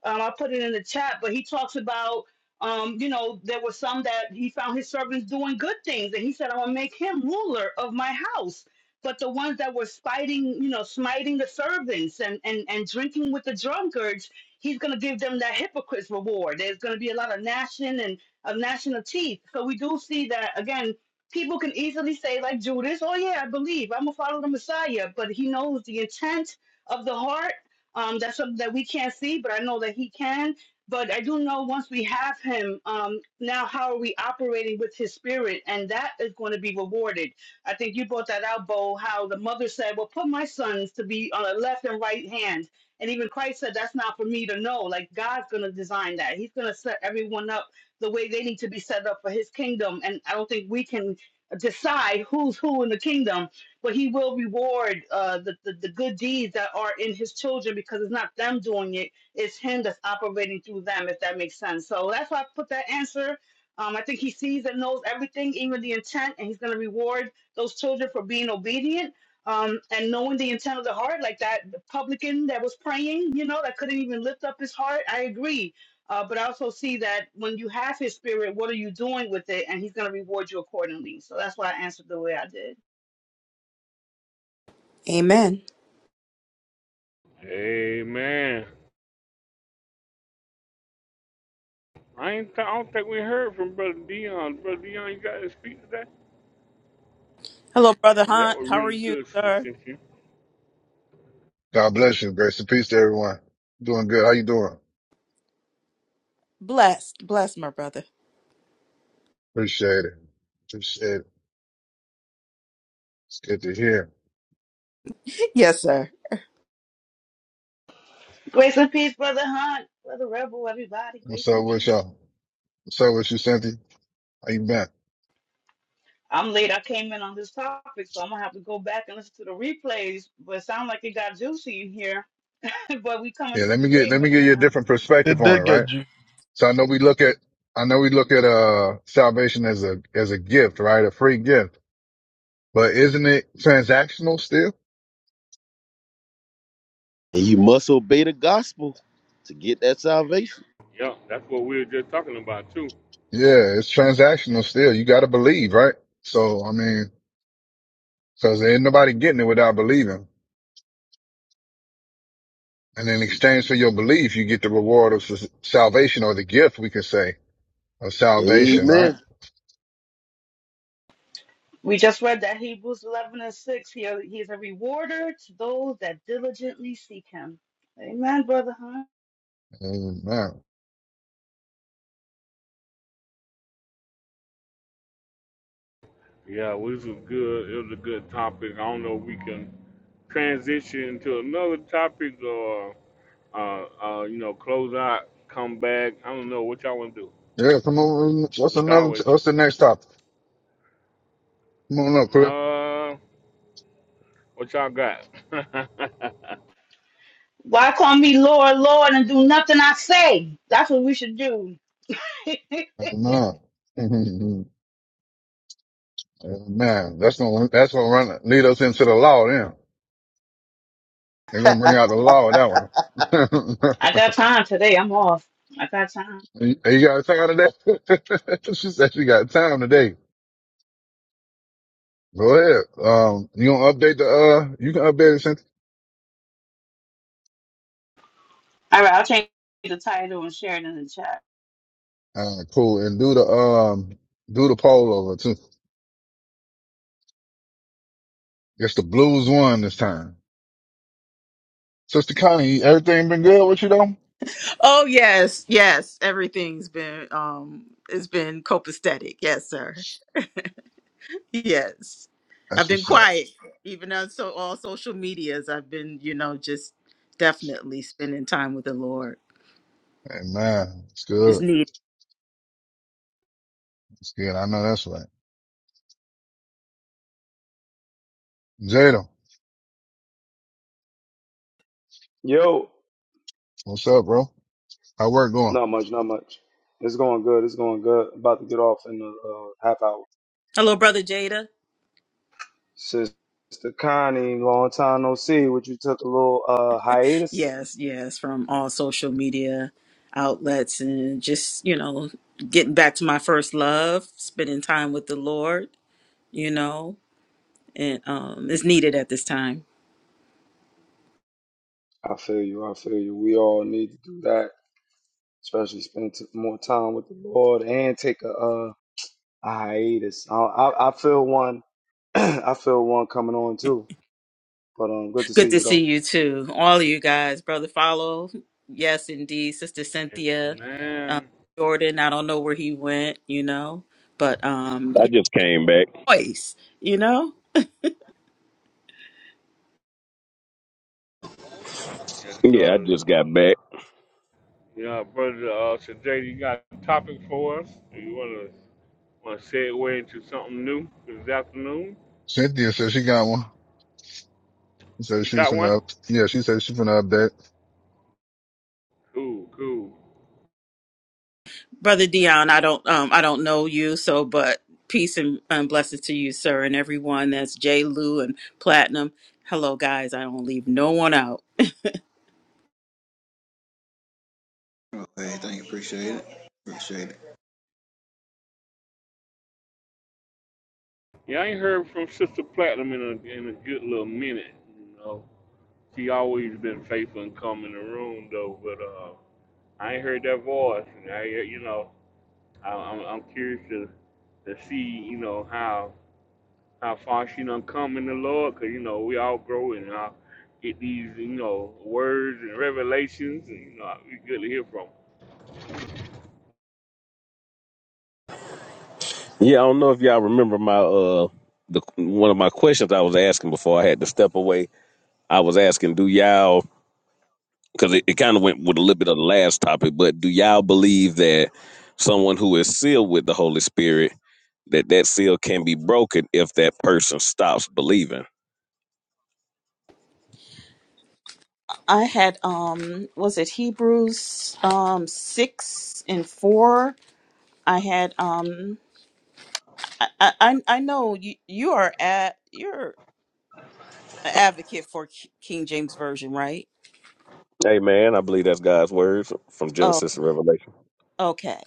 Speaker 25: Um, I put it in the chat, but he talks about, um, you know, there were some that he found his servants doing good things, and he said, I will make him ruler of my house. But the ones that were spiting, you know, smiting the servants and, and, and drinking with the drunkards, he's going to give them that hypocrite's reward. There's going to be a lot of gnashing and of gnashing of teeth. So we do see that again people can easily say, like Judas, oh, yeah, I believe, I'm going to follow the Messiah. But he knows the intent of the heart. Um, that's something that we can't see, but I know that he can. But I do know once we have him, um, now how are we operating with his spirit? And that is going to be rewarded. I think you brought that out, Bo, how the mother said, Well, put my sons to be on the left and right hand. And even Christ said, That's not for me to know. Like, God's going to design that. He's going to set everyone up the way they need to be set up for his kingdom. And I don't think we can decide who's who in the kingdom, but he will reward uh, the, the, the good deeds that are in his children because it's not them doing it, it's him that's operating through them, if that makes sense. So that's why I put that answer. Um, I think he sees and knows everything, even the intent, and he's going to reward those children for being obedient. Um, and knowing the intent of the heart, like that publican that was praying, you know, that couldn't even lift up his heart. I agree uh, but I also see that when you have his spirit, what are you doing with it? And he's going to reward you accordingly. So that's why I answered the way I did.
Speaker 21: Amen.
Speaker 1: Amen. I ain't. Th- I don't think we heard from Brother Dion. Brother Dion, you got to speak today.
Speaker 21: Hello, Brother
Speaker 1: Well, that
Speaker 21: Hunt.
Speaker 1: was
Speaker 21: How are
Speaker 1: really
Speaker 21: you,
Speaker 1: good, Sister
Speaker 21: sir?
Speaker 1: Cynthia.
Speaker 8: God bless you. Grace and peace to everyone. Doing good. How you doing?
Speaker 21: Blessed. Blessed, my brother.
Speaker 8: Appreciate it. Appreciate it. It's good to hear.
Speaker 21: Yes, sir.
Speaker 25: Grace and peace, Brother Hunt, Brother Rebel, everybody.
Speaker 8: What's
Speaker 25: Grace
Speaker 8: up
Speaker 25: and
Speaker 8: with
Speaker 25: peace.
Speaker 8: y'all? What's up with you, Cynthia? How you been?
Speaker 25: I'm late. I came in on this topic, so I'm going to have to go back and listen to the replays. But it sounds like it got juicy in here. but we come
Speaker 8: Yeah,
Speaker 25: into
Speaker 8: let me get let me
Speaker 25: agreement
Speaker 8: give you a
Speaker 25: now.
Speaker 8: different
Speaker 22: you
Speaker 8: perspective
Speaker 22: It
Speaker 8: on it,
Speaker 22: did
Speaker 8: right?
Speaker 22: get
Speaker 8: So I know we look at, I know we look at, uh, salvation as a, as a gift, right? A free gift, but isn't it transactional still?
Speaker 24: And you must obey the gospel to get that salvation.
Speaker 1: Yeah, that's what we were just talking about too.
Speaker 8: Yeah, it's transactional still. You got to believe, right? So, I mean, cause ain't nobody getting it without believing. And in exchange for your belief, you get the reward of s- salvation or the gift, we could say, of salvation, right?
Speaker 24: Amen.
Speaker 25: We just read that Hebrews 11 and 6. He, he is a rewarder to those that diligently seek him. Amen, Brother Hunt.
Speaker 8: Amen.
Speaker 1: Yeah, well, this was good. It was a good topic. I don't know if we can transition to another topic or, uh, uh, you know, close out, come back. I don't know what y'all want to do.
Speaker 8: Yeah, come on. What's
Speaker 1: We can
Speaker 8: another,
Speaker 1: always.
Speaker 8: what's the next topic? Come on up, Cliff.
Speaker 1: Uh, what y'all got?
Speaker 25: Why call me Lord, Lord, and do nothing I say? That's what we should do.
Speaker 8: Amen. Man, that's gonna that's gonna run lead us into the law. Then they're gonna bring out the law with that one.
Speaker 25: I got time today. I'm off. I got time.
Speaker 8: you you got time today? she said she got time today. Go ahead. Um, you gonna update the uh? You can update it since.
Speaker 25: All right, I'll change the title and share it in the chat.
Speaker 8: Uh, cool. And do the um, do the poll over too. It's the blues one this time. Sister Connie, everything been good with you though?
Speaker 21: Oh, yes. Yes. Everything's been, um, it's been copacetic. Yes, sir. Yes. I've
Speaker 8: That's
Speaker 21: been
Speaker 8: what's up.
Speaker 21: quiet, even on so all social medias. I've been, you know, just definitely spending time with the Lord.
Speaker 8: Hey man, it's
Speaker 21: is
Speaker 8: good.
Speaker 21: needed.
Speaker 8: It's good. I know that's right. Jada,
Speaker 9: Yo.
Speaker 8: what's up, bro? How work going?
Speaker 9: Not much, not much. It's going good. It's going good. About to get off in a uh, half hour.
Speaker 21: Hello, Brother Jada.
Speaker 9: Sister Connie, long time no see. Would you took a little uh, hiatus?
Speaker 21: Yes, yes, from all social media outlets and just, you know, getting back to my first love, spending time with the Lord, you know, and um is needed at this time.
Speaker 9: I feel you. I feel you. We all need to do that, especially spend t- more time with the Lord and take a, uh, a hiatus. I, I I feel one. I feel one coming on too. But um, good to
Speaker 21: Good
Speaker 9: see
Speaker 21: to
Speaker 9: you though.
Speaker 21: see you too. All of you guys, Brother Follow. Yes, indeed. Sister Cynthia, um,
Speaker 1: Man,
Speaker 21: Jordan, I don't know where he went, you know, but um
Speaker 19: I
Speaker 21: yeah,
Speaker 19: just came back.
Speaker 21: voice, you know?
Speaker 1: yes,
Speaker 19: Yeah, I
Speaker 1: sir.
Speaker 19: just got back.
Speaker 1: Yeah, brother. Uh, today you got a topic for us. You want to? want to segue into something new this afternoon?
Speaker 8: Cynthia said she got one. So
Speaker 1: You
Speaker 8: she was
Speaker 1: got one?
Speaker 8: finna up. Yeah, she said she finna update.
Speaker 1: Cool, cool.
Speaker 21: Brother Dion, I don't um I don't know you, so but peace and, and blessings to you, sir, and everyone. That's J. Lou and Platinum. Hello guys, I don't leave no one out.
Speaker 11: Okay, thank you. Appreciate it. Appreciate it.
Speaker 1: Yeah, I ain't heard from Sister Platinum in a in a good little minute. You know, she always been faithful and come in the room though, but uh, I ain't heard that voice. And I, you know, I, I'm I'm curious to to see you know how how far she done come in the Lord, 'cause you know we all grow and I get these you know words and revelations, and you know we good to hear from.
Speaker 19: Yeah, I don't know if y'all remember my uh, the one of my questions I was asking before I had to step away. I was asking, do y'all because it, it kind of went with a little bit of the last topic but do y'all believe that someone who is sealed with the holy spirit that that seal can be broken if that person stops believing
Speaker 21: I had um was it Hebrews um six and four. I had um I I, I I know you you are at you're an advocate for K- King James version, right?
Speaker 19: Hey man, i believe that's god's words from genesis to revelation
Speaker 21: Okay.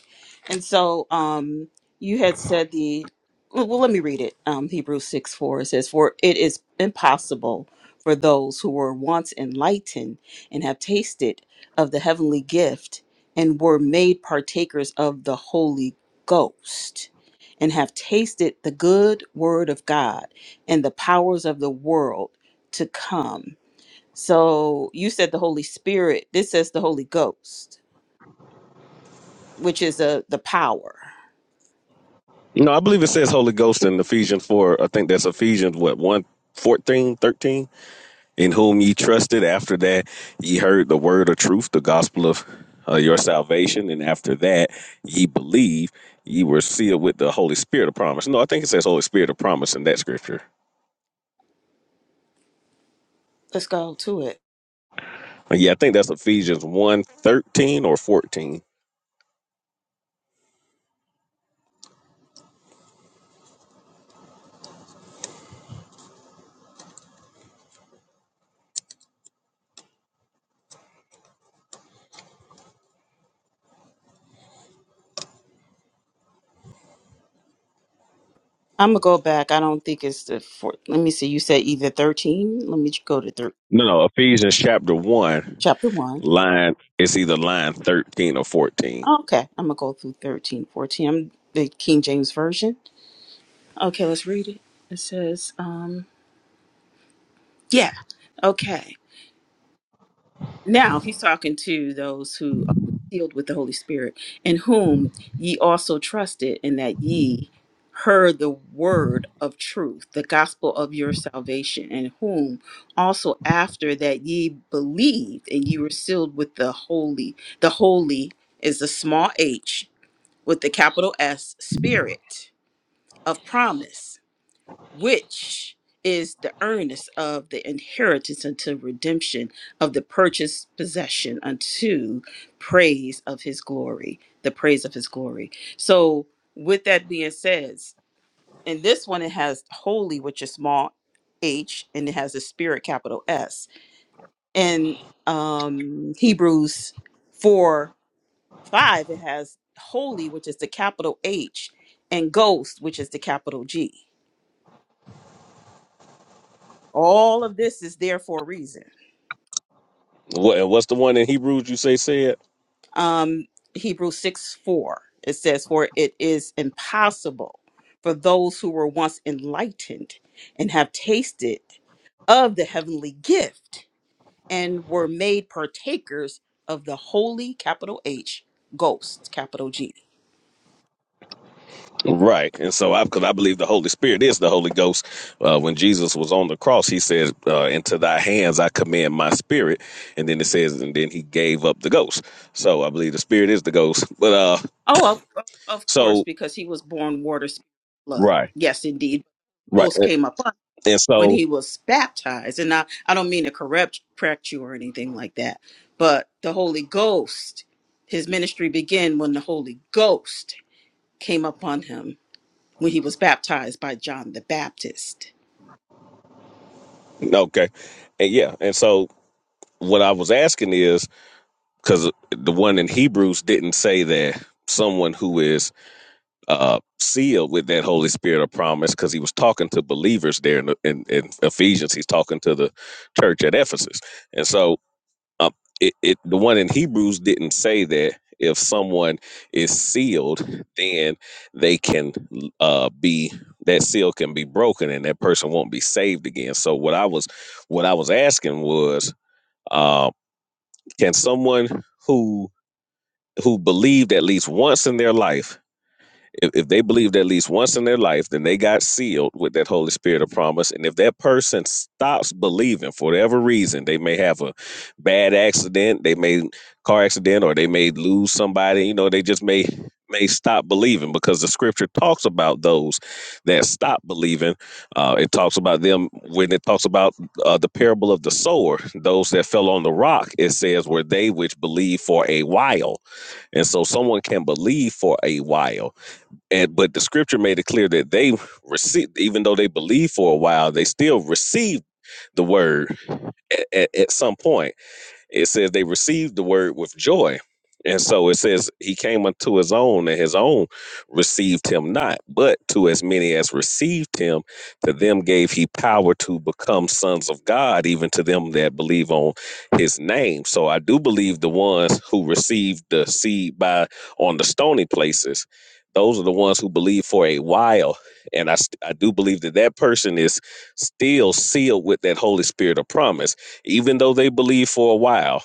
Speaker 21: And so um you had said the well well, let me read it. Um Hebrews 6 4 it says, For it is impossible for those who were once enlightened and have tasted of the heavenly gift and were made partakers of the Holy Ghost and have tasted the good word of God and the powers of the world to come. So you said the Holy Spirit, this says the Holy Ghost, which is a the power.
Speaker 19: no i believe it says holy ghost in ephesians 4 i think that's ephesians what one fourteen thirteen. in whom ye trusted. After that, ye heard the word of truth, the gospel of uh, your salvation. And after that, ye believe, ye were sealed with the Holy Spirit of promise. No, I think it says Holy Spirit of promise in that scripture.
Speaker 21: Let's go to it.
Speaker 19: Uh, Yeah, I think that's Ephesians one thirteen or 14.
Speaker 21: I'm gonna go back. I don't think it's the four. Let me see. You said either 13. Let me go to thir-
Speaker 19: No, no, Ephesians chapter 1,
Speaker 21: chapter one.
Speaker 19: line, it's either line 13 or 14.
Speaker 21: Oh, Okay, I'm gonna go through thirteen, fourteen. I'm the King James version. Okay, let's read it. It says, um, yeah. Okay. Now he's talking to those who are sealed with the Holy Spirit, in whom ye also trusted, and that ye heard the word of truth, the gospel of your salvation, and whom also after that ye believed, and ye were sealed with the holy. The holy is the small h with the capital S spirit of promise which is the earnest of the inheritance unto redemption of the purchased possession unto praise of his glory, the praise of his glory. So, with that being said, in this one, it has holy, which is small h, and it has a spirit, capital S. In um, Hebrews 4 5, it has holy, which is the capital H, and ghost, which is the capital G. All of this is there for a reason.
Speaker 19: What, what's the one in Hebrews you say said?
Speaker 21: Um, Hebrews 6 4, it says, For it is impossible for those who were once enlightened and have tasted of the heavenly gift and were made partakers of the holy capital H ghost, capital G.
Speaker 19: Right. And so I, because I believe the Holy Spirit is the Holy Ghost. Uh, when Jesus was on the cross, he says, uh, into thy hands I commend my spirit. And then it says, and then he gave up the ghost. So I believe the spirit is the ghost. But, uh,
Speaker 21: Oh, of, of of course,
Speaker 19: so.
Speaker 21: because he was born water, spirit, blood.
Speaker 19: Right.
Speaker 21: Yes, indeed.
Speaker 19: Right.
Speaker 21: Ghost
Speaker 19: And
Speaker 21: came up.
Speaker 19: and
Speaker 21: when
Speaker 19: so,
Speaker 21: he was baptized. And I, I don't mean to correct, correct you or anything like that, but the Holy Ghost, his ministry began when the Holy Ghost came upon him when he was baptized by John the Baptist.
Speaker 19: okay. And yeah. And so what I was asking is, because the one in Hebrews didn't say that someone who is uh, sealed with that Holy Spirit of promise because he was talking to believers there in, the, in, in Ephesians. He's talking to the church at Ephesus. And so um, it, it the one in Hebrews didn't say that if someone is sealed, then they can uh, be that seal can be broken and that person won't be saved again. So what I was what I was asking was, uh, can someone who who believed at least once in their life if, if they believed at least once in their life, then they got sealed with that Holy Spirit of promise. And if that person stops believing for whatever reason, they may have a bad accident, they may car accident, or they may lose somebody. You know, they just may may stop believing because the Scripture talks about those that stop believing. Uh, it talks about them when it talks about uh, the parable of the sower. Those that fell on the rock, it says, were they which believed for a while. And so, someone can believe for a while and but the scripture made it clear that they received, even though they believed for a while, they still received the word at, at, at some point. It says they received the word with joy. And so it says he came unto his own, and his own received him not. But to as many as received him, to them gave he power to become sons of God, even to them that believe on his name. So I do believe the ones who received the seed by on the stony places, those are the ones who believe for a while. And I, st- I do believe that that person is still sealed with that Holy Spirit of promise even though they believe for a while.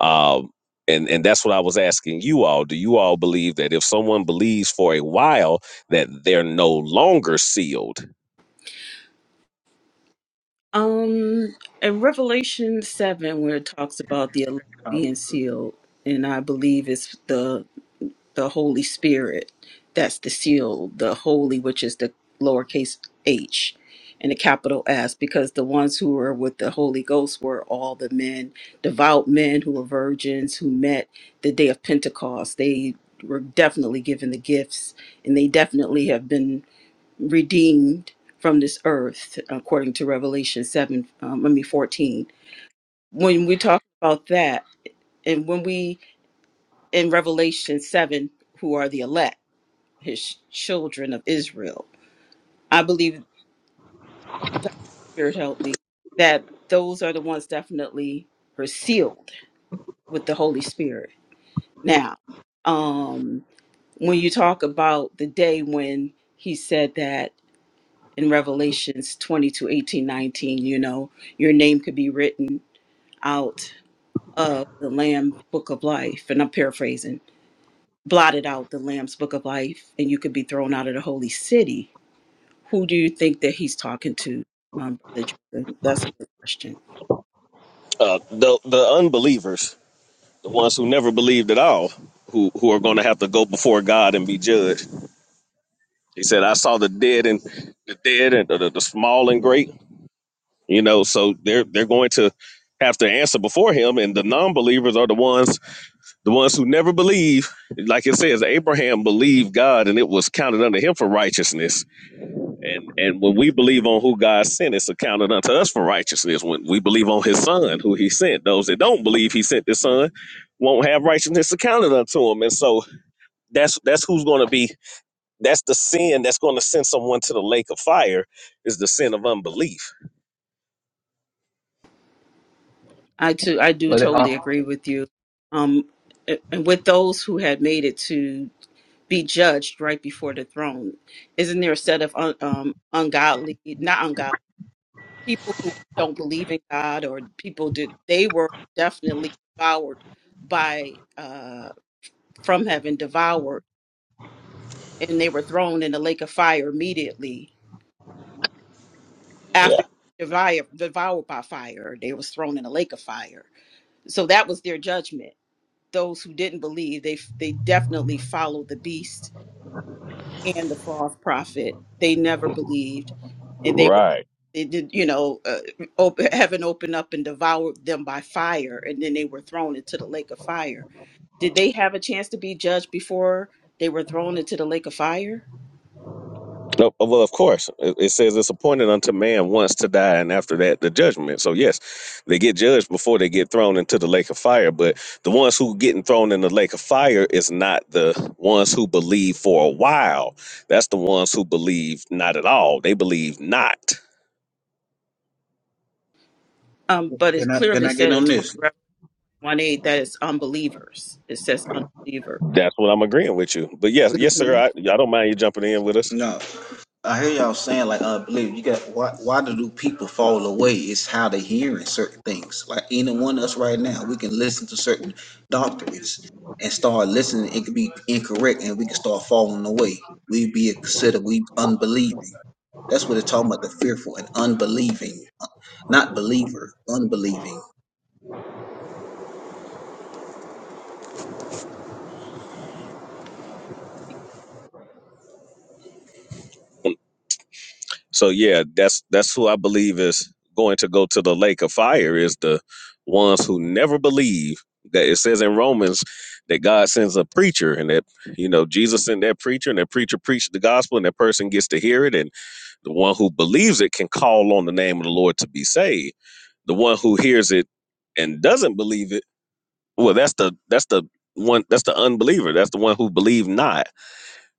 Speaker 19: Um, and and that's what I was asking you all. Do you all believe that if someone believes for a while that they're no longer sealed?
Speaker 21: Um, in Revelation 7, where it talks about the elect being sealed, and I believe it's the the Holy Spirit. That's the seal, the holy, which is the lowercase h and the capital S, because the ones who were with the Holy Ghost were all the men, devout men who were virgins who met the day of Pentecost. They were definitely given the gifts and they definitely have been redeemed from this earth, according to Revelation 7, um, I mean 14. When we talk about that, and when we in Revelation 7, who are the elect, his children of Israel. I believe, Spirit help me, that those are the ones definitely were sealed with the Holy Spirit. Now, um, when you talk about the day when he said that in Revelations 22, 18, 19, you know, your name could be written out of the Lamb book of life, and I'm paraphrasing, blotted out the Lamb's book of life, and you could be thrown out of the holy city who do you think that he's talking to, um, Brother Jordan? That's a good question.
Speaker 19: The unbelievers, the ones who never believed at all, who who are going to have to go before God and be judged. He said, "I saw the dead and the dead and the, the small and great." You know, so they're they're going to have to answer before Him, and the non-believers are the ones The ones who never believe, like it says, Abraham believed God and it was counted unto him for righteousness. And and when we believe on who God sent, it's accounted unto us for righteousness. When we believe on his son, who he sent, those that don't believe he sent the son won't have righteousness accounted unto him. And so that's that's who's gonna be that's the sin that's gonna send someone to the lake of fire is the sin of unbelief.
Speaker 21: I too, I do totally agree with you. Um, a- and with those who had made it to be judged right before the throne, isn't there a set of un, um, ungodly, not ungodly people who don't believe in God or people did they were definitely devoured by uh, from heaven, devoured, and they were thrown in the lake of fire immediately
Speaker 19: Yeah.
Speaker 21: after devoured, devoured by fire they was thrown in a lake of fire so that was their judgment those who didn't believe they they definitely followed the beast and the false prophet they never believed and they were
Speaker 19: Right.
Speaker 21: they did you know uh, op heaven opened up and devoured them by fire and then they were thrown into the lake of fire did they have a chance to be judged before they were thrown into the lake of fire
Speaker 19: No, uh, well, of course. It, it says it's appointed unto man once to die, and after that, the judgment. So, yes, they get judged before they get thrown into the lake of fire. But the ones who getting thrown in the lake of fire is not the ones who believe for a while. That's the ones who believe not at all. They believe not.
Speaker 21: um but
Speaker 11: Can
Speaker 21: it
Speaker 11: I can
Speaker 21: clearly
Speaker 11: I get
Speaker 21: said in
Speaker 11: on this?
Speaker 21: 21 8 that it's unbelievers it says unbelievers
Speaker 19: That's what I'm agreeing with you. But yes, yes, sir.
Speaker 21: Mhm.
Speaker 19: I, I don't mind you jumping in with us.
Speaker 11: No, I hear y'all saying like unbelief. You got why? Why do people fall away? It's how they hearing certain things. Like any one of us right now, we can listen to certain doctrines and start listening. It could be incorrect, and we can start falling away. We be considered we unbelieving. That's what it's talking about. The fearful and unbelieving, not believer, unbelieving.
Speaker 19: So yeah, that's that's who I believe is going to go to the lake of fire is the ones who never believe that it says in Romans that God sends a preacher and that you know Jesus sent that preacher and that preacher preached the gospel and that person gets to hear it and the one who believes it can call on the name of the Lord to be saved. The one who hears it and doesn't believe it, well that's the that's the one that's the unbeliever. That's the one who believed not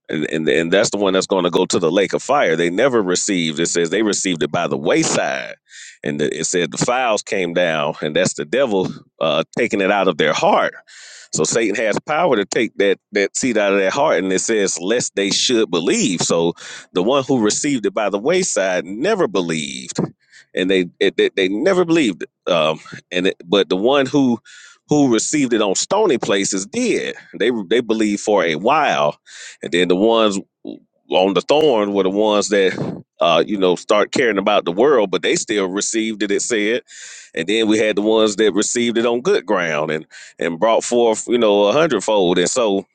Speaker 19: and and, and that's the one that's going to go to the lake of fire. They never received. It says they received it by the wayside, and the- it said the files came down, and that's the devil uh, taking it out of their heart. So Satan has power to take that that seed out of their heart, and it says lest they should believe. So the one who received it by the wayside never believed, and they it, they, they never believed it. Um, and it, but the one who who received it on stony places did. They they believed for a while, and then the ones on the thorn were the ones that, uh, you know, start caring about the world, but they still received it. It said, and then we had the ones that received it on good ground and and brought forth, you know, a hundredfold. And so,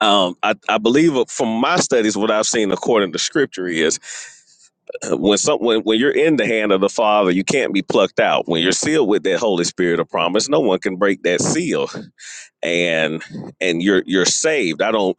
Speaker 19: um, I, I believe from my studies, what I've seen according to Scripture is uh, when some when, when you're in the hand of the Father, you can't be plucked out. When you're sealed with that Holy Spirit of promise, no one can break that seal, and and you're you're saved. I don't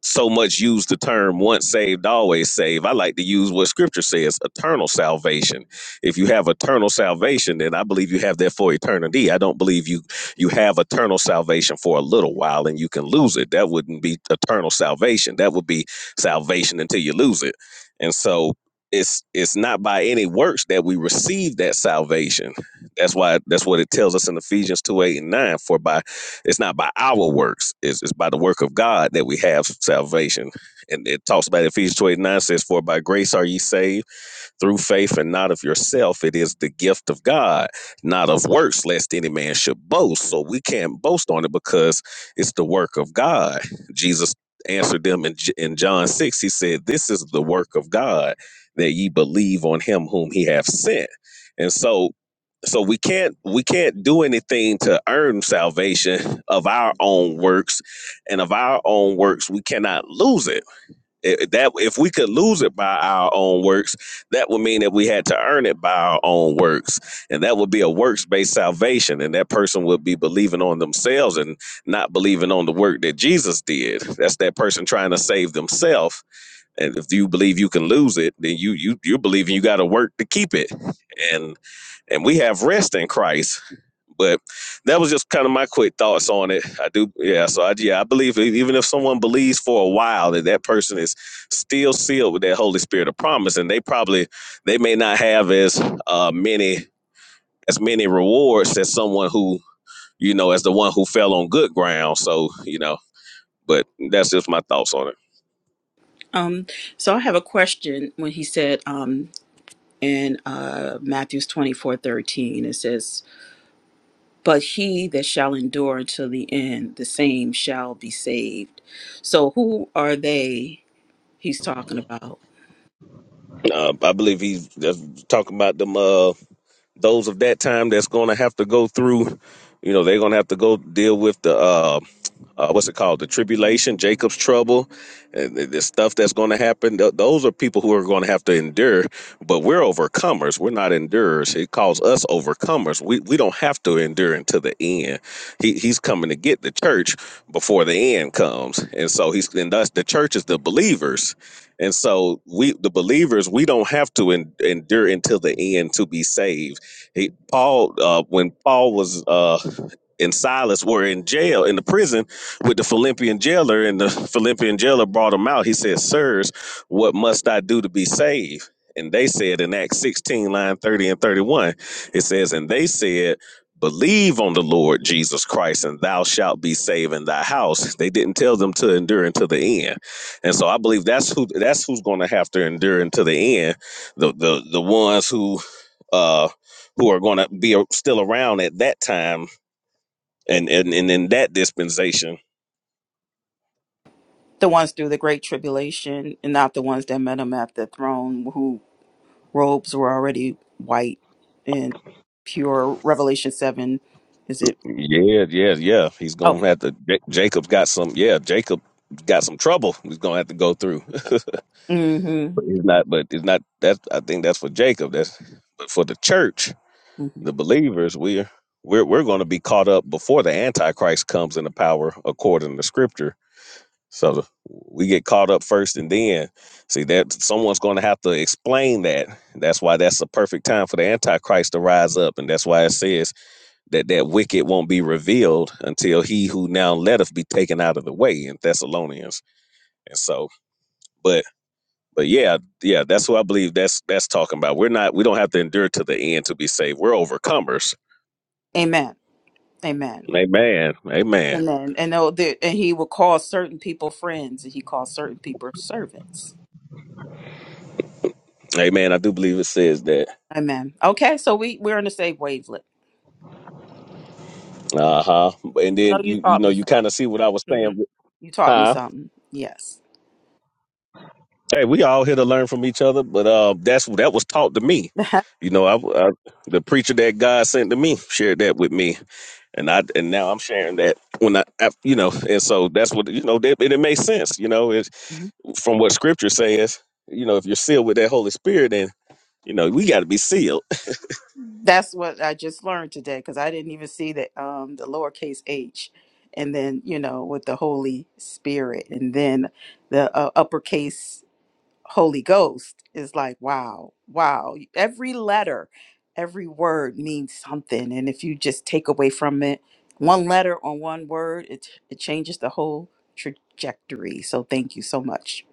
Speaker 19: so much use the term once saved, always saved. I like to use what scripture says eternal salvation. If you have eternal salvation, then I believe you have that for eternity. I don't believe you you have eternal salvation for a little while and you can lose it. That wouldn't be eternal salvation. That would be salvation until you lose it. And so it's it's not by any works that we receive that salvation. That's why that's what it tells us in Ephesians 2, 8, and 9. For by it's not by our works. It's, it's by the work of God that we have salvation. And it talks about Ephesians 2 eight nine says, For by grace are ye saved through faith and not of yourself. It is the gift of God, not of works, lest any man should boast. So we can't boast on it because it's the work of God. Jesus answered them in, J- in John 6. He said, This is the work of God, that ye believe on him whom he hath sent. And so so we can't we can't do anything to earn salvation of our own works and of our own works we cannot lose it I- that if we could lose it by our own works, that would mean that we had to earn it by our own works, and that would be a works-based salvation, and that person would be believing on themselves and not believing on the work that Jesus did. That's that person trying to save themselves, and if you believe you can lose it, then you you you're believing you got to work to keep it, and and we have rest in Christ but that was just kind of my quick thoughts on it. I do, yeah. So I, yeah, I believe e- even if someone believes for a while that that person is still sealed with that Holy Spirit of promise, and they probably they may not have as uh, many as many rewards as someone who you know as the one who fell on good ground. So you know, but that's just my thoughts on it.
Speaker 21: Um, so I have a question when he said um, in uh, Matthew's twenty four thirteen, it says, But he that shall endure until the end, the same shall be saved. So who are they he's talking about?
Speaker 19: Uh, I believe he's just talking about them uh, those of that time that's going to have to go through. You know, they're going to have to go deal with the uh, uh, what's it called, the tribulation, Jacob's trouble, and the, the stuff that's going to happen. Th- those are people who are going to have to endure. But we're overcomers. We're not endurers. He calls us overcomers. We we don't have to endure until the end. He he's coming to get the church before the end comes, and so he's and thus the church is the believers and so we, the believers, we don't have to en- endure until the end to be saved. He, Paul, uh, when Paul was uh, and Silas were in jail in the prison with the Philippian jailer, and the Philippian jailer brought him out. He said, "Sirs, what must I do to be saved?" And they said in Acts 16, line 30 and 31, it says, And they said, Believe on the Lord Jesus Christ, and thou shalt be saved in thy house. They didn't tell them to endure until the end and so I believe that's who that's who's going to have to endure until the end. The the the ones who uh who are going to be a- still around at that time and and and in that dispensation.
Speaker 21: The ones through the great tribulation and not the ones that met him at the throne who robes were already white and pure. Revelation 7, is it?
Speaker 19: Yeah, yeah, yeah. He's going to
Speaker 21: Okay.
Speaker 19: have to. Ja- Jacob got some. Yeah, Jacob got some trouble. He's going to have to go through. but
Speaker 21: hmm
Speaker 19: it's not. But it's not. That I think that's for Jacob. That's but for the church,
Speaker 21: hmm
Speaker 19: the believers, we're we're we're going to be caught up before the Antichrist comes in the power according to Scripture So we get caught up first, and then see that someone's going to have to explain that. That's why that's the perfect time for the Antichrist to rise up, and that's why it says that that wicked won't be revealed until he who now letteth be taken out of the way in Thessalonians. And so, but but yeah, yeah, that's what I believe. That's that's talking about. We're not. We don't have to endure to the end to be saved. We're overcomers.
Speaker 21: Amen. Amen.
Speaker 19: Amen. Amen.
Speaker 21: And then, and oh, the, and he will call certain people friends, and he calls certain people servants.
Speaker 19: Amen. I do believe it says that.
Speaker 21: Amen. Okay, so we we're on the same wavelength.
Speaker 19: Uh huh. And
Speaker 21: No,
Speaker 19: then
Speaker 21: you
Speaker 19: you you
Speaker 21: taught
Speaker 19: know
Speaker 21: me
Speaker 19: you
Speaker 21: something.
Speaker 19: kind of see what I was saying.
Speaker 21: hmm You taught me
Speaker 19: Huh?
Speaker 21: something. Yes,
Speaker 19: Hey, we all here to learn from each other, but uh, that's that was taught to me. You know, I, I the preacher that God sent to me shared that with me, and I and now I'm sharing that when I, I you know, and so that's what you know. That, and it makes sense, you know, it,
Speaker 21: Mhm.
Speaker 19: from what Scripture says. You know, if you're sealed with that Holy Spirit, then you know we got to be sealed.
Speaker 21: that's what I just learned today because I didn't even see that um the lowercase h, and then you know with the Holy Spirit, and then the uh, uppercase Holy Ghost is like, wow, wow. Every letter, every word means something. And if you just take away from it one letter or one word, it, it changes the whole trajectory. So thank you so much.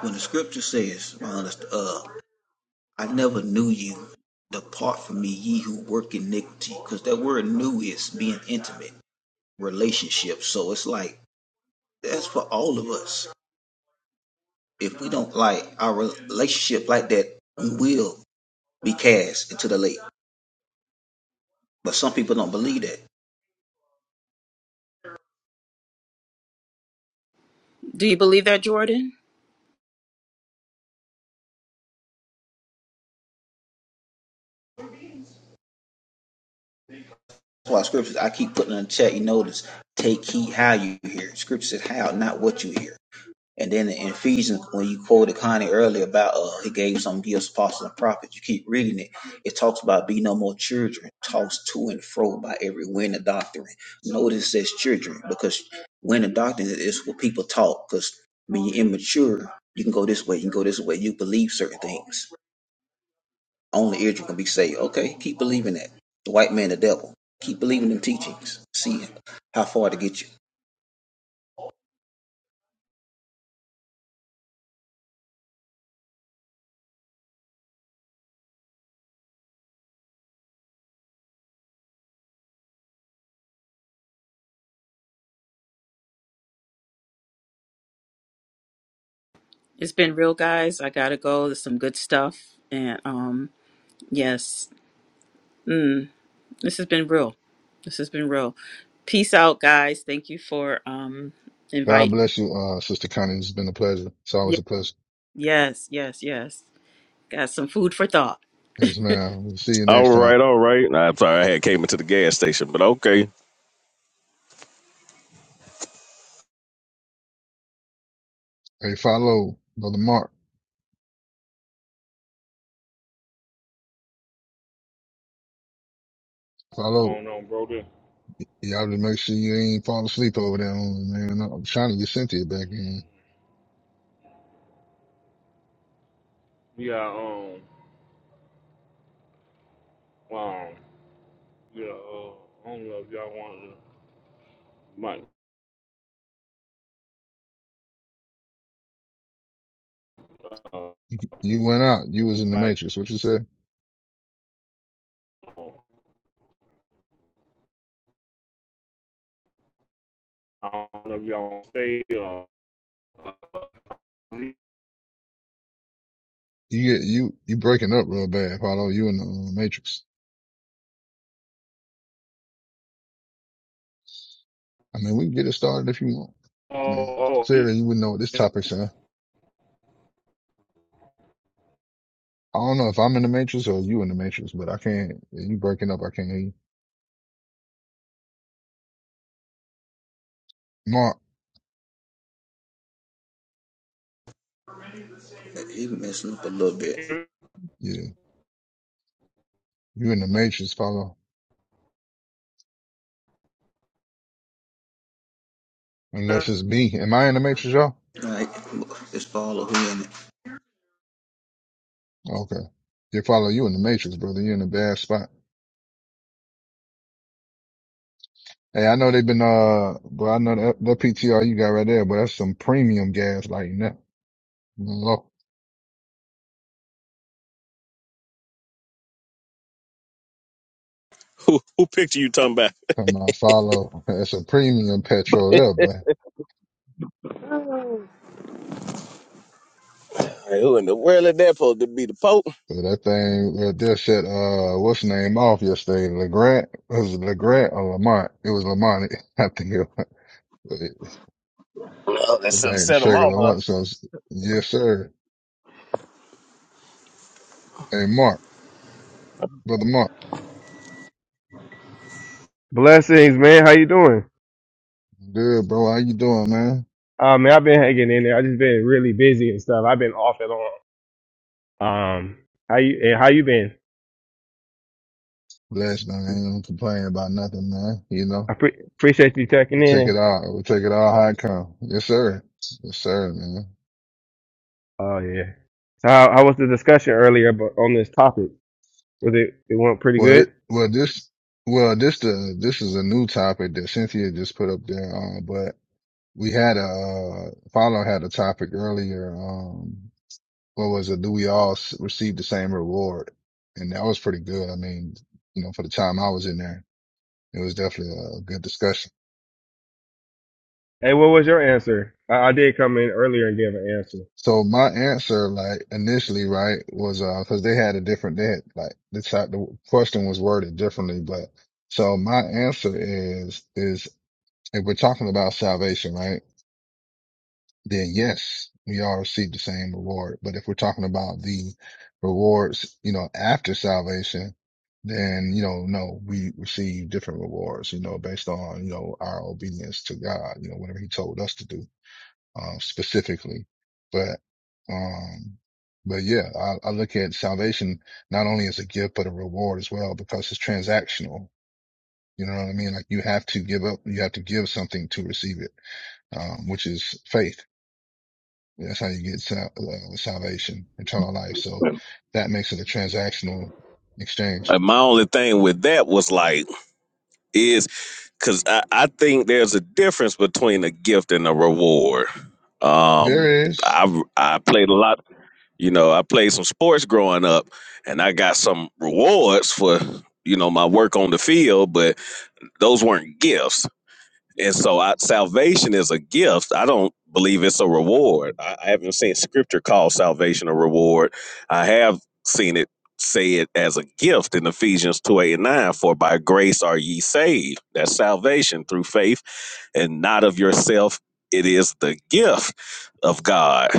Speaker 11: When the scripture says, my uh, "I never knew you. Depart from me, ye who work iniquity," because that word "new" is being intimate. relationship. So it's like that's for all of us. If we don't like our relationship like that, we will be cast into the lake. But some people don't believe that.
Speaker 21: Do you believe that, Jordan?
Speaker 11: That's why scriptures I keep putting in the chat, you notice, take heed how you hear. Scripture says how, not what you hear. And then in Ephesians, when you quoted Connie earlier about uh, he gave some gifts, apostles, and prophets, you keep reading it. It talks about be no more children, tossed to and fro by every wind of doctrine. Notice it says children because wind of doctrine is what people talk. Because when you're immature, you can go this way, you can go this way. You believe certain things. Only Israel can be saved. Okay, keep believing that. The white man, the devil. Keep believing them teachings. See how far to get you.
Speaker 21: It's been real, guys. I gotta go. There's some good stuff, and um, yes, mm, this has been real. This has been real. Peace out, guys. Thank you for um
Speaker 8: God
Speaker 21: invite.
Speaker 8: bless you, uh, Sister Connie. It's been a pleasure. It's always
Speaker 21: Yes,
Speaker 8: a pleasure.
Speaker 21: yes, yes, yes. Got some food for thought.
Speaker 8: Yes, ma'am. We'll see you
Speaker 19: All
Speaker 8: next time.
Speaker 19: right, all right. Nah, I'm sorry, I had came into the gas station, but okay.
Speaker 8: Hey, follow Brother Mark.
Speaker 1: What's
Speaker 8: Follow.
Speaker 1: going on, brother?
Speaker 8: Y'all to make sure you ain't fall asleep over there, on me, man. I'm trying to get Cynthia back in.
Speaker 1: Yeah, um, Um, yeah, uh, I don't know if y'all want to might uh,
Speaker 8: You, you went out. You was in the
Speaker 1: invite.
Speaker 8: Matrix. What you said?
Speaker 1: uh, I don't know if y'all want to stay. Uh, uh,
Speaker 8: You get you you breaking up real bad, follow. You in the uh, Matrix. I mean, we can get it started if you want. Man,
Speaker 1: oh, oh,
Speaker 8: clearly you wouldn't know what this
Speaker 1: yeah.
Speaker 8: topic's in. I don't know if I'm in the matrix or you in the matrix, but I can't. You breaking up? I can't hear you. Mark,
Speaker 11: It messing up a little bit.
Speaker 8: yeah, you in the matrix, follow. Unless it's me. Am I in the matrix, y'all?
Speaker 11: All right, let's follow him.
Speaker 8: Okay. You follow you in the matrix, brother. You're in a bad spot. Hey, I know they've been, uh, but I know that, that PTR you got right there, but that's some premium gas lighting up. Look,
Speaker 19: Who who picked you talking about?
Speaker 8: come on, follow. That's a premium petrol there, but,
Speaker 19: Hey, who in the world is that supposed to be the Pope?
Speaker 8: but that thing right there set, uh, what's the name off yesterday? LeGrant? Was it LeGrant or Lamont? It was Lamont. I think it was,
Speaker 19: Oh, that
Speaker 8: that
Speaker 19: should have
Speaker 8: thing
Speaker 19: set him
Speaker 8: triggered
Speaker 19: off,
Speaker 8: Lamont.
Speaker 19: huh?
Speaker 8: So, it's- yes, sir. Hey, Mark, brother Mark.
Speaker 23: Blessings, man. How you doing?
Speaker 8: Good, bro. How you doing, man?
Speaker 23: Uh, man, I've been hanging in there. I just been really busy and stuff. I've been off and on. Um, How you and how you been?
Speaker 8: Blessed. man. I ain't gonna complain about nothing, man. You
Speaker 23: I
Speaker 8: know,
Speaker 23: pre- appreciate you checking
Speaker 8: we take it
Speaker 23: in.
Speaker 8: all. We take it all how it come. Yes, sir. Yes, sir, man.
Speaker 23: Oh yeah. So how, how was the discussion earlier about, on this topic? Was it it went pretty
Speaker 8: Well, it,
Speaker 23: good?
Speaker 8: well, this, well, this, the, this is a new topic that Cynthia just put up there. Um, but we had a, uh, follow had a topic earlier. Um, what was it? Do we all s- receive the same reward? And that was pretty good. I mean, you know, for the time I was in there, it was definitely a good discussion.
Speaker 23: Hey, what was your answer? I, I did come in earlier and give an answer.
Speaker 8: So my answer, like initially, right, was uh, because they had a different, they had like the type, the question was worded differently, but so my answer is is if we're talking about salvation, right, then yes, we all receive the same reward. But if we're talking about the rewards, you know, after salvation, then you know, no, we receive different rewards, you know, based on you know our obedience to God, you know, whatever He told us to do um, specifically. But, um, but yeah, I, I look at salvation not only as a gift, but a reward as well, because it's transactional. You know what I mean? Like you have to give up, you have to give something to receive it, um, which is faith. That's how you get sal- uh, salvation, eternal life. So that makes it a transactional exchange.
Speaker 19: And my only thing with that was like, is because I, I think there's a difference between a gift and a reward. Um,
Speaker 8: There is,
Speaker 19: I I played a lot, you know, I played some sports growing up, and I got some rewards for you know my work on the field, but those weren't gifts. And so I, salvation is a gift. I don't believe it's a reward. I, I haven't seen scripture call salvation a reward. I have seen it say it as a gift in Ephesians 2 8 and 9 for by grace are ye saved. That's salvation through faith and not of yourself. It is the gift of God,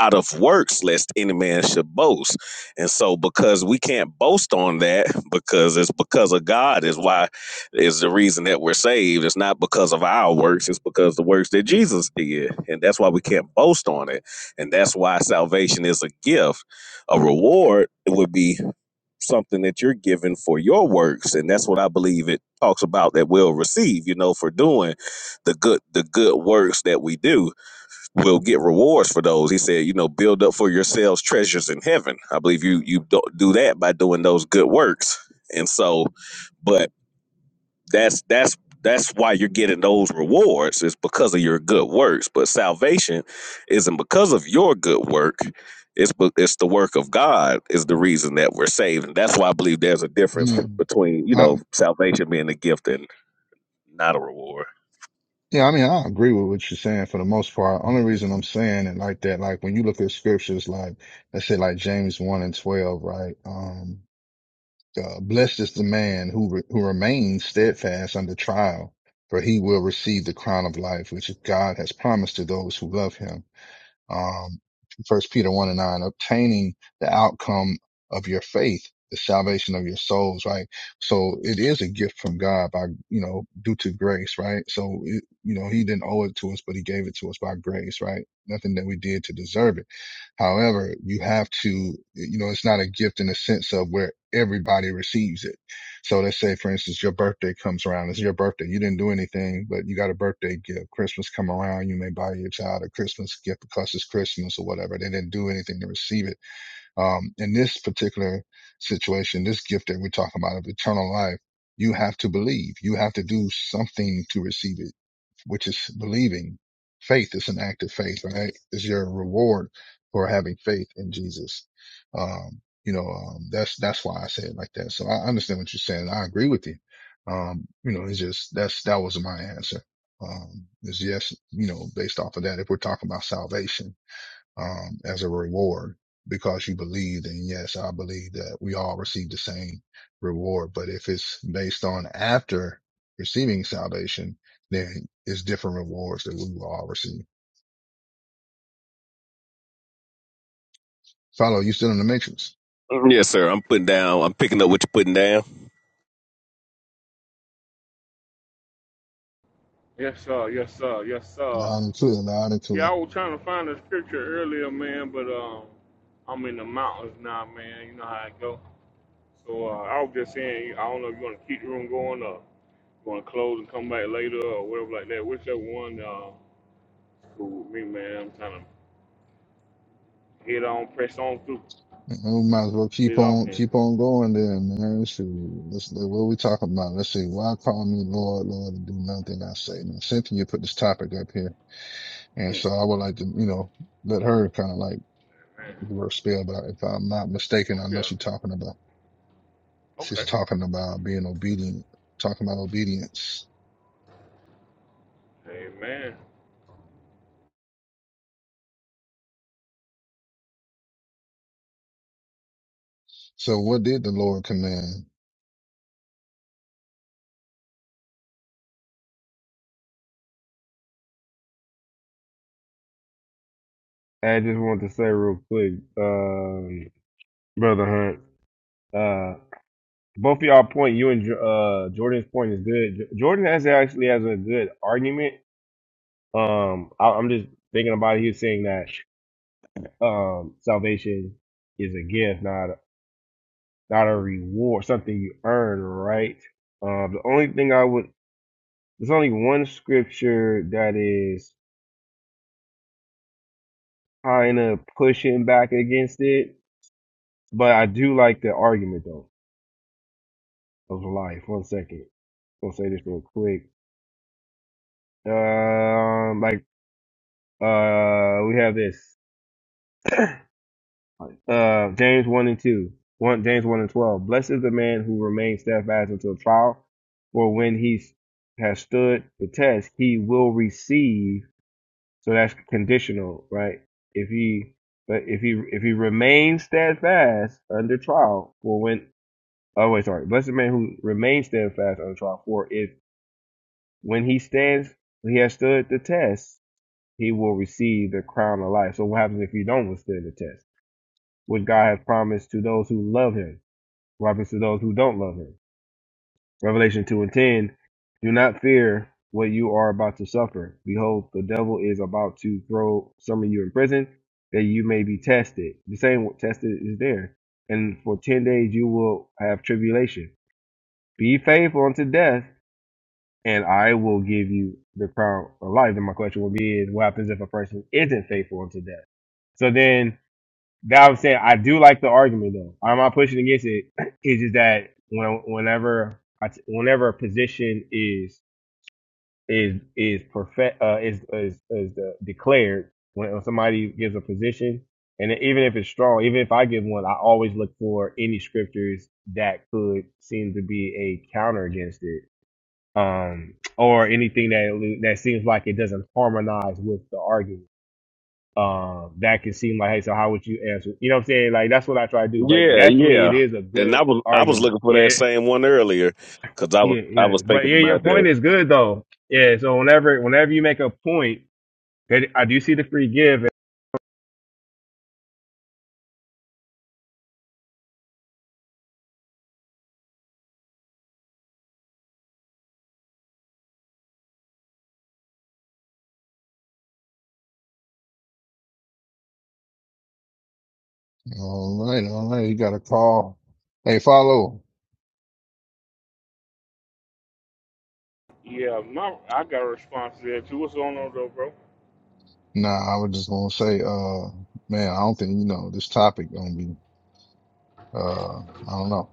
Speaker 19: not of works, lest any man should boast. And so, because we can't boast on that, because it's because of God, is why is the reason that we're saved. It's not because of our works, it's because the works that Jesus did. And that's why we can't boast on it. And that's why salvation is a gift. A reward would be something that you're given for your works. And that's what I believe it talks about that we'll receive, you know, for doing the good the good works that we do. We'll get rewards for those. He said, you know, build up for yourselves treasures in heaven. I believe you you do do that by doing those good works. And so, but that's that's that's why you're getting those rewards is because of your good works. But salvation isn't because of your good work. It's be- it's the work of God is the reason that we're saved, and that's why I believe there's a
Speaker 8: I
Speaker 19: difference
Speaker 8: mean,
Speaker 19: between you
Speaker 8: I,
Speaker 19: know salvation being a gift and not a reward.
Speaker 8: Yeah, I mean, I agree with what you're saying for the most part. Only reason I'm saying it like that, like when you look at scriptures, like let's say like James 1 and 12, right? Um, uh, blessed is the man who, re- who remains steadfast under trial, for he will receive the crown of life, which God has promised to those who love him um, First Peter one and nine, obtaining the outcome of your faith, the salvation of your souls, right? So it is a gift from God by, you know, due to grace, right? So, it, you know, he didn't owe it to us, but he gave it to us by grace, right? Nothing that we did to deserve it. However, you have to, you know, it's not a gift in the sense of where everybody receives it so let's say, for instance, your birthday comes around. It's your birthday. You didn't do anything, but you got a birthday gift. Christmas come around. You may buy your child a Christmas gift because it's Christmas or whatever. They didn't do anything to receive it. Um, in this particular situation, this gift that we're talking about of eternal life, you have to believe. You have to do something to receive it which is believing. Faith is an act of faith, right? Is your reward for having faith in Jesus. Um, you know, um, that's that's why I say it like that. So I understand what you're saying. I agree with you. Um, you know, it's just that's that was my answer. Um, is yes, you know, based off of that, if we're talking about salvation um, as a reward because you believed. And yes, I believe that we all receive the same reward. But if it's based on after receiving salvation, then it's different rewards that we will all receive. Follow, you still in the matrix.
Speaker 19: Yes, sir. I'm putting down. I'm picking up what you're putting down.
Speaker 1: yes, sir. Yes, sir. Yes, sir.
Speaker 8: Loud and clear, loud and
Speaker 1: Yeah, I
Speaker 8: clear.
Speaker 1: was trying to find the scripture earlier, man, but um, I'm in the mountains now, man. You know how it go. So uh, I was just saying, I don't know if you want to keep the room going or you want to close and come back later or whatever like that. Whichever one, uh, cool with me, man. I'm trying to head on, press on through.
Speaker 8: We might as well keep
Speaker 1: Get off
Speaker 8: on,
Speaker 1: him.
Speaker 8: keep on going then, man. Shoot. Let's, what are we talking about? Let's see. Why call me Lord, Lord, and do nothing I say? Now, Cynthia put this topic up here.
Speaker 1: Hmm.
Speaker 8: And so I would like to, you know, let her kind of like
Speaker 1: Man.
Speaker 8: the word spell, but if I'm not
Speaker 1: Oh
Speaker 8: mistaken, I know
Speaker 1: yeah.
Speaker 8: she's talking about she's
Speaker 1: Okay.
Speaker 8: talking about being obedient, talking about obedience.
Speaker 1: Amen.
Speaker 8: So what did the Lord command?
Speaker 23: I just wanted to say real quick, um, brother Hunt. Uh, both of y'all point you and Jo- uh Jordan's point is good. Jo- Jordan has actually has a good argument. Um, I, I'm just thinking about it. He was saying that um salvation is a gift, not. not a reward, something you earn, right? Um, the only thing I would, there's only one scripture that is kind of pushing back against it, but I do like the argument though of life. One second, I'm gonna say this real quick. Um, like, uh, we have this, uh, James one and two, one James one and twelve. Blessed is the man who remains steadfast until trial, for when he s- has stood the test, he will receive So that's conditional, right? If he but if he if he remains steadfast under trial for when oh wait sorry blessed the man who remains steadfast under trial for if when he stands he has stood the test he will receive the crown of life. So what happens if you don't withstand the test? What God has promised to those who love Him, what happens to those who don't love Him? Revelation 2 and 10. Do not fear what you are about to suffer. Behold, the devil is about to throw some of you in prison that you may be tested. The same word tested is there. And for 10 days you will have tribulation. Be faithful unto death, and I will give you the crown of life. And my question will be is what happens if a person isn't faithful unto death? So then that I'm saying I do like the argument though. I'm not pushing against it. It's just that when whenever I t- whenever a position is is is perfect uh, is is is uh, declared when somebody gives a position and even if it's strong, even if I give one, I always look for any scriptures that could seem to be a counter against it, um, or anything that that seems like it doesn't harmonize with the argument um, that can seem like, hey, so how would you answer? You know what I'm saying? Like that's what I try to do. But
Speaker 19: Yeah,
Speaker 23: definitely, it
Speaker 19: yeah.
Speaker 23: is a
Speaker 19: And I
Speaker 23: good
Speaker 19: was I was
Speaker 23: argument.
Speaker 19: looking for that
Speaker 23: Yeah,
Speaker 19: same one earlier because I was
Speaker 23: yeah,
Speaker 19: I
Speaker 23: yeah.
Speaker 19: was
Speaker 23: But
Speaker 19: thinking
Speaker 23: yeah, your
Speaker 19: about that.
Speaker 23: point is good though. Yeah. So whenever, whenever you make a point, that I do see the free give and
Speaker 8: All right, all right, you got a call. Hey, follow.
Speaker 1: Yeah, my I got a response to that too. What's going on though, bro?
Speaker 8: Nah, I was just gonna say, uh, man, I don't think you know this topic gonna be. Uh, I don't know.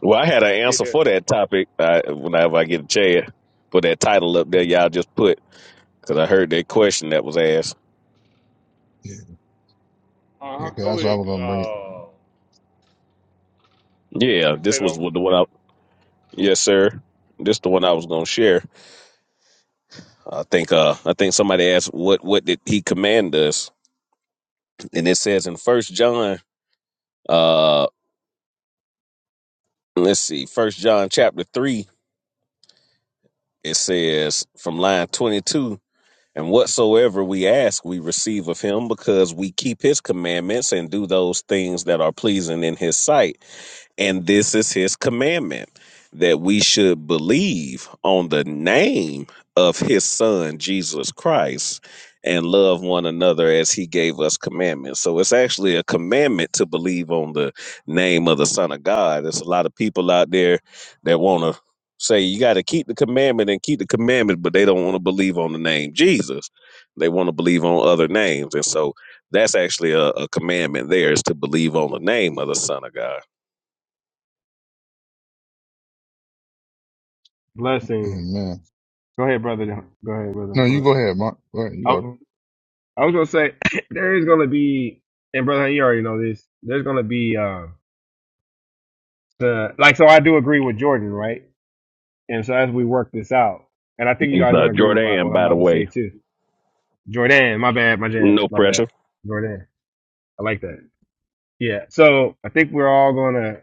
Speaker 19: Well, I had an answer
Speaker 1: Yeah.
Speaker 19: for that topic. I, whenever I get a chance, put that title up there. Y'all just put because I heard that question that was asked.
Speaker 8: Yeah,
Speaker 1: Uh
Speaker 8: yeah,
Speaker 1: huh.
Speaker 8: 'cause
Speaker 1: Go
Speaker 8: that's what I
Speaker 1: ahead.
Speaker 8: was gonna bring it.
Speaker 1: Uh,
Speaker 19: Yeah,
Speaker 1: What's
Speaker 19: this
Speaker 1: that?
Speaker 19: was
Speaker 1: though?
Speaker 19: the one I. Yes, sir. This the one I was gonna share. I think. Uh, I think somebody asked what what did he command us, and it says in First John. Uh, let's see, First John chapter three. It says from line twenty two. And whatsoever we ask, we receive of him because we keep his commandments and do those things that are pleasing in his sight. And this is his commandment that we should believe on the name of his son, Jesus Christ, and love one another as he gave us commandments. So it's actually a commandment to believe on the name of the son of God. There's a lot of people out there that want to say you got to keep the commandment and keep the commandment, but they don't want to believe on the name Jesus. They want to believe on other names. And so that's actually a, a commandment there is to believe on the name of the son of God.
Speaker 23: blessing.
Speaker 8: And man,
Speaker 23: Go ahead, brother. Go ahead, brother.
Speaker 8: no, you
Speaker 23: Hold on.
Speaker 8: go ahead, Mark. Go ahead. You got.
Speaker 23: I, I was gonna say there is gonna be, and brother, you already know this. There's gonna be uh, the like. So I do agree with Jordan, right? And so as we work this out, and I think you
Speaker 19: It's
Speaker 23: guys
Speaker 19: uh,
Speaker 23: gonna agree with my,
Speaker 19: Jordan,
Speaker 23: what I'm
Speaker 19: by the
Speaker 23: about to
Speaker 19: way.
Speaker 23: say too Jordan, my bad, my jad,
Speaker 19: No
Speaker 23: my bad.
Speaker 19: pressure.
Speaker 23: Jordan. I like that. Yeah. So I think we're all gonna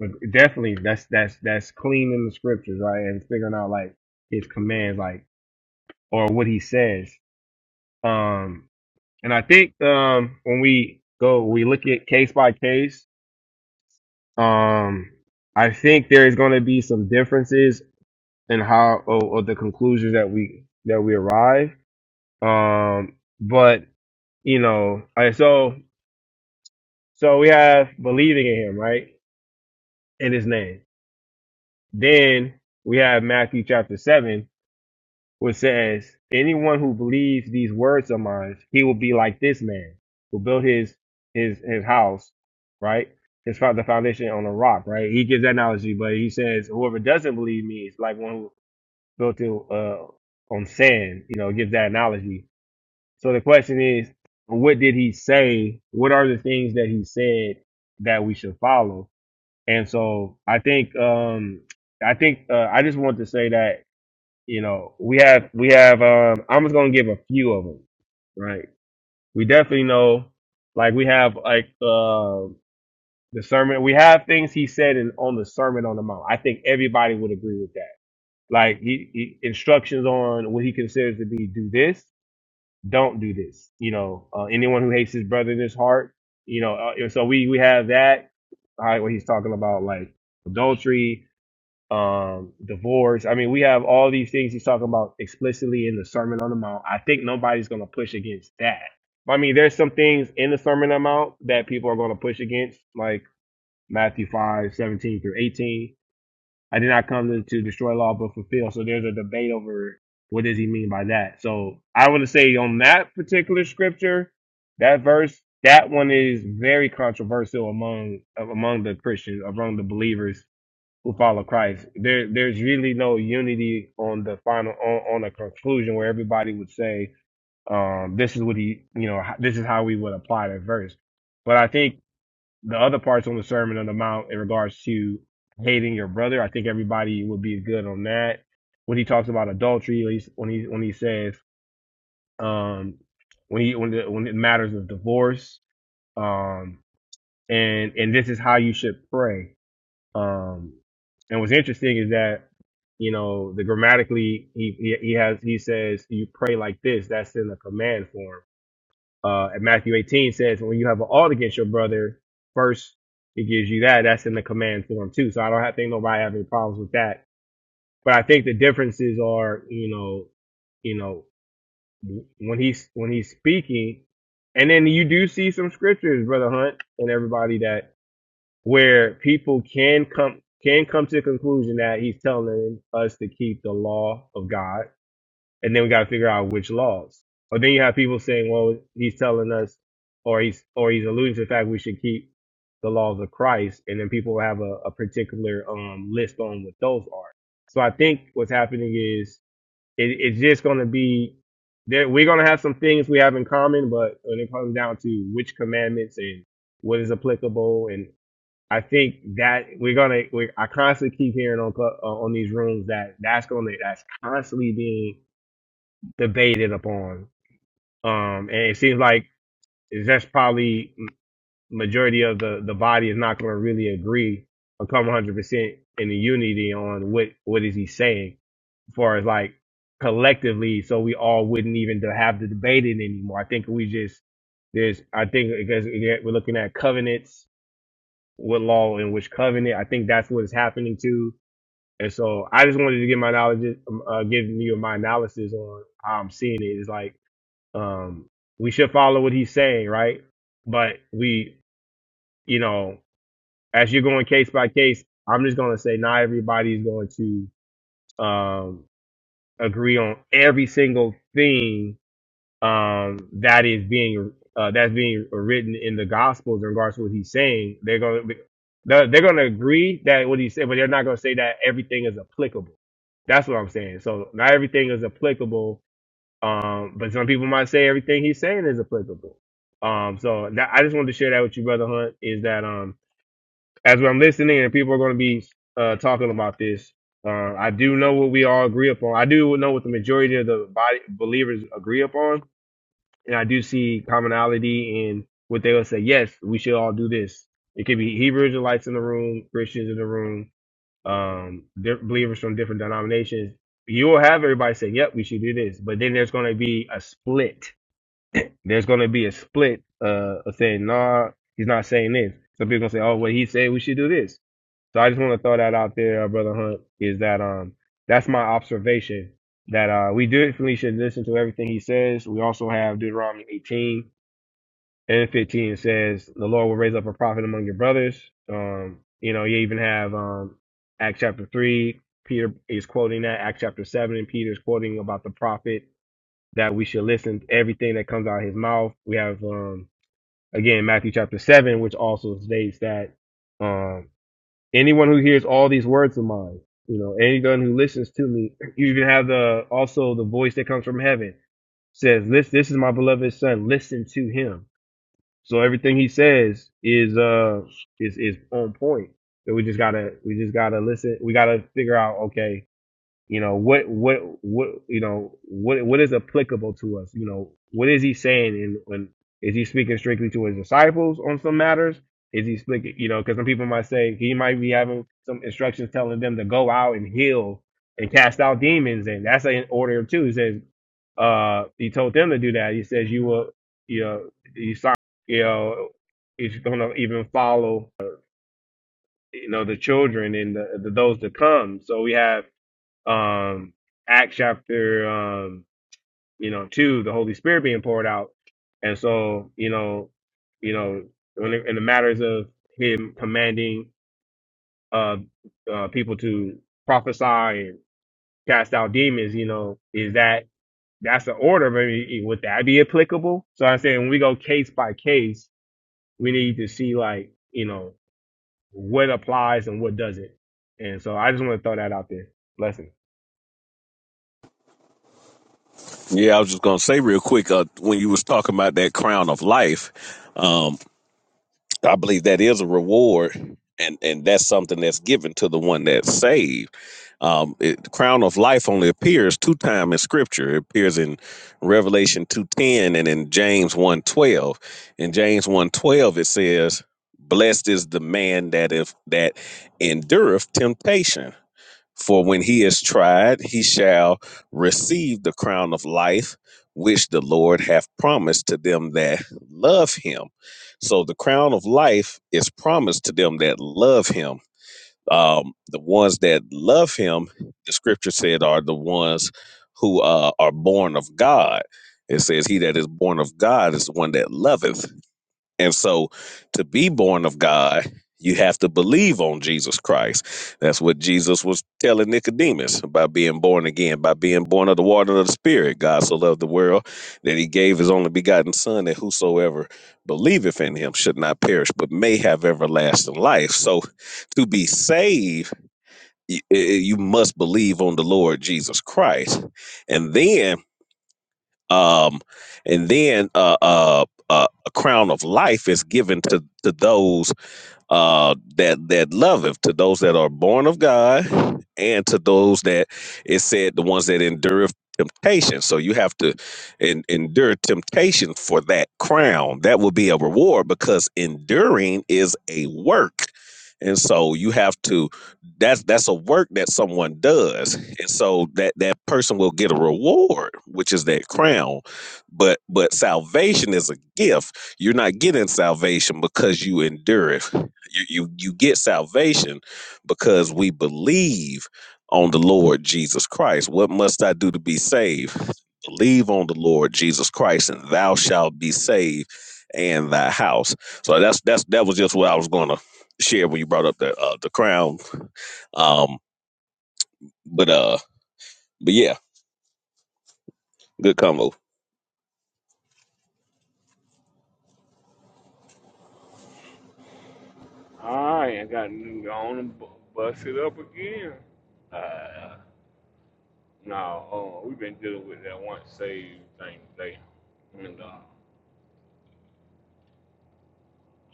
Speaker 23: like, definitely that's that's that's cleaning the scriptures, right? And figuring out like his commands, like or what he says. Um and I think um when we go we look at case by case, um I think there is gonna be some differences in how or, or the conclusions that we that we arrive. Um but you know, I so So we have believing in him, right? In his name. Then we have Matthew chapter 7, which says, Anyone who believes these words of mine, he will be like this man who built his his his house, right? His fo- the foundation on a rock, right? He gives that analogy, but he says, Whoever doesn't believe me is like one who built it uh, on sand, you know, gives that analogy. So the question is, what did he say? What are the things that he said that we should follow? And so I think um I think uh, I just want to say that you know we have we have um I'm just gonna give a few of them right. We definitely know like we have like uh, the sermon we have things he said in on the Sermon on the Mount. I think everybody would agree with that. Like he, he instructions on what he considers to be do this, don't do this. You know, uh, anyone who hates his brother in his heart. You know, uh, so we we have that. All right, what he's talking about like adultery, um, divorce. I mean, we have all these things he's talking about explicitly in the Sermon on the Mount. I think nobody's going to push against that. I mean, there's some things in the Sermon on the Mount that people are going to push against, like Matthew 5 17 through 18. I did not come to, to destroy law but fulfill. So there's a debate over what does he mean by that. So I would say on that particular scripture, that verse, that one is very controversial among among the Christians, among the believers who follow Christ. There, there's really no unity on the final on, on a conclusion where everybody would say, um, "This is what he, you know, h- this is how we would apply that verse." But I think the other parts on the Sermon on the Mount in regards to hating your brother, I think everybody would be good on that. When he talks about adultery, at least when he when he says um, when he when the, when it matters of divorce, um, and and this is how you should pray um, and what's interesting is that you know the grammatically he he, he has he says you pray like this. That's in the command form. Uh, and Matthew 18 says when you have an ought against your brother, first it gives you that. That's in the command form too. So I don't have, think nobody have any problems with that. But I think the differences are you know you know when he's when he's speaking, and then you do see some scriptures, brother Hunt, and everybody that where people can come can come to the conclusion that he's telling us to keep the law of God, and then we got to figure out which laws. Or then you have people saying, "Well, he's telling us, or he's or he's alluding to the fact we should keep the laws of Christ," and then people have a, a particular um, list on what those are. So I think what's happening is it, it's just going to be there. We're going to have some things we have in common, but when it comes down to which commandments and what is applicable and I think that we're gonna. We, I constantly keep hearing on cl- uh, on these rooms that that's gonna that's constantly being debated upon. Um, and it seems like it's just probably m- majority of the the body is not gonna really agree or come 100 percent in the unity on what what is he saying as far as like collectively, so we all wouldn't even to have the debate it anymore. I think we just there's I think because again, we're looking at covenants, what law and which covenant. I think that's what is happening too And so I just wanted to get my knowledge, um, uh, giving you my analysis on how I'm seeing it. It's like um, we should follow what he's saying, right? But we, you know, as you're going case by case, I'm just gonna say not everybody's going to um, agree on every single thing um, that is being uh, that's being written in the Gospels in regards to what he's saying. They're going to they're going to agree that what he said, but they're not going to say that everything is applicable. That's what I'm saying. So not everything is applicable, um, but some people might say everything he's saying is applicable. Um, so that, I just wanted to share that with you, brother Hunt. Is that um, as I'm listening and people are going to be uh, talking about this. Uh, I do know what we all agree upon. I do know what the majority of the body believers agree upon and I do see commonality in what they would say. Yes, we should all do this. It could be Hebrew Israelites in the room, Christians in the room, um, believers from different denominations. You will have everybody say, "Yep, we should do this," but then there's going to be a split there's going to be a split uh, of saying, nah, he's not saying this. Some people going to say, oh, well, he said we should do this. So I just want to throw that out there, uh, Brother Hunt, is that um that's my observation that uh we definitely should listen to everything he says. We also have Deuteronomy 18 and 15 says the Lord will raise up a prophet among your brothers. Um, you know, you even have um Acts chapter three, Peter is quoting that, Acts chapter seven, and Peter is quoting about the prophet that we should listen to everything that comes out of his mouth. We have um again Matthew chapter seven, which also states that um anyone who hears all these words of mine, you know, anyone who listens to me, you even have the also the voice that comes from heaven says, This this is my beloved son, listen to him. So everything he says is uh is is on point. So we just gotta we just gotta listen we gotta figure out, okay, you know what what what you know what what is applicable to us you know what is he saying and is he speaking strictly to his disciples on some matters is he speaking you know because some people might say he might be having some instructions telling them to go out and heal and cast out demons and that's an order too he says uh he told them to do that he says you will you know you, sign- you know he's gonna even follow you know the children and the, the those to come so we have um Acts chapter um you know two, the Holy Spirit being poured out, and so you know you know when it, in the matters of him commanding uh, uh people to prophesy and cast out demons, you know, is that that's the order? Maybe would that be applicable? So I'm saying when we go case by case, we need to see like you know what applies and what doesn't. And so I just want to throw that out there. Blessings.
Speaker 19: Yeah, I was just gonna say real quick uh, when you was talking about that crown of life, um, I believe that is a reward, and and that's something that's given to the one that's saved. Um, it, the crown of life only appears two times in Scripture. It appears in Revelation two ten and in James one twelve. In James one twelve, it says, "Blessed is the man that if that endureth temptation." For when he is tried, he shall receive the crown of life, which the Lord hath promised to them that love him. So the crown of life is promised to them that love him. Um, the ones that love him, the scripture said, are the ones who uh, are born of God. It says, He that is born of God is the one that loveth. And so to be born of God, you have to believe on Jesus Christ. That's what Jesus was telling Nicodemus by being born again, by being born of the water and of the Spirit. God so loved the world that he gave his only begotten Son, that whosoever believeth in him should not perish, but may have everlasting life. So to be saved, y- y- you must believe on the Lord Jesus Christ. And then um, and then uh, uh, uh, a crown of life is given to to those uh, that that loveth to those that are born of God, and to those that it said the ones that endureth temptation. So you have to en- endure temptation for that crown. That will be a reward because enduring is a work, and so you have to. That's that's a work that someone does, and so that that person will get a reward, which is that crown. But but salvation is a gift. You're not getting salvation because you endure it you, you you get salvation because we believe on the Lord Jesus Christ. What must I do to be saved? Believe on the Lord Jesus Christ, and thou shalt be saved, and thy house. So that's that's that was just what I was going to share when you brought up the uh, the crown. Um, but uh, but yeah, good combo.
Speaker 1: All right, I got on and bust it up again. Uh, no, uh, we've been dealing with that once saved thing today, and uh,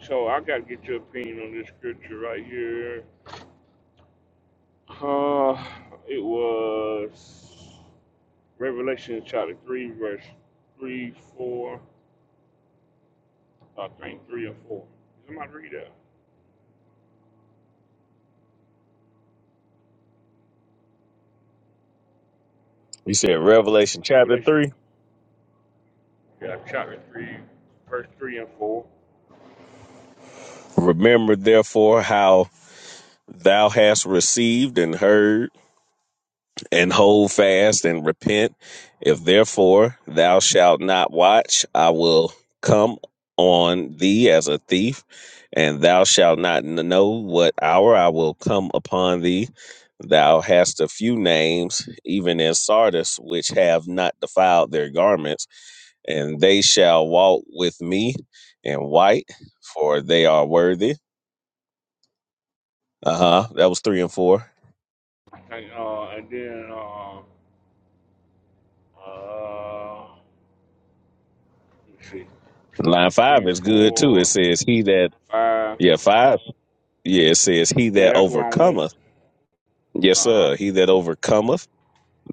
Speaker 1: so I got to get your opinion on this scripture right here. Uh, it was. Revelation chapter 3, verse 3, 4, uh, I think 3 and 4. Somebody read that.
Speaker 19: You said Revelation chapter
Speaker 1: Revelation
Speaker 19: three.
Speaker 1: yeah, chapter 3, verse 3 and 4.
Speaker 19: Remember therefore how thou hast received and heard and hold fast and repent. If therefore thou shalt not watch, I will come on thee as a thief, and thou shalt not know what hour I will come upon thee. Thou hast a few names, even in Sardis, which have not defiled their garments, and they shall walk with me in white, for they are worthy. Uh huh. That was three and four.
Speaker 1: I think, uh, and then, uh, uh, let's see,
Speaker 19: Line
Speaker 1: three
Speaker 19: five is good too. It
Speaker 1: four
Speaker 19: says, He that,
Speaker 1: five
Speaker 19: yeah, five. Yeah, it says, He
Speaker 1: Yeah,
Speaker 19: that
Speaker 1: that's what I want.
Speaker 19: overcometh, yes,
Speaker 1: Uh
Speaker 19: sir, he
Speaker 1: huh.
Speaker 19: that overcometh,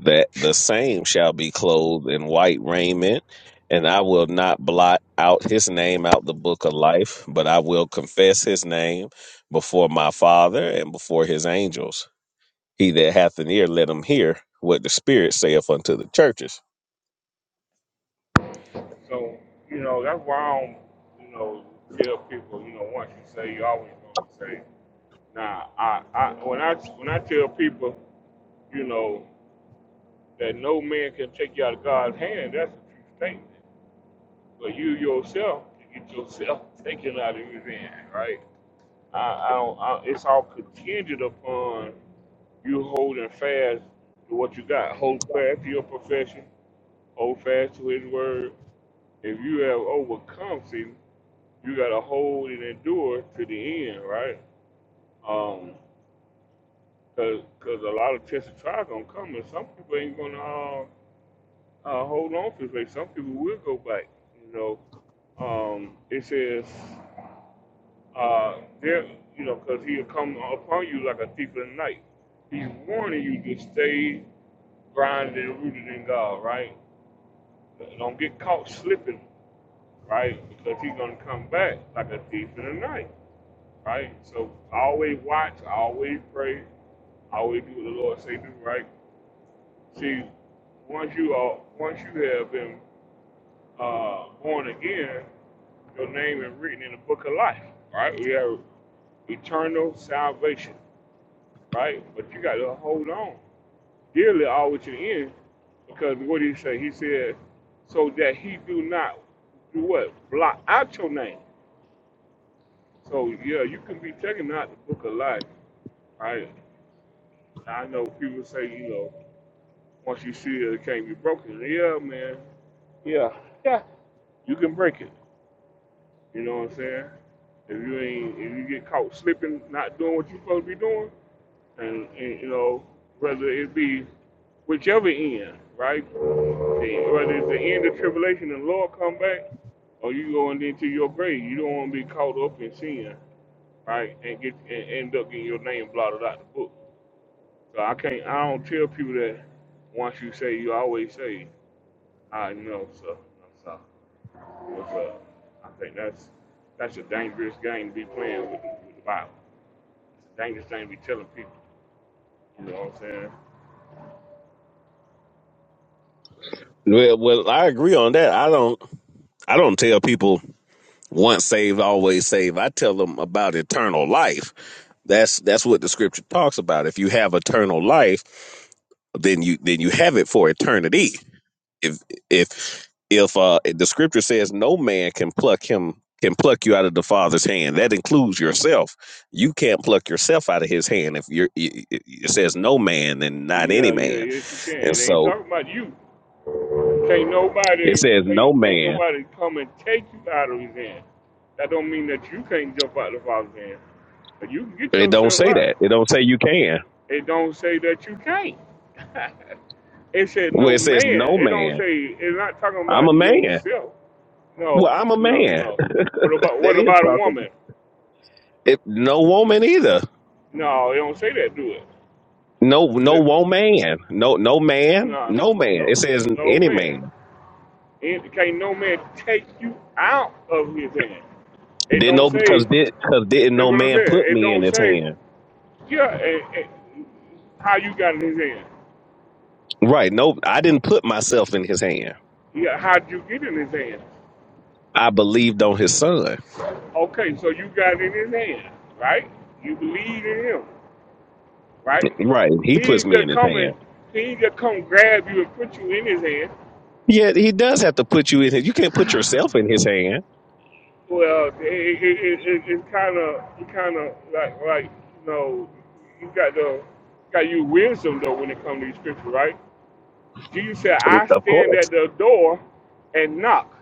Speaker 19: that the same shall be clothed in white raiment, and I will not blot out his name out the book of life, but I will confess his name before my Father and before his angels. He that hath an ear, let him hear what the Spirit saith unto the churches.
Speaker 1: So, you know, that's why I don't, you know, tell people, you know, once you say, you always gonna say, nah, I, I, when I, when I tell people, you know. that no man can take you out of God's hand, that's a true statement. But you yourself can get yourself taken out of his hand, right? I, I don't. I, it's all contingent upon you holding fast to what you got. Hold fast to your profession. Hold fast to His word. If you have overcome sin, you got to hold and endure to the end, right? Um, cause, 'cause a lot of tests and trials gonna come, and some people ain't gonna. uh, uh, hold on to the faith. Some people will go back. You know, um, it says uh, there. You know, because he'll come upon you like a thief in the night. He's warning you to stay grounded and rooted in God, right? Don't get caught slipping, right? Because he's gonna come back like a thief in the night, right? So always watch, always pray, always do what the Lord say do, right? See, once you are, once you have been uh, born again, your name is written in the book of life, right? We have eternal salvation, right? But you got to hold on dearly all with your end, because what did he say? He said, so that he do not do what? Block out your name. So yeah, you can be taken out the book of life, right? I know people say, you know, once you see it, it can't be broken. Yeah, man. Yeah. Yeah. You can break it. You know what I'm saying? If you ain't, if you get caught slipping, not doing what you're supposed to be doing, and, and you know, whether it be whichever end, right? Whether it's the end of tribulation and the Lord come back, or you going into your grave, you don't want to be caught up in sin, right? And get and end up getting your name blotted out the book. So I can't, I don't tell people that once you say you always say, I know, so. I'm sorry was uh, I think that's that's a dangerous game to be playing with, the, with the Bible. It's a dangerous thing to be telling people. You know what I'm saying?
Speaker 19: Well, well, I agree on that. I don't, I don't tell people once saved, always saved. I tell them about eternal life. That's that's what the scripture talks about. If you have eternal life, then you then you have it for eternity. If if if uh, the scripture says no man can pluck him can pluck you out of the Father's hand, that includes yourself. You can't pluck yourself out of His hand. If you're it, it it says no man and not any
Speaker 1: Yeah, yeah,
Speaker 19: man,
Speaker 1: yes you can.
Speaker 19: and
Speaker 1: It ain't
Speaker 19: so
Speaker 1: talking about you. Can't
Speaker 19: it
Speaker 1: nobody
Speaker 19: says no
Speaker 1: can't, can't
Speaker 19: man.
Speaker 1: nobody come and take you out of his hand. That don't mean that you can't jump out of the father's hand. But you can get
Speaker 19: It don't
Speaker 1: yourself
Speaker 19: say
Speaker 1: out.
Speaker 19: that. It don't say you can.
Speaker 1: It don't say that you can't. It said
Speaker 19: Well,
Speaker 1: no
Speaker 19: it says
Speaker 1: man.
Speaker 19: no
Speaker 1: It don't
Speaker 19: man.
Speaker 1: say it's not talking
Speaker 19: I'm a
Speaker 1: about
Speaker 19: man.
Speaker 1: yourself.
Speaker 19: Well,
Speaker 1: No,
Speaker 19: I'm a
Speaker 1: no,
Speaker 19: man.
Speaker 1: no. What about
Speaker 19: That
Speaker 1: what
Speaker 19: is
Speaker 1: about a
Speaker 19: talking.
Speaker 1: woman?
Speaker 19: It, no woman either.
Speaker 1: No, it don't say that, do it.
Speaker 19: No, no
Speaker 1: No,
Speaker 19: woman. No, no man. No man. It
Speaker 1: no,
Speaker 19: says
Speaker 1: no
Speaker 19: any
Speaker 1: man.
Speaker 19: man.
Speaker 1: And can't no man take you out of his hand. It
Speaker 19: Didn't
Speaker 1: don't
Speaker 19: know
Speaker 1: say.
Speaker 19: because did because didn't
Speaker 1: That's
Speaker 19: no
Speaker 1: what I'm
Speaker 19: man
Speaker 1: saying.
Speaker 19: put
Speaker 1: It
Speaker 19: me in
Speaker 1: don't
Speaker 19: his
Speaker 1: say.
Speaker 19: hand.
Speaker 1: Yeah, eh, eh, how you got in his hand?
Speaker 19: Right. No, I didn't put myself in his hand.
Speaker 1: Yeah, how would you get in his hand?
Speaker 19: I believed on his son.
Speaker 1: Okay, so you got in his hand, right? You believe in him, right?
Speaker 19: Right. He
Speaker 1: He
Speaker 19: puts
Speaker 1: ain't
Speaker 19: me in
Speaker 1: just
Speaker 19: his
Speaker 1: coming.
Speaker 19: hand.
Speaker 1: He ain't just come grab you and put you in his hand.
Speaker 19: Yeah, he does have to put you in his. You can't put yourself in his hand.
Speaker 1: Well, it it it, it kind of it kind of like like you know you got the got you wisdom though when it comes to these scriptures, right? Jesus said, "I
Speaker 19: Of
Speaker 1: stand
Speaker 19: course.
Speaker 1: at the door and knock."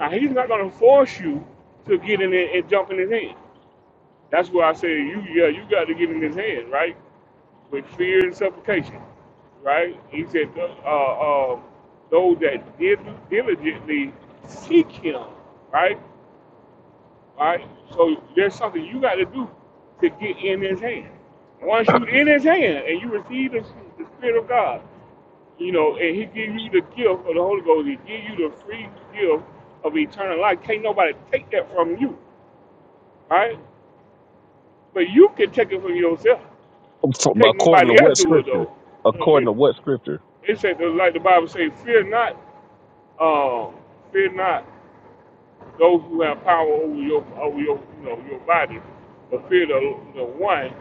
Speaker 1: Now he's not gonna force you to get in there and jump in his hand. That's why I say you yeah you got to get in his hand, right? With fear and supplication, right? He said, uh, uh, um, "Those that did diligently seek him," right? All right. So there's something you got to do to get in His hand. Once you are in His hand and you receive the, the Spirit of God, you know, and He give you the gift of the Holy Ghost, He give you the free gift of eternal life. Can't nobody take that from you, all right? But you can take it from yourself.
Speaker 19: From-
Speaker 1: Can't
Speaker 19: according to
Speaker 1: nobody else
Speaker 19: what
Speaker 1: do it
Speaker 19: scripture?
Speaker 1: though.
Speaker 19: According
Speaker 1: It,
Speaker 19: to what scripture?
Speaker 1: it said like the Bible says, "Fear not, uh, fear not those who have power over your over your you know your body, but fear the the one."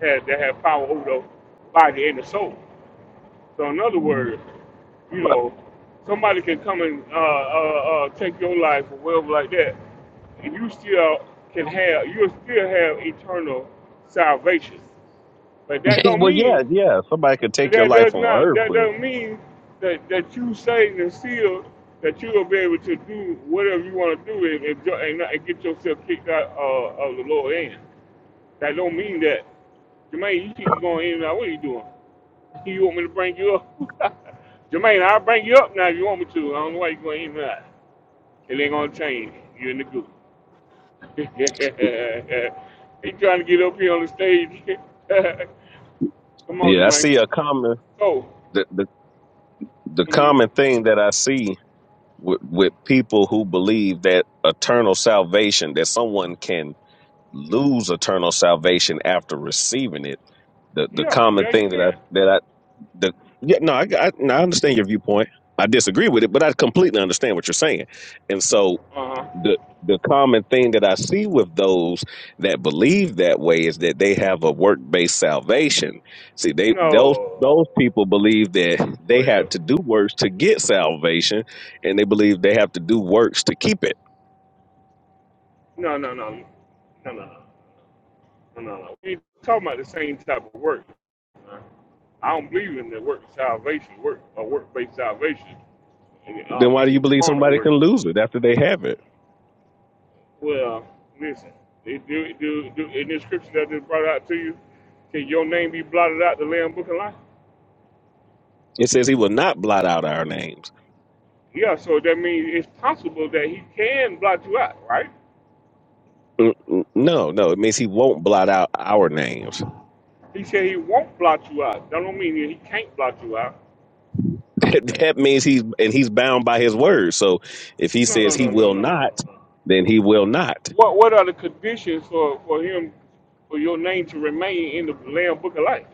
Speaker 1: had, that have power over the body and the soul. So in other words, you know, somebody can come and uh, uh, uh, take your life or whatever like that, and you still can have you will still have eternal salvation. But that don't
Speaker 19: well, yeah,
Speaker 1: mean
Speaker 19: yeah. Somebody could take your
Speaker 1: that does
Speaker 19: life on
Speaker 1: not
Speaker 19: earth,
Speaker 1: that
Speaker 19: but
Speaker 1: doesn't mean that that you saved and sealed that you will be able to do whatever you want to do and and, jo- and, not- and get yourself kicked out uh, of the lower end. That don't mean that Jermaine, you keep going in and out. What are you doing? You want me to bring you up? Jermaine, I'll bring you up now if you want me to. I don't know why you're going to that. It ain't going to change. You're in the group. he trying to get up here on the stage. Come on,
Speaker 19: yeah, I
Speaker 1: Jermaine.
Speaker 19: see a common
Speaker 1: Go.
Speaker 19: the the, the
Speaker 1: hmm
Speaker 19: common thing that I see with, with people who believe that eternal salvation that someone can lose eternal salvation after receiving it the the
Speaker 1: Yeah,
Speaker 19: common
Speaker 1: yeah, you
Speaker 19: thing that I
Speaker 1: can.
Speaker 19: that I the yeah no I, I no, I understand your viewpoint. I disagree with it, but I completely understand what you're saying. And so
Speaker 1: Uh-huh.
Speaker 19: the the common thing that I see with those that believe that way is that they have a work based salvation. See, they those
Speaker 1: No.
Speaker 19: those people believe that
Speaker 1: Go
Speaker 19: they
Speaker 1: ahead,
Speaker 19: have
Speaker 1: though.
Speaker 19: to do works to get salvation, and they believe they have to do works to keep it.
Speaker 1: No, no, no. No, no, no. No, no, no. We ain't talking about the same type of work. man. I don't believe in the work salvation, work or work-based salvation, and, uh,
Speaker 19: Then why do you
Speaker 1: meaning
Speaker 19: believe
Speaker 1: carnal
Speaker 19: somebody can
Speaker 1: works.
Speaker 19: lose it after they have it?
Speaker 1: Well, listen, they do, do, do, in this scripture that I just brought out to you, can your name be blotted out the Lamb Book of Life?
Speaker 19: It says he will not blot out our names.
Speaker 1: Yeah, so that means it's possible that he can blot you out, right?
Speaker 19: Mm, mm, No, no, it means he won't blot out our names.
Speaker 1: He said he won't blot you out. That don't mean that he can't blot you out.
Speaker 19: that that means he's and he's bound by his word. So if he
Speaker 1: No, no,
Speaker 19: says he
Speaker 1: no, no,
Speaker 19: will
Speaker 1: no, no, no,
Speaker 19: not,
Speaker 1: no.
Speaker 19: then he will not.
Speaker 1: What what are the conditions for, for him for your name to remain in the Lamb Book of Life?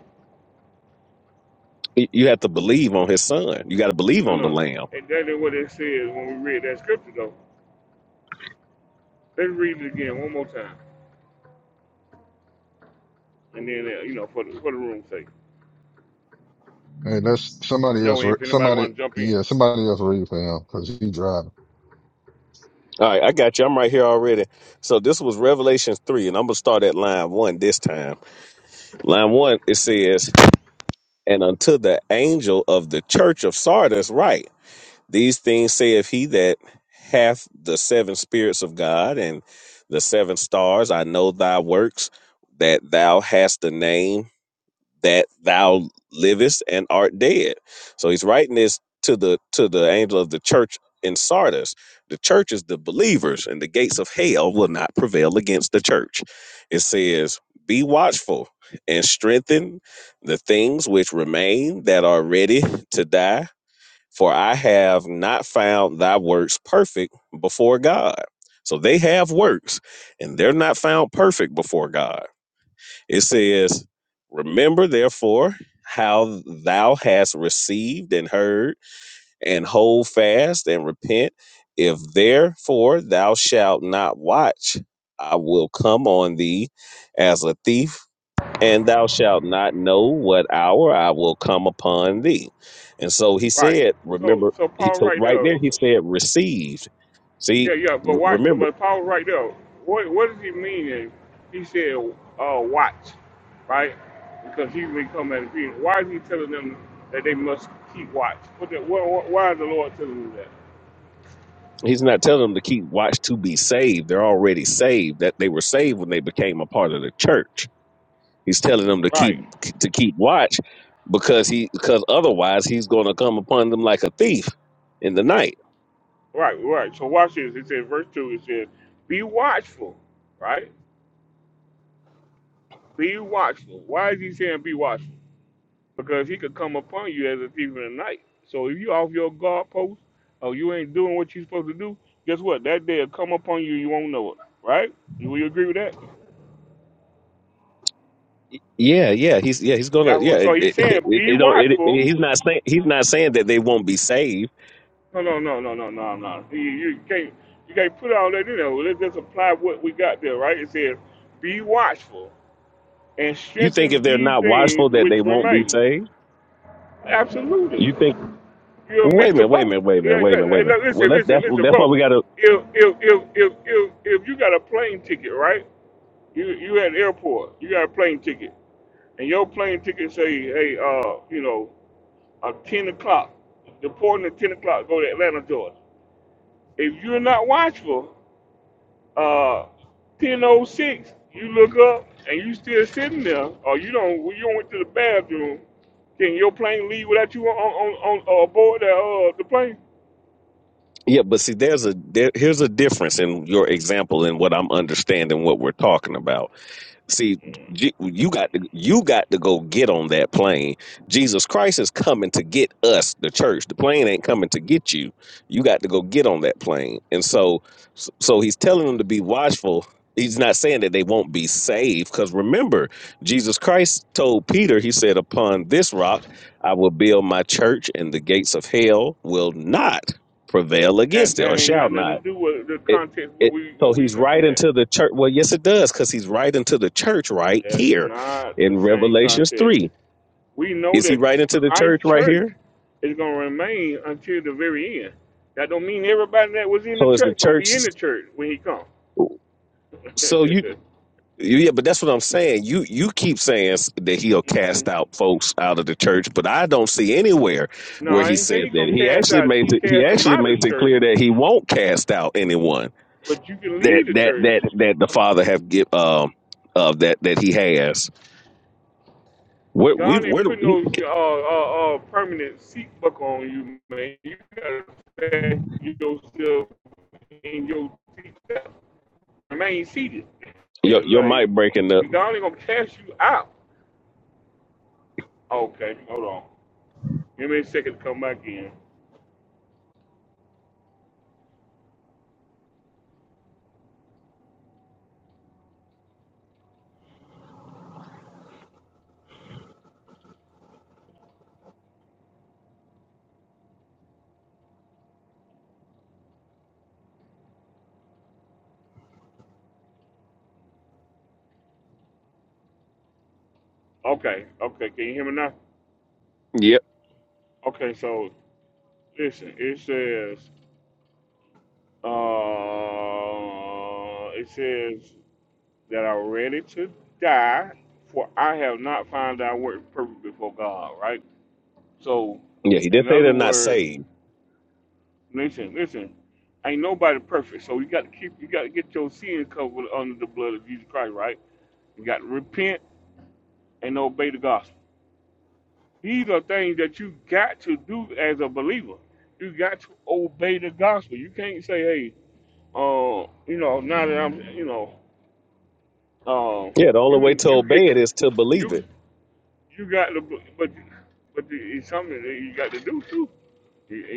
Speaker 19: Y- You have to believe on his son. You got to believe
Speaker 1: No,
Speaker 19: on the
Speaker 1: no.
Speaker 19: lamb.
Speaker 1: And that is what it says when we read that scripture though. Let's read it again one more time. And then uh, you know, for the for the room's sake.
Speaker 8: Hey, that's
Speaker 1: I
Speaker 8: somebody
Speaker 1: know
Speaker 8: else. re-
Speaker 1: if anybody
Speaker 8: Somebody,
Speaker 1: wanna jump in.
Speaker 8: yeah, somebody else read for him because he driving.
Speaker 19: All right, I got you. I'm right here already. So this was Revelation 3, and I'm going to start at line 1 this time. Line 1, it says, And unto the angel of the church of Sardis, write." These things saith he that hath the seven spirits of God and the seven stars. I know thy works, that thou hast the name that thou livest and art dead. So he's writing this to the to the angel of the church in Sardis. The church is the believers, and the gates of hell will not prevail against the church. It says, Be watchful and strengthen the things which remain that are ready to die for I have not found thy works perfect before God. So they have works, and they're not found perfect before God. It says, Remember therefore how thou hast received and heard, and hold fast and repent. If therefore thou shalt not watch, I will come on thee as a thief and thou shalt not know what hour I will come upon thee. And so he
Speaker 1: Right.
Speaker 19: said,
Speaker 1: So
Speaker 19: remember,
Speaker 1: so
Speaker 19: he,
Speaker 1: Paul
Speaker 19: so
Speaker 1: right
Speaker 19: right there
Speaker 1: there.
Speaker 19: he
Speaker 1: so
Speaker 19: said, received. See,
Speaker 1: Yeah, yeah, but
Speaker 19: r-
Speaker 1: why?
Speaker 19: remember,
Speaker 1: But Paul, right there, what what does he mean? If he said, uh, "Watch," right? Because he's been coming at the people. Why is he telling them that they must keep watch? What the, wh wh- why is the Lord telling them that?
Speaker 19: he's not telling them to keep watch to be saved. They're already saved. That they were saved when they became a part of the church. He's telling them to keep
Speaker 1: Right,
Speaker 19: to keep watch because he because otherwise he's going to come upon them like a thief in the night.
Speaker 1: right, right. So watch this. It says, verse two. It says, "Be watchful," right? Be watchful. Why is he saying be watchful? because he could come upon you as a thief in the night. So if you off your guard post or you ain't doing what you supposed to do, guess what? That day will come upon you. You won't know it, right? Will you agree with that?
Speaker 19: Yeah, yeah, he's yeah, he's
Speaker 1: Yeah.
Speaker 19: gonna
Speaker 1: well,
Speaker 19: yeah.
Speaker 1: So
Speaker 19: It,
Speaker 1: he's
Speaker 19: it,
Speaker 1: saying
Speaker 19: it,
Speaker 1: be
Speaker 19: it don't. It, it-
Speaker 1: watchful.
Speaker 19: he's not saying he's not saying that they won't be saved
Speaker 1: No, no, no, no, no, no, no. You, you can't you can't put all that in there. Well, Let's just apply what we got there, right? It says be watchful and
Speaker 19: You think if
Speaker 1: strengthen
Speaker 19: they're
Speaker 1: these
Speaker 19: not
Speaker 1: things
Speaker 19: watchful that they
Speaker 1: which
Speaker 19: won't be
Speaker 1: remain.
Speaker 19: saved?
Speaker 1: Absolutely.
Speaker 19: You think?
Speaker 1: You'll
Speaker 19: Wait
Speaker 1: miss
Speaker 19: a
Speaker 1: the
Speaker 19: minute, wait a
Speaker 1: boat.
Speaker 19: minute, wait a minute,
Speaker 1: Yeah,
Speaker 19: wait a
Speaker 1: yeah.
Speaker 19: minute,
Speaker 1: yeah.
Speaker 19: wait a
Speaker 1: Hey,
Speaker 19: minute.
Speaker 1: look,
Speaker 19: Well,
Speaker 1: listen,
Speaker 19: that's
Speaker 1: listen,
Speaker 19: that's
Speaker 1: listen,
Speaker 19: that's why
Speaker 1: bro.
Speaker 19: we gotta.
Speaker 1: If if if if if, if you got a plane ticket, right? You you at the airport. You got a plane ticket, and your plane ticket say, hey, uh, you know, uh, ten o'clock, deporting at ten o'clock, go to Atlanta, Georgia. If you're not watchful, uh, ten oh six, you look up and you still sitting there, or you don't you don't went to the bathroom. Can your plane leave without you on on on, on uh, aboard the uh, the plane?
Speaker 19: Yeah, but see, there's a there, here's a difference in your example and what I'm understanding what we're talking about. See, J- you got to you got to go get on that plane. Jesus Christ is coming to get us, the church. The plane ain't coming to get you. You got to go get on that plane. And so, so he's telling them to be watchful. He's not saying that they won't be saved, because remember, Jesus Christ told Peter, he said, "Upon this rock I will build my church, and the gates of hell will not prevail
Speaker 1: That
Speaker 19: against it,
Speaker 1: that
Speaker 19: or
Speaker 1: ain't
Speaker 19: shall
Speaker 1: got nothing
Speaker 19: not."
Speaker 1: to do with the
Speaker 19: It
Speaker 1: context what
Speaker 19: it
Speaker 1: we
Speaker 19: so
Speaker 1: what we
Speaker 19: he's
Speaker 1: looking
Speaker 19: right
Speaker 1: at.
Speaker 19: into the church. Well, yes, it does, because he's right into the church right
Speaker 1: That's
Speaker 19: here
Speaker 1: not the
Speaker 19: in
Speaker 1: same
Speaker 19: Revelations
Speaker 1: context.
Speaker 19: three.
Speaker 1: We know
Speaker 19: Is he
Speaker 1: that
Speaker 19: right into the church
Speaker 1: Christ
Speaker 19: right
Speaker 1: Church
Speaker 19: here?
Speaker 1: is gonna remain until the very end. That don't mean everybody that was in the
Speaker 19: So is the
Speaker 1: church gonna be
Speaker 19: church?
Speaker 1: in the church when he comes.
Speaker 19: So you yeah, but that's what I'm saying. You you keep saying s- that he'll
Speaker 1: Mm-mm.
Speaker 19: cast out folks out of the church, but I don't see anywhere
Speaker 1: no,
Speaker 19: where
Speaker 1: I
Speaker 19: he
Speaker 1: ain't say
Speaker 19: said
Speaker 1: he
Speaker 19: that.
Speaker 1: gonna
Speaker 19: He
Speaker 1: cast
Speaker 19: actually
Speaker 1: out
Speaker 19: makes it he
Speaker 1: cast them
Speaker 19: actually
Speaker 1: out of
Speaker 19: makes
Speaker 1: the
Speaker 19: it
Speaker 1: church,
Speaker 19: clear that he won't cast out anyone
Speaker 1: but you can
Speaker 19: that
Speaker 1: leave the
Speaker 19: that
Speaker 1: church.
Speaker 19: that that the Father have give um uh, that that he has. Where we
Speaker 1: God ain't
Speaker 19: where do-
Speaker 1: putting those uh, uh, uh, permanent seat buck on you, man. You gotta fast yourself in your seat, remain seated.
Speaker 19: Your your
Speaker 1: Like
Speaker 19: mic breaking up.
Speaker 1: he God ain't gonna cast you out. Okay, hold on. Give me a second to come back in. Okay, okay, can you hear me now?
Speaker 19: Yep.
Speaker 1: Okay, so listen, it says uh it says that I'm ready to die, for I have not found thy work perfect before God, right? So
Speaker 19: Yeah, he did
Speaker 1: in
Speaker 19: say
Speaker 1: other
Speaker 19: they're not
Speaker 1: words,
Speaker 19: saved.
Speaker 1: Listen, listen. Ain't nobody perfect, so you got to keep, you got to get your sin covered under the blood of Jesus Christ, right? You got to repent and obey the gospel. These are things that you got to do as a believer. You got to obey the gospel. You can't say, hey, uh, you know, now that I'm, you know, uh,
Speaker 19: Yeah, the only
Speaker 1: you
Speaker 19: way
Speaker 1: can,
Speaker 19: to
Speaker 1: you
Speaker 19: obey
Speaker 1: get,
Speaker 19: it is to believe
Speaker 1: you,
Speaker 19: it.
Speaker 1: you got to, but, but it's something that you got to do too.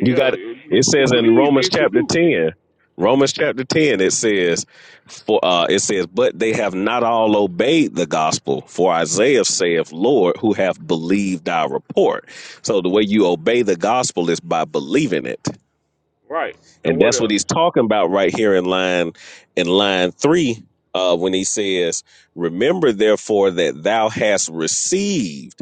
Speaker 19: You got it
Speaker 1: to
Speaker 19: says in
Speaker 1: believe
Speaker 19: Romans
Speaker 1: is to
Speaker 19: chapter
Speaker 1: do,
Speaker 19: ten. Romans chapter ten it says for uh it says, But they have not all obeyed the gospel, for Isaiah saith, Lord, who have believed our report. So the way you obey the gospel is by believing it.
Speaker 1: right? And
Speaker 19: And
Speaker 1: what
Speaker 19: that's what
Speaker 1: else?
Speaker 19: he's talking about right here in line in line three, uh, when he says, Remember therefore that thou hast received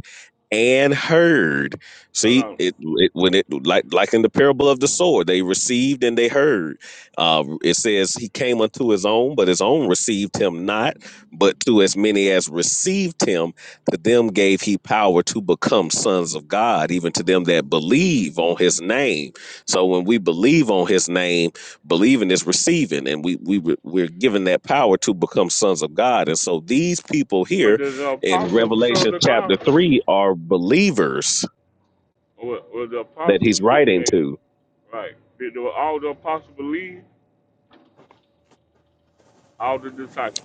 Speaker 19: and heard.
Speaker 1: No,
Speaker 19: See,
Speaker 1: no.
Speaker 19: it, it when it like like in the parable of the sword, they received and they heard. Uh, it says he came unto his own, but his own received him not. But to as many as received him, to them gave he power to become sons of God, even to them that believe on his name so when we believe on his name, believing is receiving, and we we re- we're given that power to become sons of God. And so these people
Speaker 1: Were
Speaker 19: here
Speaker 1: the, the
Speaker 19: in
Speaker 1: apostles sons
Speaker 19: Revelation
Speaker 1: of
Speaker 19: chapter
Speaker 1: God?
Speaker 19: three are believers
Speaker 1: Or were, were the
Speaker 19: that
Speaker 1: apostles
Speaker 19: he's
Speaker 1: didn't
Speaker 19: writing
Speaker 1: they
Speaker 19: to.
Speaker 1: like did the, all the apostles believe? All the disciples.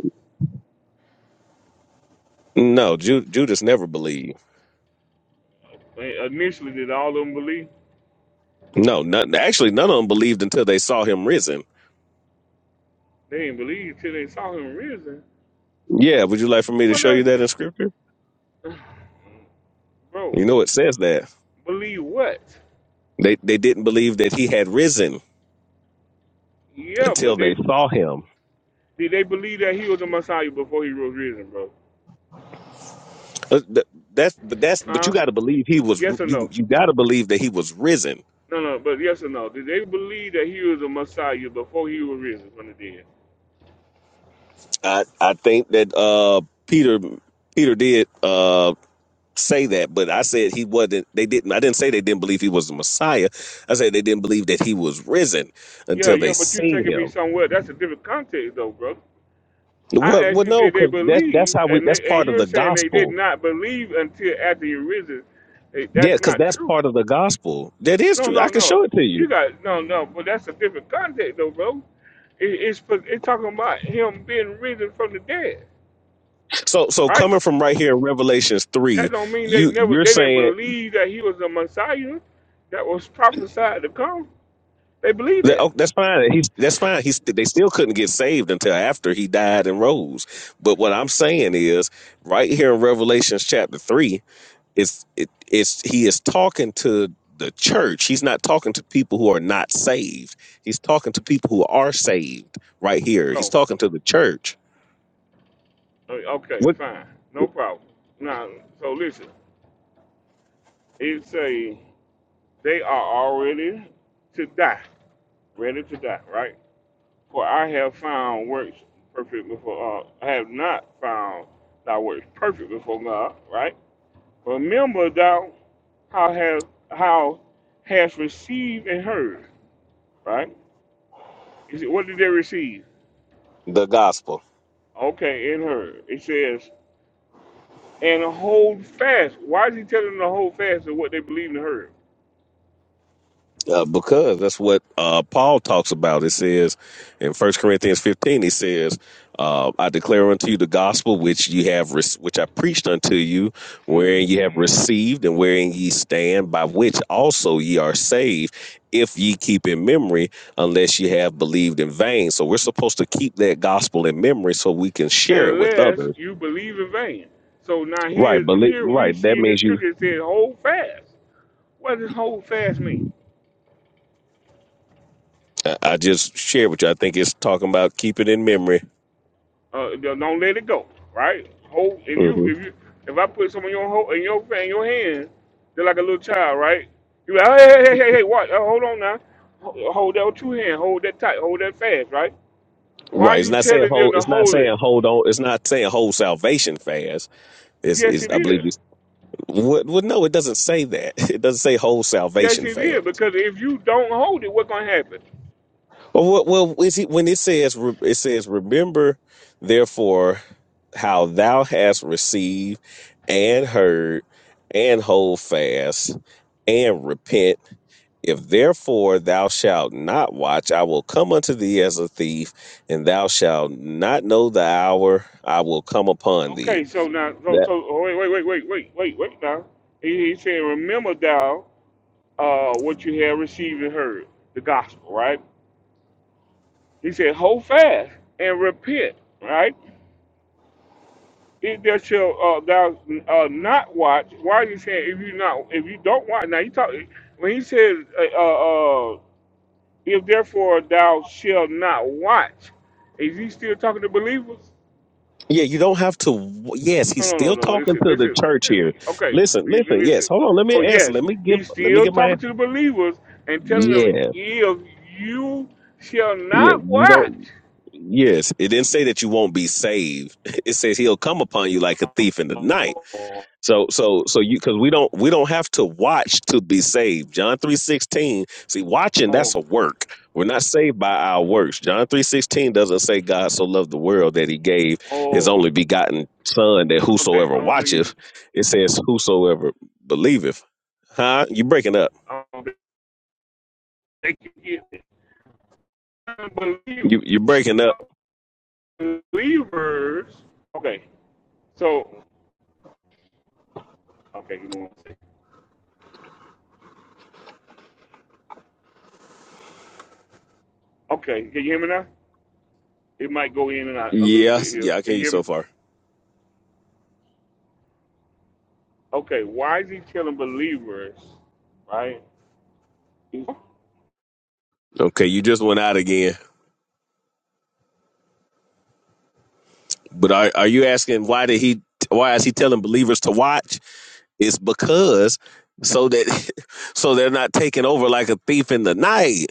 Speaker 19: No, Ju- Judas never believed.
Speaker 1: They- initially did all of them believe?
Speaker 19: No, none, actually, none of them believed until they saw him risen.
Speaker 1: They didn't believe till they saw him risen.
Speaker 19: Yeah, would you like for me to
Speaker 1: What
Speaker 19: show you
Speaker 1: that
Speaker 19: that in scripture?
Speaker 1: bro,
Speaker 19: You know, it says that
Speaker 1: believe what?
Speaker 19: they they didn't believe that he had risen
Speaker 1: Yeah, but
Speaker 19: until
Speaker 1: they
Speaker 19: they saw him.
Speaker 1: did they believe that he was the Messiah before he was risen, bro?
Speaker 19: Uh, th- That's but that's but
Speaker 1: Huh?
Speaker 19: you got to believe he was r-
Speaker 1: Yes or
Speaker 19: you
Speaker 1: no?
Speaker 19: you got to believe that he was risen.
Speaker 1: No, no, but yes or no? Did they believe that he was the Messiah before he was risen from the dead?
Speaker 19: I I think that uh Peter Peter did uh say that, but I said he wasn't. They didn't. I didn't say they didn't believe he was the Messiah. I said they didn't believe that he was risen
Speaker 1: Yeah,
Speaker 19: until they
Speaker 1: yeah, but you
Speaker 19: seen
Speaker 1: taking me
Speaker 19: him.
Speaker 1: somewhere. That's a different context, though, bro.
Speaker 19: Well,
Speaker 1: I asked
Speaker 19: well,
Speaker 1: you,
Speaker 19: no,
Speaker 1: did they
Speaker 19: because that's that's
Speaker 1: believe?
Speaker 19: how we.
Speaker 1: And
Speaker 19: That's
Speaker 1: they, and
Speaker 19: part of
Speaker 1: you're
Speaker 19: the
Speaker 1: saying they did
Speaker 19: gospel.
Speaker 1: not believe until after you risen. Hey,
Speaker 19: Yeah,
Speaker 1: that's
Speaker 19: because
Speaker 1: not
Speaker 19: that's
Speaker 1: true.
Speaker 19: part of the gospel. That is
Speaker 1: No,
Speaker 19: true. I
Speaker 1: no,
Speaker 19: can
Speaker 1: no.
Speaker 19: show it to you.
Speaker 1: You got no, no. But that's a different context, though, bro. It, it's for- it's talking about him being risen from the dead,
Speaker 19: So so
Speaker 1: right?
Speaker 19: coming from right here in Revelations
Speaker 1: That
Speaker 19: three,
Speaker 1: don't mean they
Speaker 19: you
Speaker 1: never
Speaker 19: you're
Speaker 1: they didn't
Speaker 19: saying.
Speaker 1: believe that he was a Messiah that was prophesied to come. They believe
Speaker 19: That-
Speaker 1: that,
Speaker 19: oh, that's fine. He's that's fine. He's they still couldn't get saved until after he died and rose. But what I'm saying is, right here in Revelations chapter three, it's it, it's he is talking to the church. He's not talking to people who are not saved. He's talking to people who are saved. Right here, he's
Speaker 1: bro.
Speaker 19: talking to the church.
Speaker 1: O- Okay,
Speaker 19: What
Speaker 1: fine, no problem. Now, so listen, it say they are already to die. ready to die, right? For I have found works perfect before, uh, I have not found thy works perfect before God, right? Remember thou how have how hast received and heard, right? He said, what did they receive?
Speaker 19: the gospel?
Speaker 1: Okay, and heard. It says, and hold fast. Why is he telling them to hold fast to what they believed and heard?
Speaker 19: Uh, because that's what uh, Paul talks about. It says in First Corinthians 15, he says, uh, I declare unto you the gospel which you have, rec- which I preached unto you, wherein ye
Speaker 1: Mhm.
Speaker 19: have received and wherein ye stand, by which also ye are saved, if ye keep in memory, unless ye have believed in vain. So we're supposed to keep that gospel in memory so we can share it with
Speaker 1: Unless
Speaker 19: others.
Speaker 1: you believe in vain. So now
Speaker 19: Right,
Speaker 1: here,
Speaker 19: believe,
Speaker 1: here we
Speaker 19: right. That
Speaker 1: see in this
Speaker 19: means you.
Speaker 1: scripture it says, hold fast. What does hold fast mean?
Speaker 19: I I just shared with you. I think it's talking about keep it in memory.
Speaker 1: Uh, don't let it go, right? Hold if you if you if I put some in your ho in your in your hand, they're like a little child, right? You like hey hey hey hey hey what? Uh, hold on now, Ho- hold that with two hands, hold that tight, hold that fast, right? Why are
Speaker 19: Right. It's
Speaker 1: you
Speaker 19: not saying
Speaker 1: telling them
Speaker 19: hold.
Speaker 1: to
Speaker 19: It's not
Speaker 1: hold
Speaker 19: saying
Speaker 1: it?
Speaker 19: hold on. It's not saying hold salvation fast. Is
Speaker 1: Yes,
Speaker 19: is
Speaker 1: it
Speaker 19: I
Speaker 1: is.
Speaker 19: believe you. What, well, no, it doesn't say that. It doesn't say hold
Speaker 1: Yes,
Speaker 19: salvation
Speaker 1: it is.
Speaker 19: fast.
Speaker 1: Because if you don't hold it, what's gonna happen?
Speaker 19: Well, what, well, is it when it says re- it says remember, therefore, how thou hast received and heard, and hold fast and repent. If therefore thou shalt not watch, I will come unto thee as a thief, and thou shalt not know the hour I will come upon thee
Speaker 1: Okay, so now, so,
Speaker 19: That
Speaker 1: so oh, wait, wait, wait, wait, wait, wait, wait now. He, he said, remember thou uh, what you have received and heard, the gospel, right? He said, hold fast and repent, right? If that shall uh, thou uh, not watch, why is he saying if you not if you don't watch? Now you talk when he says uh, uh, uh, if therefore thou shalt not watch, is he still talking to believers?
Speaker 19: yeah, you don't have to. Yes, he's
Speaker 1: No, no, no,
Speaker 19: still
Speaker 1: no. no.
Speaker 19: talking
Speaker 1: Listen,
Speaker 19: to the
Speaker 1: listen,
Speaker 19: church here.
Speaker 1: listen. Okay,
Speaker 19: Listen,
Speaker 1: li-
Speaker 19: listen.
Speaker 1: li-
Speaker 19: Yes,
Speaker 1: listen.
Speaker 19: hold on. Let me
Speaker 1: So
Speaker 19: answer.
Speaker 1: yes,
Speaker 19: Let me give.
Speaker 1: he's
Speaker 19: Let me
Speaker 1: still
Speaker 19: get my
Speaker 1: talking
Speaker 19: answer.
Speaker 1: to the believers and telling them
Speaker 19: Yes,
Speaker 1: if you shall
Speaker 19: yeah.
Speaker 1: not
Speaker 19: You
Speaker 1: watch.
Speaker 19: don't. Yes, it didn't say that you won't be saved. It says he'll come upon you like a thief in the night.
Speaker 1: Oh,
Speaker 19: So so so you because we don't we don't have to watch to be saved. John three sixteen. See, watching that's
Speaker 1: oh,
Speaker 19: a work. We're not saved by our works. John three sixteen doesn't say God so loved the world that he gave his
Speaker 1: oh.
Speaker 19: only begotten Son that
Speaker 1: Okay,
Speaker 19: whosoever
Speaker 1: I don't know you.
Speaker 19: watcheth. It says whosoever believeth. Huh? You breaking up?
Speaker 1: Um, they can get unbelievers.
Speaker 19: You you breaking up?
Speaker 1: believers. Okay, so okay, give me one second. Okay, can you hear me now? It might go in and out a little bit
Speaker 19: Yes.
Speaker 1: here.
Speaker 19: Yeah, I can
Speaker 1: Can
Speaker 19: hear
Speaker 1: you
Speaker 19: you
Speaker 1: hear me?
Speaker 19: so far.
Speaker 1: Okay, why is he telling believers, right?
Speaker 19: Okay, you just went out again. But are are you asking why did he? Why is he telling believers to watch? It's because so that so they're not taking over like a thief in the night.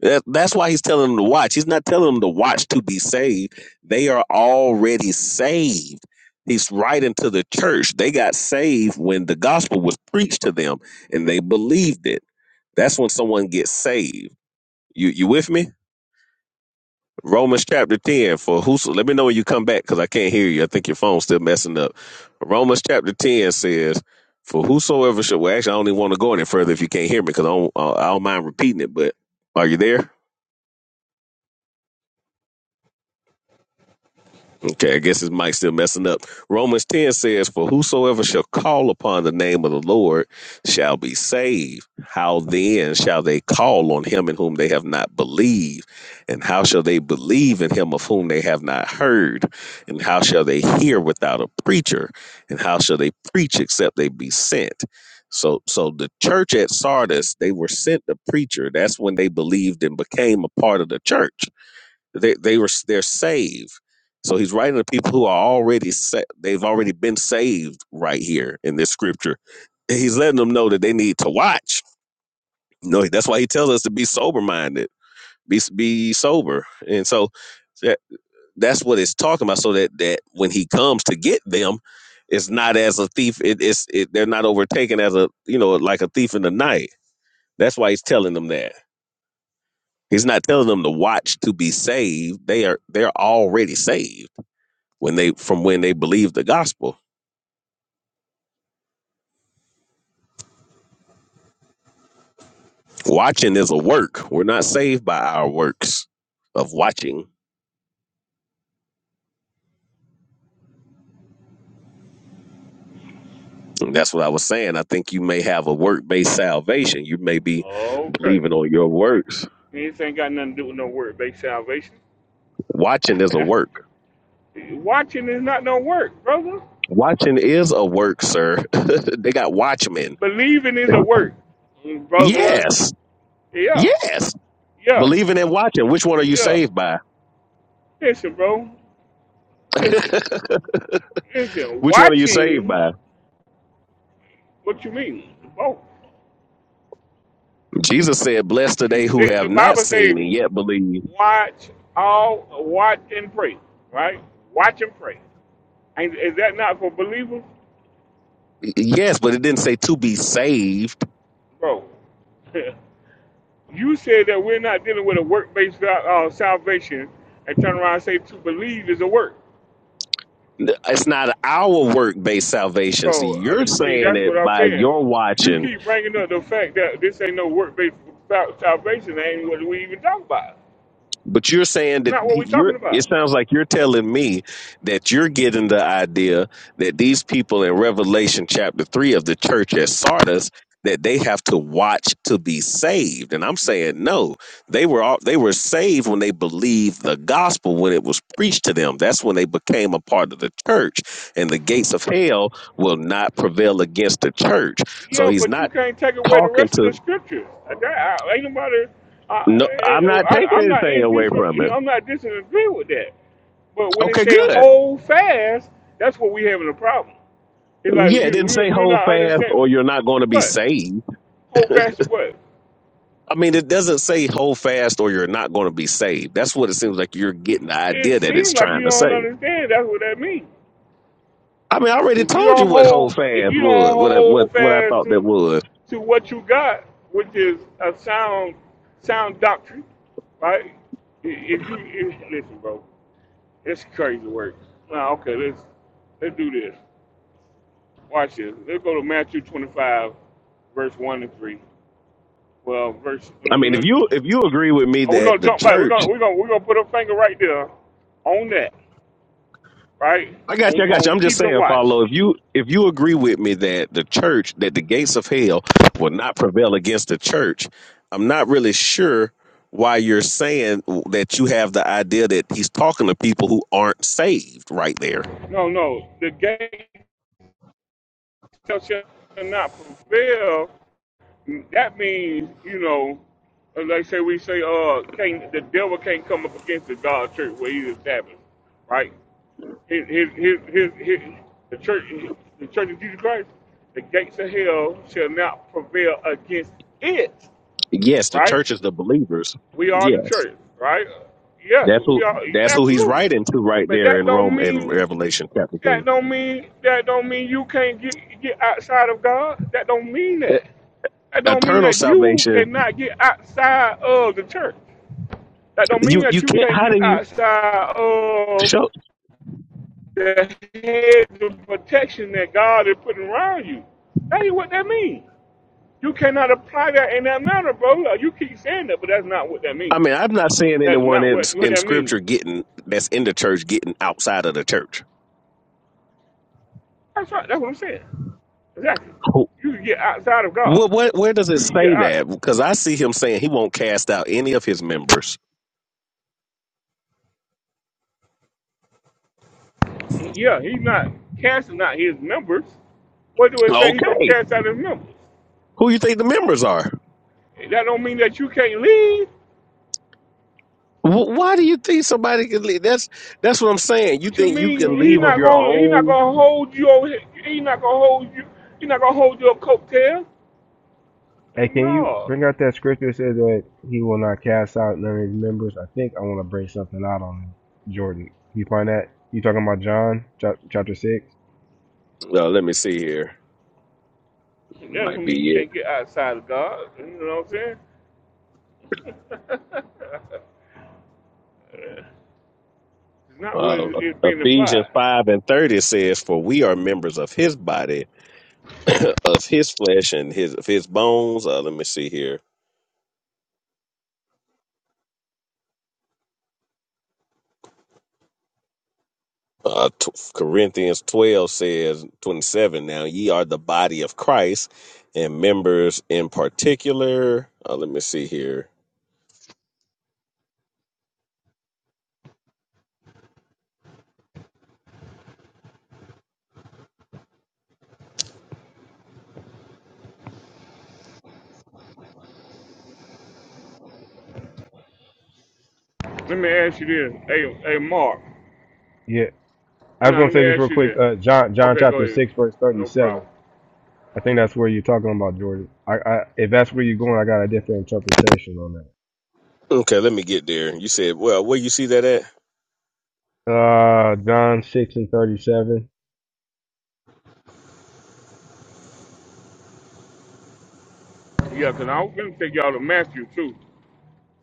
Speaker 19: That, that's why he's telling them to watch. He's not telling them to watch to be saved. They are already saved. He's writing to the church. They got saved when the gospel was preached to them and they believed it. That's when someone gets saved. You you with me? Romans chapter 10 for whoso let me know when you come back because I can't hear you. I think your phone's still messing up. Romans chapter 10 says, For whosoever shall, well, actually, I don't even want to go any further if you can't hear me because I don't, I I don't mind repeating it. But are you there? Okay, I guess his mic's still messing up. Romans 10 says, For whosoever shall call upon the name of the Lord shall be saved. How then shall they call on him in whom they have not believed? And how shall they believe in him of whom they have not heard? And how shall they hear without a preacher? And how shall they preach except they be sent? So so the church at Sardis, they were sent a preacher. That's when they believed and became a part of the church they they were they're saved. So he's writing to people who are already set. they've already been saved right here in this scripture. He's letting them know that they need to watch. No, that's why he tells us to be sober minded, be be sober. And so that, that's what it's talking about. So that that when he comes to get them, it's not as a thief. It, it's it, they're not overtaken as a you know like a thief in the night. That's why he's telling them that. He's not telling them to watch to be saved. They are they're already saved when they from when they believe the gospel. Watching is a work. We're not saved by our works of watching. And that's what I was saying. I think you may have a work based salvation. You may be
Speaker 1: Okay,
Speaker 19: believing on your works.
Speaker 1: this ain't got nothing to do with no work-based salvation.
Speaker 19: Watching is a work.
Speaker 1: Watching is not no work, brother.
Speaker 19: Watching is a work, sir. they got watchmen.
Speaker 1: Believing is a work, Mm, brother.
Speaker 19: Yes.
Speaker 1: Yeah,
Speaker 19: Yes.
Speaker 1: yeah,
Speaker 19: Believing and watching. Which one are you
Speaker 1: yeah.
Speaker 19: saved by?
Speaker 1: Listen, bro. Listen. Listen,
Speaker 19: Which one are you saved
Speaker 1: watching
Speaker 19: by?
Speaker 1: what you mean? Both.
Speaker 19: Jesus said, Blessed are
Speaker 1: You,
Speaker 19: they who
Speaker 1: the,
Speaker 19: have
Speaker 1: the
Speaker 19: not
Speaker 1: Bible says,
Speaker 19: seen and yet believe.
Speaker 1: "Watch all, watch and pray." Right? Watch and pray. And is that not for believers,
Speaker 19: Yes, but it didn't say to be saved.
Speaker 1: bro? you said that we're not dealing with a work-based uh, uh, salvation, and turn around and say to believe is a work,
Speaker 19: It's not our work based salvation. See,
Speaker 1: bro. uh,
Speaker 19: you're
Speaker 1: See,
Speaker 19: saying
Speaker 1: that's what
Speaker 19: it
Speaker 1: I'm
Speaker 19: by
Speaker 1: saying.
Speaker 19: your
Speaker 1: You
Speaker 19: watching
Speaker 1: keep bringing up the fact that this ain't no work-based sal- salvation. That ain't what we even talk about.
Speaker 19: But you're saying that
Speaker 1: Not what we're
Speaker 19: he- you're.
Speaker 1: talking
Speaker 19: It
Speaker 1: about.
Speaker 19: sounds like you're telling me that you're getting the idea that these people in Revelation chapter three of the church at Sardis that they have to watch to be saved, and I'm saying no. They were all, they were saved when they believed the gospel when it was preached to them. That's when they became a part of the church, and the gates of hell will not prevail against the church. So
Speaker 1: Yeah,
Speaker 19: he's
Speaker 1: but you
Speaker 19: not
Speaker 1: can't take away the
Speaker 19: talking
Speaker 1: rest of the
Speaker 19: to.
Speaker 1: scriptures. That, I, ain't nobody.
Speaker 19: No,
Speaker 1: I,
Speaker 19: I'm not
Speaker 1: I,
Speaker 19: taking
Speaker 1: I'm not
Speaker 19: anything
Speaker 1: in dis.
Speaker 19: away from it.
Speaker 1: I'm not disagree with that. But when they
Speaker 19: Okay,
Speaker 1: say
Speaker 19: good.
Speaker 1: hold fast, that's what we having a problem. It's like
Speaker 19: Yeah, it
Speaker 1: you,
Speaker 19: didn't say
Speaker 1: you you're
Speaker 19: hold
Speaker 1: not
Speaker 19: fast
Speaker 1: understanding.
Speaker 19: or you're not
Speaker 1: To
Speaker 19: going to be
Speaker 1: what?
Speaker 19: saved.
Speaker 1: Hold fast to what?
Speaker 19: I mean, it doesn't say hold fast or you're not going to be saved. That's what it seems like you're getting the
Speaker 1: It
Speaker 19: idea that it's
Speaker 1: seems like you
Speaker 19: trying to
Speaker 1: don't
Speaker 19: say.
Speaker 1: understand. That's what that means.
Speaker 19: I mean, I already
Speaker 1: if you
Speaker 19: told you
Speaker 1: don't
Speaker 19: what hold
Speaker 1: hold if
Speaker 19: fast
Speaker 1: you don't
Speaker 19: was, what I, what
Speaker 1: hold
Speaker 19: what I
Speaker 1: fast
Speaker 19: thought that
Speaker 1: to
Speaker 19: was.
Speaker 1: to what you got, which is a sound sound doctrine, right? If you if, listen, bro, it's crazy work. Now, okay, let's let's do this. Watch this. Let's go to Matthew 25, verse one and three. Well, verse. uh,
Speaker 19: I mean,
Speaker 1: uh,
Speaker 19: if you
Speaker 1: uh,
Speaker 19: if you agree with me
Speaker 1: Oh, we're
Speaker 19: that
Speaker 1: gonna
Speaker 19: the
Speaker 1: jump back. We're
Speaker 19: church
Speaker 1: gonna we're gonna we're gonna put a finger right there on that, right?
Speaker 19: I got
Speaker 1: On
Speaker 19: you. I got you.
Speaker 1: on
Speaker 19: I'm just
Speaker 1: keeping
Speaker 19: saying,
Speaker 1: watch.
Speaker 19: follow. If you if you agree with me that the church, that the gates of hell will not prevail against the church, I'm not really sure why you're saying that you have the idea that he's talking to people who aren't saved right there.
Speaker 1: No, no, the gate Shall not prevail, that means, you know, uh, like say we say, uh, can't the devil can't come up against the God church where he was established, right? His his his his, his the church the church of Jesus Christ, the gates of hell shall not prevail against it,
Speaker 19: Yes, the
Speaker 1: right?
Speaker 19: church is the believers.
Speaker 1: We are the
Speaker 19: Yes.
Speaker 1: church, right? Yeah,
Speaker 19: That's
Speaker 1: we
Speaker 19: who
Speaker 1: are
Speaker 19: that's who he's
Speaker 1: absolutely.
Speaker 19: writing to right
Speaker 1: But
Speaker 19: there
Speaker 1: that
Speaker 19: in
Speaker 1: don't
Speaker 19: Rome in
Speaker 1: mean
Speaker 19: Revelation chapter
Speaker 1: that
Speaker 19: 3.
Speaker 1: don't mean that don't mean you can't get get outside of God. That don't mean
Speaker 19: E-
Speaker 1: that. That don't mean
Speaker 19: Eternal
Speaker 1: that you
Speaker 19: salvation.
Speaker 1: cannot get outside of the church. That don't mean
Speaker 19: You
Speaker 1: that
Speaker 19: you
Speaker 1: you
Speaker 19: can't
Speaker 1: can't
Speaker 19: how do
Speaker 1: get
Speaker 19: you
Speaker 1: outside of
Speaker 19: show?
Speaker 1: the hedge of protection that God is putting around you. That ain't what that means. You cannot apply that in that manner, bro. Like, You keep saying that, but that's not what that
Speaker 19: I
Speaker 1: means.
Speaker 19: mean, I'm not seeing
Speaker 1: That is
Speaker 19: anyone
Speaker 1: not
Speaker 19: in
Speaker 1: what, what
Speaker 19: in
Speaker 1: that means.
Speaker 19: scripture getting that's in the church getting outside of the church.
Speaker 1: That's right. That's what I'm saying. Exactly.
Speaker 19: Who-
Speaker 1: You can get outside of God.
Speaker 19: What what where does it
Speaker 1: You can get
Speaker 19: say
Speaker 1: out.
Speaker 19: that? Because I see him saying he won't cast out any of his members.
Speaker 1: Yeah, he's not casting out his members. What do it say? He's gonna
Speaker 19: Okay,
Speaker 1: cast out his members.
Speaker 19: who you think the members are?
Speaker 1: That don't mean that you can't leave.
Speaker 19: Wh- Why do you think somebody can leave? That's that's what I'm saying. You
Speaker 1: What you
Speaker 19: think you can
Speaker 1: mean? He
Speaker 19: leave of
Speaker 1: not
Speaker 19: your
Speaker 1: gonna he not
Speaker 19: own?
Speaker 1: gonna hold you over. here. He not gonna hold you. He not gonna hold your coattail.
Speaker 23: Hey, can you
Speaker 1: No,
Speaker 23: bring out that scripture that says that he will not cast out none of his members? I think I want to bring something out on that. Jordan. Can you find that? You talking about John chap- chapter six?
Speaker 19: Well, let me see here.
Speaker 1: that don't
Speaker 19: Might
Speaker 1: mean you
Speaker 19: be it.
Speaker 1: can't get outside of God. You know what I'm saying? it's not what
Speaker 19: Uh,
Speaker 1: it's being
Speaker 19: Ephesians
Speaker 1: implied.
Speaker 19: five and thirty says, "For we are members of His body, of His flesh, and His of His bones." Uh, let me see here. Uh, t- Corinthians 12 says, 27, now ye are the body of Christ and members in particular. Uh, let me see here.
Speaker 1: Let me ask you this. Hey, hey, Mark.
Speaker 23: Yeah. I was
Speaker 1: Now
Speaker 23: gonna
Speaker 1: let
Speaker 23: say
Speaker 1: me
Speaker 23: this real
Speaker 1: ask you
Speaker 23: quick.
Speaker 1: this.
Speaker 23: Uh, John John
Speaker 1: Okay, go
Speaker 23: chapter
Speaker 1: ahead.
Speaker 23: six verse thirty
Speaker 1: No
Speaker 23: seven.
Speaker 1: problem.
Speaker 23: I think that's where you're talking about Jordan. I, I if that's where you're going, I got a different interpretation on
Speaker 19: Okay, let me get there. You said, well, where you see that at?
Speaker 23: that. Uh, John six and thirty seven.
Speaker 1: Yeah, because I was going to take y'all to Matthew, too.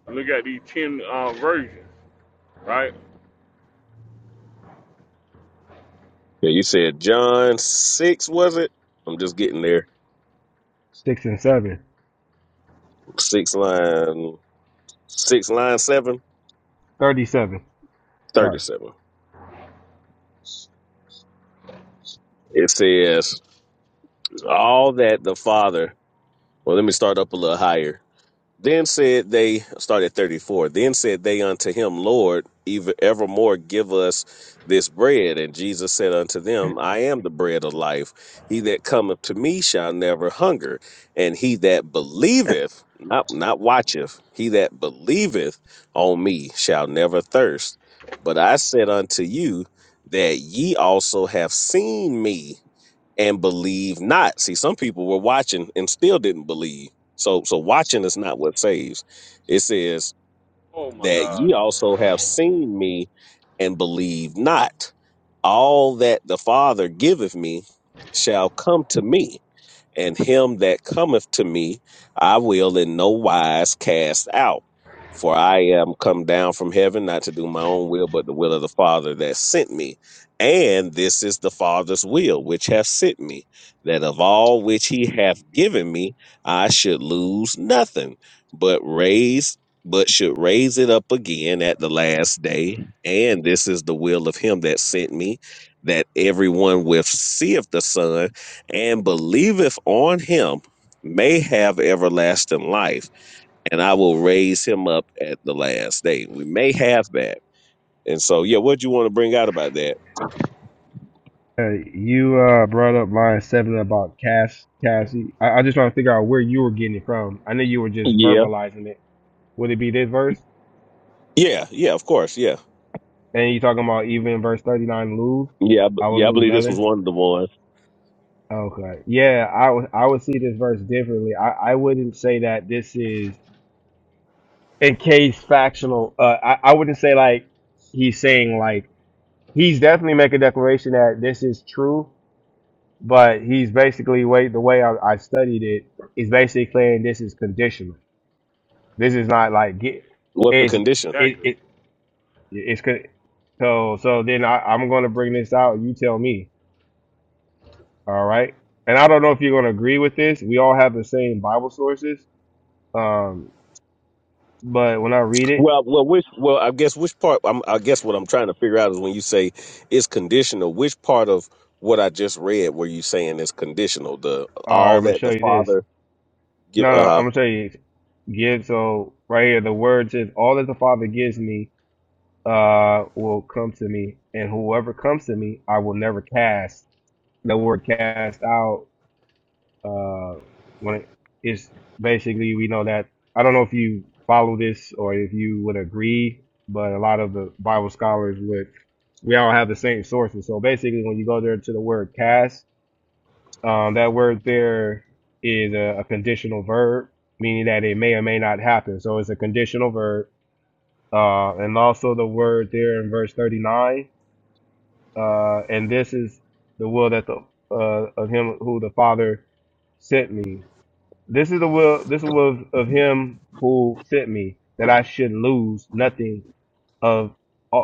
Speaker 1: Look at these 10 uh, versions, right?
Speaker 19: Yeah, you said John 6, was it? I'm just getting there.
Speaker 23: Six and seven,
Speaker 19: Six line, six line seven
Speaker 23: thirty-seven.
Speaker 19: thirty
Speaker 23: Sorry.
Speaker 19: seven. It says, all that the Father, well, let me start up a little higher. Then said they, start at 34. Then said they unto him, Lord, even evermore give us this bread. And Jesus said unto them, I am the bread of life. He that cometh to me shall never hunger. And he that believeth, not, not watcheth, he that believeth on me shall never thirst. But I said unto you that ye also have seen me and believe not. See, some people were watching and still didn't believe. So so watching is not what saves. It says
Speaker 1: Oh, my
Speaker 19: that
Speaker 1: God.
Speaker 19: ye also have seen me and believe not. All that the Father giveth me shall come to me and him that cometh to me I will in no wise cast out. For I am come down from heaven not to do my own will, but the will of the Father that sent me. And this is the Father's will which hath sent me, that of all which he hath given me I should lose nothing, but raise but should raise it up again at the last day. And this is the will of him that sent me, that everyone which seeth the Son and believeth on him may have everlasting life, and I will raise him up at the last day. We may have that. And so, yeah, what do you want to bring out about that?
Speaker 23: Hey, you uh, brought up line seven about Cass Cassie. I, I just trying to figure out where you were getting it from. I knew you were just
Speaker 19: Yeah.
Speaker 23: verbalizing it. Would it be this verse?
Speaker 19: Yeah, yeah, of course, yeah.
Speaker 23: And you talking about even verse thirty nine lose?
Speaker 19: Yeah, I b-
Speaker 23: I would
Speaker 19: yeah, I
Speaker 23: lose
Speaker 19: believe this was
Speaker 23: nothing.
Speaker 19: one of the ones.
Speaker 23: Okay, yeah, I would I would see this verse differently. I I wouldn't say that this is in case factional. Uh, I I wouldn't say like he's saying like he's definitely making a declaration that this is true. but he's basically way the way I, I studied it is basically saying this is conditional. This is not like get
Speaker 19: What's the
Speaker 23: it's
Speaker 19: condition?
Speaker 23: it
Speaker 1: Exactly.
Speaker 23: it it's con- so so then I, I'm gonna bring this out. You tell me, all right? And I don't know if you're gonna agree with this. We all have the same Bible sources, um, but when I read it,
Speaker 19: Well, well, which, well, I guess which part? I'm, I guess what I'm trying to figure out is when you say it's conditional. Which part of what I just read were you saying is conditional? The
Speaker 23: all right,
Speaker 19: all
Speaker 23: I'm gonna
Speaker 19: that
Speaker 23: show
Speaker 19: the
Speaker 23: you this.
Speaker 19: Father give.
Speaker 23: No, no,
Speaker 19: Uh huh.
Speaker 23: I'm gonna show you. Give so right here the word says all that the Father gives me uh, will come to me, and whoever comes to me, I will never cast. The word cast out, uh, when it is basically, we know that. I don't know if you follow this or if you would agree, but a lot of the Bible scholars would, we all have the same sources. So basically, when you go there to the word cast, um, that word there is a, a conditional verb, meaning that it may or may not happen. So it's a conditional verb. Uh, and also the word there in verse 39 uh, and this is the will that the uh, of him who the Father sent me. This is the will. This is the will of him who sent me, that I should lose nothing of uh,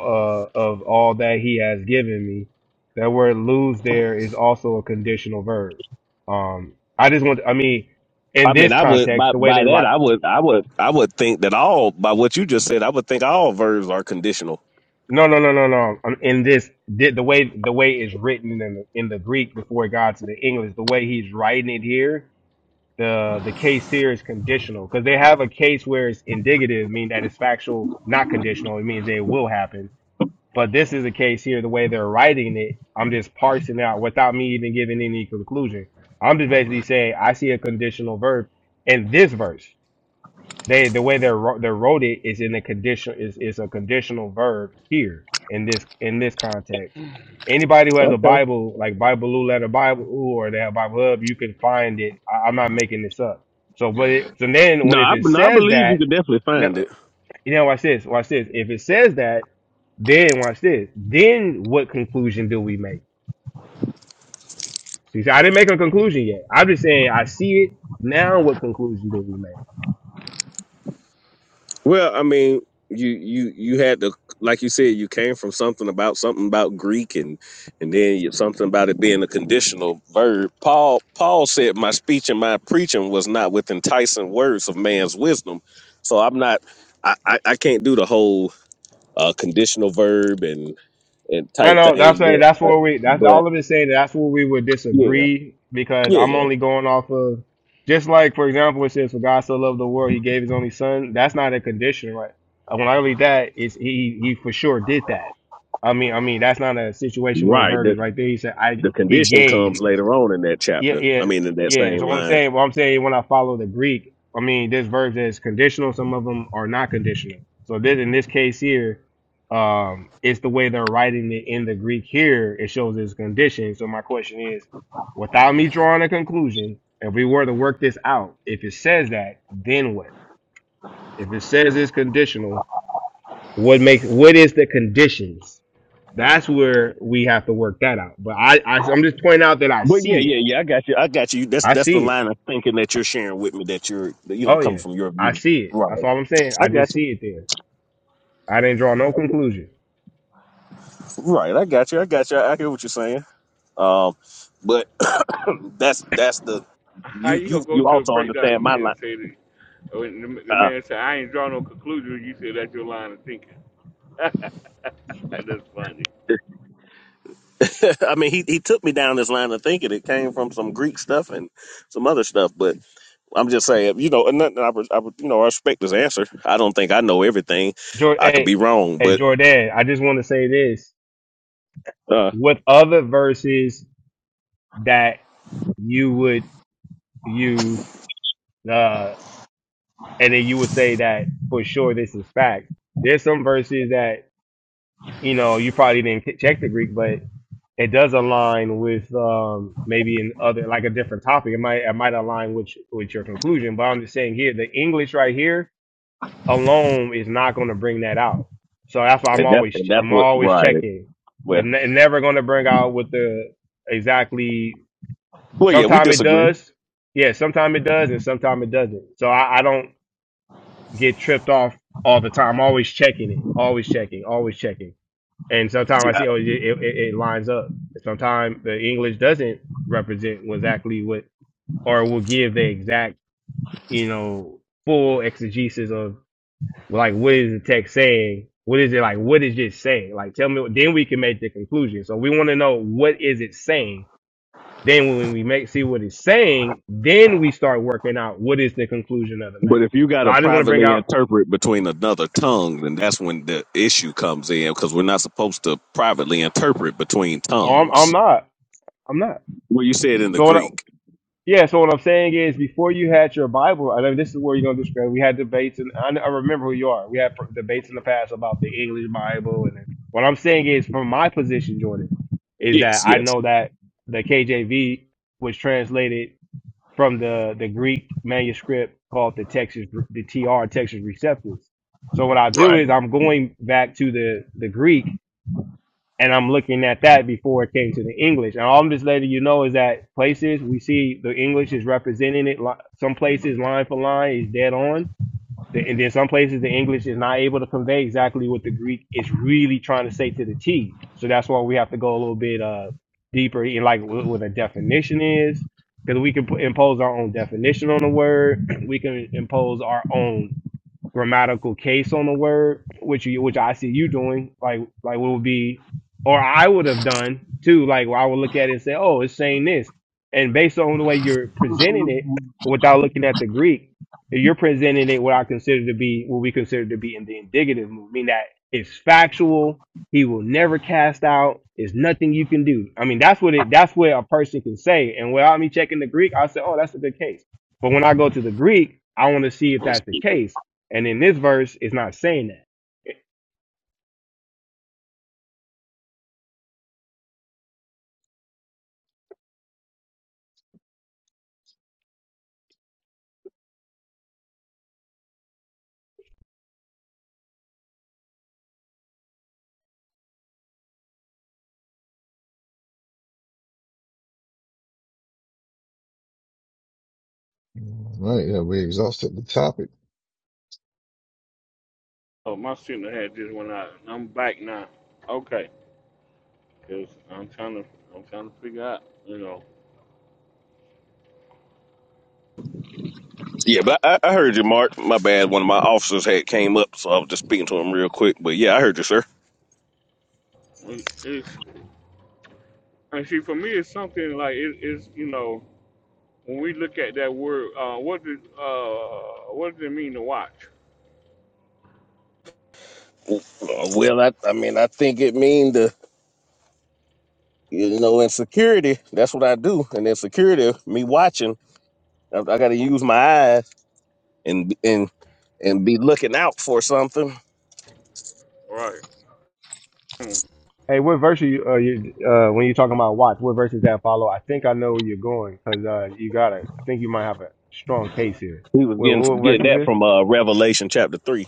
Speaker 23: of all that he has given me. That word "lose" there is also a conditional verb. Um, I just want. I mean, in
Speaker 19: I mean,
Speaker 23: this
Speaker 19: I would
Speaker 23: context,
Speaker 19: by
Speaker 23: the way
Speaker 19: by
Speaker 23: they
Speaker 19: that
Speaker 23: write.
Speaker 19: I would I would I would think that all by what you just said, I would think all verbs are conditional.
Speaker 23: No, no, no, no, no. Um, In this, the the way the way it's written in the, in the Greek before it got to the English, the way he's writing it here the the case here is conditional because they have a case where it's indicative, meaning that it's factual, not conditional. It means that it will happen. But this is a case here, the way they're writing it, I'm just parsing out without me even giving any conclusion. I'm just basically saying I see a conditional verb in this verse. They the way they're wro- they're wrote it is in a condition is is a conditional verb here in this in this context. Anybody who has a
Speaker 19: Okay.
Speaker 23: Bible like Bible Blue Letter Bible or they have Bible Hub, you can find it. I, I'm not making this up. So but it, so then
Speaker 19: No,
Speaker 23: when if
Speaker 19: I,
Speaker 23: it
Speaker 19: no, I
Speaker 23: says
Speaker 19: believe you
Speaker 23: that,
Speaker 19: could definitely find
Speaker 23: now-
Speaker 19: it.
Speaker 23: you know watch this watch this. If it says that, then watch this. Then what conclusion do we make? See, so I didn't make a conclusion yet. I'm just saying I see it now. What conclusion do we make?
Speaker 19: Well, I mean, you you you had to like you said, you came from something about something about Greek and and then you, something about it being a conditional verb. Paul Paul said, "My speech and my preaching was not with enticing words of man's wisdom." So I'm not. I I, I can't do the whole uh, conditional verb and. and
Speaker 23: I
Speaker 19: type
Speaker 23: know that's
Speaker 19: thing.
Speaker 23: right.
Speaker 19: But
Speaker 23: That's
Speaker 19: but,
Speaker 23: where we. That's all
Speaker 19: but
Speaker 23: of it saying. That's where we would
Speaker 19: yeah,
Speaker 23: disagree because I'm
Speaker 19: yeah,
Speaker 23: only going off of just like for example, it says for God so loved the world, He gave His only Son. That's not a condition, right? Uh, When I read that, it's He He for sure did that. I mean, I mean that's not a situation where
Speaker 19: right.
Speaker 23: verb
Speaker 19: The
Speaker 23: is right there. He said I
Speaker 19: the
Speaker 23: He
Speaker 19: condition
Speaker 23: gave.
Speaker 19: comes later on in that
Speaker 23: Yeah,
Speaker 19: chapter.
Speaker 23: yeah,
Speaker 19: I mean, in that
Speaker 23: yeah.
Speaker 19: same
Speaker 23: So what I'm
Speaker 19: line.
Speaker 23: saying, what I'm saying, when I follow the Greek, I mean, this verse is conditional. Some of them are not conditional. So this, in this case here, um, it's the way they're writing it in the Greek here. It shows it's conditioned. So my question is, without me drawing a conclusion, if we were to work this out, if it says that, then what? If it says it's conditional, what makes what is the conditions? That's where we have to work that out. But I, I I'm just pointing out that I
Speaker 19: But yeah,
Speaker 23: see it.
Speaker 19: yeah, yeah. I got you. I got you. That's
Speaker 23: I
Speaker 19: that's
Speaker 23: see
Speaker 19: the
Speaker 23: it.
Speaker 19: line of thinking that you're sharing with me. That you're that, you know
Speaker 23: Oh
Speaker 19: coming
Speaker 23: yeah,
Speaker 19: from your
Speaker 23: I
Speaker 19: view.
Speaker 23: see it. That's
Speaker 19: Right.
Speaker 23: all I'm saying. I
Speaker 19: I
Speaker 23: just
Speaker 19: got you.
Speaker 23: see it there. I didn't draw no conclusion.
Speaker 19: Right. I got you. I got you. I, hear what you're saying. Um, but that's that's the
Speaker 1: How
Speaker 19: you
Speaker 1: you gonna
Speaker 19: you
Speaker 1: go
Speaker 19: you
Speaker 1: to a
Speaker 19: also
Speaker 1: breakdown
Speaker 19: understand
Speaker 1: and
Speaker 19: my
Speaker 1: then
Speaker 19: line.
Speaker 1: say that when the, the
Speaker 19: Uh,
Speaker 1: man said I ain't draw no conclusion, you said that's your line of thinking. that's funny.
Speaker 19: I mean, he, he took me down this line of thinking. It came from some Greek stuff and some other stuff, but I'm just saying, you know, and nothing. I, re- I re- you know, I respect his answer. I don't think I know everything.
Speaker 23: Jor
Speaker 19: I could
Speaker 23: hey,
Speaker 19: be wrong,
Speaker 23: hey
Speaker 19: but
Speaker 23: Jordan, I just want to say this.
Speaker 19: uh,
Speaker 23: With other verses that you would use, uh, and then you would say that for sure this is fact. There's some verses that you know you probably didn't k- check the Greek, but it does align with um maybe in other like a different topic. It might it might align with with your conclusion. But I'm just saying here the English right here alone is not going to bring that out. So that's why I'm
Speaker 19: and that's
Speaker 23: always
Speaker 19: and that's
Speaker 23: I'm
Speaker 19: what
Speaker 23: always
Speaker 19: right.
Speaker 23: checking.
Speaker 19: Well,
Speaker 23: It's ne- never going to bring out what the exactly.
Speaker 19: well, yeah, we
Speaker 23: Sometimes it
Speaker 19: disagree.
Speaker 23: does, yeah. Sometimes it does, and sometimes it doesn't. So I, I don't get tripped off all the time. I'm always checking it, always checking, always checking. And sometimes I
Speaker 19: Yeah,
Speaker 23: see oh it it, it it lines up. Sometimes the English doesn't represent exactly what or will give the exact you know full exegesis of well, like what is the text saying? What is it like? What is it saying? Like tell me. Then we can make the conclusion. So we want to know what is it saying. Then when we make see what it's saying, then we start working out what is the conclusion of the matter.
Speaker 19: but if you got
Speaker 23: So
Speaker 19: to
Speaker 23: I just want to bring
Speaker 19: privately
Speaker 23: out.
Speaker 19: interpret between another tongue, then that's when the issue comes in because we're not supposed to privately interpret between
Speaker 23: Oh, I'm, I'm
Speaker 19: tongues.
Speaker 23: not. I'm not.
Speaker 19: Well, you said in the
Speaker 23: So what? I.
Speaker 19: Greek.
Speaker 23: Yeah, so what I'm saying is, before you had your Bible, I mean, this is where you're gonna discredit. We had debates, and I, I remember who you are. We had pr- debates in the past about the English Bible, and what I'm saying is, from my position, Jordan, is that
Speaker 19: Yes,
Speaker 23: I
Speaker 19: yes,
Speaker 23: know that the KJV was translated from the the Greek manuscript called the Texas, the TR Texas Receptus. So what I do
Speaker 19: right.
Speaker 23: is, I'm going back to the the Greek and I'm looking at that before it came to the English. And all I'm just letting you know is that places we see the English is representing it. Some places line for line is dead on, and then some places the English is not able to convey exactly what the Greek is really trying to say to the T. So that's why we have to go a little bit uh deeper in like what, a definition is, because we can impose our own definition on the word. We can impose our own grammatical case on the word, which you, which I see you doing, like like what would be, or I would have done too. Like I would look at it and say, oh, it's saying this, and based on the way you're presenting it, without looking at the Greek, you're presenting it what I consider to be what we consider to be in the indicative mood, meaning that it's factual. He will never cast out. There's nothing you can do. I mean, that's what it. That's what a person can say. And without me checking the Greek, I say, oh, that's a good case. But when I go to the Greek, I want to see if that's the case and in this verse, it's not saying that.
Speaker 8: All right, yeah, we exhausted the topic.
Speaker 1: Oh, my signal had just went out. I'm back now. Okay, cause I'm trying to I'm trying to figure out. You know,
Speaker 19: Yeah, but I, I heard you, Mark. My bad. One of my officers had came up, so I was just speaking to him real quick. But yeah, I heard you, sir.
Speaker 1: it- it's and see for me it's something like it, it's you know when we look at that word, uh, what does, uh what does it mean to watch?
Speaker 19: Well, I, I mean, I think it mean the you know insecurity. That's what I do, and insecurity. Me watching, I, I got to use my eyes and and and be looking out for something.
Speaker 1: Right. Hmm.
Speaker 23: Hey, what verse are you, uh, you uh, when you're talking about watch? What verse does that follow? I think I know where you're going because uh, you got it. I think you might have a strong case here.
Speaker 19: He was
Speaker 23: Wait,
Speaker 19: getting
Speaker 23: what verse
Speaker 19: getting
Speaker 23: is
Speaker 19: that
Speaker 23: this?
Speaker 19: from uh, Revelation chapter three,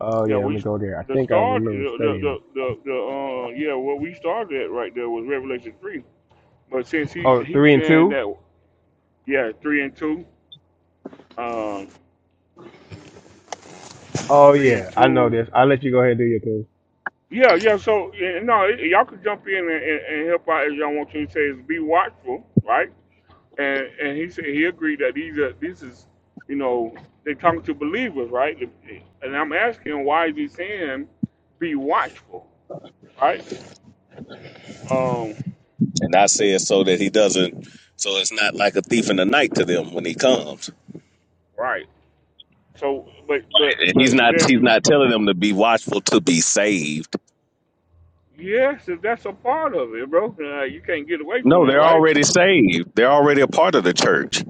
Speaker 23: Oh
Speaker 1: Yeah,
Speaker 23: yeah, let me
Speaker 1: we
Speaker 23: go there. I
Speaker 1: the
Speaker 23: think I
Speaker 1: start the
Speaker 23: remember studying
Speaker 1: the
Speaker 23: this.
Speaker 1: the, the uh yeah what we started at right there was Revelation three, but since he
Speaker 23: Oh,
Speaker 1: he's
Speaker 23: three and
Speaker 1: saying
Speaker 23: two.
Speaker 1: that yeah three and two, um
Speaker 23: Oh
Speaker 1: three
Speaker 23: yeah,
Speaker 1: and
Speaker 23: I know
Speaker 1: two
Speaker 23: this. I'll let you go ahead and do your thing.
Speaker 1: yeah yeah so yeah, no y- y'all could jump in and, and, and help out if y'all want to. He says be watchful right, and and he said he agreed that these are this is you know they talking to believers right, and I'm asking why is he saying be watchful right um
Speaker 19: and I said so that he doesn't. So it's not like a thief in the night to them when he comes.
Speaker 1: right So, but but
Speaker 19: Right. And he's
Speaker 1: but
Speaker 19: not he's
Speaker 1: then
Speaker 19: not telling them to be watchful to be saved.
Speaker 1: yes, if that's a part of it, bro, uh, you can't get away from
Speaker 19: No,
Speaker 1: that,
Speaker 19: they're
Speaker 1: right?
Speaker 19: already saved. They're already a part of the church.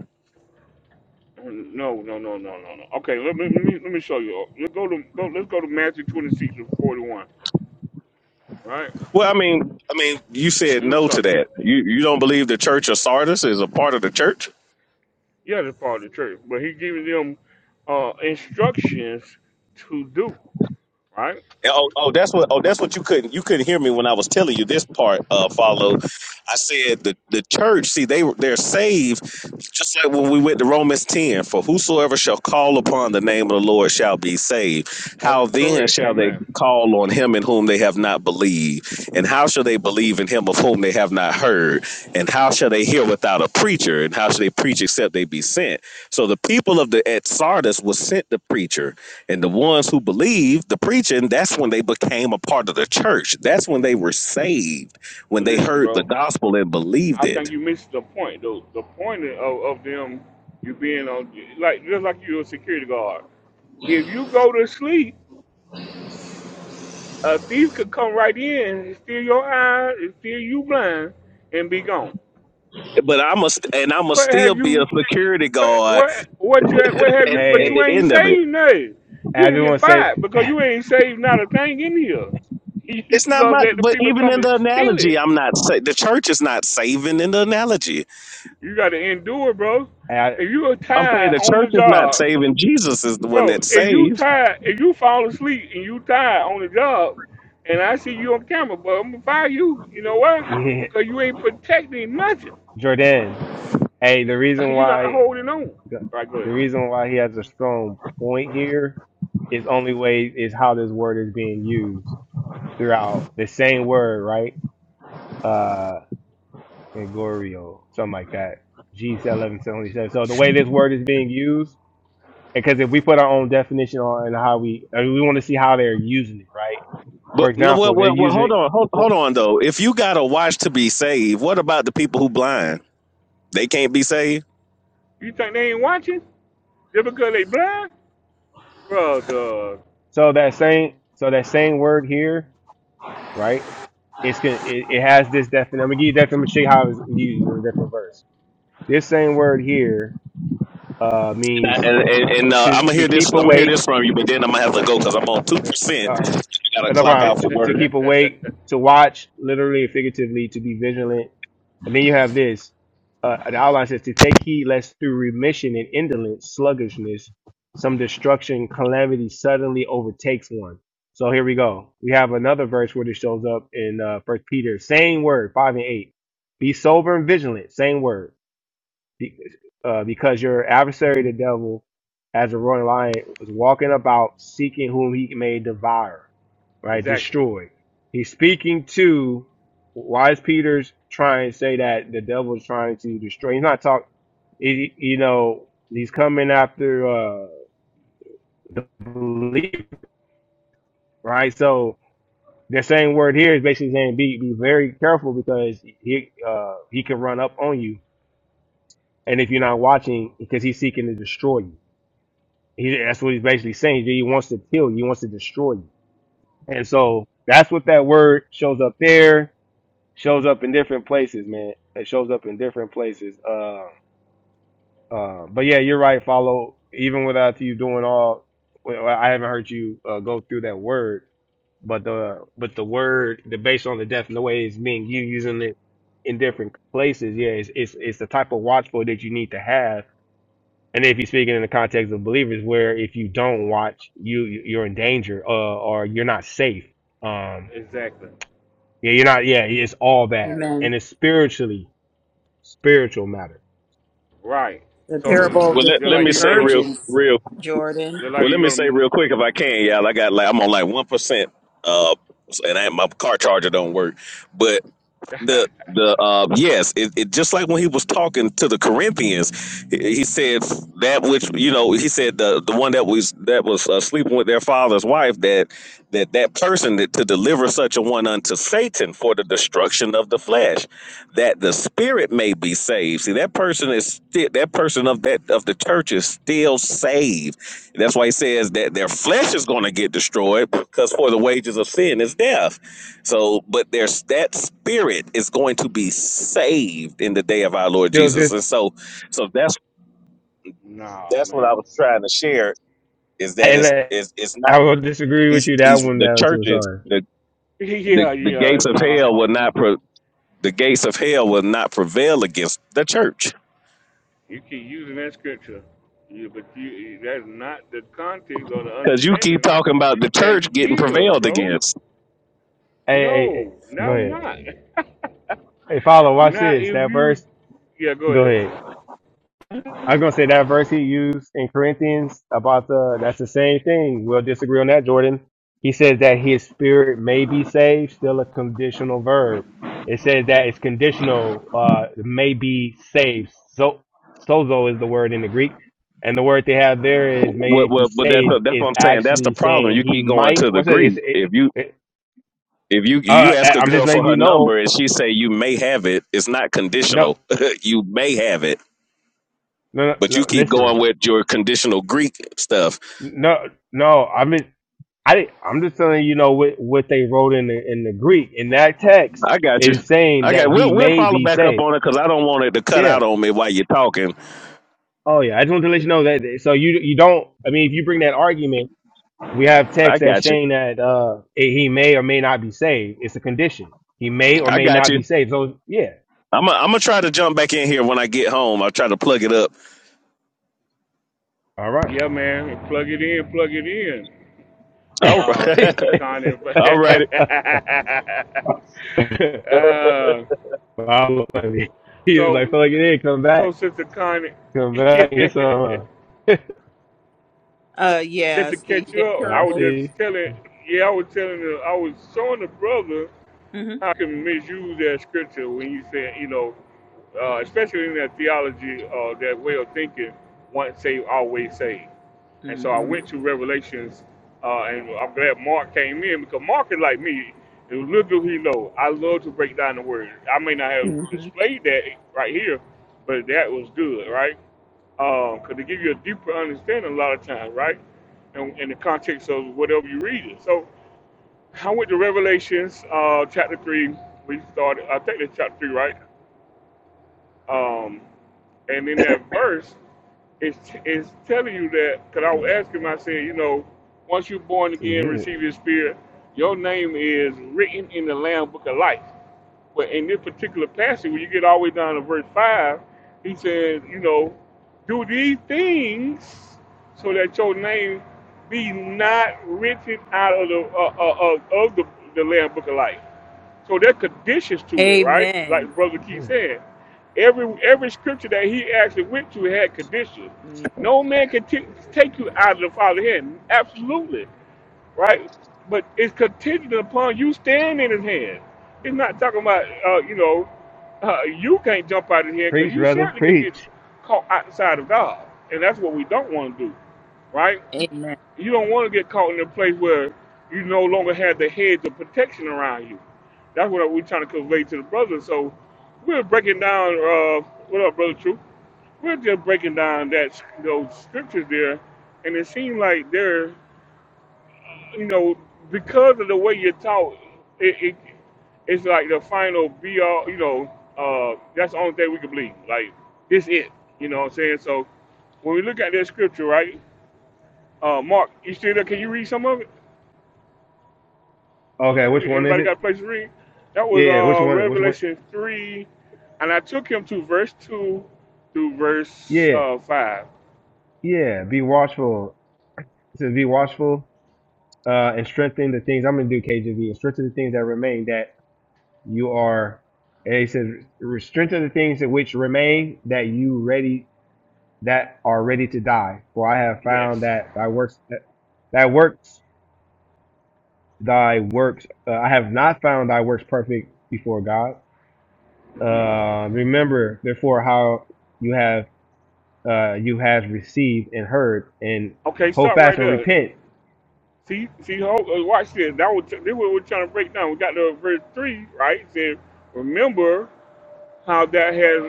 Speaker 1: No, no, no, no, no, no. Okay, let me let me, let me show you. Let's go to go, let's go to Matthew twenty six and forty one. Right,
Speaker 19: Well, I mean, I mean, you said
Speaker 1: I'm gonna
Speaker 19: no
Speaker 1: show
Speaker 19: to
Speaker 1: you.
Speaker 19: that. You you don't believe the Church of Sardis is a part of the church?
Speaker 1: Yeah, that's part of the church, but he giving them uh, instructions to do. Right,
Speaker 19: And, Oh, oh, that's what. Oh, that's what you couldn't. You couldn't hear me when I was telling you this part. Uh, follow. I said the the church. See, they they're saved just like when we went to Romans ten. For whosoever shall call upon the name of the Lord shall be saved.
Speaker 1: that's
Speaker 19: How then
Speaker 1: correct.
Speaker 19: shall they
Speaker 1: Amen.
Speaker 19: call on him in whom they have not believed? And how shall they believe in him of whom they have not heard? And how shall they hear without a preacher? And how shall they preach except they be sent? So the people of the at Sardis was sent the preacher and the ones who believed the preaching, that's when they became a part of the church. That's when they were saved, when they
Speaker 1: Listen,
Speaker 19: heard the
Speaker 1: bro,
Speaker 19: gospel and believed
Speaker 1: I think
Speaker 19: it.
Speaker 1: you missed the point though. The point of, of them you being on like just like you're a security guard. If you go to sleep A thief could come right in and steal your eyes and steal you blind and be gone.
Speaker 19: But I must, and I must
Speaker 1: What have
Speaker 19: still be
Speaker 1: you?
Speaker 19: a security
Speaker 1: What
Speaker 19: guard
Speaker 1: what what you what have
Speaker 19: at,
Speaker 1: you? But
Speaker 19: at
Speaker 1: you
Speaker 19: the
Speaker 23: Hey,
Speaker 1: ain't
Speaker 19: end of it.
Speaker 1: saved nothing. You
Speaker 23: I
Speaker 1: gonna
Speaker 23: just
Speaker 1: get
Speaker 23: want to say,
Speaker 1: fired because you ain't saved not a thing in here. You
Speaker 19: It's not
Speaker 1: gonna
Speaker 19: my,
Speaker 1: let the
Speaker 19: but
Speaker 1: people
Speaker 19: even
Speaker 1: come
Speaker 19: in
Speaker 1: and
Speaker 19: the
Speaker 1: steal it.
Speaker 19: analogy, I'm not, sa- the church is not saving in the analogy.
Speaker 1: You gotta endure, bro.
Speaker 23: I,
Speaker 1: If you are
Speaker 19: I'm saying
Speaker 1: tired
Speaker 19: the
Speaker 1: on the
Speaker 19: church is not
Speaker 1: job,
Speaker 19: saving. Jesus is the one
Speaker 1: bro.
Speaker 19: that
Speaker 1: If you
Speaker 19: saves.
Speaker 1: tired, if you fall asleep and you tired on the job, and I see you on camera, but I'm gonna fire you. You know why?
Speaker 23: yeah,
Speaker 1: Because you ain't protecting nothing.
Speaker 23: Jordan. Hey, the reason
Speaker 1: You're not
Speaker 23: why
Speaker 1: holding on. right? Go
Speaker 23: The
Speaker 1: ahead.
Speaker 23: reason why he has a strong point here is only way is how this word is being used throughout the same word, right? Uh, Gregorio, something like that. G eleven seventy seven. So the way this word is being used, because if we put our own definition on and how we, I mean, we want to see how they're using it, right? For
Speaker 19: But no, well,
Speaker 23: example, they're
Speaker 19: well, well
Speaker 23: using
Speaker 19: hold on, hold, hold
Speaker 23: well,
Speaker 19: on though. If you got to watch to be saved, what about the people who blind? They can't be saved.
Speaker 1: You think they ain't watching? Just because they blind? Brother.
Speaker 23: So that same, so that same word here, right? It's gonna, it, it has this definition. I'm gonna give you that. I'm gonna show you how it's used in a different verse. This same word here uh,
Speaker 19: And,
Speaker 23: means
Speaker 19: and, and uh,
Speaker 23: to
Speaker 19: I'm gonna
Speaker 23: to
Speaker 19: hear this.
Speaker 23: keep
Speaker 19: I'm gonna hear
Speaker 23: awake.
Speaker 19: this from you, but then I'm gonna have to go because I'm on two
Speaker 23: Uh,
Speaker 19: percent.
Speaker 23: all right,
Speaker 19: I
Speaker 23: uh,
Speaker 19: gotta
Speaker 23: no
Speaker 19: clock
Speaker 23: problem.
Speaker 19: out
Speaker 23: To,
Speaker 19: for
Speaker 23: to
Speaker 19: work.
Speaker 23: keep awake, to watch, literally and figuratively, to be vigilant. And then you have this. Uh, the outline says to take heed lest through remission and indolence, sluggishness, some destruction, calamity suddenly overtakes one. So here we go. We have another verse where this shows up in uh, First Peter, same word, five and eight. Be sober and vigilant, same word be- uh, because your adversary, the devil, as a roaring lion, was walking about seeking whom he may devour, right?
Speaker 1: Exactly.
Speaker 23: Destroy. He's speaking to. Why is Peter's trying to say that the devil is trying to destroy? He's not talking. He, you know, he's coming after uh, the believer, right? So the same word here is basically saying be be very careful because he uh, he can run up on you, and if you're not watching, because he's seeking to destroy you He, that's what he's basically saying. He wants to kill you. He wants to destroy you. And so that's what that word shows up there, shows up in different places, man. It shows up in different places. Uh, uh, but yeah, you're right, follow. Even without you doing all, well, I haven't heard you uh, go through that word, but the but the word, the based on the depth and the way it's being used, using it in different places, yeah, it's it's, it's the type of watchful that you need to have and if you're speaking in the context of believers where if you don't watch you you're in danger uh, or you're not safe um
Speaker 1: Exactly.
Speaker 23: yeah you're not yeah it's all bad
Speaker 21: Amen.
Speaker 23: and it's spiritually spiritual matter
Speaker 1: Right.
Speaker 21: The
Speaker 1: So
Speaker 21: parable of
Speaker 19: Well,
Speaker 21: the
Speaker 19: let,
Speaker 1: just
Speaker 19: let
Speaker 1: like
Speaker 19: me
Speaker 21: ten
Speaker 1: you
Speaker 19: say
Speaker 1: go to,
Speaker 19: real
Speaker 21: virgins,
Speaker 19: real
Speaker 21: Jordan.
Speaker 1: just
Speaker 19: Well,
Speaker 1: like you
Speaker 19: let me
Speaker 1: go
Speaker 19: say real quick if I can, y'all. I got like I'm on like one percent, uh, and I, my car charger don't work. But
Speaker 1: to.
Speaker 19: the the uh yes it, it just like when he was talking to the corinthians he, he said that which you know he said the the one that was that was uh, sleeping with their father's wife that that that person that to deliver such a one unto satan for the destruction of the flesh that the spirit may be saved see that person is still that person of that of the church is still saved that's why he says that their flesh is going to get destroyed because for the wages of sin is death. So, but there's that spirit is going to be saved in the day of our Lord
Speaker 23: still
Speaker 19: Jesus.
Speaker 23: this
Speaker 19: And so, so that's
Speaker 1: no,
Speaker 19: that's what I
Speaker 1: man.
Speaker 19: was trying to share is that
Speaker 23: and
Speaker 19: it's
Speaker 23: uh,
Speaker 19: it's, it's not
Speaker 23: i will disagree with
Speaker 19: he's
Speaker 23: you that
Speaker 19: he's
Speaker 23: one
Speaker 19: the
Speaker 23: down too
Speaker 19: churches
Speaker 23: sorry hey,
Speaker 19: the the
Speaker 1: yeah,
Speaker 19: the
Speaker 1: yeah.
Speaker 19: gates of hell will
Speaker 1: No,
Speaker 19: not pro, the gates of hell will not prevail against the church
Speaker 1: you keep using that scripture, yeah, but you that's not the context or the
Speaker 19: because you keep
Speaker 1: understanding
Speaker 19: talking about the
Speaker 1: that
Speaker 19: church getting
Speaker 1: give,
Speaker 19: prevailed
Speaker 1: bro.
Speaker 19: against.
Speaker 23: hey, hey
Speaker 1: No,
Speaker 23: go
Speaker 1: no,
Speaker 23: ahead
Speaker 1: not.
Speaker 23: hey follow watch
Speaker 1: Not
Speaker 23: this
Speaker 1: if
Speaker 23: that
Speaker 1: you.
Speaker 23: verse
Speaker 1: Yeah, go
Speaker 23: go
Speaker 1: ahead.
Speaker 23: ahead I am gonna say that verse he used in Corinthians about the that's the same thing. We'll disagree on that, Jordan. He says that his spirit may be saved, still a conditional verb. It says that it's conditional, uh, may be saved. So sozo is the word in the Greek. And the word they have there is may
Speaker 19: Well,
Speaker 23: be
Speaker 19: well, but that's
Speaker 23: saved
Speaker 19: that's
Speaker 23: is
Speaker 19: what I'm saying. That's the
Speaker 23: actually
Speaker 19: problem.
Speaker 23: saying
Speaker 19: You
Speaker 23: he
Speaker 19: keep going
Speaker 23: might
Speaker 19: to the
Speaker 23: what's it, it's
Speaker 19: Greek.
Speaker 23: it,
Speaker 19: If you
Speaker 23: it
Speaker 19: if you
Speaker 23: uh,
Speaker 19: you ask a
Speaker 23: I'm just
Speaker 19: girl
Speaker 23: letting
Speaker 19: for her
Speaker 23: you
Speaker 19: number
Speaker 23: know.
Speaker 19: and she say you may have it, it's not
Speaker 23: No
Speaker 19: conditional. you may have it,
Speaker 23: no no,
Speaker 19: but
Speaker 23: no
Speaker 19: you keep
Speaker 23: listen.
Speaker 19: going with your conditional Greek stuff.
Speaker 23: No no I'm I didn't, I'm just telling you, you know what what they wrote in the in the Greek in that text
Speaker 19: I got you.
Speaker 23: is saying
Speaker 19: I
Speaker 23: that
Speaker 19: got.
Speaker 23: he
Speaker 19: We'll we'll
Speaker 23: may
Speaker 19: follow
Speaker 23: be
Speaker 19: back up
Speaker 23: saved.
Speaker 19: on it because I don't want it to cut out
Speaker 23: Yeah.
Speaker 19: on me while you're talking.
Speaker 23: Oh yeah. I just want to let you know that. So you you don't. I mean, if you bring that argument, we have text
Speaker 19: I
Speaker 23: that's
Speaker 19: got you.
Speaker 23: saying that uh eh, he may or may not be saved. It's a condition. He may or
Speaker 19: I
Speaker 23: may
Speaker 19: got
Speaker 23: not be
Speaker 19: you.
Speaker 23: saved. So yeah.
Speaker 19: I'm i I'm gonna try to jump back in here when I get home. I'll try to plug it up.
Speaker 23: All right.
Speaker 1: Yeah, man. Plug it in, plug it in.
Speaker 19: All
Speaker 1: Uh, since the con
Speaker 19: right.
Speaker 1: uh,
Speaker 23: Wow, funny. he was like,
Speaker 1: so,
Speaker 23: "Fuck it, in, come
Speaker 1: so
Speaker 23: back,
Speaker 1: since the con,
Speaker 23: come back, and get some." Uh,
Speaker 21: Uh,
Speaker 1: just to
Speaker 21: yes, the,
Speaker 1: catch you
Speaker 21: the
Speaker 1: up, I
Speaker 23: uh,
Speaker 1: was
Speaker 21: parable.
Speaker 23: see.
Speaker 1: just telling, yeah, I was telling, the, I was showing the brother
Speaker 21: hmm
Speaker 1: how I can misuse that scripture when you say, you know, uh, especially in that theology, uh, that way of thinking, once saved, always saved. And
Speaker 21: hmm
Speaker 1: so I went to Revelations, uh, and I'm glad Mark came in because Mark is like me. And little do he know, I love to break down the word. I may not have
Speaker 21: hmm
Speaker 1: displayed that right here, but that was good, right? Because um, to give you a deeper understanding a lot of times, right? In, in the context of whatever you read it. So I went to Revelations uh, chapter 3. We started, I think it's chapter 3, right? Um, and in that verse, It's it's telling you that because I was
Speaker 23: Yeah.
Speaker 1: asking him. I said, you know, once you're born again,
Speaker 23: Good.
Speaker 1: receive His Spirit, your name is written in the Lamb Book of Life. But in this particular passage, when you get all the way down to verse five, he says, you know, do these things so that your name be not written out of the uh, uh, uh, of the the Lamb Book of Life. So there are conditions to it, right?
Speaker 21: Amen.
Speaker 1: Like Brother Keith
Speaker 23: Hmm.
Speaker 1: said, every every scripture that he actually went to had conditions.
Speaker 21: hmm
Speaker 1: No man can t- take you out of the Father's hand, absolutely, right? But it's contingent upon you staying in His hand. It's not talking about uh, you know uh, you can't jump out of here because
Speaker 23: Preach,
Speaker 1: you
Speaker 23: brother.
Speaker 1: certainly could get
Speaker 23: Preach.
Speaker 1: caught outside of God, and that's what we don't want to do, right?
Speaker 21: Amen.
Speaker 1: You don't want to get caught in a place where you no longer have the hedge of protection around you. That's what we're trying to convey to the brothers. So we're breaking down. Uh, what up, brother? True. We're just breaking down that those scriptures there, and it seems like they're, you know, because of the way you're taught, it, it it's like the final be all. You know, uh, that's the only thing we can believe. Like this, it. You know what I'm saying? So when we look at that scripture, right? Uh, Mark, you still there? Can you read some of it?
Speaker 23: Okay,
Speaker 1: You,
Speaker 23: which one is
Speaker 1: anybody got
Speaker 23: it?
Speaker 1: a place to read? That was
Speaker 23: Yeah, which
Speaker 1: uh,
Speaker 23: one? Which one?
Speaker 1: Revelation 3, and I took him to verse 2 through verse
Speaker 23: Yeah,
Speaker 1: uh, 5.
Speaker 23: yeah. Be watchful. It says be watchful uh, and strengthen the things. I'm going to do KJV and strengthen the things that remain that you are. And it says "Re- strengthen the things that which remain that you ready that are ready to die. For I have
Speaker 1: Yes.
Speaker 23: found that thy works that, that works thy works. Uh, I have not found thy works perfect before God. Uh, remember therefore how you have uh, you have received and heard, and
Speaker 1: Okay,
Speaker 23: hold
Speaker 1: stop
Speaker 23: fast
Speaker 1: right
Speaker 23: and
Speaker 1: there.
Speaker 23: repent.
Speaker 1: See, see, hold, uh, watch this. That was this is what we're trying to break down. We got to verse three, right? It said, remember how that has.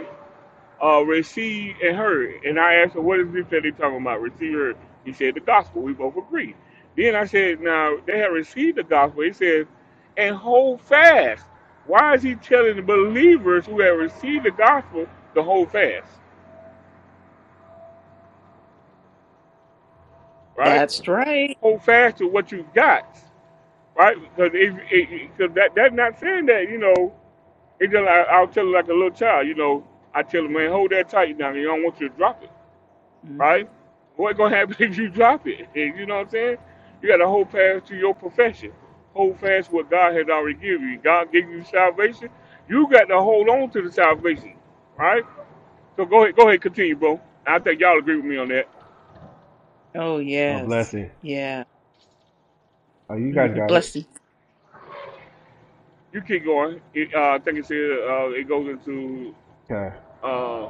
Speaker 1: uh, Rasheed and her. And I asked her, what is this that they talking about? Receive her. He said, the gospel. We both agreed. Then I said, now they have received the gospel. He says, and hold fast. Why is he telling the believers who have received the gospel to hold fast? Right?
Speaker 21: That's right.
Speaker 1: Hold fast to what you got. Right? Because it, it, cause that, that's not saying that, you know, it just, I, I'll tell it like a little child, you know, I tell him, man, hold that tight now. You don't want you to drop it
Speaker 21: hmm
Speaker 1: right? What's gonna happen if you drop it? You know what I'm saying? You gotta hold fast to your profession. Hold fast what God has already given you. God gave you salvation. You got to hold on to the salvation, right? So go ahead, go ahead, continue, bro. I think y'all agree with me on that.
Speaker 21: Oh
Speaker 23: A
Speaker 21: yes,
Speaker 23: blessing.
Speaker 21: yeah.
Speaker 23: Oh, you
Speaker 21: hmm
Speaker 23: guys got it.
Speaker 21: Blessing.
Speaker 1: You keep going. It, uh, I think it said uh, it goes into
Speaker 23: Okay.
Speaker 1: uh uh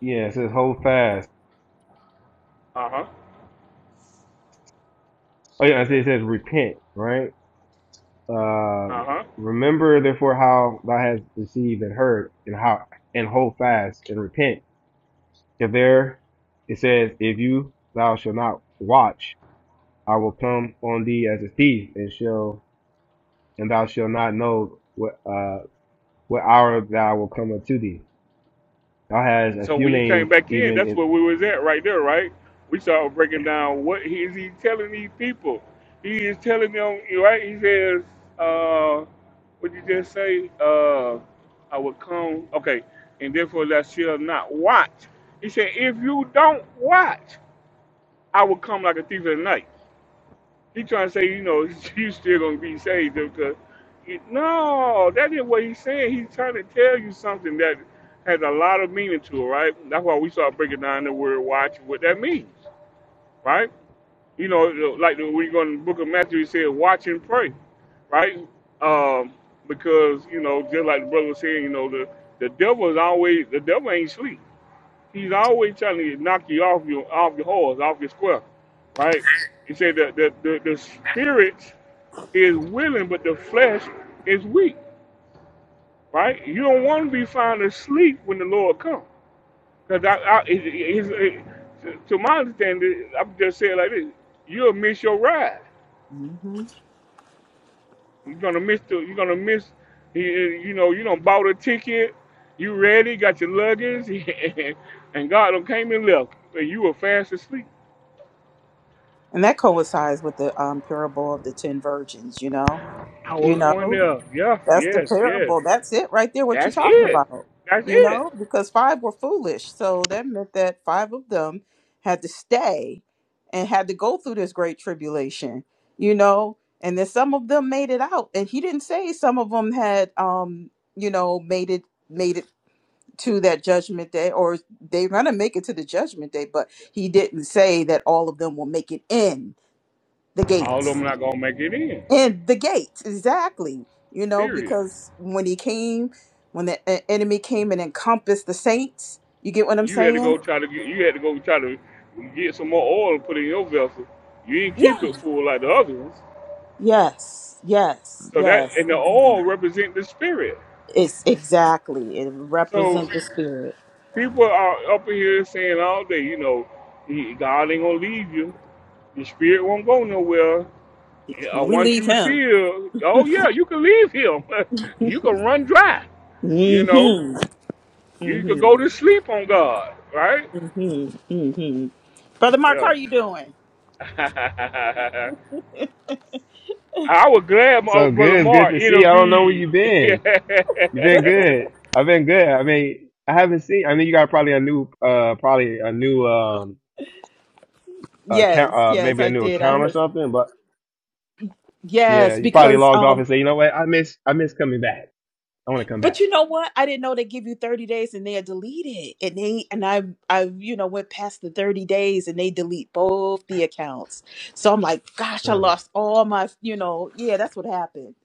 Speaker 23: Yeah, it says hold fast.
Speaker 1: huh
Speaker 23: Oh yeah, it says it says repent. Right. Uh,
Speaker 1: uh huh
Speaker 23: remember therefore how thou hast received and heard, and how and hold fast and repent. If there, it says, if you thou shall not watch, I will come on thee as a thief, and shall and thou shalt not know what uh what hour thou will come unto thee. Thou has a
Speaker 1: So
Speaker 23: few
Speaker 1: when you came
Speaker 23: names
Speaker 1: back in,
Speaker 23: even
Speaker 1: that's
Speaker 23: in
Speaker 1: where we was at right there, right? We started breaking down what he is he telling these people. He is telling them, right? He says, uh, what you just say? Uh, I will come, okay, and therefore thou shalt not watch. He said, if you don't watch, I will come like a thief in the night. He trying to say, you know, you still gonna be saved because you, no, that ain't what he's saying. He's trying to tell you something that has a lot of meaning to it, right? That's why we start breaking down the word watch and what that means, right? You know, like the, when you go in the book of Matthew, he said, watch and pray, right? Um, because you know, just like the brother was saying, you know, the the devil is always the devil ain't sleep. He's always trying to knock you off your off your horse, off your square, right? He said that the, the the spirit is willing, but the flesh is weak. Right? You don't want to be found asleep when the Lord comes, because I, I it, it, it, it- to my understanding, I'm just saying like this: you'll miss your ride.
Speaker 21: hmm
Speaker 1: You're gonna miss the. You're gonna miss. You you know, you don't bought a ticket. You ready? Got your luggage, and God done came and left, and you were fast asleep.
Speaker 21: And that coincides with the um, parable of the ten virgins. You know,
Speaker 1: I
Speaker 21: you
Speaker 1: was going
Speaker 21: know.
Speaker 1: there. Yes,
Speaker 21: That's the
Speaker 1: yes, yes.
Speaker 21: parable. That's it right there, what you
Speaker 1: That's
Speaker 21: talking
Speaker 1: it.
Speaker 21: about.
Speaker 1: That's
Speaker 21: You
Speaker 1: it.
Speaker 21: know, because five were foolish. So that meant that five of them had to stay and had to go through this great tribulation, you know, and then some of them made it out. And he didn't say some of them had um, you know, made it made it to that judgment day or they're gonna make it to the judgment day, but he didn't say that all of them will make it in the
Speaker 1: All of
Speaker 21: gates
Speaker 1: them not gonna make it in.
Speaker 21: and the gates, exactly. You know,
Speaker 1: Period.
Speaker 21: because when he came, when the e- enemy came and encompassed the saints, you get what I'm
Speaker 1: You had to go
Speaker 21: saying?
Speaker 1: try to get. You had to go try to get some more oil and put in your vessel. You didn't keep
Speaker 21: Yeah.
Speaker 1: it full like the other ones.
Speaker 21: Yes, yes,
Speaker 1: So that
Speaker 21: yes.
Speaker 1: and the
Speaker 21: Indeed.
Speaker 1: oil represent the spirit.
Speaker 21: It's exactly. It
Speaker 1: So
Speaker 21: represents the spirit.
Speaker 1: people are up in here saying all day, you know, he- God ain't gonna leave you. The spirit won't go nowhere. Uh,
Speaker 21: No, we
Speaker 1: once
Speaker 21: leave
Speaker 1: you
Speaker 21: him.
Speaker 1: seal, oh yeah, you can leave him. you can run dry. You know,
Speaker 21: Mm-hmm.
Speaker 1: you could go
Speaker 21: Mm-hmm.
Speaker 1: to sleep on God, right?
Speaker 21: Mm-hmm. Mm-hmm. Brother Mark, how
Speaker 1: Yeah.
Speaker 21: are you doing?
Speaker 1: I was glad my
Speaker 23: so good,
Speaker 1: brother
Speaker 23: it's good
Speaker 1: Mark
Speaker 23: to see. I don't know where
Speaker 1: intervened.
Speaker 23: you have been. You've been good. I've been good. I mean I haven't seen I mean you got probably a new uh probably a new um account
Speaker 21: yes,
Speaker 23: uh
Speaker 21: yes,
Speaker 23: maybe a
Speaker 21: I
Speaker 23: new
Speaker 21: did. I
Speaker 23: account or something, but yeah,
Speaker 21: yes,
Speaker 23: you probably
Speaker 21: because
Speaker 23: logged off
Speaker 21: um
Speaker 23: and say, you know what, I miss I miss coming back. I wanna come
Speaker 21: But
Speaker 23: back.
Speaker 21: you know what? I didn't know they give you 30 days and they'll delete it. And they and I I you know went past the 30 days and they delete both the accounts. So I'm like, gosh, I
Speaker 23: Um,
Speaker 21: lost all my, you know, yeah, that's what happened.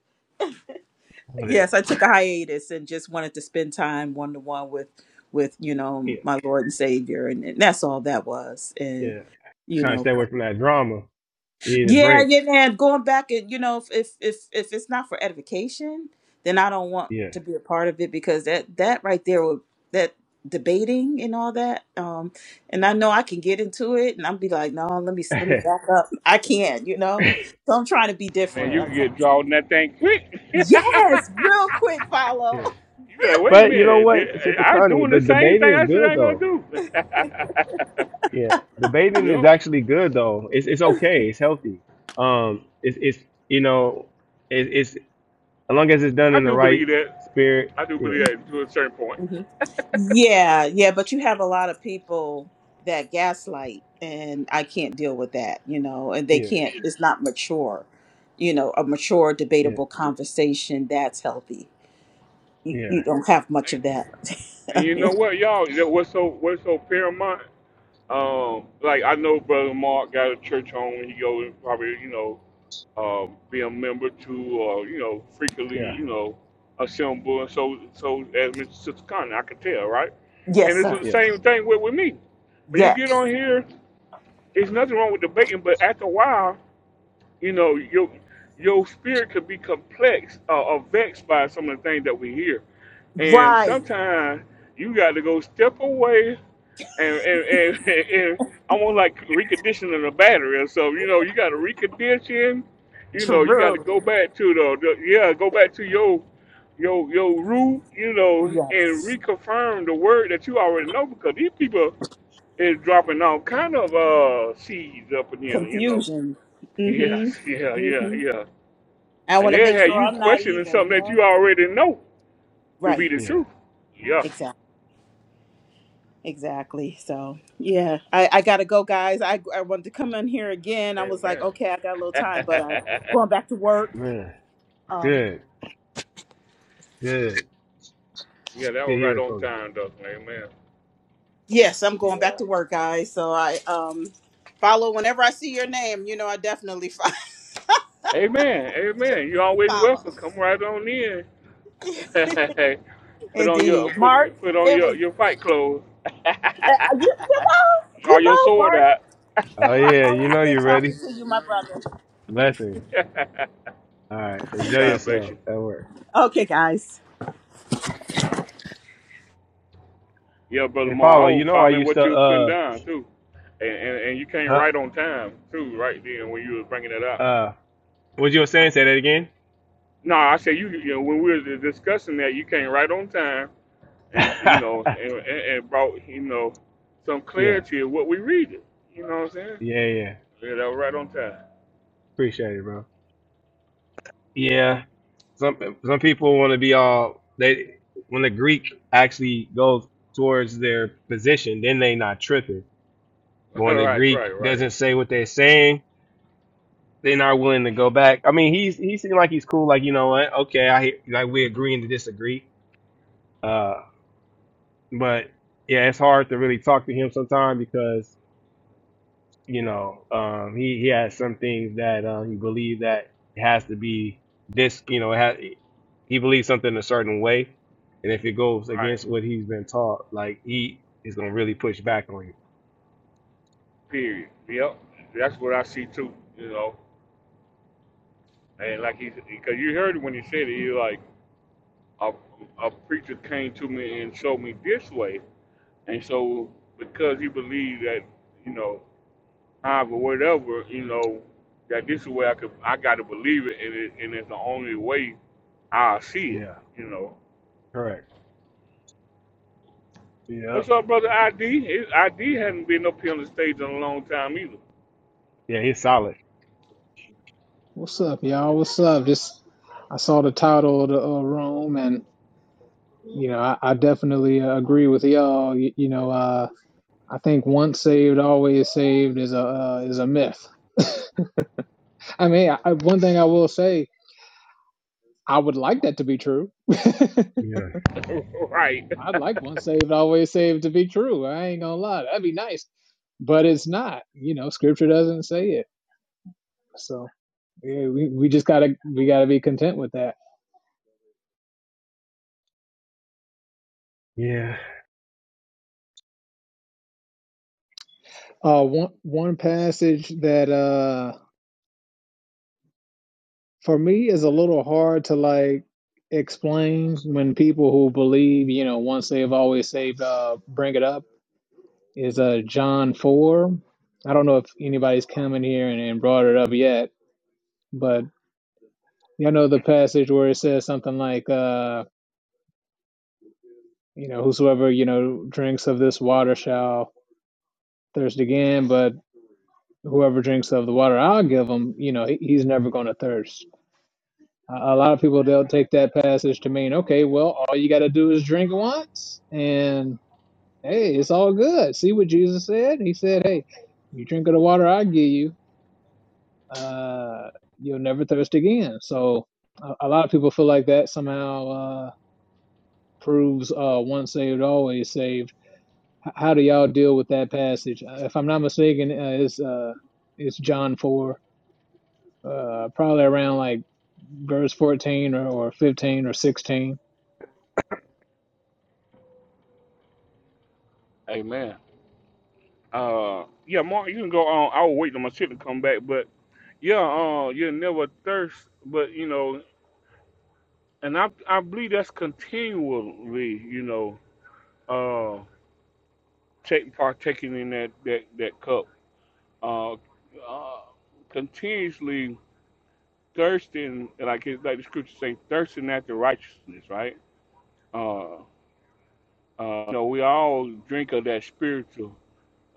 Speaker 23: I wanna-
Speaker 21: Yes, I took a hiatus and just wanted to spend time one to one with with, you know,
Speaker 23: yeah,
Speaker 21: my Lord and Savior and, and that's all that was. And
Speaker 23: yeah.
Speaker 21: you
Speaker 23: Trying to
Speaker 21: know.
Speaker 23: stay away from that drama. We need a
Speaker 21: Yeah,
Speaker 23: break.
Speaker 21: yeah, man. Going back and you know, if if if if it's not for edification, then I don't want
Speaker 23: Yeah.
Speaker 21: to be a part of it because that that right there would that debating and all that. Um, and I know I can get into it, and I'll be like, no, let me let me
Speaker 23: yeah.
Speaker 21: back up. I can't, you know. So I'm trying to be
Speaker 1: Man,
Speaker 21: different.
Speaker 1: you can
Speaker 21: I'm
Speaker 1: get drawn that thing quick. You
Speaker 21: trying- yes, real quick follow.
Speaker 1: be like, wait a
Speaker 23: But you know
Speaker 1: minute, did-
Speaker 23: what, Sister
Speaker 1: I was
Speaker 23: Connie,
Speaker 1: doing the
Speaker 23: but the
Speaker 1: same
Speaker 23: bathing
Speaker 1: thing
Speaker 23: is
Speaker 1: I said I
Speaker 23: good
Speaker 1: ain't gonna
Speaker 23: though.
Speaker 1: do.
Speaker 23: Yeah. the bathing
Speaker 1: you
Speaker 23: is
Speaker 1: know,
Speaker 23: actually good though. It's it's okay. It's healthy. Um it's it's you know, it, it's as long as it's done
Speaker 1: I
Speaker 23: in the
Speaker 1: do believe
Speaker 23: right
Speaker 1: that.
Speaker 23: spirit.
Speaker 1: I do believe
Speaker 23: Yeah.
Speaker 1: that to a certain point.
Speaker 21: Yeah, yeah, but you have a lot of people that gaslight, and I can't deal with that, you know, and they
Speaker 23: Yeah.
Speaker 21: can't, it's not mature, you know, a mature,
Speaker 23: Yeah.
Speaker 21: debatable conversation that's healthy. You,
Speaker 23: Yeah.
Speaker 21: you don't have much of
Speaker 1: And,
Speaker 21: that.
Speaker 1: and you know what, y'all? What's so what's so paramount? Um, like I know brother Mark got a church home. He goes probably you know uh, be a member to, or you know, frequently,
Speaker 23: Yeah.
Speaker 1: you know, assemble. And so, so as Mr. Sister Connie, I can tell, right? And
Speaker 21: yes,
Speaker 1: it's the
Speaker 21: sir.
Speaker 23: Yeah.
Speaker 1: same thing with, with me. When you get
Speaker 21: Yes.
Speaker 1: on here, it's nothing wrong with debating, but after a while, you know, your your spirit could be complex uh, or vexed by some of the things that we hear. And
Speaker 21: Right.
Speaker 1: sometimes you got to go step away and, and, and, and almost like reconditioning a battery or something. You know, you got to recondition. You know, you got to
Speaker 21: True.
Speaker 1: go back to the, the yeah, go back to your your your root. You know, and
Speaker 21: Yes.
Speaker 1: reconfirm the word that you already know because these people is dropping all kind of uh seeds up in here. You know,
Speaker 21: Confusion. Mm
Speaker 1: yes, yeah,
Speaker 21: hmm. Mm
Speaker 1: yeah,
Speaker 21: hmm.
Speaker 1: yeah,
Speaker 21: I
Speaker 1: and
Speaker 21: want to
Speaker 1: they
Speaker 21: make
Speaker 1: have
Speaker 21: sure
Speaker 1: you
Speaker 21: I'm not
Speaker 1: questioning
Speaker 21: either,
Speaker 1: something
Speaker 21: you
Speaker 1: that
Speaker 21: know?
Speaker 1: you already know to
Speaker 21: Right.
Speaker 1: be the
Speaker 23: Yeah.
Speaker 1: truth. Yeah,
Speaker 21: Exactly. Exactly. So yeah, I, I gotta go, guys. I I wanted to come in here again. I was like,
Speaker 1: amen.
Speaker 21: okay, I got a little time, but I going back to work.
Speaker 23: Man.
Speaker 21: Um,
Speaker 23: Good. Good.
Speaker 1: Yeah, that
Speaker 23: Good
Speaker 1: was right
Speaker 23: hearing
Speaker 1: on
Speaker 23: from
Speaker 1: time, Dustin. Amen.
Speaker 21: yes, I'm
Speaker 23: you.
Speaker 21: going
Speaker 23: Yeah.
Speaker 21: back to work, guys. So I um follow whenever I see your name. You know, I definitely fo-
Speaker 1: Amen. Amen. You're always
Speaker 21: follow.
Speaker 1: welcome. Come right on in. put on your
Speaker 21: Indeed,
Speaker 1: put
Speaker 21: Mark.
Speaker 1: put on
Speaker 21: It was
Speaker 1: your, your fight clothes.
Speaker 21: uh, you, you know
Speaker 1: Draw
Speaker 21: you
Speaker 1: your
Speaker 21: know
Speaker 1: sword
Speaker 21: Mark.
Speaker 1: out.
Speaker 23: Oh
Speaker 21: Mark,
Speaker 23: yeah, you
Speaker 21: always
Speaker 23: know
Speaker 21: good
Speaker 23: you're
Speaker 21: talking
Speaker 23: ready.
Speaker 21: to you, my brother.
Speaker 23: Blessings. All right. Enjoy
Speaker 1: God bless
Speaker 23: yourself
Speaker 1: you.
Speaker 23: at work.
Speaker 21: Okay, guys.
Speaker 1: Yeah, brother
Speaker 23: And
Speaker 1: Ma, I
Speaker 23: follow, you
Speaker 1: was
Speaker 23: know I
Speaker 1: following
Speaker 23: used to
Speaker 1: what you were putting
Speaker 23: uh
Speaker 1: down too, and, and and you came
Speaker 23: huh
Speaker 1: right on time too, right then when you was bringing it up.
Speaker 23: uh What you were saying? Say that again.
Speaker 1: No, I said you, you know, when we were discussing that, you came right on time. and you know, and, and, and brought you know some
Speaker 23: yeah,
Speaker 1: clarity of what we read it. You know what I'm saying?
Speaker 23: yeah, yeah.
Speaker 1: Yeah, that was right on time.
Speaker 23: Appreciate it, bro. Yeah. Some some people want to be all they when the Greek actually goes towards their position, then they not tripping. But when the
Speaker 1: right,
Speaker 23: Greek
Speaker 1: right, right,
Speaker 23: doesn't say what they're saying, they're not willing to go back. I mean, he's he seemed like he's cool. Like you know what? Okay, I hear- like we agreeing to disagree. Uh, but yeah, it's hard to really talk to him sometimes because you know, um, he he has some things that uh, he believes that it has to be this, you know, it has, he believes something a certain way, and if it goes
Speaker 1: right.
Speaker 23: against what he's been taught, like he is gonna really push back on you.
Speaker 1: Period. Yep, that's what I see too. You know, and like
Speaker 23: So
Speaker 1: he, because you heard it when he said it, he like a, a preacher came to me and showed me this way, and so because he believed that you know, however, whatever, you know, that this is where I could, I got to believe it, and it, and it's the only way I see it.
Speaker 23: yeah,
Speaker 1: You know.
Speaker 23: correct.
Speaker 1: What's
Speaker 23: Yep.
Speaker 1: up, brother ID? His ID hadn't been up here on the stage in a long time either.
Speaker 23: Yeah, he's solid.
Speaker 26: What's up, y'all? What's up? Just I saw the title of the uh, room, and you know, I, I definitely uh, agree with y'all. You, you know, uh, I think once saved, always saved is a uh, is a myth. I mean, I, I- one thing I will say, I would like that to be true.
Speaker 23: Yeah.
Speaker 1: right.
Speaker 26: I'd like once saved, always saved to be true. I ain't gonna lie, that'd be nice, but it's not. You know, Scripture doesn't say it, so yeah, we we just gotta we gotta be content with that.
Speaker 23: Yeah.
Speaker 26: Uh, one one passage that uh. for me it's a little hard to like explain when people who believe you know once they've always saved uh bring it up is uh john 4 i don't know if anybody's come in here and, and brought it up yet but you know the passage where it says something like uh you know whosoever you know drinks of this water shall thirst again but whoever drinks of the water i'll give him you know he, he's never going to thirst A lot of people they'll take that passage to mean, okay, well, all you got to do is drink once, and hey, it's all good. See what Jesus said? He said, hey, you drink of the water I give you, uh, you'll never thirst again. So a, a lot of people feel like that somehow uh, proves uh, once saved, always saved. H- how do y'all deal with that passage? Uh, If I'm not mistaken, uh, it's uh, it's John four. uh, probably around like verse 14 or, or 15 or 16.
Speaker 1: Amen. Uh, yeah, Mark, you can go on. I was waiting on my shit to come back, but yeah, uh, you never thirst, but you know, and I I believe that's continually, you know, uh, take partaking in that that that cup, uh, uh, continuously thirsting, like it, like the scriptures say, thirsting after righteousness, right? Uh. Uh, you know, we all drink of that spiritual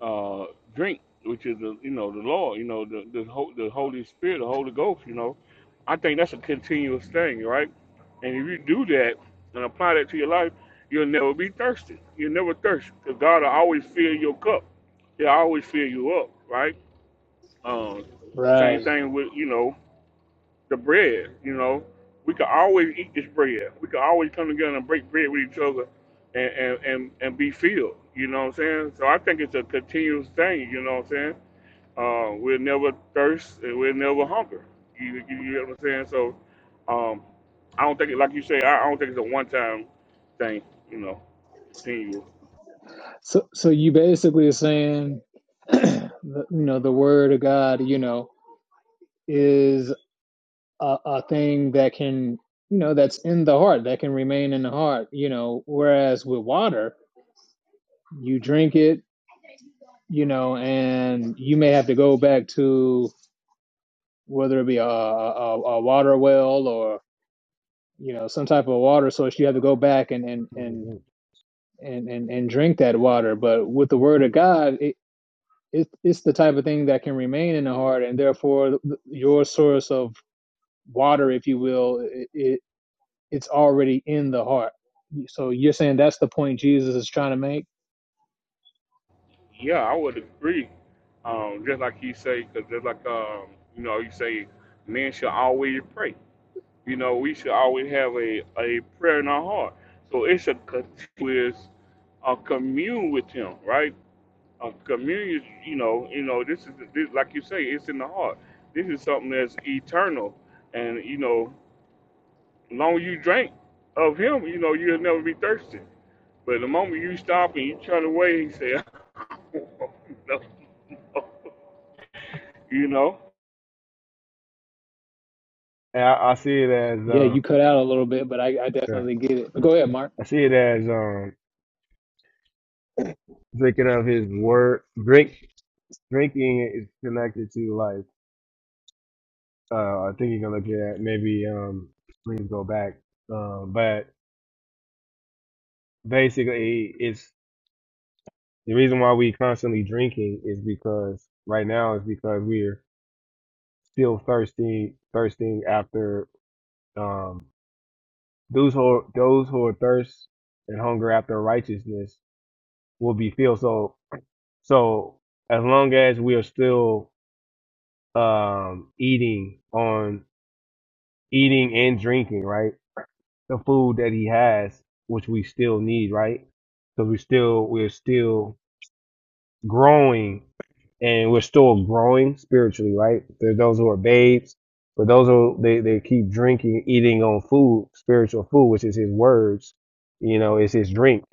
Speaker 1: uh, drink, which is the you know the Lord, you know the the, ho- the Holy Spirit, the Holy Ghost. You know, I think that's a continuous thing, right? And if you do that and apply that to your life, you'll never be thirsty. You'll never thirst because God will always fill your cup. He'll always fill you up, right? Um, same
Speaker 26: Right.
Speaker 1: thing with you know the bread. You know, we can always eat this bread. We can always come together and break bread with each other, and and and, and be filled. You know what I'm saying? So I think it's a continuous thing. You know what I'm saying? Uh, we'll never thirst and we'll never hunger. You, you, you know what I'm saying? So um, I don't think, it, like you say, I, I don't think it's a one-time thing. You know, continual.
Speaker 26: So, so you basically are saying, the, you know, the word of God, you know, is a, a thing that can, you know, that's in the heart, that can remain in the heart, you know, whereas with water, you drink it, you know, and you may have to go back to whether it be a, a, a water well or you know some type of water source. You have to go back and and and
Speaker 23: And
Speaker 26: and and, and drink that water. But with the Word of God, it, it it's the type of thing that can remain in the heart, and therefore your source of water, if you will, it, it it's already in the heart. So you're saying that's the point Jesus is trying to make.
Speaker 1: Yeah, I would agree. Um, just like you say, because just like um, you know, you say men should always pray. You know, we should always have a, a prayer in our heart. So it's a continuous uh, commune with Him, right? A communion, you know, you know, this is this, like you say, it's in the heart. This is something that's eternal, and you know, long as you drink of Him, you know, you'll never be thirsty. But the moment you stop and you turn away, He said, no, no. you know,
Speaker 23: I, I see it as
Speaker 26: Yeah, you
Speaker 23: um,
Speaker 26: cut out a little bit, but I, I
Speaker 23: yeah.
Speaker 26: definitely get it. Go ahead, Mark.
Speaker 23: I see it as um drinking of his word. Drink drinking is connected to life. Uh, I think you're gonna look at maybe um, please go back. Um, but basically, it's the reason why we constantly drinking is because right now is because we're still thirsty, thirsting after um, those who those who are thirst and hunger after righteousness will be filled. So so as long as we are still um, eating on eating and drinking, right? the food that he has, which we still need, right? Because we still we're still growing, and we're still growing spiritually, right? There's those who are babes, but those who they they keep drinking, eating on food, spiritual food, which is his words, you know, it's his drink,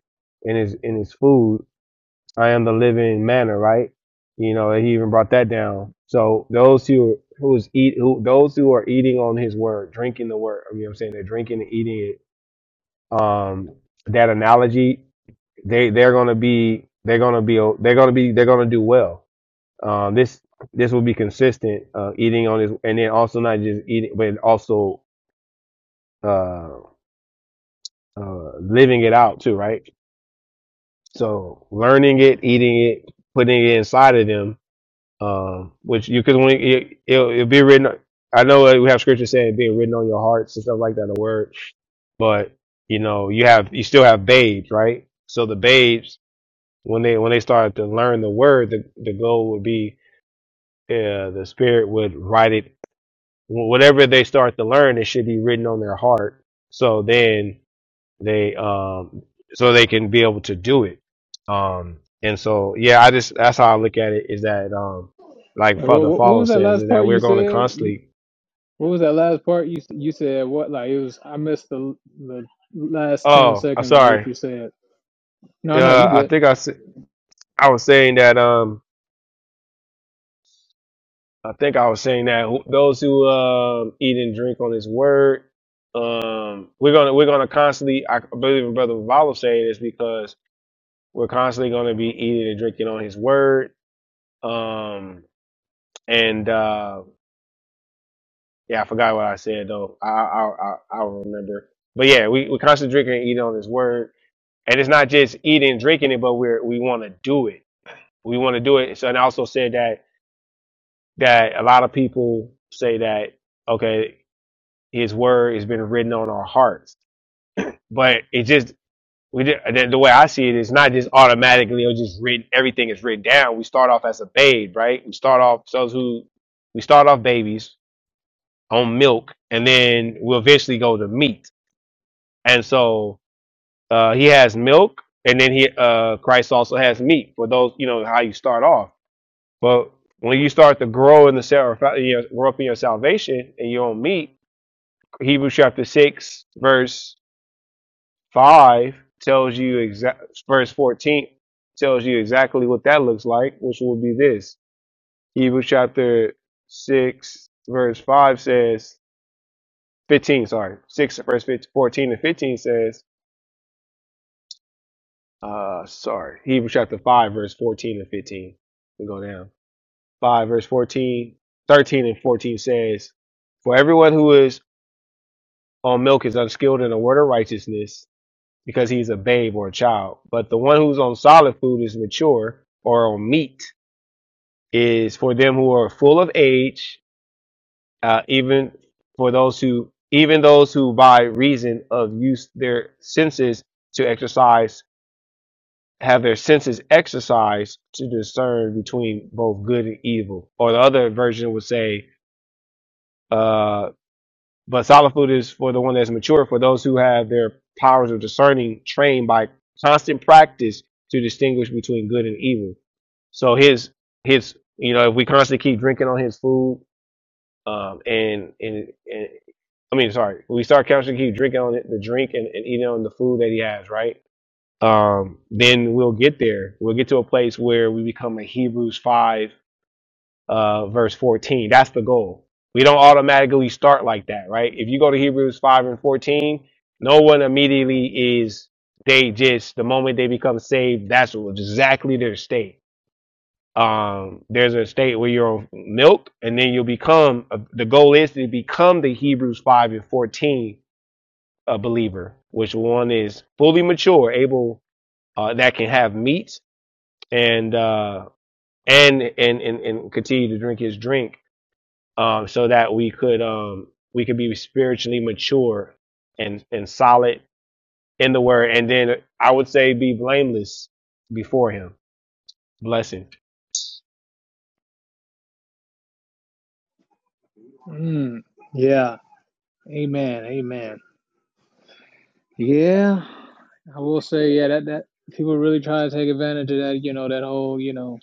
Speaker 23: and his in his food. I am the living manna, right? You know, and he even brought that down. So those who who's eat who those who are eating on his word, drinking the word, I mean, I'm saying they're drinking and eating it um, that analogy, they they're gonna be they're gonna be they're gonna be they're gonna do well. Um, this this will be consistent uh, eating on this, and then also not just eating, but also uh, uh, living it out too, right? So learning it, eating it, putting it inside of them, um, which you could when it, it'll, it'll be written. I know uh, we have scripture saying being written on your hearts and stuff like that, the word, but you know you have you still have babes, right? So the babes when they when they started to learn the word, the the goal would be uh, the spirit would write it. Whatever they start to learn, it should be written on their heart. So then they um so they can be able to do it. Um and so yeah, I just that's how I look at it is that um like
Speaker 26: Wait, what,
Speaker 23: Father
Speaker 26: what what
Speaker 23: Follow
Speaker 26: was that
Speaker 23: says
Speaker 26: last
Speaker 23: is that
Speaker 26: part you
Speaker 23: we're going to
Speaker 26: said? You,
Speaker 23: constantly.
Speaker 26: what was that last part you s- you said? What like it was? I missed the the last ten
Speaker 23: Oh, I'm
Speaker 26: seconds of what
Speaker 23: sorry.
Speaker 26: you said. No, no,
Speaker 23: Uh,
Speaker 26: you
Speaker 23: I
Speaker 26: good.
Speaker 23: think I I was saying that um I think I was saying that who- those who um, eat and drink on His word, um, we're gonna we're gonna constantly. I believe in Brother Vallo saying this because we're constantly gonna be eating and drinking on His word. Um, and uh, yeah, I forgot what I said though. I I I, I remember. But yeah, we we constantly drinking and eating on His word, and it's not just eating and drinking it, but we're we want to do it. We want to do it. So, and I also said that that a lot of people say that okay His word has been written on our hearts. But it just we did, the the way I see it is not just automatically or just written. Everything is written down. We start off as a babe, right? We start off so who we start off babies on milk, and then we'll eventually go to meat. And so uh, he has milk, and then he uh, Christ also has meat for those you know how you start off. But when you start to grow in the self, you know, grow up in your salvation and your own meat, Hebrews chapter six, verse Five tells you exact verse 14 tells you exactly what that looks like, which will be this. Hebrews chapter six verse five says fifteen, sorry, six verse 15, 14 and fifteen says, uh sorry, Hebrews chapter five verse fourteen and fifteen. We go down. Five verse 14, 13 and fourteen says, For everyone who is on milk is unskilled in the word of righteousness, because he's a babe or a child. But the one who's on solid food is mature or on meat is for them who are full of age, uh, even for those who even those who by reason of use their senses to exercise have their senses exercised to discern between both good and evil. Or the other version would say, uh, But solid food is for the one that's mature, for those who have their powers of discerning trained by constant practice to distinguish between good and evil. So his his you know if we constantly keep drinking on his food, um, and, and and I mean sorry, we start constantly keep drinking on it, the drink and, and eating on the food that he has, right? Um, then we'll get there. We'll get to a place where we become a Hebrews five uh, verse 14. That's the goal. We don't automatically start like that, right? If you go to Hebrews 5 and 14, no one immediately is, they just, the moment they become saved, that's exactly their state. Um, there's a state where you're on milk, and then you'll become, uh, the goal is to become the Hebrews 5 and 14 a believer, which one is fully mature, able, uh, that can have meat and, uh, and, and, and, and continue to drink his drink um, so that we could um, we could be spiritually mature and and solid in the word, and then I would say be blameless before Him. Blessing.
Speaker 26: Mm, yeah. Amen. Amen. Yeah. I will say, yeah, that that people really try to take advantage of that. You know, that whole you know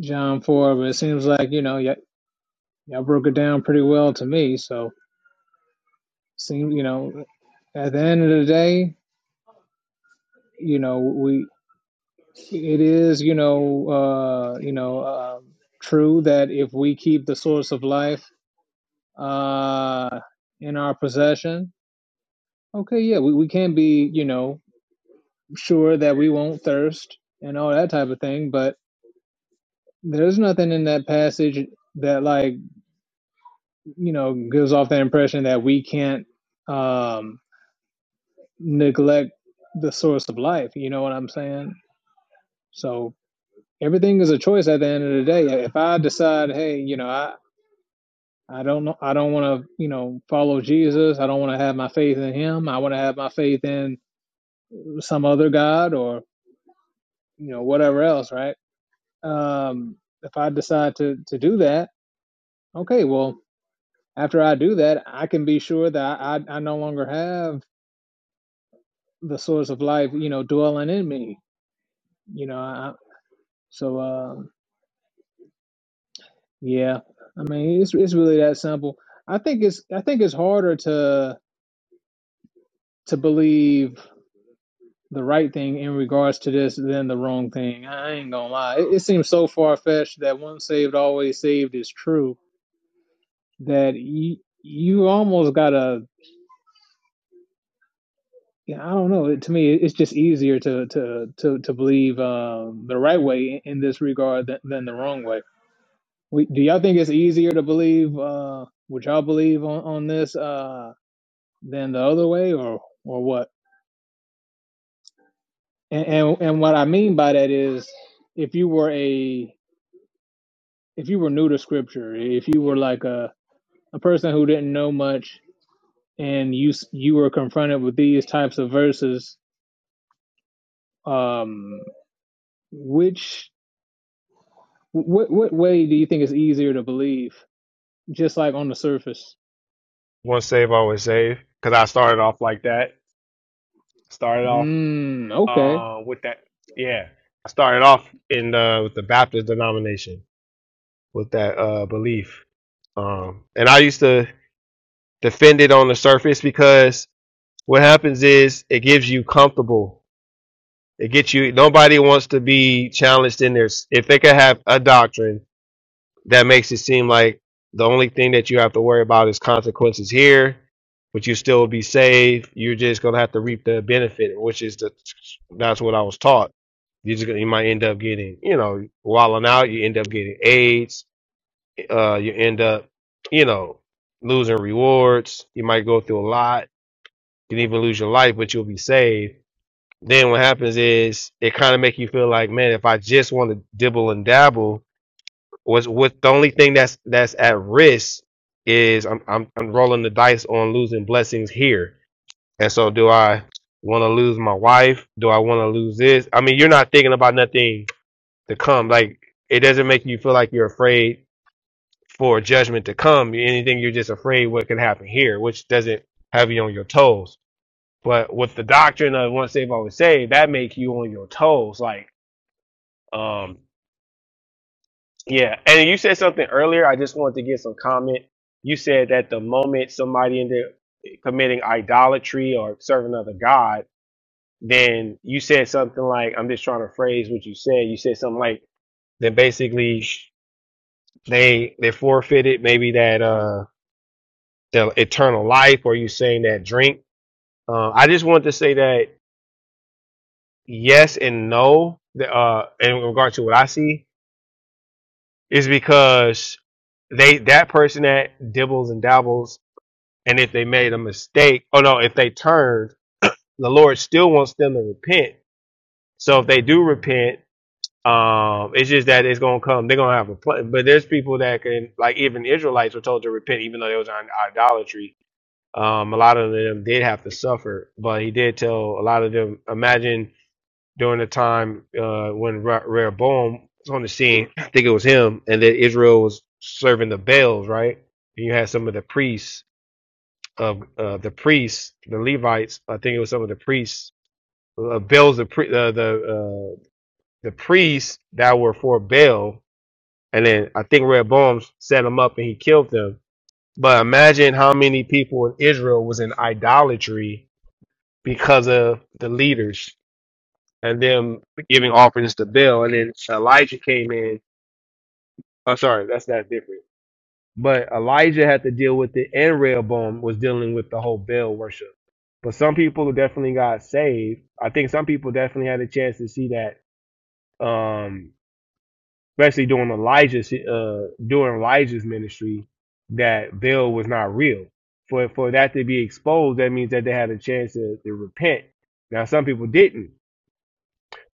Speaker 26: John Four, but it seems like you know, y'all, you broke it down pretty well to me. So, seem you know, at the end of the day, you know, we it is you know uh, you know um true that if we keep the source of life uh, in our possession, okay, yeah, we, we can be you know sure that we won't thirst and all that type of thing, but there's nothing in that passage that like you know gives off the impression that we can't um neglect the source of life you know what i'm saying so everything is a choice at the end of the day if i decide hey you know i i don't know i don't want to you know follow jesus i don't want to have my faith in him i want to have my faith in some other god or you know whatever else right um if i decide to to do that okay well after I do that, I can be sure that I, I no longer have the source of life, you know, dwelling in me. You know, I, so uh, yeah, I mean, it's it's really that simple. I think it's I think it's harder to to believe the right thing in regards to this than the wrong thing. I ain't gonna lie, it, it seems so far fetched that once saved, always saved is true. That you you almost gotta Yeah, I don't know. To me, it's just easier to to to to believe um, the right way in this regard than, than the wrong way. We, do y'all think it's easier to believe uh, what y'all believe on on this uh, than the other way, or or what? And, and and what I mean by that is, if you were a if you were new to scripture, if you were like a a person who didn't know much, and you s- you were confronted with these types of verses, um, which What what way do you think is easier to believe? Just like on the surface.
Speaker 23: Once saved, always saved. Because I started off like that. Started off
Speaker 26: Mm, okay.
Speaker 23: uh, with that. Yeah, I started off in the with the Baptist denomination with that uh, belief, um, and I used to defend it on the surface because what happens is it gives you comfortable It gets you. Nobody wants to be challenged in their. If they could have a doctrine that makes it seem like the only thing that you have to worry about is consequences here, but you still be saved. You're just gonna have to reap the benefit, which is the. That's what I was taught. You just gonna- you might end up getting you know wilding out. You end up getting AIDS. Uh, you end up you know losing rewards. You might go through a lot. You can even lose your life, but you'll be saved then what happens is it kind of make you feel like, man, if I just want to dibble and dabble, was what the only thing that's that's at risk is I'm I'm I'm rolling the dice on losing blessings here. And so do I want to lose my wife? Do I want to lose this? I mean, you're not thinking about nothing to come. Like it doesn't make you feel like you're afraid for judgment to come. Anything you're just afraid what can happen here, which doesn't have you on your toes. But with the doctrine of once saved, always saved, that makes you on your toes. Like Um, yeah, and you said something earlier. I just wanted to get some comment. You said that the moment somebody ended committing idolatry or serving another god, then you said something like, "I'm just trying to phrase what you said." You said something like, "Then basically they they forfeited maybe that uh the eternal life," or you saying that drink. Uh, I just wanted to say that yes and no. the, Uh, in regard to what I see, is because they that person that dibbles and dabbles, and if they made a mistake, oh no, if they turned, the Lord still wants them to repent. So if they do repent, um, it's just that it's gonna come. They're gonna have a plan. but there's people that can like even Israelites were told to repent, even though they was on idolatry. Um, a lot of them did have to suffer, but he did tell a lot of them. Imagine during the time uh, when Rehoboam was on the scene. I think it was him, and that Israel was serving the Baals, right? And you had some of the priests of uh, the priests, the Levites. I think it was some of the priests uh, Baals, the pri- uh, the uh, the priests that were for Baal, and then I think Rehoboam set them up and he killed them. But imagine how many people in Israel was in idolatry because of the leaders and them giving offerings to Baal. And then Elijah came in. Oh, sorry, that's not different. But Elijah had to deal with it, and Rehoboam was dealing with the whole Baal worship. But some people definitely got saved. I think some people definitely had a chance to see that, um, especially during Elijah's uh, during Elijah's ministry, that Baal was not real. For for that to be exposed, that means that they had a chance to, to repent. Now some people didn't.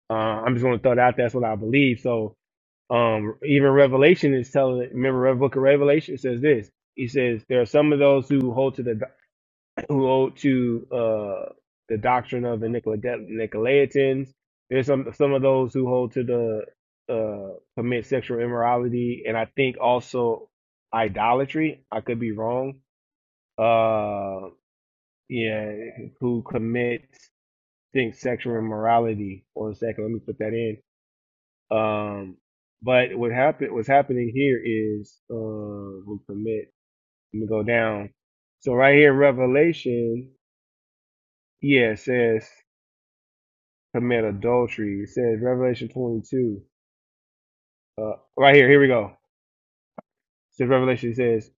Speaker 23: Uh, I'm just going to throw that out. there. That's what I believe. So Um, even Revelation is telling. Remember, the Book of Revelation says this. He says there are some of those who hold to the who hold to uh, the doctrine of the Nicolaitan- Nicolaitans. There's some some of those who hold to the uh, commit sexual immorality, and I think also idolatry. I could be wrong. Uh, yeah, who commits think sexual immorality? One second, let me put that in um, but what happened, what's happening here is, uh, we commit, let me go down. So right here, Revelation, yeah, it says commit adultery. It says Revelation 22. Uh, right here, here we go. So Revelation says,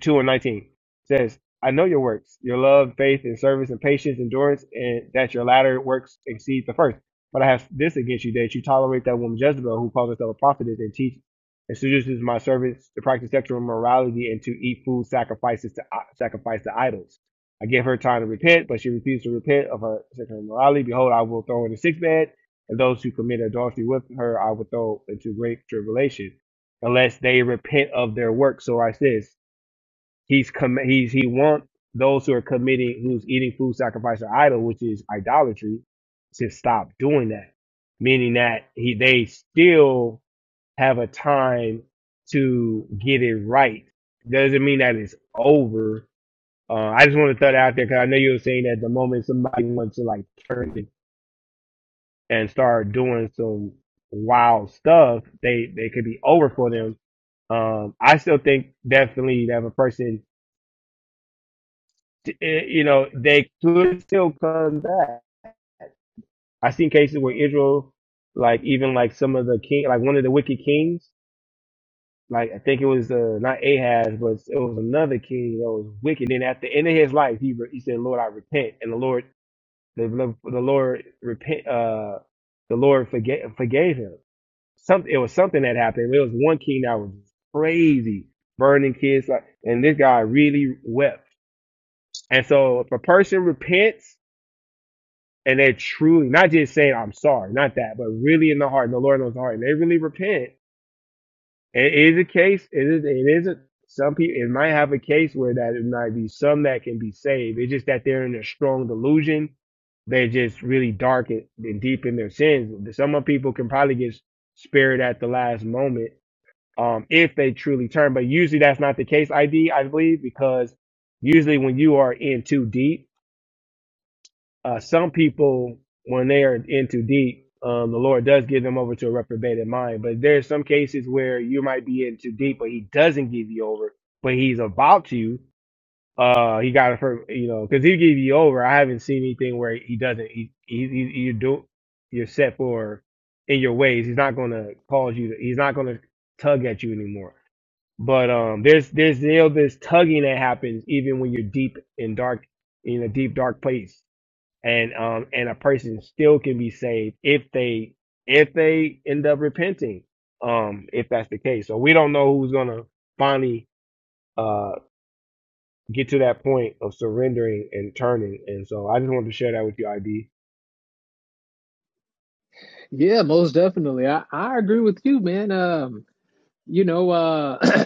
Speaker 23: 2 and 19 says, I know your works, your love, faith, and service, and patience, endurance, and that your latter works exceed the first. But I have this against you, that you tolerate that woman Jezebel, who calls herself a prophetess and teaches and seduces my servants to practice sexual immorality and to eat food sacrifices to uh, sacrifice to idols. I gave her time to repent, but she refused to repent of her sexual immorality. Behold, I will throw her in the sick bed, and those who commit adultery with her I will throw into great tribulation unless they repent of their work. So I says he's com- he's he wants those who are committing who's eating food sacrificed to idol, which is idolatry, to stop doing that. Meaning that he they still have a time to get it right. Doesn't mean that it's over. Uh, I just want to throw that out there because I know you were saying that the moment somebody wants to like turn it and start doing some wild stuff, they they could be over for them um, I still think definitely that if a person, eh, you know, they could still come back. I've seen cases where Israel, like even like some of the king, like one of the wicked kings, like I think it was uh, not Ahaz, but it was another king that was wicked. And at the end of his life, he re- he said, "Lord, I repent," and the Lord, the the Lord repent, uh, the Lord forgave forgave him. Something it was something that happened. It was one king that was crazy, burning kids, like, and this guy really wept And so if a person repents and they're truly not just saying I'm sorry, not that, but really in the heart, and the Lord knows the heart, and they really repent, it is a case, it is it is a some people it might have a case where that it might be some that can be saved. It's just that they're in a strong delusion. They're just really dark and and deep in their sins. Some of people can probably get spared at the last moment um, if they truly turn, but usually that's not the case. I d I believe because usually when you are in too deep Uh, some people, when they are in too deep, um, the Lord does give them over to a reprobated mind. But there are some cases where you might be in too deep, but He doesn't give you over, but He's about you. Uh, he got it from you know because He give you over. I haven't seen anything where He doesn't. He, he, he you do you're set for in your ways. He's not going to cause you. To, he's not going to tug at you anymore. But um, there's there's you know this tugging that happens even when you're deep in dark in a deep dark place and um and a person still can be saved if they if they end up repenting um if that's the case so we don't know who's gonna finally uh get to that point of surrendering and turning and so i just wanted to share that with you id
Speaker 26: Yeah, most definitely. I, I agree with you, man. Um, you know, uh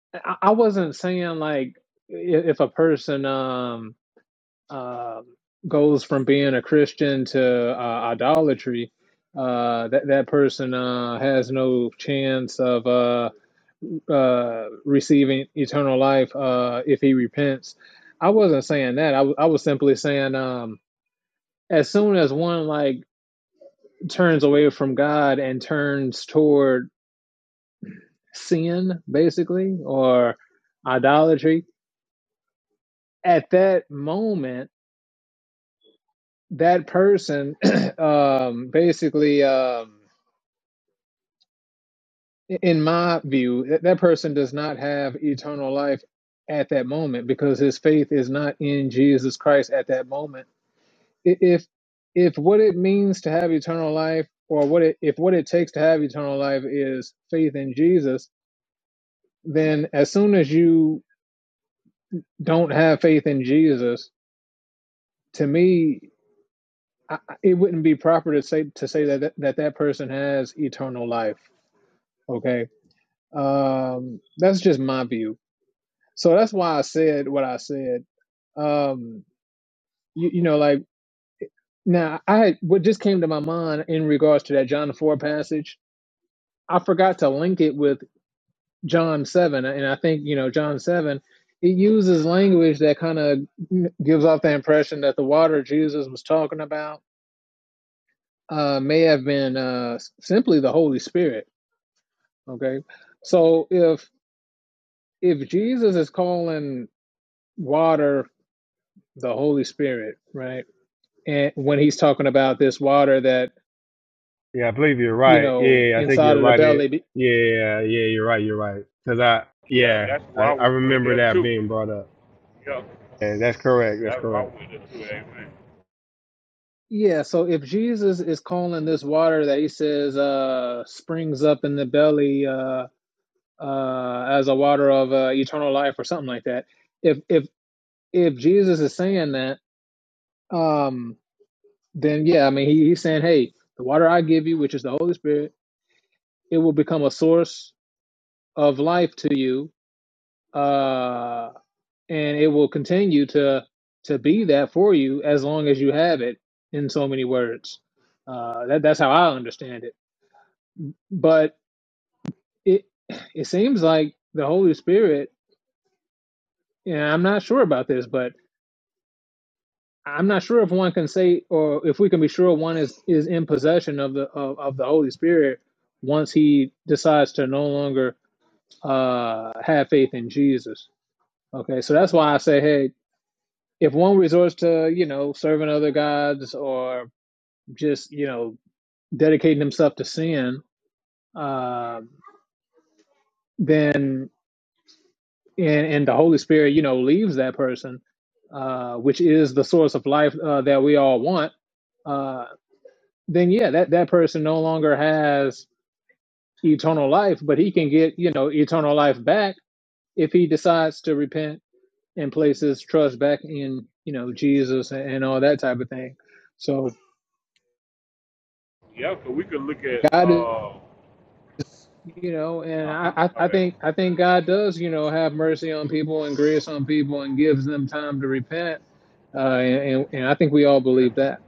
Speaker 26: I, I wasn't saying like if, if a person um uh goes from being a Christian to uh, idolatry, uh that that person uh has no chance of uh, uh, receiving eternal life uh, if he repents. I wasn't saying that. I w- I was simply saying um, as soon as one like turns away from God and turns toward sin, basically, or idolatry, at that moment, that person um, basically, um, in my view, that that person does not have eternal life at that moment because his faith is not in Jesus Christ at that moment if if what it means to have eternal life or what it if what it takes to have eternal life is faith in Jesus, then as soon as you don't have faith in Jesus, to me I, I- it wouldn't be proper to say to say that that that, that person has eternal life, okay? Um that's just my view. So that's why I said what I said. Um you, you know like now I had what just came to my mind in regards to that John 4 passage I forgot to link it with John 7, and I think, you know, John 7, it uses language that kind of gives off the impression that the water Jesus was talking about uh, may have been uh, simply the Holy Spirit. Okay. So if if Jesus is calling water the Holy Spirit, right? And when he's talking about this water that,
Speaker 23: Yeah, I believe you're
Speaker 26: you
Speaker 23: right.
Speaker 26: know,
Speaker 23: Yeah, I think you're
Speaker 26: inside of the
Speaker 23: right.
Speaker 26: belly,
Speaker 23: It- Yeah, yeah, you're right. You're right. Cause I,
Speaker 1: yeah,
Speaker 23: yeah,
Speaker 1: that's
Speaker 23: I,
Speaker 1: why
Speaker 23: I
Speaker 1: I went
Speaker 23: remember
Speaker 1: there
Speaker 23: that
Speaker 1: too.
Speaker 23: being brought up.
Speaker 1: Yeah,
Speaker 23: And that's correct. That's
Speaker 1: that's why I
Speaker 23: correct.
Speaker 1: went there too. Amen.
Speaker 26: yeah. So if Jesus is calling this water that he says uh, springs up in the belly, uh, uh, as a water of uh, eternal life or something like that. If if if Jesus is saying that, um, then yeah, I mean he, he's saying, hey, the water I give you, which is the Holy Spirit, it will become a source of life to you, uh, and it will continue to to be that for you as long as you have it. In so many words, uh, that that's how I understand it. But it it seems like the Holy Spirit, and I'm not sure about this, but I'm not sure if one can say or if we can be sure one is is in possession of the of, of the Holy Spirit once he decides to no longer uh have faith in Jesus. Okay, so that's why I say, hey, if one resorts to you know serving other gods or just you know dedicating himself to sin, uh, then and and the Holy Spirit you know leaves that person, uh, which is the source of life uh, that we all want Uh, then yeah, that, that person no longer has eternal life, but he can get, you know, eternal life back if he decides to repent and place his trust back in, you know, Jesus and, and all that type of thing. So
Speaker 1: Yeah, so we could look at,
Speaker 26: God is
Speaker 1: uh,
Speaker 26: you know, and
Speaker 1: uh-huh,
Speaker 26: I, I
Speaker 1: my
Speaker 26: I
Speaker 1: bad.
Speaker 26: think I think God does, you know, have mercy on people and grace on people and gives them time to repent. Uh and, and, I
Speaker 1: Yeah,
Speaker 26: think we all believe
Speaker 1: amen.
Speaker 26: that.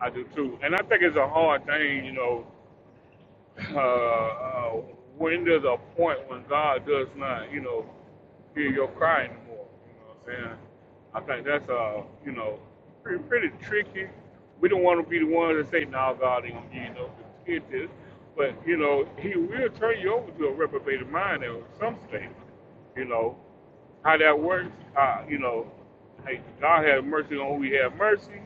Speaker 1: I do too. And I think it's a hard thing, you know, uh, uh, when there's a point when God does not, you know, hear your cry anymore. You know what I'm saying? I think that's uh, you know, pretty pretty tricky. We don't want to be the ones that say, "No, nah, God ain't gonna give you no forgiveness," but you know, He will turn you over to a reprobated mind at some stage. You know how that works. Uh, you know, hey, God have mercy on who He have mercy,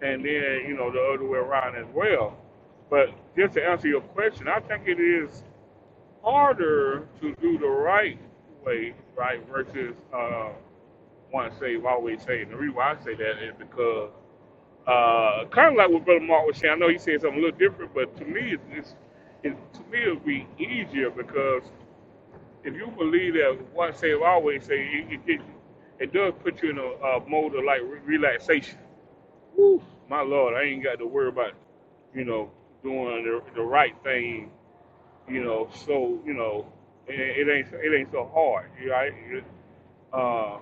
Speaker 1: and then you know the other way around as well. But just to answer your question, I think it is harder to do the right way, right, versus uh, once saved, always saved. And the reason why I say that is because uh, kind of like what Brother Mark was saying. I know he said something a little different, but to me, it's, it's it, to me it'll be easier because if you believe that once saved, always saved, it, it, it, it does put you in a, a mode of like re- relaxation Whew, my Lord, I ain't got to worry about, you know, doing the, the right thing, you know, so, you know, it, it ain't it ain't so hard, you know, I, it, uh,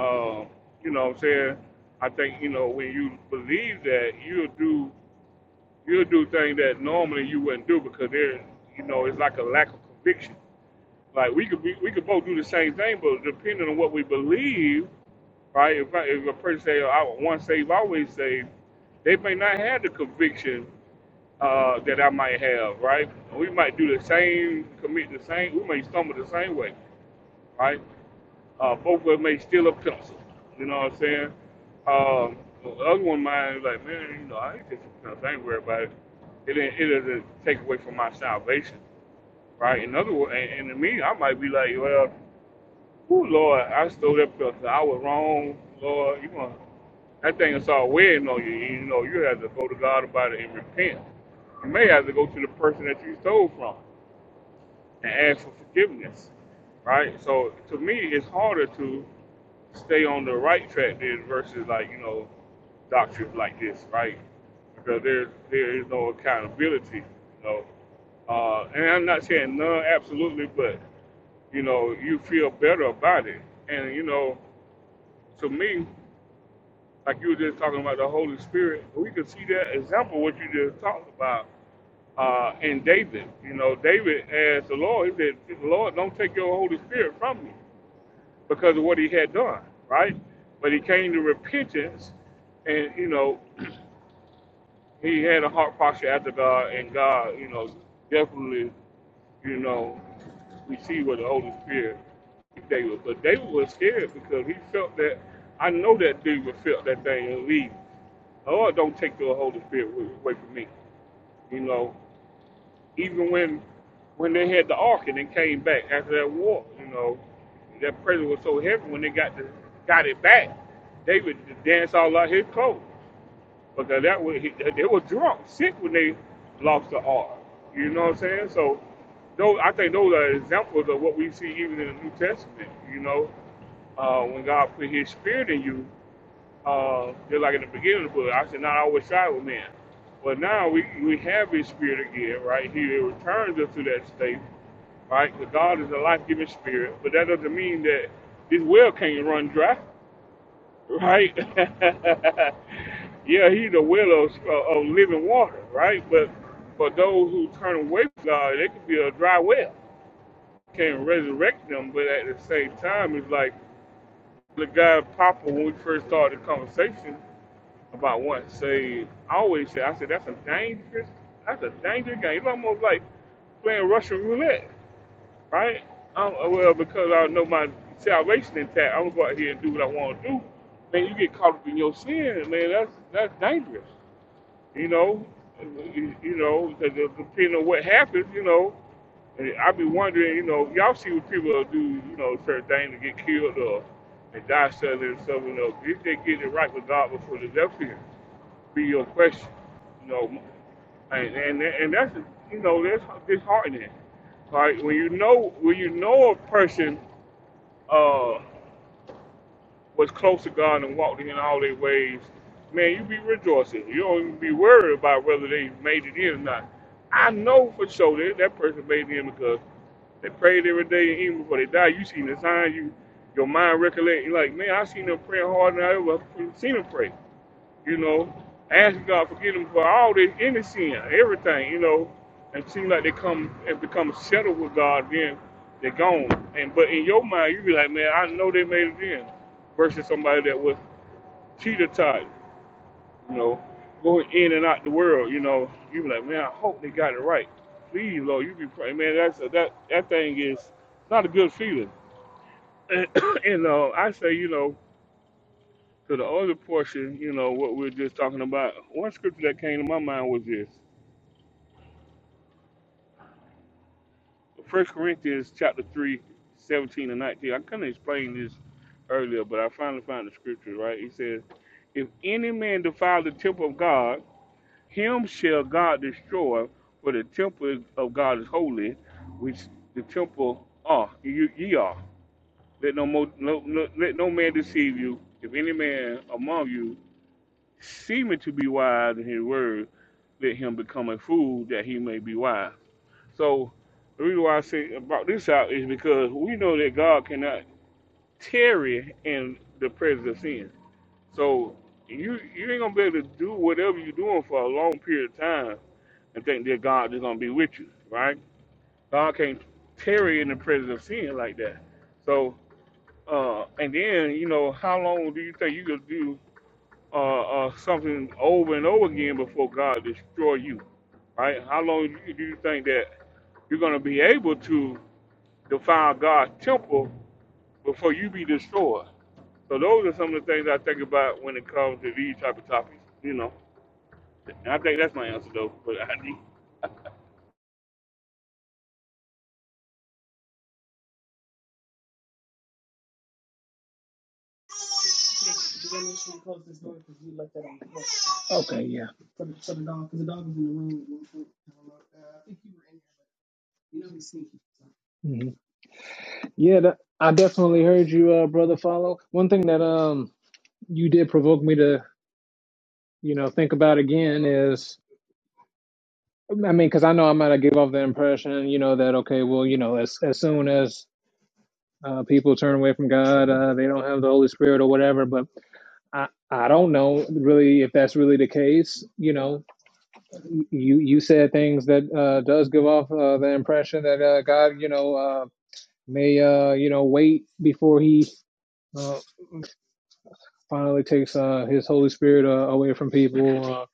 Speaker 1: uh, you know what I'm saying? I think, you know, when you believe that, you'll do you'll do things that normally you wouldn't do because there you know, it's like a lack of conviction. Like we could we we could both do the same thing, but depending on what we believe, right? If, I, if a person say, I was once saved, always saved, they may not have the conviction uh, that I might have, right? We might do the same, commit the same, we may stumble the same way, right? Uh, both of us may steal a pencil, you know what I'm saying? Um, the other one mind is like, man, you know, I ain't taking a pencil, I ain't worried about it. It, didn't- it doesn't take away from my salvation, right? In other words, and, and to me, I might be like, well, Oh Lord, I stole that pizza. I was wrong, Lord. You want that thing is all weighing on you. You know, you have to go to God about it and repent. You may have to go to the person that you stole from and ask for forgiveness, right? So to me, it's harder to stay on the right track than versus like you know doctrines like this, right? Because there there is no accountability, you know. Uh, and I'm not saying none absolutely, but you know, you feel better about it. And, you know, to me, like you were just talking about the Holy Spirit, we can see that example, what you just talked about uh, in David. You know, David asked the Lord, he said, Lord, don't take your Holy Spirit from me because of what he had done, right? But he came to repentance and, you know, he had a heart posture after God, and God, you know, definitely, you know, we see what the Holy Spirit gave David. But David was scared because he felt that, I know that David felt that thing and leave. Lord, don't take the Holy Spirit away away from me. You know, even when when they had the ark and it came back after that war, you know, that pressure was so heavy when they got the, got it back, David danced all out his clothes because that was they were drunk, sick when they lost the R. You know what I'm saying? So, those I think those are examples of what we see even in the New Testament. You know, uh, when God put His Spirit in you, uh, just like in the beginning of the book, I said, "Not always side with man," but now we we have His Spirit again, right? He returns us to that state, right? Because God is a life-giving Spirit, but that doesn't mean that this well can't run dry right? yeah, he's the well of, uh, of living water, right? But for those who turn away from God, they could be a dry well. Can't resurrect them, but at the same time, it's like the guy Papa when we first started the conversation about once saved. I always said, I said that's a dangerous, that's a dangerous game. It's almost like playing Russian roulette right? I'm, well, because I know my salvation intact, I'm gonna go out here and do what I want to do. Man, you get caught up in your sin, man. That's that's dangerous, you know. You, you know, 'cause it depending on what happens, you know. And I be wondering, you know, y'all see what people do, you know, certain things to get killed or and die suddenly and stuff, you know. If they get it right with God before they left here be your question. You know, and and, and that's you know that's disheartening. right? when you know when you know a person uh was close to God and walked in all their ways, man, you be rejoicing. You don't even be worried about whether they made it in or not. I know for sure that that person made it in because they prayed every day, and even before they died. You seen the signs. You your mind recollect. You're like, man, I seen them praying harder than I ever seen them pray you know, asking God forgive them for all this any sin, everything, you know, and seem like they come and become settled with God, then they're gone. And but in your mind, you be like, man, I know they made it in, versus somebody that was cheetah taught, you know, going in and out the world, you know, you be like, man, I hope they got it right. Please, Lord, you be praying, man. That's a, that that thing is not a good feeling. And, and uh, I say, you know. to the other portion, you know, what we are just talking about, one scripture that came to my mind was this. First Corinthians chapter 3, 17 and 19. I couldn't explain this earlier, but I finally found the scripture, right? He says, If any man defile the temple of God, him shall God destroy, for the temple of God is holy, which the temple are, you, ye are. Let no, mo, no, no, let no man deceive you. If any man among you seeming to be wise in his word, let him become a fool that he may be wise. So the reason why I say about this out is because we know that God cannot tarry in the presence of sin. So you you ain't gonna be able to do whatever you're doing for a long period of time and think that God is gonna be with you, right? God can't tarry in the presence of sin like that. So uh and then, you know, how long do you think you could do uh, uh, something over and over again before God destroy you, right? How long do you do you think that you're going to be able to defile God's temple before you be destroyed? So those are some of the things I think about when it comes to these type of topics, you know. And I think that's my answer though. But I
Speaker 26: Okay, yeah. hmm Yeah, that, I definitely heard you, uh, brother follow. One thing that um you did provoke me to you know think about again is i mean because i know i'm gonna give off the impression you know that okay well you know as, as soon as uh, people turn away from god uh, they don't have the holy spirit or whatever but i i don't know really if that's really the case you know you you said things that uh, does give off uh, the impression that uh, god you know uh, may uh, you know wait before he uh, finally takes uh, his holy spirit uh, away from people uh,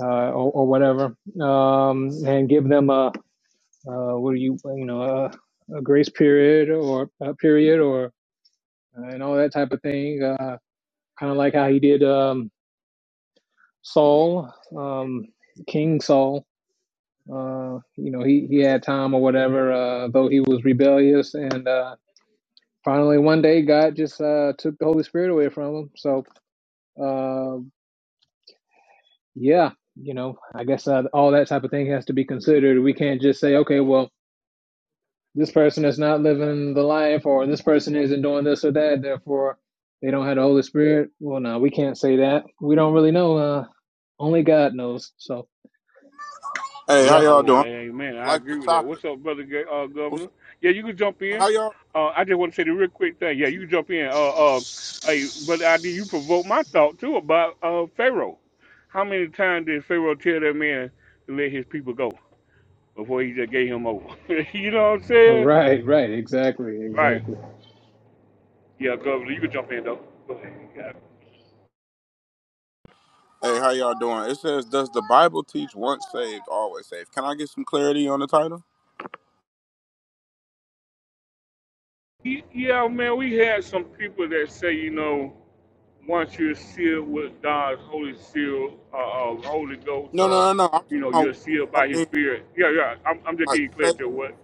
Speaker 26: uh, or, or whatever um, and give them a uh, where you you know uh, a grace period or a period or uh, and all that type of thing. Uh, kind of like how he did um, Saul, um, King Saul. Uh, you know, he he had time or whatever, uh, though he was rebellious and. Uh, Finally, one day, God just uh, took the Holy Spirit away from him. So, uh, yeah, you know, I guess uh, all that type of thing has to be considered. We can't just say, okay, well, this person is not living the life or this person isn't doing this or that therefore they don't have the holy spirit well no we can't say that we don't really know uh only god knows so
Speaker 27: Hey, how
Speaker 26: yeah
Speaker 27: y'all
Speaker 1: Oh, yeah,
Speaker 27: doing? I
Speaker 1: amen. I
Speaker 27: like the
Speaker 1: agree with that.
Speaker 27: topic.
Speaker 1: What's up, brother Ga- uh,
Speaker 27: What's
Speaker 1: Governor? Yeah, you can jump
Speaker 27: up?
Speaker 1: in.
Speaker 27: How y'all?
Speaker 1: Uh, I just want to say the real quick thing. Yeah, you can jump in. Uh, uh, hey, brother ID, you provoked my thought too about uh, Pharaoh. How many times did Pharaoh tell that man to let his people go before he just gave him over? you know what I'm saying?
Speaker 26: right right exactly
Speaker 1: Right.
Speaker 26: exactly
Speaker 1: Yeah, Governor, you can jump in though. Go ahead. You got it.
Speaker 27: Hey, how y'all doing? It says, "Does the Bible teach once saved, always saved?" Can I get some clarity on the title?
Speaker 1: Y- Yeah, man, we had some people that say, you know. once you're sealed with God's holy seal, uh, uh, Holy Ghost,
Speaker 27: No, no,
Speaker 1: or
Speaker 27: no, no. I'm
Speaker 1: you
Speaker 27: talking
Speaker 1: know,
Speaker 27: about
Speaker 1: you're
Speaker 27: what do
Speaker 1: sealed
Speaker 27: y'all
Speaker 1: by His
Speaker 27: mean,
Speaker 1: Spirit. Yeah, yeah. I'm, I'm just
Speaker 27: like
Speaker 1: getting clear
Speaker 27: saved?
Speaker 1: to what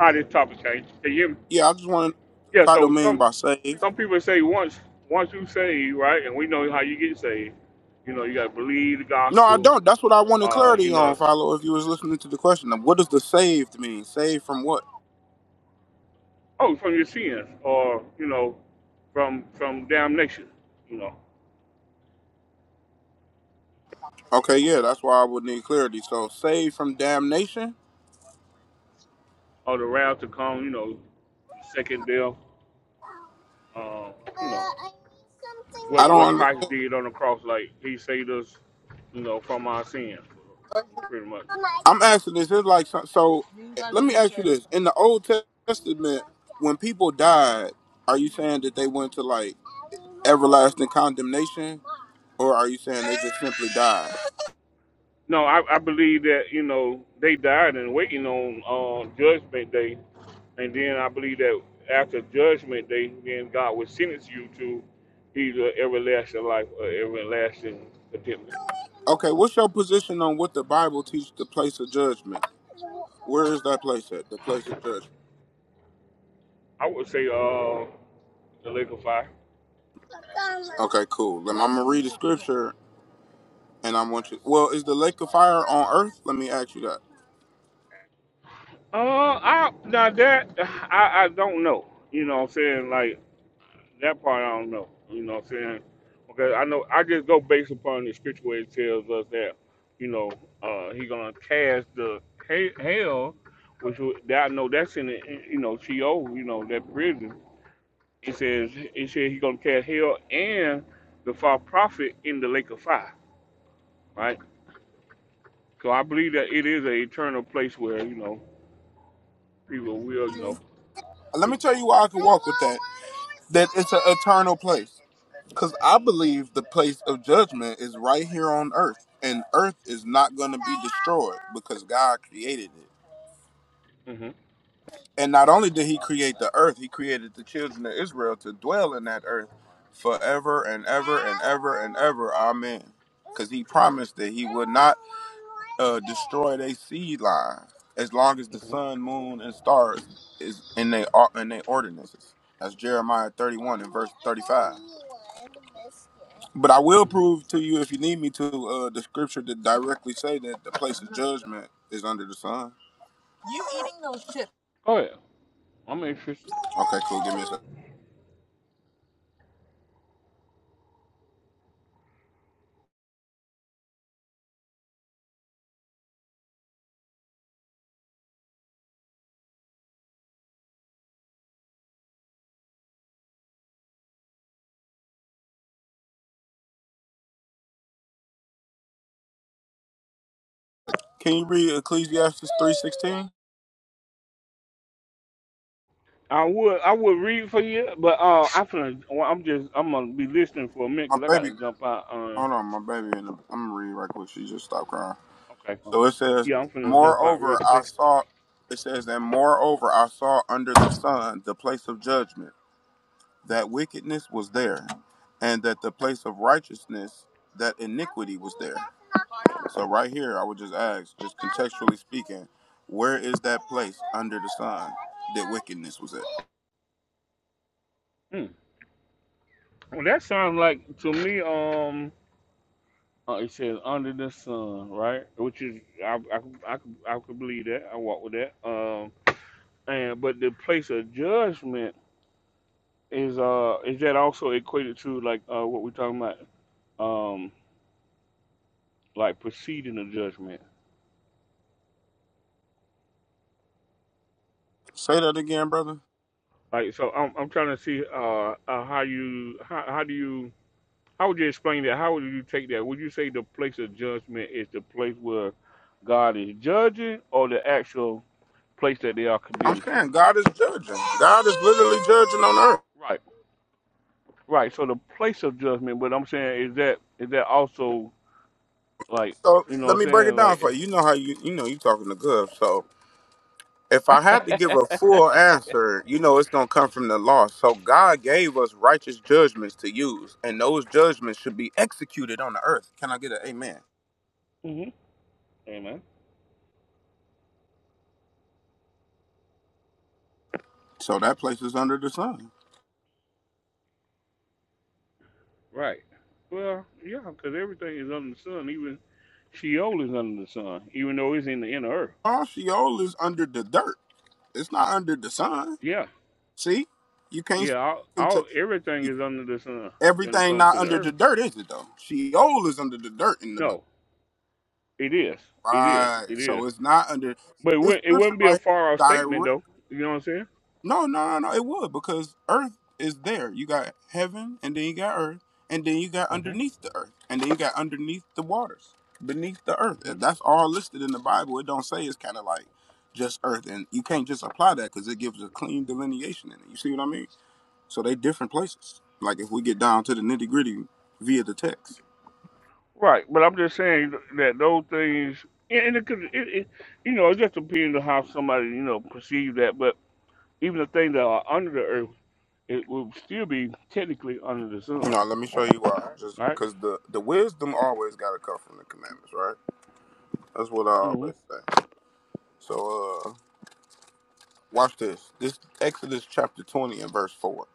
Speaker 1: how this topic came. Can you hear me?
Speaker 27: Yeah, I just want to know what the
Speaker 1: Yeah.
Speaker 27: title
Speaker 1: So
Speaker 27: mean
Speaker 1: some
Speaker 27: by saved.
Speaker 1: some people say once once you saved, right, and we know how you get saved. You know, you got to believe the
Speaker 27: No, I
Speaker 1: gospel.
Speaker 27: don't. That's what I wanted
Speaker 1: Uh, you
Speaker 27: clarity on,
Speaker 1: know,
Speaker 27: Follow. If you was listening to the question, what does the saved mean? Saved from what?
Speaker 1: oh, from your sins, or you know, from from damnation. You know,
Speaker 27: Okay, yeah, that's why I would need clarity. So, saved from damnation?
Speaker 1: or the wrath to come. You know, second death. Uh,
Speaker 27: Uh,
Speaker 1: you know.
Speaker 27: I need something. I
Speaker 1: what
Speaker 27: don't
Speaker 1: what
Speaker 27: understand.
Speaker 1: Christ did on the cross, like He saved us, you know, from our sins, pretty much.
Speaker 27: I'm asking this. It's like so. so let me ask you this: In the Old Testament, when people died, are you saying that they went to like everlasting condemnation, or are you saying they just simply died?
Speaker 1: No, I, I believe that you know they died and waiting on uh, judgment day, and then I believe that after judgment day, then God will sentence you to either everlasting life or everlasting condemnation.
Speaker 27: Okay, what's your position on what the Bible teaches the place of judgment? Where is that place at? The place of judgment.
Speaker 1: I would say uh the lake of fire.
Speaker 27: Okay, cool. Then I'm gonna read the scripture, and I want you. Well, is the lake of fire on earth? Let me ask you that.
Speaker 1: Uh, I now that I I don't know. You know, what I'm saying like That part I don't know. You know what I'm saying? Because I know I just go based upon the scripture where it tells us that, you know, uh, he gonna cast the he- hell, which would- that I know that's in the you know Sheol, you know that prison. It says it says he gonna cast hell and the false prophet in the lake of fire, right? So I believe that it is an eternal place where you know people will you know.
Speaker 27: Let me tell you why I can walk with that. That it's an eternal place. Because I believe the place of judgment is right here on earth, and earth is not going to be destroyed because God created it.
Speaker 1: Mm-hmm,
Speaker 27: And not only did he create the earth, he created the children of Israel to dwell in that earth forever and ever and ever and ever. Amen. Because he promised that he would not uh, destroy their seed line as long as the
Speaker 1: mm-hmm,
Speaker 27: sun, moon, and stars is in their in their ordinances. That's Jeremiah 31 and verse 35. But I will
Speaker 1: hmm
Speaker 27: prove to you, if you need me to, uh, the scripture that directly say that the place of judgment is under the sun. You eating those chips?
Speaker 1: Go ahead. I'm interested.
Speaker 27: Okay, cool. Give me a second. Can you read Ecclesiastes three sixteen?
Speaker 1: I would I would read for you, but uh, I'm finna, well, I'm just I'm gonna be listening for a minute
Speaker 27: My
Speaker 1: 'cause I
Speaker 27: baby,
Speaker 1: gotta jump out. Uh,
Speaker 27: hold on, my baby. In the, I'm gonna read right quick. She just stopped crying.
Speaker 1: okay, fine.
Speaker 27: So it says,
Speaker 1: yeah, I'm finna jump out real
Speaker 27: "Moreover, I
Speaker 1: quick.
Speaker 27: saw." It says, "And moreover, I saw under the sun the place of judgment, that wickedness was there, and that the place of righteousness, that iniquity was there." So right here, I would just ask, just contextually speaking, where is that place under the sun that wickedness was at?
Speaker 1: Hmm. Well, that sounds like to me. Um, uh, it says under the sun, right? Which is I I could- I could, I could believe that. I walk with that. Um, and but the place of judgment is uh is that also equated to like uh what we're talking about um like preceding the judgment
Speaker 27: Say that again, brother.
Speaker 1: Like so, I'm I'm trying to see uh, uh how you how how do you how would you explain that? How would you take that? Would you say the place of judgment is the place where God is judging, or the actual place that they are
Speaker 27: I'm
Speaker 1: condemned to?
Speaker 27: saying God is judging. God is literally judging on earth.
Speaker 1: Right, right. So the place of judgment, but I'm saying is that is that also like
Speaker 27: So
Speaker 1: you know what
Speaker 27: let
Speaker 1: I'm
Speaker 27: me break it
Speaker 1: saying
Speaker 27: down for
Speaker 1: like
Speaker 27: you. You know how you you know you talking to good. So if I had to give a full answer, you know it's gonna come from the law. So God gave us righteous judgments to use, and those judgments should be executed on the earth. Can I get an amen?
Speaker 1: hmm amen
Speaker 27: So that place is under the sun.
Speaker 1: right. Well, yeah, because everything is under the sun. Even Sheol is under the sun, even though it's in the inner earth.
Speaker 27: All Sheol is under the dirt. It's not under the sun.
Speaker 1: Yeah,
Speaker 27: See, you can't say
Speaker 1: Yeah, all,
Speaker 27: that
Speaker 1: all
Speaker 27: contextually
Speaker 1: everything
Speaker 27: speaking.
Speaker 1: is under the sun when it
Speaker 27: Everything
Speaker 1: comes
Speaker 27: not
Speaker 1: to the
Speaker 27: under the
Speaker 1: earth.
Speaker 27: dirt, is it though? Sheol is under the dirt in the Bible.
Speaker 1: No, it is. It is.
Speaker 27: Right.
Speaker 1: It is.
Speaker 27: So it's not under
Speaker 1: But it,
Speaker 27: this
Speaker 1: wou- it
Speaker 27: scripture
Speaker 1: wouldn't be a
Speaker 27: right here
Speaker 1: far
Speaker 27: is
Speaker 1: off statement, though.
Speaker 27: directly.
Speaker 1: You know what I'm saying?
Speaker 27: No, no, no, no. It would because earth is there. You got heaven, and then you got earth, and then you got
Speaker 1: hmm
Speaker 27: underneath the earth, and then you got underneath the waters, beneath the earth.
Speaker 1: hmm
Speaker 27: That's all listed in the Bible. It don't say it's kind of like just earth, and you can't just apply that because it gives a clean delineation in it. You see what I mean? So they different places. Like if we get down to the nitty gritty via the text.
Speaker 1: Right. But I'm just saying that those things, and and it could, it, it, you know, it just depends on how somebody, you know, perceives that. But even the things that are under the earth, it will still be technically under the sun,
Speaker 27: No, let me show you why. Just
Speaker 1: right?
Speaker 27: because the the wisdom always got to come from the commandments, right? That's what I
Speaker 1: Mm-hmm.
Speaker 27: always say. So, uh, watch this. This Exodus chapter twenty and verse four.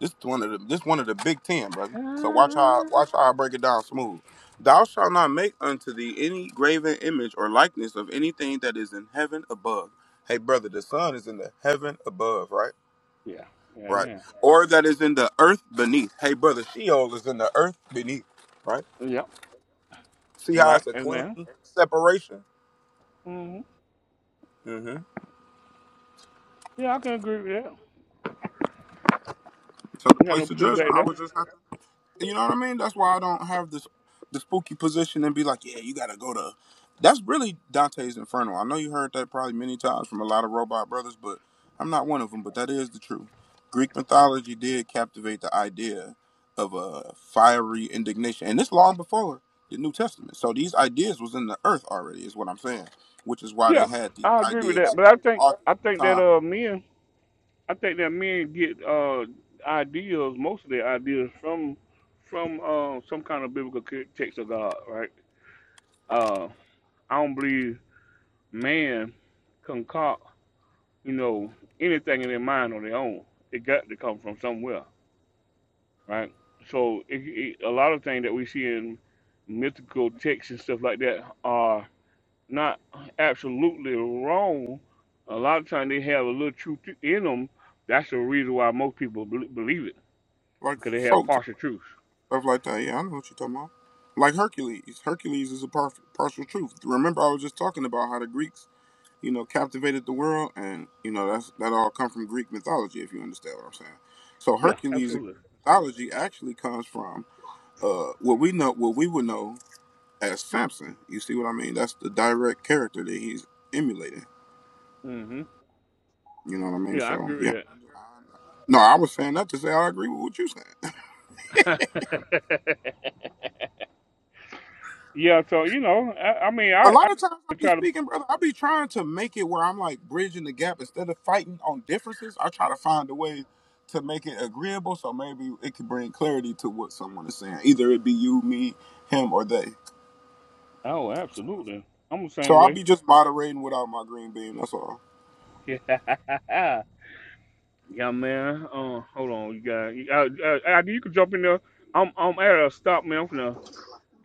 Speaker 27: This one of the this one of the big ten, brother. So watch how watch how I break it down smooth. Thou shalt not make unto thee any graven image or likeness of anything that is in heaven above. Hey, brother, the sun is in the heaven above, right?
Speaker 1: Yeah. Yeah,
Speaker 27: Right.
Speaker 1: amen.
Speaker 27: Or that is in the earth beneath. Hey, brother, Sheol is in the earth beneath, right?
Speaker 1: Yeah.
Speaker 27: See
Speaker 1: All
Speaker 27: how
Speaker 1: right.
Speaker 27: it's a clean
Speaker 1: Amen.
Speaker 27: separation.
Speaker 1: Mm-hmm.
Speaker 27: hmm
Speaker 1: Yeah, I can agree with that.
Speaker 27: So the
Speaker 1: You got no
Speaker 27: place of judgment,
Speaker 1: pushback there.
Speaker 27: I would just have to, you know what I mean? That's why I don't have this the spooky position and be like, yeah, you gotta go to. That's really Dante's Inferno. I know you heard that probably many times from a lot of robot brothers, but I'm not one of them. But that is the truth. Greek mythology did captivate the idea of a fiery indignation, and this long before the New Testament. So these ideas was in the earth already, is what I'm saying, which is why they
Speaker 1: Yeah,
Speaker 27: had the
Speaker 1: I agree with
Speaker 27: ideas,
Speaker 1: that. But I
Speaker 27: the
Speaker 1: think
Speaker 27: authors
Speaker 1: I
Speaker 27: of
Speaker 1: think
Speaker 27: the
Speaker 1: that
Speaker 27: time
Speaker 1: uh men I think that men get uh ideas, most of their ideas from from uh some kind of biblical ca- text of God, right? Uh I don't believe man concoct, you know, anything in their mind on their own. It got to come from somewhere, right? So it, it, a lot of things that we see in mythical texts and stuff like that not absolutely wrong. A lot of times they have a little truth in them. That's the reason why most people bel- believe it
Speaker 27: like
Speaker 1: because they have
Speaker 27: folk tales,
Speaker 1: partial truths.
Speaker 27: stuff like that. Yeah, I know what you're talking about. Like Hercules. Hercules is a par- partial truth. Remember, I was just talking about how the Greeks, you know, captivated the world, and you know that's that all come from Greek mythology. If you understand what I'm saying. So
Speaker 1: Yeah,
Speaker 27: Hercules in
Speaker 1: absolutely.
Speaker 27: Greek mythology actually comes from uh, what we know, what we would know as Samson. You see what I mean? That's the direct character that he's emulating.
Speaker 1: hmm
Speaker 27: You know what I mean?
Speaker 1: Yeah, I
Speaker 27: So
Speaker 1: agree
Speaker 27: yeah.
Speaker 1: with
Speaker 27: No, I was saying that to say I agree with what you're saying.
Speaker 1: that. yeah, so you know, I, I mean,
Speaker 27: A
Speaker 1: I, I
Speaker 27: lot of times I be
Speaker 1: try to.
Speaker 27: speaking, brother. I be trying to make it where I'm like bridging the gap instead of fighting on differences. I try to find a way to make it agreeable, so maybe it can bring clarity to what someone is saying. Either it be you, me, him, or they.
Speaker 1: Oh, absolutely. I'm the
Speaker 27: So
Speaker 1: same
Speaker 27: I'll
Speaker 1: way.
Speaker 27: be just moderating without my green bean. That's all.
Speaker 1: Yeah, yeah, man. Uh, hold on, you guys. You, uh, uh, Ivy, you can jump in there. I'm I'm at a stop, man.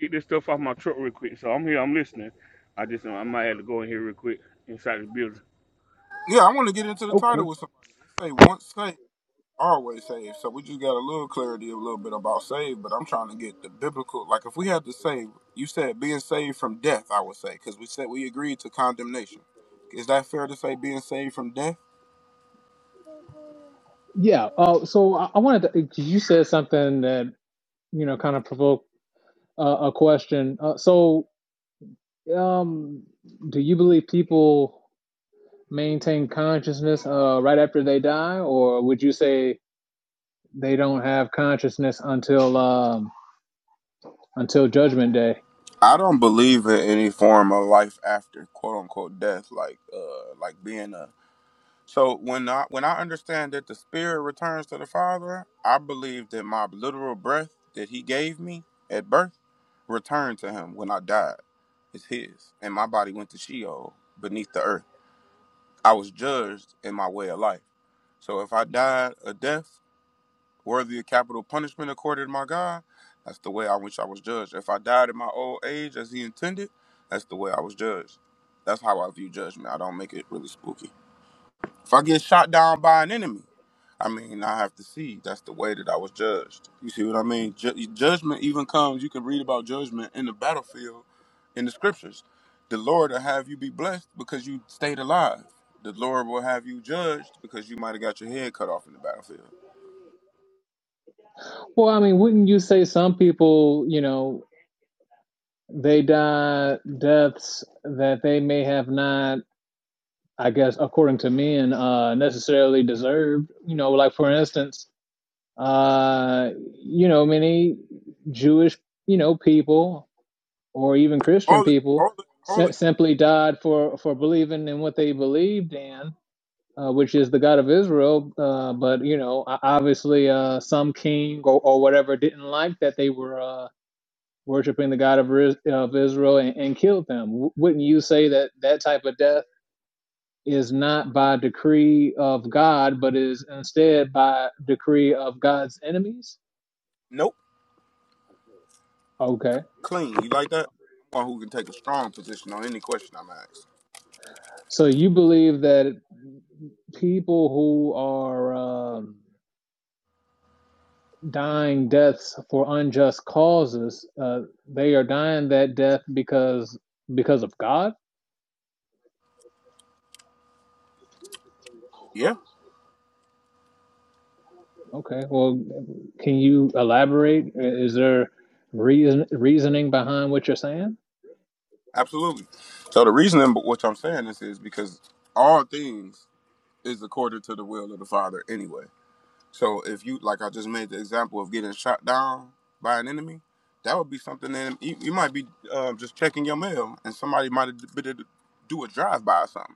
Speaker 1: get this stuff off my truck real quick. So I'm here, I'm listening. I just I might have to go in here real quick inside the building.
Speaker 27: Yeah, I want to get into the
Speaker 26: okay
Speaker 27: title with somebody. It say once saved. always saved. So we just got a little clarity, a little bit about saved. But I'm trying to get the biblical. Like if we had to save, you said being saved from death, I would say because we said we agreed to condemnation. Is that fair to say being saved from death?
Speaker 26: yeah uh so i, I wanted to 'cause you said something that you know kind of provoked uh, a question uh, so um do you believe people maintain consciousness uh right after they die or would you say they don't have consciousness until um, until Judgment Day.
Speaker 27: I don't believe in any form of life after quote unquote death, like uh, like being a So when I when I understand that the spirit returns to the Father, I believe that my literal breath that He gave me at birth returned to Him when I died. It's His, and my body went to Sheol beneath the earth. I was judged in my way of life. So if I died a death worthy of capital punishment according to my God, that's the way I wish I was judged. If I died in my old age as He intended, that's the way I was judged. That's how I view judgment. I don't make it really spooky. If I get shot down by an enemy. I mean, I have to see. That's the way that I was judged. You see what I mean? Ju- judgment even comes. You can read about judgment in the battlefield, in the scriptures. The Lord will have you be blessed because you stayed alive. The Lord will have you judged because you might have got your head cut off in the battlefield.
Speaker 26: Well, I mean, wouldn't you say some people, you know, they die deaths that they may have not, I guess, according to men, uh, necessarily deserved? You know, like for instance, uh, you know, many Jewish, you know, people or even Christian
Speaker 27: Hold it,
Speaker 26: people.
Speaker 27: hold it, hold
Speaker 26: si-
Speaker 27: it.
Speaker 26: Simply died for for believing in what they believed in, uh, which is the God of Israel. Uh, but you know, o- obviously, uh, some king or, or whatever didn't like that they were uh, worshiping the God of, Ris- of Israel and, and killed them. W- wouldn't you say that that type of death is not by decree of God, but is instead by decree of God's enemies?
Speaker 27: Nope,
Speaker 26: Okay,
Speaker 27: clean. You like that? I'm one who can take a strong position on any question I'm asked.
Speaker 26: so you believe that people who are um, dying deaths for unjust causes. Uh, they are dying that death because because of God.
Speaker 27: Yeah,
Speaker 26: Okay. Well, can you elaborate? Is there reason reasoning behind what you're saying?
Speaker 27: absolutely. So the reason, but what I'm saying this is because all things is according to the will of the Father anyway. So if you like, I just made the example of getting shot down by an enemy. That would be something that you, you might be um, just checking your mail, and somebody might have been to do a drive by or something.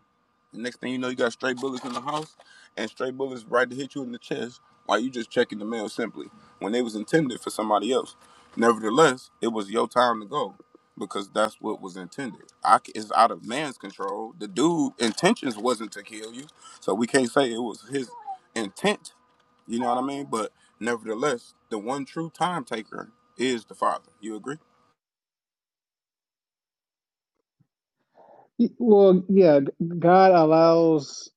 Speaker 27: The next thing you know, you got stray bullets in the house, and stray bullets right to hit you in the chest while you just checking the mail simply when they was intended for somebody else. Nevertheless, it was your time to go because that's what was intended. I c it's out of man's control. The dude intentions wasn't to kill you, so we can't say it was his intent you know what I mean? But nevertheless, the one true time taker is the Father. You agree?
Speaker 26: Well, yeah, God allows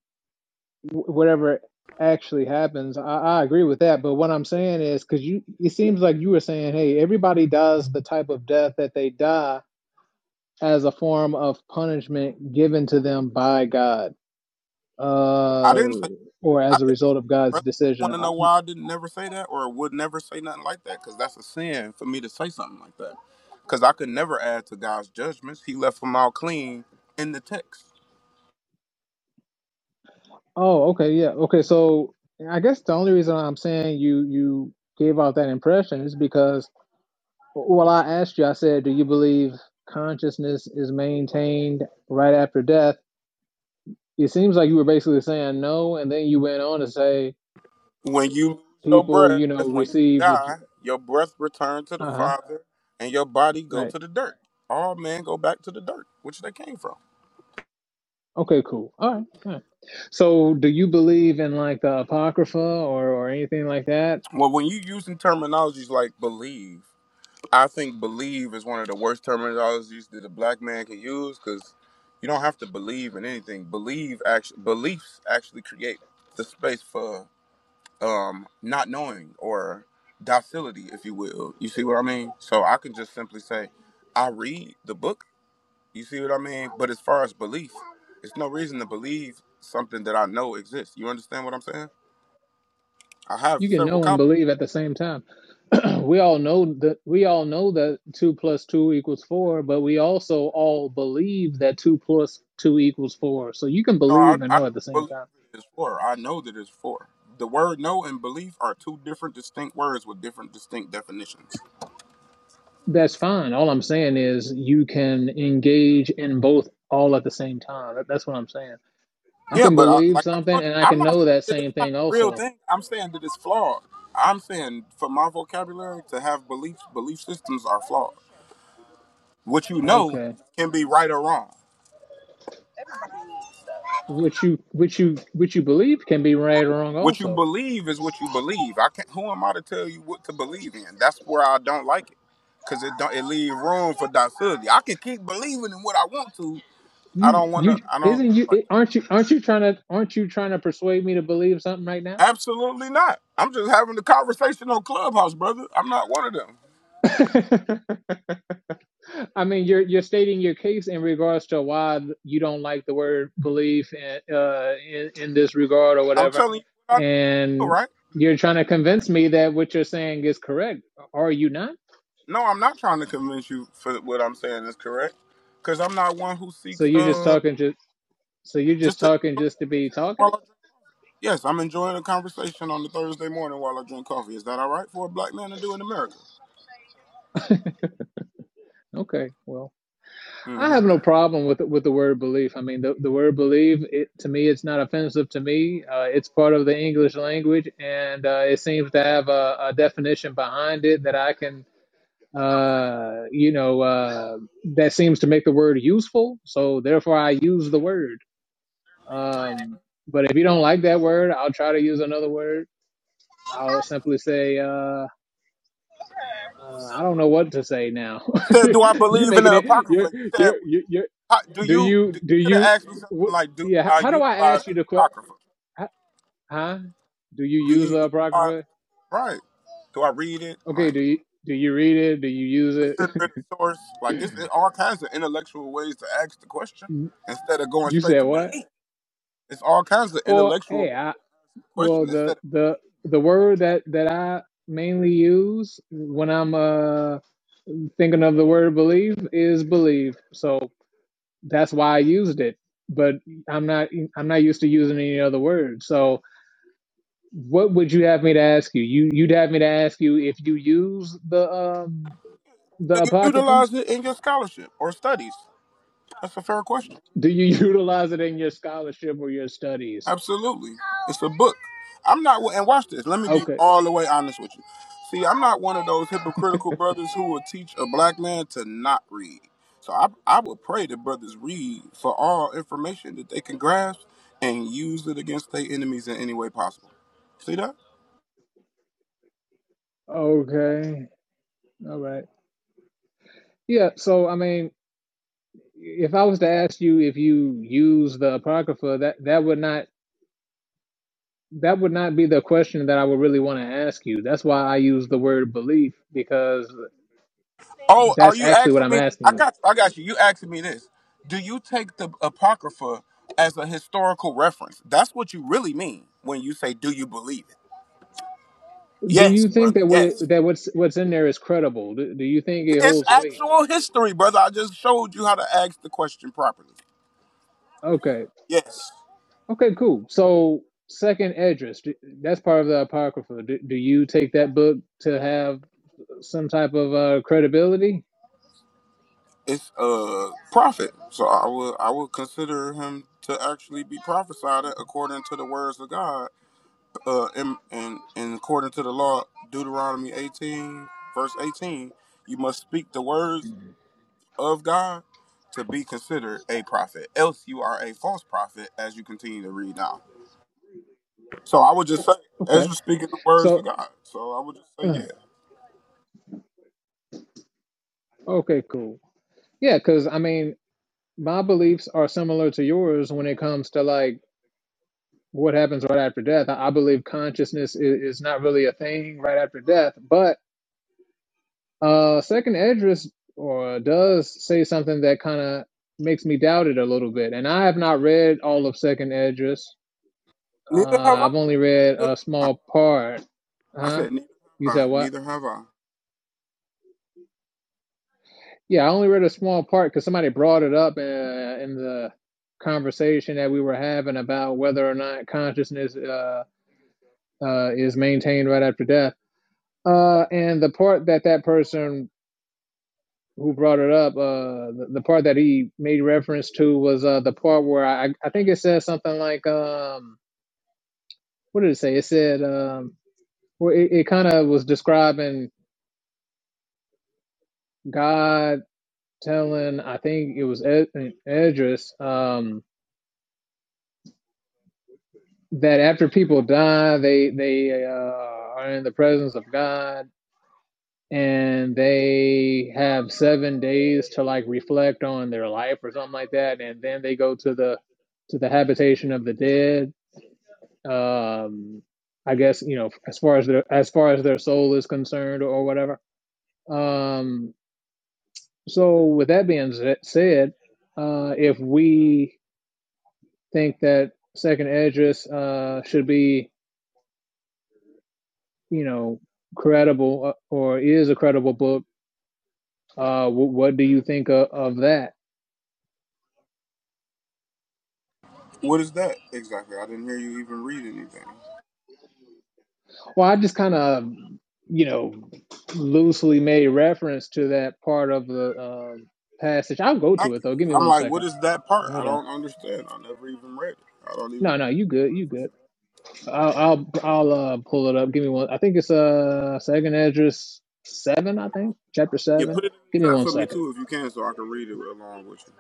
Speaker 26: whatever actually happens. I, I agree with that, but what I'm saying is because you, it seems like you were saying, hey, everybody dies the type of death that they die as a form of punishment given to them by God.
Speaker 27: I
Speaker 26: uh,
Speaker 27: didn't say
Speaker 26: or
Speaker 27: I
Speaker 26: as a
Speaker 27: didn't
Speaker 26: result
Speaker 27: say
Speaker 26: of
Speaker 27: that,
Speaker 26: God's
Speaker 27: brother. You want
Speaker 26: decision.
Speaker 27: to
Speaker 26: I,
Speaker 27: know why I didn't never say that or would never say nothing like that? Because that's a sin for me to say something like that. Because I could never add to God's judgments. He left them all clean in the text.
Speaker 26: oh, okay, yeah, okay. So I guess the only reason I'm saying you you gave out that impression is because well, I asked you. I said, do you believe consciousness is maintained right after death? It seems like you were basically saying no, and then you went on to say
Speaker 27: When you lose your
Speaker 26: people,
Speaker 27: breath,
Speaker 26: you know,
Speaker 27: when you
Speaker 26: receive the.
Speaker 27: die, your breath return to the
Speaker 26: Uh huh.
Speaker 27: Father, and your body go
Speaker 26: Right.
Speaker 27: to the dirt. All men go back to the dirt, which they came from.
Speaker 26: Okay. Cool. All right. All right. So, do you believe in like the apocrypha or or anything like that?
Speaker 27: Well, when you using terminologies like believe I think believe is one of the worst terminologies that a black man can use because you don't have to believe in anything. Believe actually beliefs actually create the space for um not knowing or docility, if you will. You see what I mean? So I can just simply say, I read the book. You see what I mean? But as far as belief, it's no reason to believe something that I know exists. You understand what I'm saying? I have
Speaker 26: You can
Speaker 27: several
Speaker 26: know and
Speaker 27: copies.
Speaker 26: believe at the same time. we all know that we all know that two plus two equals four, but we also all believe that two plus two equals four. So you can
Speaker 27: No, I,
Speaker 26: believe and
Speaker 27: I don't
Speaker 26: know at the same
Speaker 27: believe
Speaker 26: time.
Speaker 27: it is for. I know that it's for. The word "know" and "belief" are two different, distinct words with different, distinct definitions.
Speaker 26: That's fine. All I'm saying is you can engage in both all at the same time. That- That's what I'm saying. I
Speaker 27: Yeah,
Speaker 26: can
Speaker 27: but I,
Speaker 26: believe
Speaker 27: like I
Speaker 26: something
Speaker 27: told you,
Speaker 26: and I
Speaker 27: I'm
Speaker 26: can
Speaker 27: not
Speaker 26: know
Speaker 27: saying
Speaker 26: that
Speaker 27: that it's
Speaker 26: same
Speaker 27: not a
Speaker 26: thing
Speaker 27: real
Speaker 26: also.
Speaker 27: thing. I'm saying that it's flawed. I'm saying for my vocabulary to have beliefs, belief systems are flawed. What you know
Speaker 26: Okay.
Speaker 27: can be right or wrong.
Speaker 26: What you what you what you believe can be right or wrong
Speaker 27: What you
Speaker 26: also.
Speaker 27: believe is what you believe. I can't. Who am I to tell you what to believe in? That's where I don't like it, cause it don't. It leave room for docility. I can keep believing in what I want to. I
Speaker 26: You
Speaker 27: don't want
Speaker 26: you
Speaker 27: to. I don't
Speaker 26: isn't you
Speaker 27: like.
Speaker 26: it- aren't you aren't you trying to aren't you trying to persuade me to believe something right now?
Speaker 27: That. Absolutely not. I'm just having a conversation on Clubhouse, brother. I'm not one of them.
Speaker 26: I mean, you're you're stating your case in regards to why you don't like the word belief in, uh, in in this regard or
Speaker 27: I'm
Speaker 26: whatever,
Speaker 27: telling you what I know,
Speaker 26: and
Speaker 27: right?
Speaker 26: you're trying to convince me that what you're saying is correct. Are you not?
Speaker 27: No, I'm not trying to convince you for what I'm saying is correct, cause I'm not one who
Speaker 26: So
Speaker 27: seeks.
Speaker 26: you're just
Speaker 27: uh
Speaker 26: talking just so you're
Speaker 27: Just
Speaker 26: just
Speaker 27: to
Speaker 26: talking
Speaker 27: enjoy
Speaker 26: just to be
Speaker 27: the conversation while
Speaker 26: talking.
Speaker 27: I drink coffee. Yes, I'm enjoying a conversation on the Thursday morning while I drink coffee. Is that all right for a black man to do in America?
Speaker 26: Okay, well. I
Speaker 27: hmm
Speaker 26: have no problem with with the word belief. I mean, the, the word believe it to me, it's not offensive to me. Uh, it's part of the English language, and uh, it seems to have a, a definition behind it that I can, uh, you know, uh, that seems to make the word useful. So therefore, I use the word. Um, but if you don't like that word, I'll try to use another word. I'll simply say, uh, uh, I don't know what to say now.
Speaker 27: You said, "Do I
Speaker 26: you
Speaker 27: believe in
Speaker 26: making
Speaker 27: the
Speaker 26: it.
Speaker 27: apocrypha?" You said,
Speaker 26: you're
Speaker 27: "Would
Speaker 26: you're you're
Speaker 27: you? How, do
Speaker 26: Do
Speaker 27: you?"
Speaker 26: you
Speaker 27: Do, you
Speaker 26: do
Speaker 27: could have
Speaker 26: you?
Speaker 27: asked me something
Speaker 26: Wh-
Speaker 27: like, "Do
Speaker 26: yeah. h-
Speaker 27: I
Speaker 26: How do I
Speaker 27: utilize
Speaker 26: ask
Speaker 27: the
Speaker 26: you the question?
Speaker 27: apocrypha?
Speaker 26: Huh? Do you
Speaker 27: Do you
Speaker 26: use the
Speaker 27: utilize
Speaker 26: apocrypha?
Speaker 27: right? Do I read it?
Speaker 26: Okay.
Speaker 27: Like,
Speaker 26: Do you do you read it? Do you use it?
Speaker 27: consider it a source? Like, it's it, all kinds of intellectual ways to ask the question instead of going
Speaker 26: you
Speaker 27: straight
Speaker 26: said
Speaker 27: to
Speaker 26: what?
Speaker 27: belief. It's all kinds of
Speaker 26: Well,
Speaker 27: intellectual
Speaker 26: hey, I well
Speaker 27: question instead
Speaker 26: the
Speaker 27: of
Speaker 26: the the word that that I mainly use when I'm uh thinking of the word believe is believe. So that's why I used it. But I'm not I'm not used to using any other word. So What would you have me to ask you? You you'd have me to ask you if you use the um the
Speaker 27: And you
Speaker 26: apocrypha?
Speaker 27: utilize it in your scholarship or studies. That's a fair question.
Speaker 26: Do you utilize it in your scholarship or your studies?
Speaker 27: Absolutely. It's a book. I'm not, and watch this. Let me be
Speaker 26: Okay.
Speaker 27: all the way honest with you. See, I'm not one of those hypocritical brothers who will teach a black man to not read. So I, I would pray that brothers read for all information that they can grasp and use it against their enemies in any way possible. See that?
Speaker 26: Okay. All right. Yeah, so I mean, if I was to ask you if you use the apocrypha, that that would not that would not be the question that I would really want to ask you. That's why I use the word belief because
Speaker 27: Oh, are
Speaker 26: that's
Speaker 27: you
Speaker 26: actually what
Speaker 27: asking
Speaker 26: I'm
Speaker 27: me? I
Speaker 26: asking you.
Speaker 27: got you. I got you. You asking me this? Do you take the apocrypha as a historical reference? That's what you really mean when you say, "Do you believe it?"
Speaker 26: Do
Speaker 27: Yes,
Speaker 26: you think
Speaker 27: brother.
Speaker 26: that what it,
Speaker 27: Yes,
Speaker 26: that what's what's in there is credible? Do, do you think it
Speaker 27: it's
Speaker 26: holds weight?
Speaker 27: actual history, brother. I just showed you how to ask the question properly.
Speaker 26: Okay.
Speaker 27: Yes,
Speaker 26: Okay, cool. So second address, d- that's part of the apocrypha. Do, do you take that book to have some type of uh, credibility?
Speaker 27: it's a prophet, so I will I will consider him to actually be prophesied according to the words of God. uh, in, in, in according to the law, Deuteronomy 18, verse 18, you must speak the words of God to be considered a prophet. Else you are a false prophet, as you continue to read now. So I would just say, as
Speaker 26: Okay.
Speaker 27: you're speaking the words of
Speaker 26: So
Speaker 27: God. So I would just say,
Speaker 26: uh,
Speaker 27: yeah.
Speaker 26: okay, cool. Yeah, cuz I mean, my beliefs are similar to yours when it comes to like what happens right after death. I, I believe consciousness is, is not really a thing right after death, but uh second address or does say something that kind of makes me doubt it a little bit. And I have not read all of second address Uh,
Speaker 27: Neither have I.
Speaker 26: I've only read
Speaker 27: Neither
Speaker 26: a
Speaker 27: have I.
Speaker 26: small part.
Speaker 27: I
Speaker 26: Huh?
Speaker 27: said, neither
Speaker 26: You
Speaker 27: have I.
Speaker 26: said what?
Speaker 27: Neither have I.
Speaker 26: Yeah, I only read a small part because somebody brought it up uh, in the conversation that we were having about whether or not consciousness uh, uh, is maintained right after death. Uh, and the part that that person who brought it up, uh, the, the part that he made reference to was uh, the part where I, I think it said something like, um, what did it say? It said, um, well, it, it kind of was describing God telling I think it was Ed, Edris um, that after people die, they they uh, are in the presence of God and they have seven days to like reflect on their life or something like that, and then they go to the to the habitation of the dead. Um, I guess you know as far as their as far as their soul is concerned or whatever. Um, so with that being said, uh, if we think that second address uh, should be, you know, credible uh, or is a credible book. Uh, what do you think of, of that?
Speaker 27: What is that exactly? I didn't hear you even read anything.
Speaker 26: Well, I just kind of, you know, loosely made reference to that part of the um passage. I'll go to
Speaker 27: Thank
Speaker 26: it
Speaker 27: you.
Speaker 26: though. Give me
Speaker 27: I'm
Speaker 26: one
Speaker 27: like, what
Speaker 26: second.
Speaker 27: is that part? I
Speaker 26: Hold on.
Speaker 27: don't understand. I never even read it. I don't even.
Speaker 26: No, no, you good. You good. I'll I'll I'll uh, pull it up. Give me one. I think it's uh second address seven. I think chapter
Speaker 27: Yeah,
Speaker 26: seven.
Speaker 27: put it in
Speaker 26: Give me
Speaker 27: the chat
Speaker 26: one
Speaker 27: for me
Speaker 26: second
Speaker 27: too if you can, so I can read it along with you.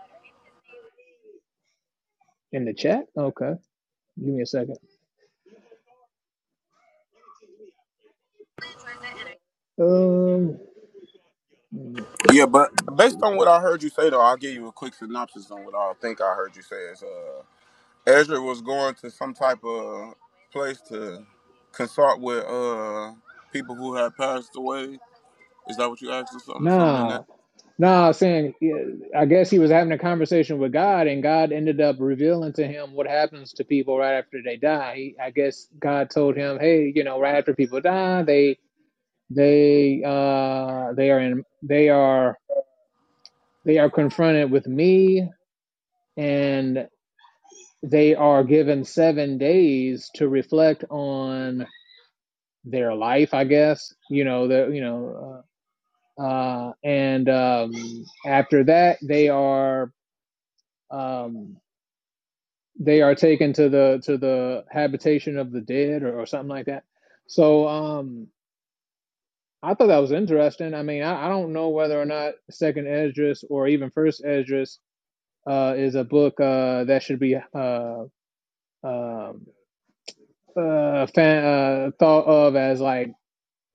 Speaker 26: in the chat. Okay. Give me a second. Um, mm,
Speaker 27: Yeah, but
Speaker 26: let me see.
Speaker 27: based on what I heard you say, though, I'll give you a quick synopsis on what I think I heard you say. Is uh, Ezra was going to some type of place to consult with uh people who had passed away. Is that what you asked or something? Something in that?
Speaker 26: Nah, nah. Saying, yeah, I guess he was having a conversation with God, and God ended up revealing to him what happens to people right after they die. He, I guess, God told him, hey, you know, right after people die, they, they, uh, they are in, they are, they are confronted with me, and they are given seven days to reflect on their life. I guess, you know, the, you know. Uh, Uh, and um, after that, they are um, they are taken to the to the habitation of the dead or, or something like that. So um, I thought that was interesting. I mean, I, I don't know whether or not Second Esdras or even First Esdras uh, is a book uh, that should be uh, um uh, fan, uh, thought of as like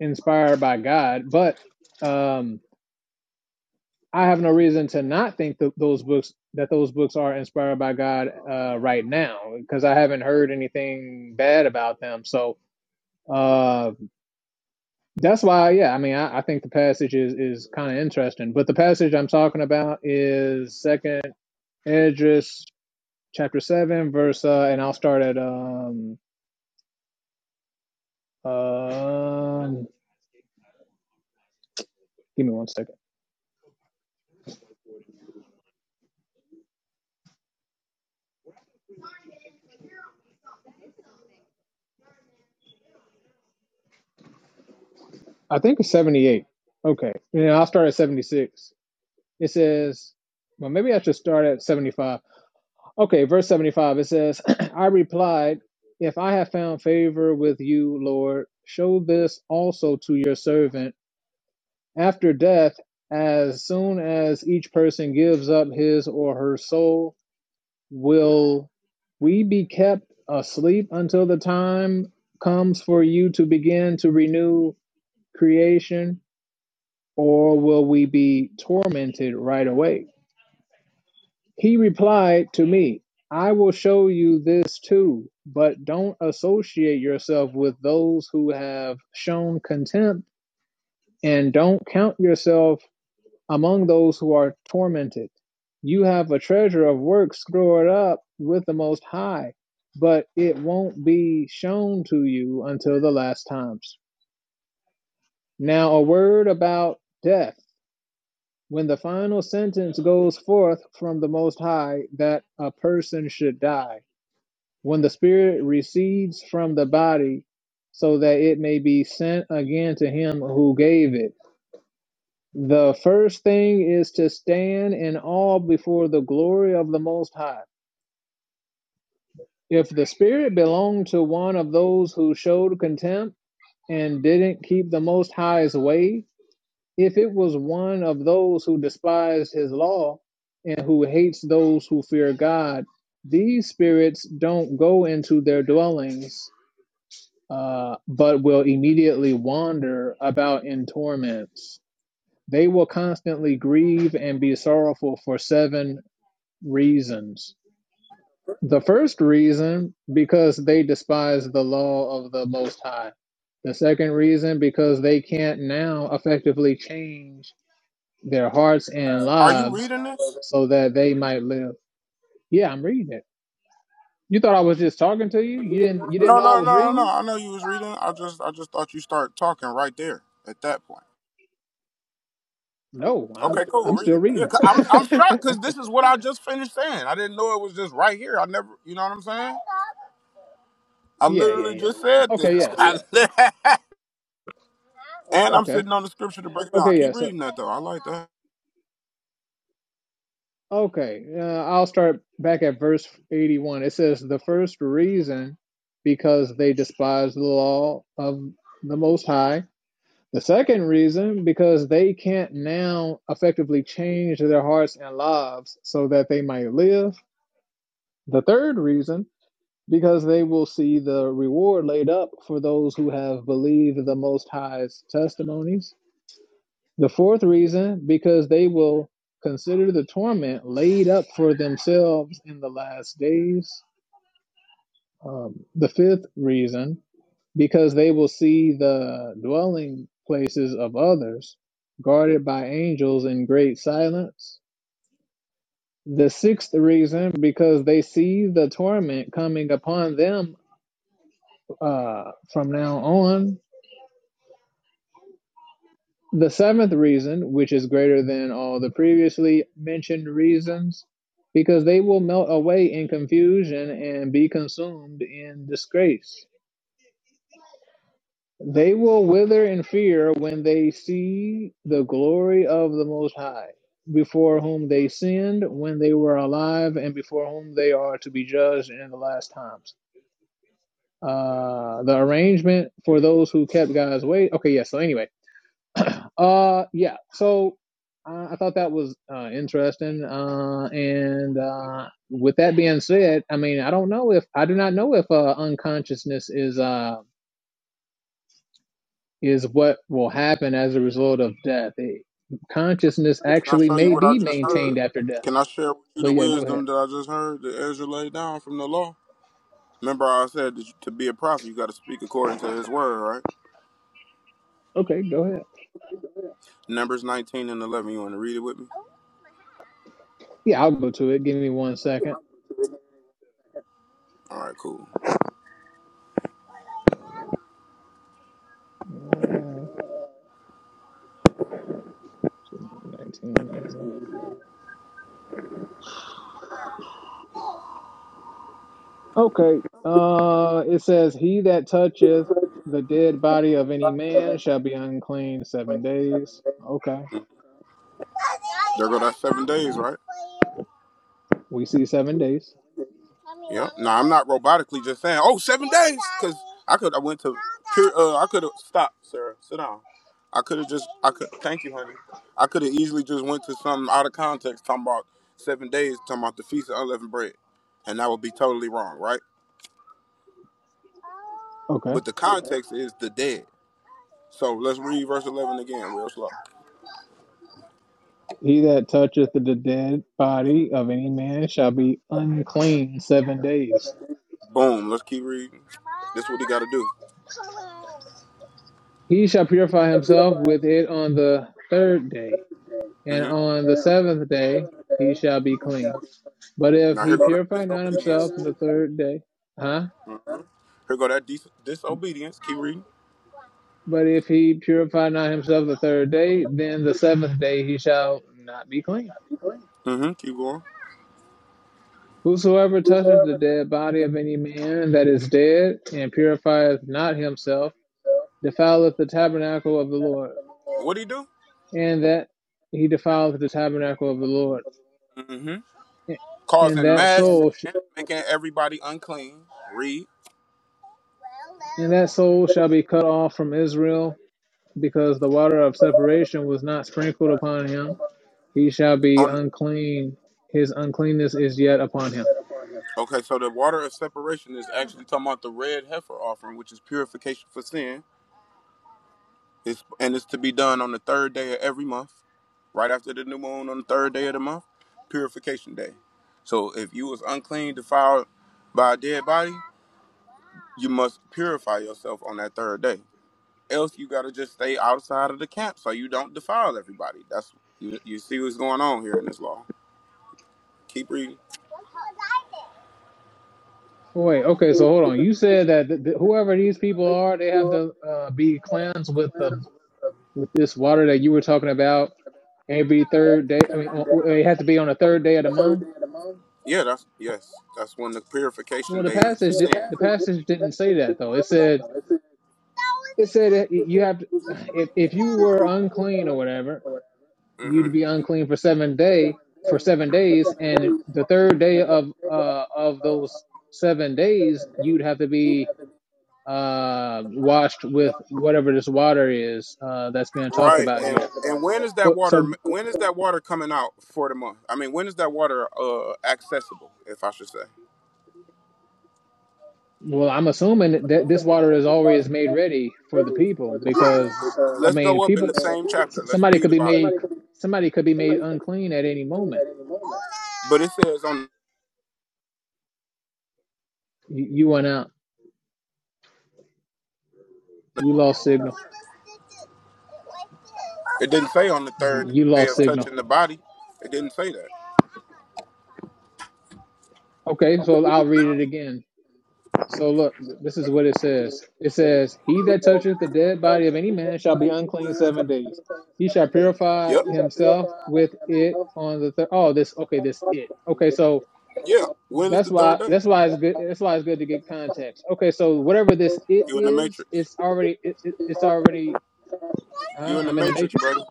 Speaker 26: inspired by God, but um, I have no reason to not think that those books that those books are inspired by God uh, right now because I haven't heard anything bad about them. So uh, that's why, yeah, I mean, I, I think the passage is is kind of interesting. But the passage I'm talking about is Second Esdras chapter seven verse, uh, and I'll start at um uh, give me one second. I think it's 78. Okay, yeah, I'll start at 76. It says, well, maybe I should start at 75. Okay, verse 75, it says, I replied, If I have found favor with you, Lord, show this also to your servant. After death, as soon as each person gives up his or her soul, will we be kept asleep until the time comes for you to begin to renew creation, or will we be tormented right away? He replied to me, I will show you this too, but don't associate yourself with those who have shown contempt, and don't count yourself among those who are tormented. You have a treasure of works stored up with the Most High, but it won't be shown to you until the last times. Now, a word about death. When the final sentence goes forth from the Most High that a person should die, when the spirit recedes from the body, so that it may be sent again to him who gave it. The first thing is to stand in awe before the glory of the Most High. If the spirit belonged to one of those who showed contempt and didn't keep the Most High's way, if it was one of those who despised his law and who hates those who fear God, these spirits don't go into their dwellings uh, but will immediately wander about in torments. They will constantly grieve and be sorrowful for seven reasons. The first reason, because they despise the law of the Most High. The second reason, because they can't now effectively change their hearts and
Speaker 27: Are you
Speaker 26: lives
Speaker 27: reading this?
Speaker 26: so that they might live. Yeah, I'm reading it. You thought I was just talking to you? You didn't you didn't
Speaker 27: No,
Speaker 26: know I
Speaker 27: no, no,
Speaker 26: was
Speaker 27: no, no.
Speaker 26: reading?
Speaker 27: I know you was reading. I just, I just thought you start talking right there at that point.
Speaker 26: No, I'm
Speaker 27: Okay, cool.
Speaker 26: I'm
Speaker 27: Read
Speaker 26: still
Speaker 27: it. Yeah,
Speaker 26: reading.
Speaker 27: 'cause I'm I'm shocked because this is what I just finished saying. I didn't know it was just right here. I never, you know what I'm saying? I
Speaker 26: Yeah, yeah,
Speaker 27: literally just
Speaker 26: yeah.
Speaker 27: said this,
Speaker 26: Okay, yeah. So,
Speaker 27: I li- and I'm
Speaker 26: okay,
Speaker 27: sitting on the scripture to break it down.
Speaker 26: okay, yeah.
Speaker 27: Keep
Speaker 26: So,
Speaker 27: reading that though. I like that.
Speaker 26: okay, uh, I'll start back at verse 81. It says, The first reason, because they despise the law of the Most High. The second reason, because they can't now effectively change their hearts and lives so that they might live. The third reason, because they will see the reward laid up for those who have believed the Most High's testimonies. The fourth reason, because they will consider the torment laid up for themselves in the last days. Um, the fifth reason, because they will see the dwelling places of others guarded by angels in great silence. The sixth reason, because they see the torment coming upon them uh, from now on. The seventh reason, which is greater than all the previously mentioned reasons, because they will melt away in confusion and be consumed in disgrace. They will wither in fear when they see the glory of the Most High, before whom they sinned when they were alive and before whom they are to be judged in the last times. Uh, the arrangement for those who kept God's way. Okay, yeah. so, anyway uh, yeah. So uh, I thought that was uh, interesting. Uh, and uh, with that being said, I mean, I don't know if I do not know if uh, unconsciousness is uh is what will happen as a result of death. It, consciousness
Speaker 27: Can I
Speaker 26: actually
Speaker 27: show you
Speaker 26: may
Speaker 27: what I
Speaker 26: be
Speaker 27: just
Speaker 26: maintained
Speaker 27: heard?
Speaker 26: after death.
Speaker 27: Can I share with you
Speaker 26: But
Speaker 27: the
Speaker 26: yeah, go ahead.
Speaker 27: wisdom that I just heard that Ezra laid down from the law? Remember, I said that to be a prophet, you got to speak according to his word, right?
Speaker 26: Okay, go ahead.
Speaker 27: Numbers 19 and 11. You want to read it with me?
Speaker 26: Yeah, I'll go to it. Give me one second.
Speaker 27: All right, cool.
Speaker 26: Uh, 19. uh, Okay. Uh, it says, "He that toucheth the dead body of any man shall be unclean seven days." Okay,
Speaker 27: There go that seven days, right?
Speaker 26: we see seven days.
Speaker 27: Yeah. No, I'm not robotically just saying. Oh, seven days, because I could. I went to. Pure, uh, I could have stopped, Sarah. Sit down. I could have just. I could. Thank you, honey. I could have easily just went to something out of context, talking about seven days, talking about the feast of unleavened bread, and that would be totally wrong, right?
Speaker 26: Okay.
Speaker 27: But the context is the dead. So let's read verse 11 again, real slow.
Speaker 26: He that toucheth the dead body of any man shall be unclean seven days.
Speaker 27: Boom. Let's keep reading. This is what he got to do.
Speaker 26: He shall purify himself with it on the third day,
Speaker 27: mm
Speaker 26: and
Speaker 27: hmm
Speaker 26: on the seventh day he shall be clean. But if
Speaker 27: Now here
Speaker 26: he
Speaker 27: go that
Speaker 26: purify not
Speaker 27: disobedience.
Speaker 26: himself on the third day, huh?
Speaker 27: Mhm. Here go that dis- disobedience. Keep reading.
Speaker 26: But if he purify not himself the third day, then the seventh day he shall not be clean.
Speaker 27: hmm Keep going.
Speaker 26: Whosoever toucheth the dead body of any man that is dead, and purifieth not himself, defileth the tabernacle of the Lord,
Speaker 27: What'd he do?
Speaker 26: and that he defileth the tabernacle of the Lord.
Speaker 27: hmm
Speaker 26: And
Speaker 27: Causing
Speaker 26: that
Speaker 27: mass
Speaker 26: soul, sh-
Speaker 27: sin, making everybody unclean. Read.
Speaker 26: and that soul shall be cut off from Israel, because the water of separation was not sprinkled upon him. He shall be
Speaker 27: On,
Speaker 26: unclean; his uncleanness is yet upon him.
Speaker 27: okay, so the water of separation is actually talking about the red heifer offering, which is purification for sin. It's, and it's to be done on the third day of every month, right after the new moon on the third day of the month, purification day. So if you was unclean, defiled by a dead body, you must purify yourself on that third day. Else you gotta just stay outside of the camp so you don't defile everybody. That's you, you see what's going on here in this law. Keep reading.
Speaker 26: Wait, okay, so hold on. You said that th- th- whoever these people are, they have to uh, be cleansed with the with this water that you were talking about every third day. I mean, o- it has to be on the third day of the month.
Speaker 27: Yeah, that's yes. That's when the purification
Speaker 26: Well, the
Speaker 27: day is for
Speaker 26: passage
Speaker 27: sin.
Speaker 26: di- the passage didn't say that though. It said it said that y- you have to, if if you were unclean or whatever,
Speaker 27: hmm
Speaker 26: you'd be unclean for seven day for seven days, and the third day of uh of those seven days, you'd have to be uh, washed with whatever this water is uh, that's being talked
Speaker 27: Right,
Speaker 26: about
Speaker 27: and
Speaker 26: here.
Speaker 27: and when is that
Speaker 26: But,
Speaker 27: water?
Speaker 26: so,
Speaker 27: When is that water coming out for the month? I mean, when is that water uh accessible, if I should say?
Speaker 26: well, I'm assuming that this water is always made ready for the people because, I
Speaker 27: Let's
Speaker 26: mean,
Speaker 27: go up in
Speaker 26: people,
Speaker 27: the same chapter. Let's
Speaker 26: somebody
Speaker 27: read
Speaker 26: could be
Speaker 27: about it.
Speaker 26: made, somebody could be made unclean at any moment.
Speaker 27: But it says on.
Speaker 26: You, you went out. You lost signal.
Speaker 27: It didn't say on the third
Speaker 26: You
Speaker 27: day
Speaker 26: lost
Speaker 27: of touching
Speaker 26: signal.
Speaker 27: the body. It didn't say that.
Speaker 26: Okay, so I'll read it again. So look, this is what it says. It says, "He that toucheth the dead body of any man shall be unclean seven days. He shall purify
Speaker 27: Yep.
Speaker 26: himself with it on the third." Oh, this okay. This it okay. So
Speaker 27: Yeah. When is the
Speaker 26: that's why
Speaker 27: third day?
Speaker 26: that's why it's good. That's why it's good to get context. Okay, so whatever this it
Speaker 27: You in the
Speaker 26: is,
Speaker 27: matrix.
Speaker 26: it's already it, it, it's already.
Speaker 27: You
Speaker 26: Huh?
Speaker 27: in the
Speaker 26: I'm in the
Speaker 27: matrix, brother.
Speaker 26: matrix.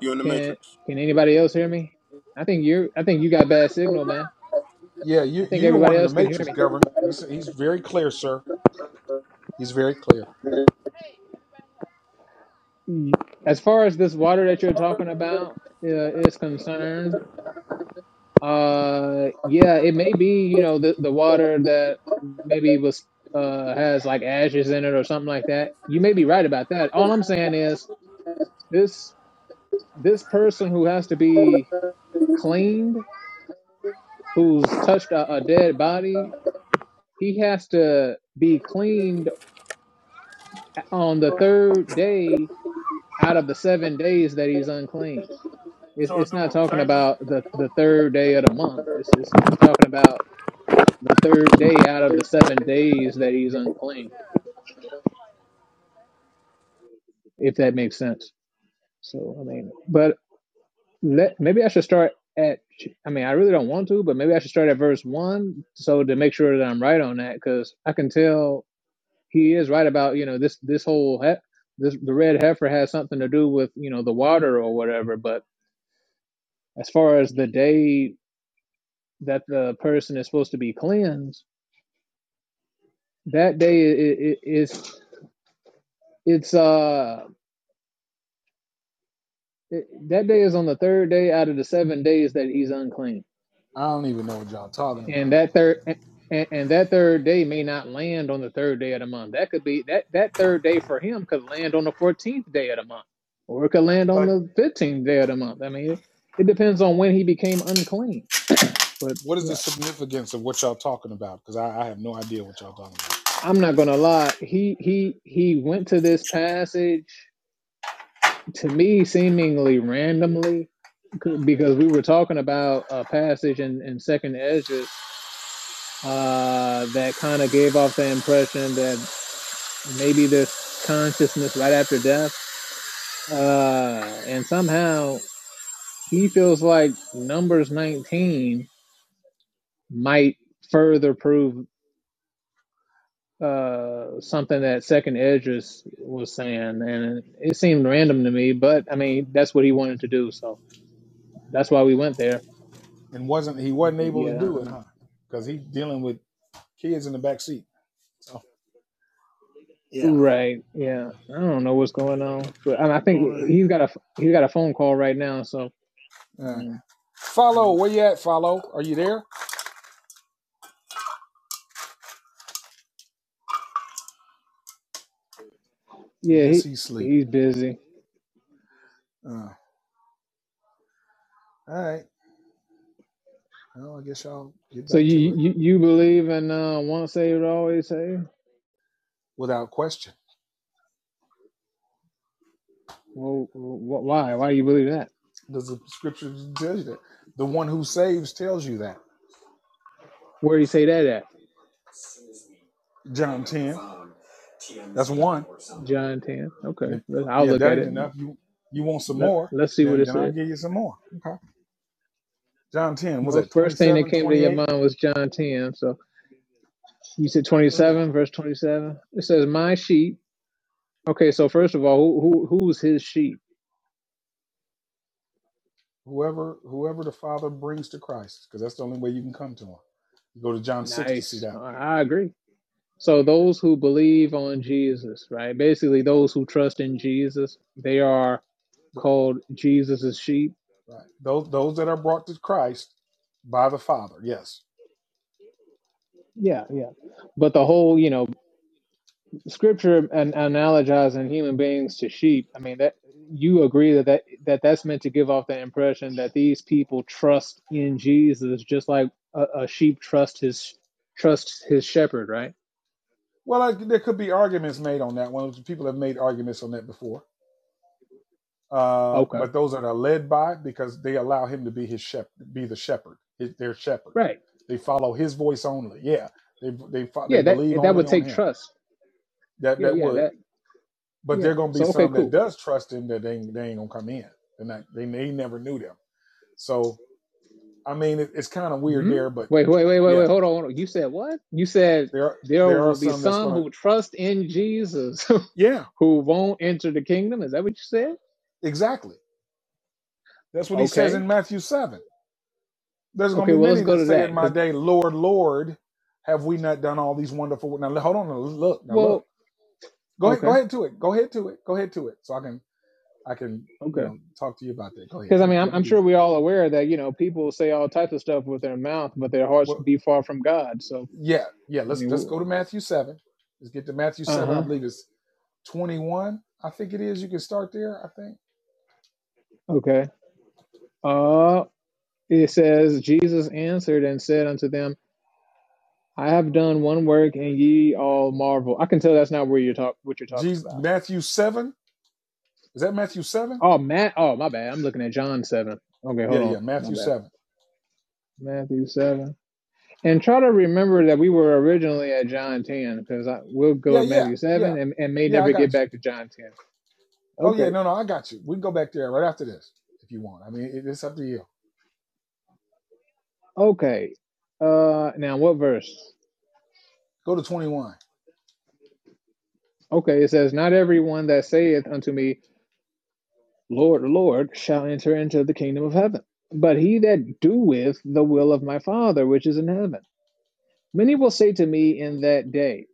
Speaker 27: You in the
Speaker 26: Can
Speaker 27: matrix.
Speaker 26: can anybody else hear me? I think you're. I think you got bad signal, man.
Speaker 28: Yeah,
Speaker 26: I
Speaker 28: you
Speaker 26: think
Speaker 28: you the
Speaker 26: everybody
Speaker 28: one in the
Speaker 26: else can hear
Speaker 28: matrix,
Speaker 26: me.
Speaker 28: Governor. He's he's very clear, sir. He's very clear.
Speaker 26: Mm. as far as this water that you're talking about uh, is concerned, uh, yeah, it may be you know the the water that maybe was uh has like ashes in it or something like that. You may be right about that. All I'm saying is this this person who has to be cleaned, who's touched a, a dead body, he has to be cleaned on the third day out of the seven days that he's unclean. It's it's not talking about the the third day of the month. It's it's it's talking about the third day out of the seven days that he's unclean, if that makes sense. So I mean, but let maybe I should start at. I mean, I really don't want to, but maybe I should start at verse one, so to make sure that I'm right on that, because I can tell he is right about you know this this whole he- this the red heifer has something to do with you know the water or whatever. But as far as the day that the person is supposed to be cleansed That day is it's it's uh it, that day is on the third day out of the seven days that he's unclean,
Speaker 28: I don't even know what y'all talking
Speaker 26: and
Speaker 28: about.
Speaker 26: that third and, and that third day may not land on the third day of the month. That could be that that third day for him could land on the fourteenth day of the month, or it could land on
Speaker 28: Like,
Speaker 26: the fifteenth day of the month. I mean, it, it depends on when he became unclean. But
Speaker 28: what is the
Speaker 26: yeah,
Speaker 28: significance of what y'all talking about? Because I, I have no idea what y'all talking about.
Speaker 26: I'm not gonna lie. He he he went to this passage to me seemingly randomly because we were talking about a passage in, in second Esdras uh, that kind of gave off the impression that maybe there's consciousness right after death uh, and somehow he feels like numbers 19 might further prove uh, something that second Esdras was saying and it seemed random to me but I mean that's what he wanted to do so that's why we went there
Speaker 28: And wasn't he wasn't
Speaker 26: So,
Speaker 28: able to
Speaker 26: yeah
Speaker 28: do it, huh? Because he's dealing with kids in the back seat. So yeah.
Speaker 26: Right. Yeah. I don't know what's going on, but I, I think
Speaker 28: All right.
Speaker 26: he's got a he's got a phone call right now. So
Speaker 28: All right.
Speaker 26: um,
Speaker 28: Follow,
Speaker 26: yeah,
Speaker 28: where you at? Follow, are you there? I
Speaker 26: yeah.
Speaker 28: guess
Speaker 26: He
Speaker 28: he's asleep.
Speaker 26: he's busy.
Speaker 28: Uh, all right. Well, I guess y'all get
Speaker 26: So
Speaker 28: back to
Speaker 26: you
Speaker 28: it
Speaker 26: you, you believe in uh, once saved always saved?
Speaker 28: without question.
Speaker 26: Well, wh- why why do you believe that?
Speaker 28: Does the scripture tell you that? The one who saves tells you that.
Speaker 26: Where do you say that at?
Speaker 28: John 10. That's one.
Speaker 26: John ten. Okay,
Speaker 28: And if,
Speaker 26: let- I'll
Speaker 28: yeah, if
Speaker 26: look
Speaker 28: that
Speaker 26: at
Speaker 28: ain't
Speaker 26: it.
Speaker 28: enough, you you want some
Speaker 26: Let
Speaker 28: more,
Speaker 26: Let's see what
Speaker 28: then
Speaker 26: it
Speaker 28: then I'll
Speaker 26: says.
Speaker 28: give you some more. Okay. John 10, was
Speaker 26: Well,
Speaker 28: that twenty
Speaker 26: first thing that
Speaker 28: seven,
Speaker 26: came to
Speaker 28: twenty
Speaker 26: your
Speaker 28: eight.
Speaker 26: mind was John ten. So you said twenty
Speaker 28: Oh yeah.
Speaker 26: seven, verse twenty seven. It says, "My sheep." Okay, so first of all, who, who who's his sheep?
Speaker 28: Whoever whoever the Father brings to Christ, because that's the only way you can come to him. You go to John 6 to see
Speaker 26: Nice. I
Speaker 28: that
Speaker 26: I agree. So those who believe on Jesus, right? Basically, those who trust in Jesus, they are
Speaker 28: one. Th-
Speaker 26: called Jesus's sheep.
Speaker 28: right. Those those that are brought to Christ by the Father, yes.
Speaker 26: Yeah, yeah. But the whole, you know, scripture and analogizing human beings to sheep. I mean, that you agree that, that that that's meant to give off the impression that these people trust in Jesus, just like a, a sheep trusts his trusts his shepherd, right?
Speaker 28: Well, I, there could be arguments made on that one. People have made arguments on that before uh,
Speaker 26: Okay.
Speaker 28: but those that are led by because they allow him to be his shepherd, be the shepherd, his, their shepherd.
Speaker 26: Right.
Speaker 28: They follow his voice only. Yeah, they they fo- they
Speaker 26: Yeah. That
Speaker 28: believe
Speaker 26: that
Speaker 28: only
Speaker 26: would
Speaker 28: on
Speaker 26: take
Speaker 28: him.
Speaker 26: trust.
Speaker 28: That
Speaker 26: Yeah.
Speaker 28: that
Speaker 26: Yeah.
Speaker 28: would,
Speaker 26: That.
Speaker 28: but
Speaker 26: Yeah.
Speaker 28: there gonna be
Speaker 26: So okay.
Speaker 28: some
Speaker 26: Cool.
Speaker 28: that does trust him that they ain't- they ain't gonna come in. And that they they never knew them. So I mean, it, it's kind of weird
Speaker 26: Hmm?
Speaker 28: there, but
Speaker 26: Wait, wait, wait, wait,
Speaker 28: yeah,
Speaker 26: wait. Hold on, hold on. You said what? You said
Speaker 28: there are
Speaker 26: there
Speaker 28: there are
Speaker 26: will be
Speaker 28: some that's
Speaker 26: some
Speaker 28: gonna
Speaker 26: who trust in Jesus
Speaker 28: yeah
Speaker 26: who won't enter the kingdom. Is that what you said?
Speaker 28: exactly. That's what he says
Speaker 26: Okay.
Speaker 28: in Matthew seven There's going
Speaker 26: Okay.
Speaker 28: to be
Speaker 26: Well, let's
Speaker 28: many
Speaker 26: go
Speaker 28: that
Speaker 26: to
Speaker 28: say
Speaker 26: that
Speaker 28: in my
Speaker 26: because,
Speaker 28: day, Lord, Lord, have we not done all these wonderful? wo-" Now hold on, now look, now look.
Speaker 26: well,
Speaker 28: Go ahead,
Speaker 26: okay,
Speaker 28: go ahead to it. Go ahead to it. Go ahead to it. So I can, I can, you
Speaker 26: okay.
Speaker 28: know, talk to you about that. Go ahead.
Speaker 26: Because I
Speaker 28: We,
Speaker 26: mean, I'm,
Speaker 28: we
Speaker 26: I'm
Speaker 28: can do
Speaker 26: sure
Speaker 28: this.
Speaker 26: we're all aware that you know people say all types of stuff with their mouth, but their hearts
Speaker 28: Well,
Speaker 26: be far from God. So
Speaker 28: yeah, yeah.
Speaker 26: I
Speaker 28: Let's let's
Speaker 26: mean,
Speaker 28: go to Matthew seven. Let's get to Matthew
Speaker 26: uh
Speaker 28: seven. I
Speaker 26: huh.
Speaker 28: believe it's twenty-one. I think it is. You can start there. I think.
Speaker 26: Okay. Uh, it says Jesus answered and said unto them. I have done one work and ye all marvel. I can tell that's not where you're talk what you're talking
Speaker 28: Jesus,
Speaker 26: about.
Speaker 28: Matthew 7. Is that Matthew 7?
Speaker 26: Oh Matt oh my bad. I'm looking at John seven. Okay, hold
Speaker 28: Yeah,
Speaker 26: on.
Speaker 28: yeah.
Speaker 26: My
Speaker 28: Matthew
Speaker 26: bad.
Speaker 28: 7.
Speaker 26: Matthew seven. And try to remember that we were originally at John ten, because I we'll go
Speaker 28: Yeah,
Speaker 26: to
Speaker 28: yeah,
Speaker 26: Matthew
Speaker 28: yeah.
Speaker 26: seven and, and may
Speaker 28: Yeah, I
Speaker 26: never get
Speaker 28: got you.
Speaker 26: back to John ten.
Speaker 28: Oh, yeah,
Speaker 26: Okay.
Speaker 28: no, no, I got you. We can go back there right after this if you want. I mean, it, it's up to you.
Speaker 26: Okay. Uh now what verse?
Speaker 28: Go to 21.
Speaker 26: Okay, it says, Not everyone that saith unto me, Lord, Lord, shall enter into the kingdom of heaven, but he that doeth the will of my father which is in heaven. Many will say to me in that day,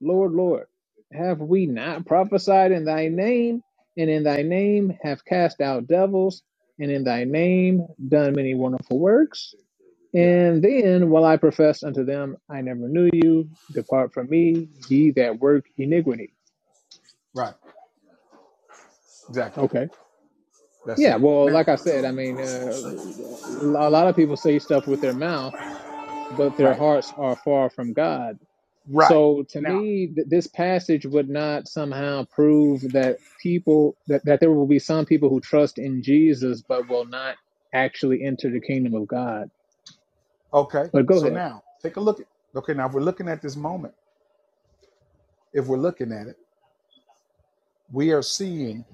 Speaker 26: Lord, Lord, have we not prophesied in thy name, and in thy name have cast out devils, and in thy name done many wonderful works?
Speaker 28: Yeah,
Speaker 26: And then will I profess unto them, I never knew you, depart from me, ye that work iniquity.
Speaker 28: right. Exactly.
Speaker 26: Okay.
Speaker 28: That's
Speaker 26: Yeah,
Speaker 28: it.
Speaker 26: well, like
Speaker 28: Now,
Speaker 26: I said, I mean, uh, a lot of people say stuff with their mouth, but their
Speaker 28: right,
Speaker 26: hearts are far from God.
Speaker 28: right.
Speaker 26: So to
Speaker 28: Now,
Speaker 26: me, th- this passage would not somehow prove that people that, that there will be some people who trust in Jesus but will not actually enter the kingdom of God.
Speaker 28: okay.
Speaker 26: But go
Speaker 28: So
Speaker 26: ahead.
Speaker 28: now, take a look at Okay, now if we're looking at this moment, if we're looking at it, we are seeing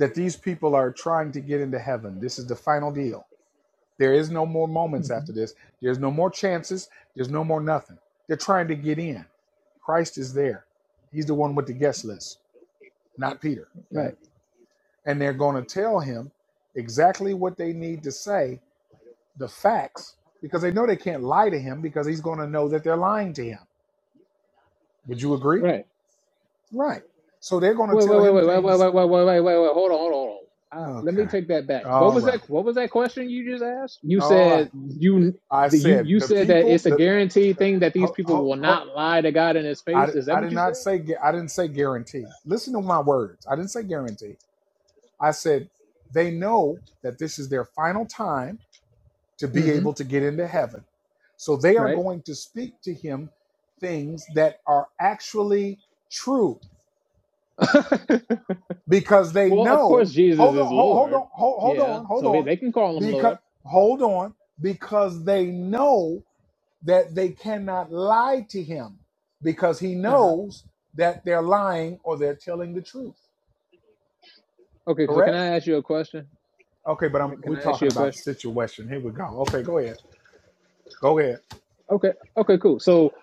Speaker 28: that these people are trying to get into heaven. This is the final deal. There is no more moments after this. There's no more chances. There's no more nothing. They're trying to get in. Christ is there. He's the one with the guest list, not Peter. Okay?
Speaker 26: Right.
Speaker 28: And they're going to tell him exactly what they need to say, the facts, because they know they can't lie to him because he's going to know that they're lying to him. Would you agree?
Speaker 26: Right.
Speaker 28: Right. So they're going to
Speaker 26: Wait, wait,
Speaker 28: tell
Speaker 26: wait,
Speaker 28: him
Speaker 26: wait, wait, wait,
Speaker 28: things.
Speaker 26: wait, wait, wait, wait, wait, wait. Hold on, hold on, hold on. Uh, let me
Speaker 28: Okay.
Speaker 26: take that back. What
Speaker 28: All
Speaker 26: was
Speaker 28: right.
Speaker 26: that? What was that question you just asked? You
Speaker 28: All
Speaker 26: said
Speaker 28: right.
Speaker 26: you
Speaker 28: I
Speaker 26: the, you
Speaker 28: said
Speaker 26: you
Speaker 28: the
Speaker 26: said that
Speaker 28: people,
Speaker 26: it's a
Speaker 28: the,
Speaker 26: guaranteed thing that these
Speaker 28: ho,
Speaker 26: people
Speaker 28: ho,
Speaker 26: will
Speaker 28: ho-
Speaker 26: not lie to God in His
Speaker 28: I,
Speaker 26: face. Is that
Speaker 28: I
Speaker 26: what
Speaker 28: did
Speaker 26: you
Speaker 28: not
Speaker 26: said?
Speaker 28: say I didn't say guarantee. Listen to my words. I didn't say guarantee. I said they know that this is their final time to be
Speaker 26: Mm-hmm.
Speaker 28: able to get into heaven. So they are
Speaker 26: Right.
Speaker 28: going to speak to him things that are actually true because they
Speaker 26: well, of
Speaker 28: know
Speaker 26: course, Jesus
Speaker 28: hold on
Speaker 26: is
Speaker 28: hold, hold
Speaker 26: Lord.
Speaker 28: on hold, hold
Speaker 26: Yeah,
Speaker 28: on hold
Speaker 26: so he-
Speaker 28: on
Speaker 26: they can call him
Speaker 28: because
Speaker 26: Lord.
Speaker 28: hold on because they know that they cannot lie to him because he
Speaker 26: Uh-huh.
Speaker 28: knows that they're lying or they're telling the truth.
Speaker 26: Okay, so can
Speaker 28: Correct?
Speaker 26: I ask you a question?
Speaker 28: Okay, but I'm
Speaker 26: Can
Speaker 28: we're
Speaker 26: I ask
Speaker 28: talking
Speaker 26: you a
Speaker 28: about the
Speaker 26: question?
Speaker 28: situation. Here we go. Okay, go ahead. Go ahead.
Speaker 26: Okay, okay, cool. So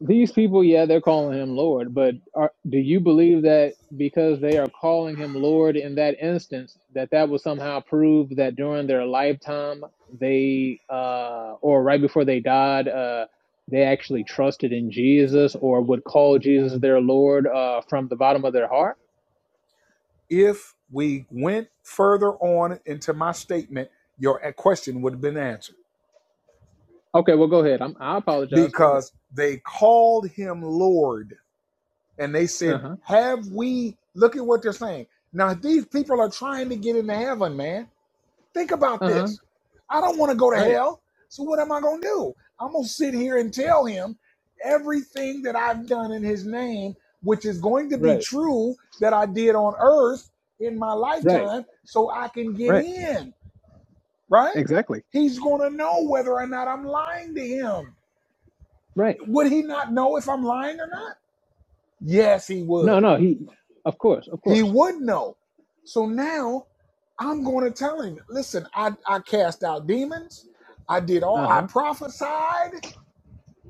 Speaker 26: these people, yeah, they're calling him Lord, but are, do you believe that because they are calling him Lord in that instance, that that will somehow prove that during their lifetime they, uh, or right before they died, uh, they actually trusted in Jesus or would call Jesus their Lord uh, from the bottom of their heart?
Speaker 28: If we went further on into my statement, your question would have been answered
Speaker 26: Okay, well, go ahead. I'm, I apologize. Go ahead.
Speaker 28: because they called him Lord and they
Speaker 26: Uh
Speaker 28: said,
Speaker 26: huh.
Speaker 28: Have we? Look at what they're saying. Now, these people are trying to get into heaven, man Think about
Speaker 26: Uh huh.
Speaker 28: this. I don't want to go to
Speaker 26: Right.
Speaker 28: hell. So what am I going to do? I'm going to sit here and tell him everything that I've done in his name, which is going to be
Speaker 26: Right.
Speaker 28: true that I did on earth in my
Speaker 26: Right.
Speaker 28: lifetime so I can get
Speaker 26: Right.
Speaker 28: in, right?
Speaker 26: Exactly.
Speaker 28: He's going to know whether or not I'm lying to him.
Speaker 26: Right.
Speaker 28: Would he not know if I'm lying or not? Yes, he
Speaker 26: No.
Speaker 28: would.
Speaker 26: No. He. Of course. Of
Speaker 28: He
Speaker 26: course.
Speaker 28: would know. So now I'm going to tell him, listen, I, I cast out demons. I did all,
Speaker 26: Uh
Speaker 28: I
Speaker 26: huh.
Speaker 28: prophesied.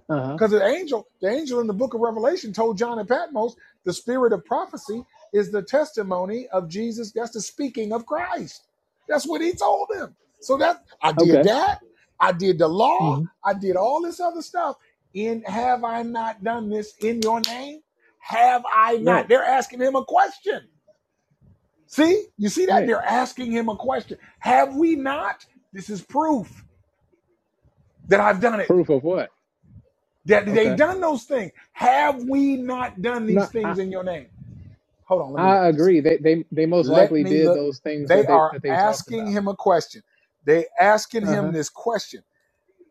Speaker 26: Uh huh.
Speaker 28: Because the angel, the angel in the book of Revelation told John and Patmos, the spirit of prophecy is the testimony of Jesus. That's the speaking of Christ. That's what he told them. So that I did
Speaker 26: Okay.
Speaker 28: that. I did the law.
Speaker 26: hmm
Speaker 28: I did all this other stuff. In have I not done this in your name? Have I not?
Speaker 26: Right.
Speaker 28: They're asking him a question. See, you see that?
Speaker 26: Right.
Speaker 28: They're asking him a question. Have we not? This is proof that I've done it.
Speaker 26: Proof of what?
Speaker 28: That they
Speaker 26: Okay.
Speaker 28: done those things. Have we not done
Speaker 26: No.
Speaker 28: these
Speaker 26: I.
Speaker 28: things in your name? Hold on, let me look
Speaker 26: I
Speaker 28: at this
Speaker 26: agree.
Speaker 28: again.
Speaker 26: They. They. They most
Speaker 28: Let
Speaker 26: likely
Speaker 28: me
Speaker 26: did
Speaker 28: look.
Speaker 26: those things
Speaker 28: They
Speaker 26: that they
Speaker 28: are
Speaker 26: that they talked
Speaker 28: asking
Speaker 26: about.
Speaker 28: him a question. They asking
Speaker 26: Uh huh.
Speaker 28: him this question.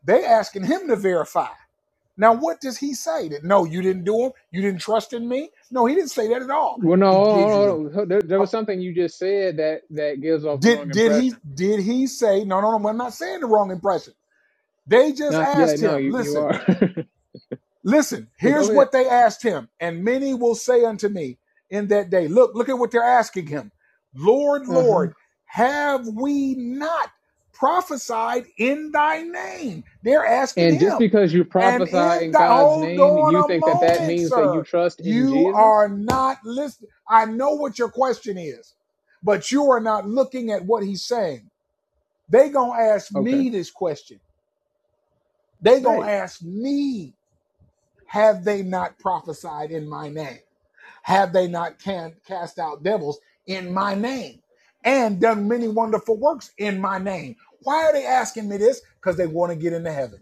Speaker 28: They asking him to verify. Now, what does he say? That no, you didn't do them. You didn't trust in me. No, he didn't say that at all.
Speaker 26: Well, no.
Speaker 28: He
Speaker 26: Hold on,
Speaker 28: gives you
Speaker 26: hold
Speaker 28: the.
Speaker 26: on. hold- There, there
Speaker 28: huh,
Speaker 26: was something you just said that that gives off the wrong
Speaker 28: Did did he
Speaker 26: impression.
Speaker 28: did he say no no no? I'm not saying the wrong impression. They just
Speaker 26: No. Yeah.
Speaker 28: asked
Speaker 26: No.
Speaker 28: him,
Speaker 26: You. You
Speaker 28: listen,
Speaker 26: are.
Speaker 28: listen,
Speaker 26: but go
Speaker 28: here's
Speaker 26: ahead.
Speaker 28: what they asked him. And many will say unto me in that day, look, look at what they're asking him. Lord,
Speaker 26: Uh huh.
Speaker 28: Lord, have we not prophesied in thy name? They're asking
Speaker 26: And just
Speaker 28: him.
Speaker 26: because you
Speaker 28: And
Speaker 26: prophesy
Speaker 28: in
Speaker 26: in
Speaker 28: the,
Speaker 26: God's
Speaker 28: hold
Speaker 26: name,
Speaker 28: on
Speaker 26: you
Speaker 28: a
Speaker 26: think that that
Speaker 28: moment,
Speaker 26: means that you
Speaker 28: sir.
Speaker 26: trust in
Speaker 28: You
Speaker 26: Jesus?
Speaker 28: are not listening. I know what your question is, but you are not looking at what he's saying. They gonna ask
Speaker 26: Okay,
Speaker 28: me this question. They gonna
Speaker 26: right.
Speaker 28: ask me Have they not prophesied in my name? Have they not can, cast out devils in my name and done many wonderful works in my name? Why are they asking me this? Because they want to get into heaven.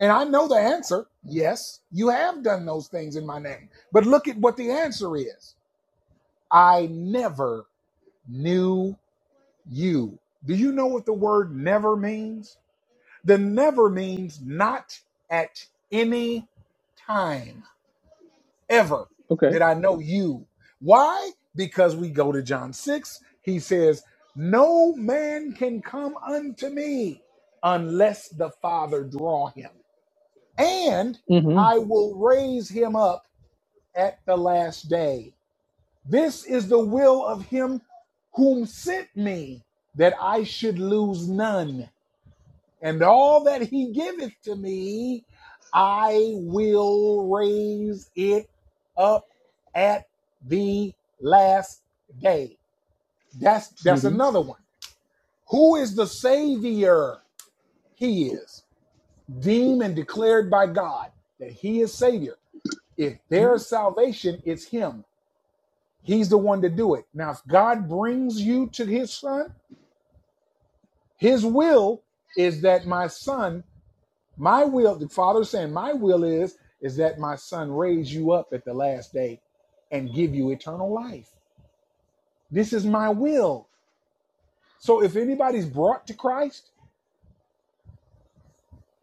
Speaker 28: And I know the answer yes, you have done those things in my name. But look at what the answer is I never knew you. Do you know what the word never means? The never means not at any time ever
Speaker 26: Okay.
Speaker 28: did I know you. Why? Because we go to John 6. He says, No man can come unto me unless the Father draw him. And I
Speaker 26: Mm-hmm.
Speaker 28: will raise him up at the last day. This is the will of him whom sent me, that I should lose none and all that he giveth to me, I will raise it up at the last day. That's that's
Speaker 26: Mm-hmm.
Speaker 28: another one. Who is the savior? He is deemed and declared by God that he is savior. If there is salvation, it's him. He's the one to do it. Now, if God brings you to his son, his will is that my son My will, the Father is saying, my will is is that my son raise you up at the last day and give you eternal life. This is my will. So if anybody's brought to Christ,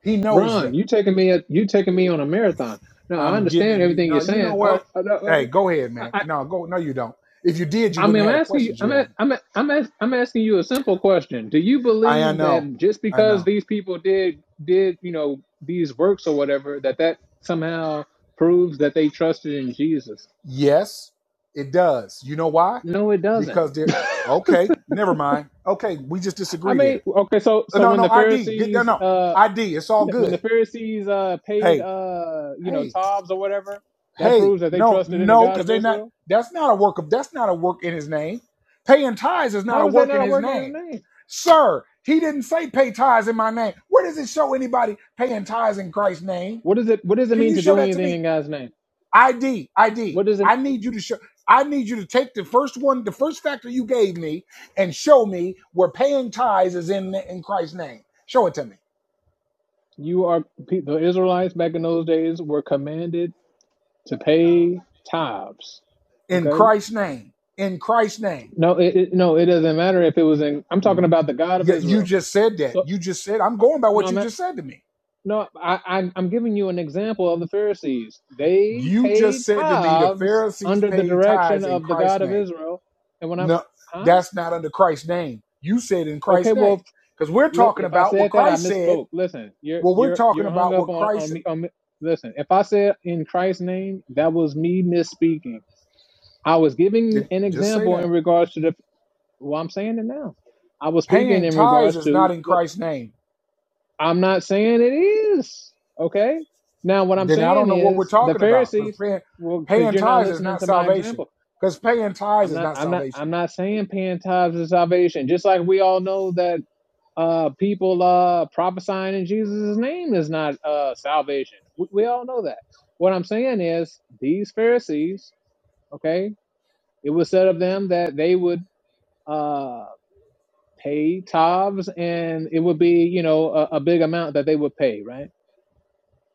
Speaker 28: he knows
Speaker 26: Ron,
Speaker 28: them.
Speaker 26: you taking me a you taking me on a marathon? No, I
Speaker 28: I'm
Speaker 26: understand
Speaker 28: giving you.
Speaker 26: everything you're
Speaker 28: No, you know
Speaker 26: saying. Oh,
Speaker 28: what?
Speaker 26: I,
Speaker 28: Hey, go ahead,
Speaker 26: I,
Speaker 28: man.
Speaker 26: I
Speaker 28: No, go. No, you don't. If you did, you
Speaker 26: I mean,
Speaker 28: wouldn't
Speaker 26: I'm
Speaker 28: have the
Speaker 26: asking you.
Speaker 28: questions you
Speaker 26: I'm a-
Speaker 28: have.
Speaker 26: I'm a- I'm a- I'm asking you a simple question. Do you
Speaker 28: I, I
Speaker 26: believe
Speaker 28: know.
Speaker 26: that just
Speaker 28: I
Speaker 26: because
Speaker 28: know.
Speaker 26: these people did did you know these works or whatever that that somehow proves that they trusted in Jesus?
Speaker 28: Yes, it does. You know why?
Speaker 26: No, it doesn't.
Speaker 28: Because they're okay. Never mind. Okay, we just
Speaker 26: I
Speaker 28: disagree
Speaker 26: mean,
Speaker 28: there.
Speaker 26: okay, so so
Speaker 28: No,
Speaker 26: when
Speaker 28: no,
Speaker 26: the
Speaker 28: ID. Get there.
Speaker 26: Pharisees,
Speaker 28: No,
Speaker 26: uh,
Speaker 28: ID. It's all
Speaker 26: when
Speaker 28: good.
Speaker 26: the Pharisees uh paid
Speaker 28: hey,
Speaker 26: uh you know
Speaker 28: hey,
Speaker 26: tithes or whatever, that
Speaker 28: hey,
Speaker 26: proves that they
Speaker 28: no,
Speaker 26: trusted in the
Speaker 28: no,
Speaker 26: God
Speaker 28: because
Speaker 26: of
Speaker 28: they not
Speaker 26: Israel.
Speaker 28: that's not a work of that's not a work in his name. Paying tithes is not a
Speaker 26: How is that
Speaker 28: work
Speaker 26: not
Speaker 28: in
Speaker 26: a
Speaker 28: his
Speaker 26: work in His
Speaker 28: name.
Speaker 26: name?
Speaker 28: Sir, he didn't say pay tithes in my name. Where does it show anybody paying tithes in Christ's name?
Speaker 26: What does it What does it
Speaker 28: Can
Speaker 26: mean
Speaker 28: you
Speaker 26: to
Speaker 28: show
Speaker 26: do
Speaker 28: that to
Speaker 26: anything
Speaker 28: me?
Speaker 26: in God's name?
Speaker 28: ID, ID. I D.
Speaker 26: What does it?
Speaker 28: I need you to show I need you to take the first one, the first factor you gave me, and show me where paying tithes is in in Christ's name. Show it to me.
Speaker 26: You are pe- the Israelites back in those days were commanded to pay tithes.
Speaker 28: In
Speaker 26: Okay,
Speaker 28: Christ's name. In Christ's name.
Speaker 26: no, it, it no, it doesn't matter if it was in. I'm talking about the God of
Speaker 28: Yeah, you
Speaker 26: Israel.
Speaker 28: just said that.
Speaker 26: So
Speaker 28: You just said, I'm
Speaker 26: uh,
Speaker 28: going by
Speaker 26: no,
Speaker 28: what you
Speaker 26: I'm
Speaker 28: just said to me.
Speaker 26: No, I, I'm, I'm giving you an example of the Pharisees. They
Speaker 28: You
Speaker 26: paid
Speaker 28: just said to me the
Speaker 26: tithes
Speaker 28: Pharisees
Speaker 26: under the
Speaker 28: paid
Speaker 26: direction
Speaker 28: tithes in
Speaker 26: of the
Speaker 28: Christ's
Speaker 26: God of
Speaker 28: name.
Speaker 26: Israel. And when I,
Speaker 28: No,
Speaker 26: huh?
Speaker 28: that's not under Christ's name. You said in
Speaker 26: Okay,
Speaker 28: Christ's
Speaker 26: well, if
Speaker 28: name. Because we're talking
Speaker 26: if I
Speaker 28: about what
Speaker 26: said that, I
Speaker 28: Christ said.
Speaker 26: misspoke. Listen, you're
Speaker 28: Well, we're
Speaker 26: you're
Speaker 28: talking
Speaker 26: you're hung
Speaker 28: about
Speaker 26: up
Speaker 28: what
Speaker 26: on
Speaker 28: Christ
Speaker 26: on
Speaker 28: said.
Speaker 26: me. On me. Listen, if I said in Christ's name, that was me misspeaking. I was giving
Speaker 28: did.
Speaker 26: an
Speaker 28: Just say
Speaker 26: example in
Speaker 28: that.
Speaker 26: regards to the. Well, I'm saying it now. I was speaking
Speaker 28: Paying
Speaker 26: in
Speaker 28: tithes
Speaker 26: regards
Speaker 28: is not
Speaker 26: to
Speaker 28: in
Speaker 26: the,
Speaker 28: Christ's name.
Speaker 26: I'm not saying it is. Okay. Now, what I'm
Speaker 28: Then I don't
Speaker 26: saying
Speaker 28: know what we're
Speaker 26: is the
Speaker 28: talking about. Because
Speaker 26: Pharisees,
Speaker 28: paying,
Speaker 26: well, because
Speaker 28: paying
Speaker 26: you're not
Speaker 28: tithes is
Speaker 26: listening
Speaker 28: not
Speaker 26: to my
Speaker 28: salvation.
Speaker 26: example.
Speaker 28: Because paying tithes
Speaker 26: I'm
Speaker 28: is
Speaker 26: not,
Speaker 28: not
Speaker 26: I'm not, I'm
Speaker 28: salvation.
Speaker 26: not saying paying tithes is salvation. Just like we all know that uh, people uh, prophesying in Jesus' name is not uh, salvation. We, we all know that. What I'm saying is these Pharisees, okay, it was said of them that they would uh, pay tithes and it would be, you know, a, a big amount that they would pay, right?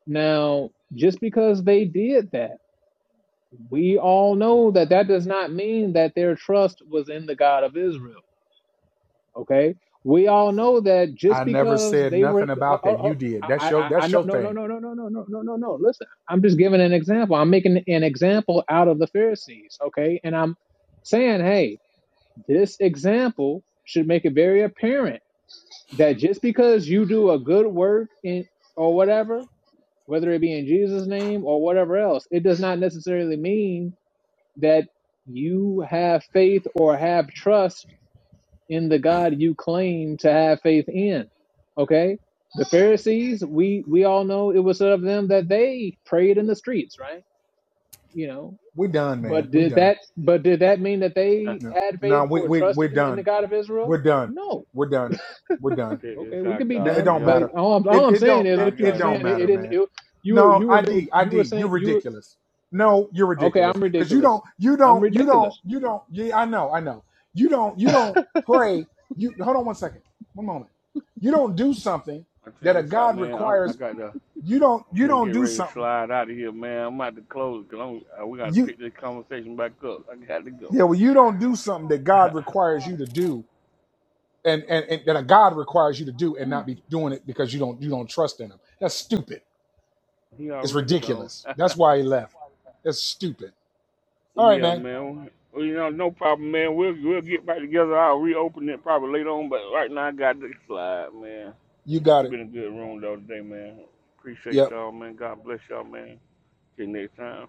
Speaker 26: Now, just because they did that, we all know that that does not mean that their trust was in the God of Israel. Okay, we all know that just
Speaker 28: I never
Speaker 26: because
Speaker 28: said
Speaker 26: they were,
Speaker 28: nothing
Speaker 26: uh,
Speaker 28: about
Speaker 26: uh,
Speaker 28: that.
Speaker 26: uh,
Speaker 28: You did. That's
Speaker 26: I,
Speaker 28: your
Speaker 26: I, I,
Speaker 28: that's
Speaker 26: no,
Speaker 28: your
Speaker 26: no, no,
Speaker 28: thing.
Speaker 26: no, no, no, no, no, no, no, no. Listen, I'm just giving an example. I'm making an example out of the Pharisees. Okay, and I'm saying, hey, this example should make it very apparent that just because you do a good work in or whatever whether it be in Jesus' name or whatever else. It does not necessarily mean that you have faith or have trust in the God you claim to have faith in. Okay? The Pharisees, we we all know it was of them that they prayed in the streets, right? You know,
Speaker 28: We done,
Speaker 26: but
Speaker 28: man. We
Speaker 26: did
Speaker 28: done.
Speaker 26: that but did that mean that
Speaker 1: Check
Speaker 26: they
Speaker 28: No,
Speaker 26: had
Speaker 28: no,
Speaker 26: faith
Speaker 28: we
Speaker 26: or
Speaker 28: we we're
Speaker 26: trusted in, in the
Speaker 28: done.
Speaker 26: God of Israel?
Speaker 28: We're done.
Speaker 26: No.
Speaker 28: We're done. We're done.
Speaker 26: Okay,
Speaker 1: this
Speaker 26: we
Speaker 1: out,
Speaker 26: could be
Speaker 28: No, it
Speaker 1: y'all.
Speaker 26: done,
Speaker 28: don't
Speaker 1: Yeah,
Speaker 26: but
Speaker 28: matter.
Speaker 26: all I'm, all
Speaker 28: It
Speaker 26: I'm
Speaker 28: it
Speaker 26: saying
Speaker 28: don't
Speaker 26: is
Speaker 1: I
Speaker 26: what
Speaker 28: it,
Speaker 26: you were
Speaker 1: got
Speaker 28: it
Speaker 1: to
Speaker 28: don't
Speaker 26: saying. It, it
Speaker 28: matter,
Speaker 26: didn't.
Speaker 28: man.
Speaker 26: It, you were
Speaker 28: No,
Speaker 26: you were
Speaker 28: ID,
Speaker 26: you were
Speaker 28: ID, you're
Speaker 26: saying you were
Speaker 28: ridiculous. No, you're
Speaker 26: Okay,
Speaker 28: ridiculous.
Speaker 26: I'm
Speaker 28: Cause you
Speaker 26: ridiculous.
Speaker 28: don't, you
Speaker 26: I'm
Speaker 28: don't, you
Speaker 26: ridiculous.
Speaker 28: don't, you don't, yeah, I know, I know. You don't, you don't pray. You hold on one second. One moment. You don't do something
Speaker 1: I
Speaker 28: that
Speaker 1: check
Speaker 28: a
Speaker 1: this out,
Speaker 28: God
Speaker 1: man. I, I
Speaker 28: requires.
Speaker 1: got to
Speaker 28: You don't, you
Speaker 1: we are gonna
Speaker 28: don't
Speaker 1: get
Speaker 28: do
Speaker 1: ready to
Speaker 28: something.
Speaker 1: slide out of here, man. I'm about to close it because I'm uh, we gotta
Speaker 28: You
Speaker 1: pick this conversation back up. I got to go.
Speaker 28: yeah, well, you don't do something that God requires you to do and, and and that a God requires you to do and not be doing it because you don't you don't trust in him. That's stupid.
Speaker 1: he
Speaker 28: It's
Speaker 1: already gone.
Speaker 28: ridiculous. That's why he left. That's stupid. All right,
Speaker 1: yeah,
Speaker 28: man.
Speaker 1: man. Well, You know, no problem, man. We'll we'll get back together. I'll reopen it probably later on, but right now I got to slide, man.
Speaker 28: You got
Speaker 1: It's
Speaker 28: it.
Speaker 1: been a good room though today, man. Appreciate
Speaker 28: Yep.
Speaker 1: y'all, man. God bless y'all, man. Till next time.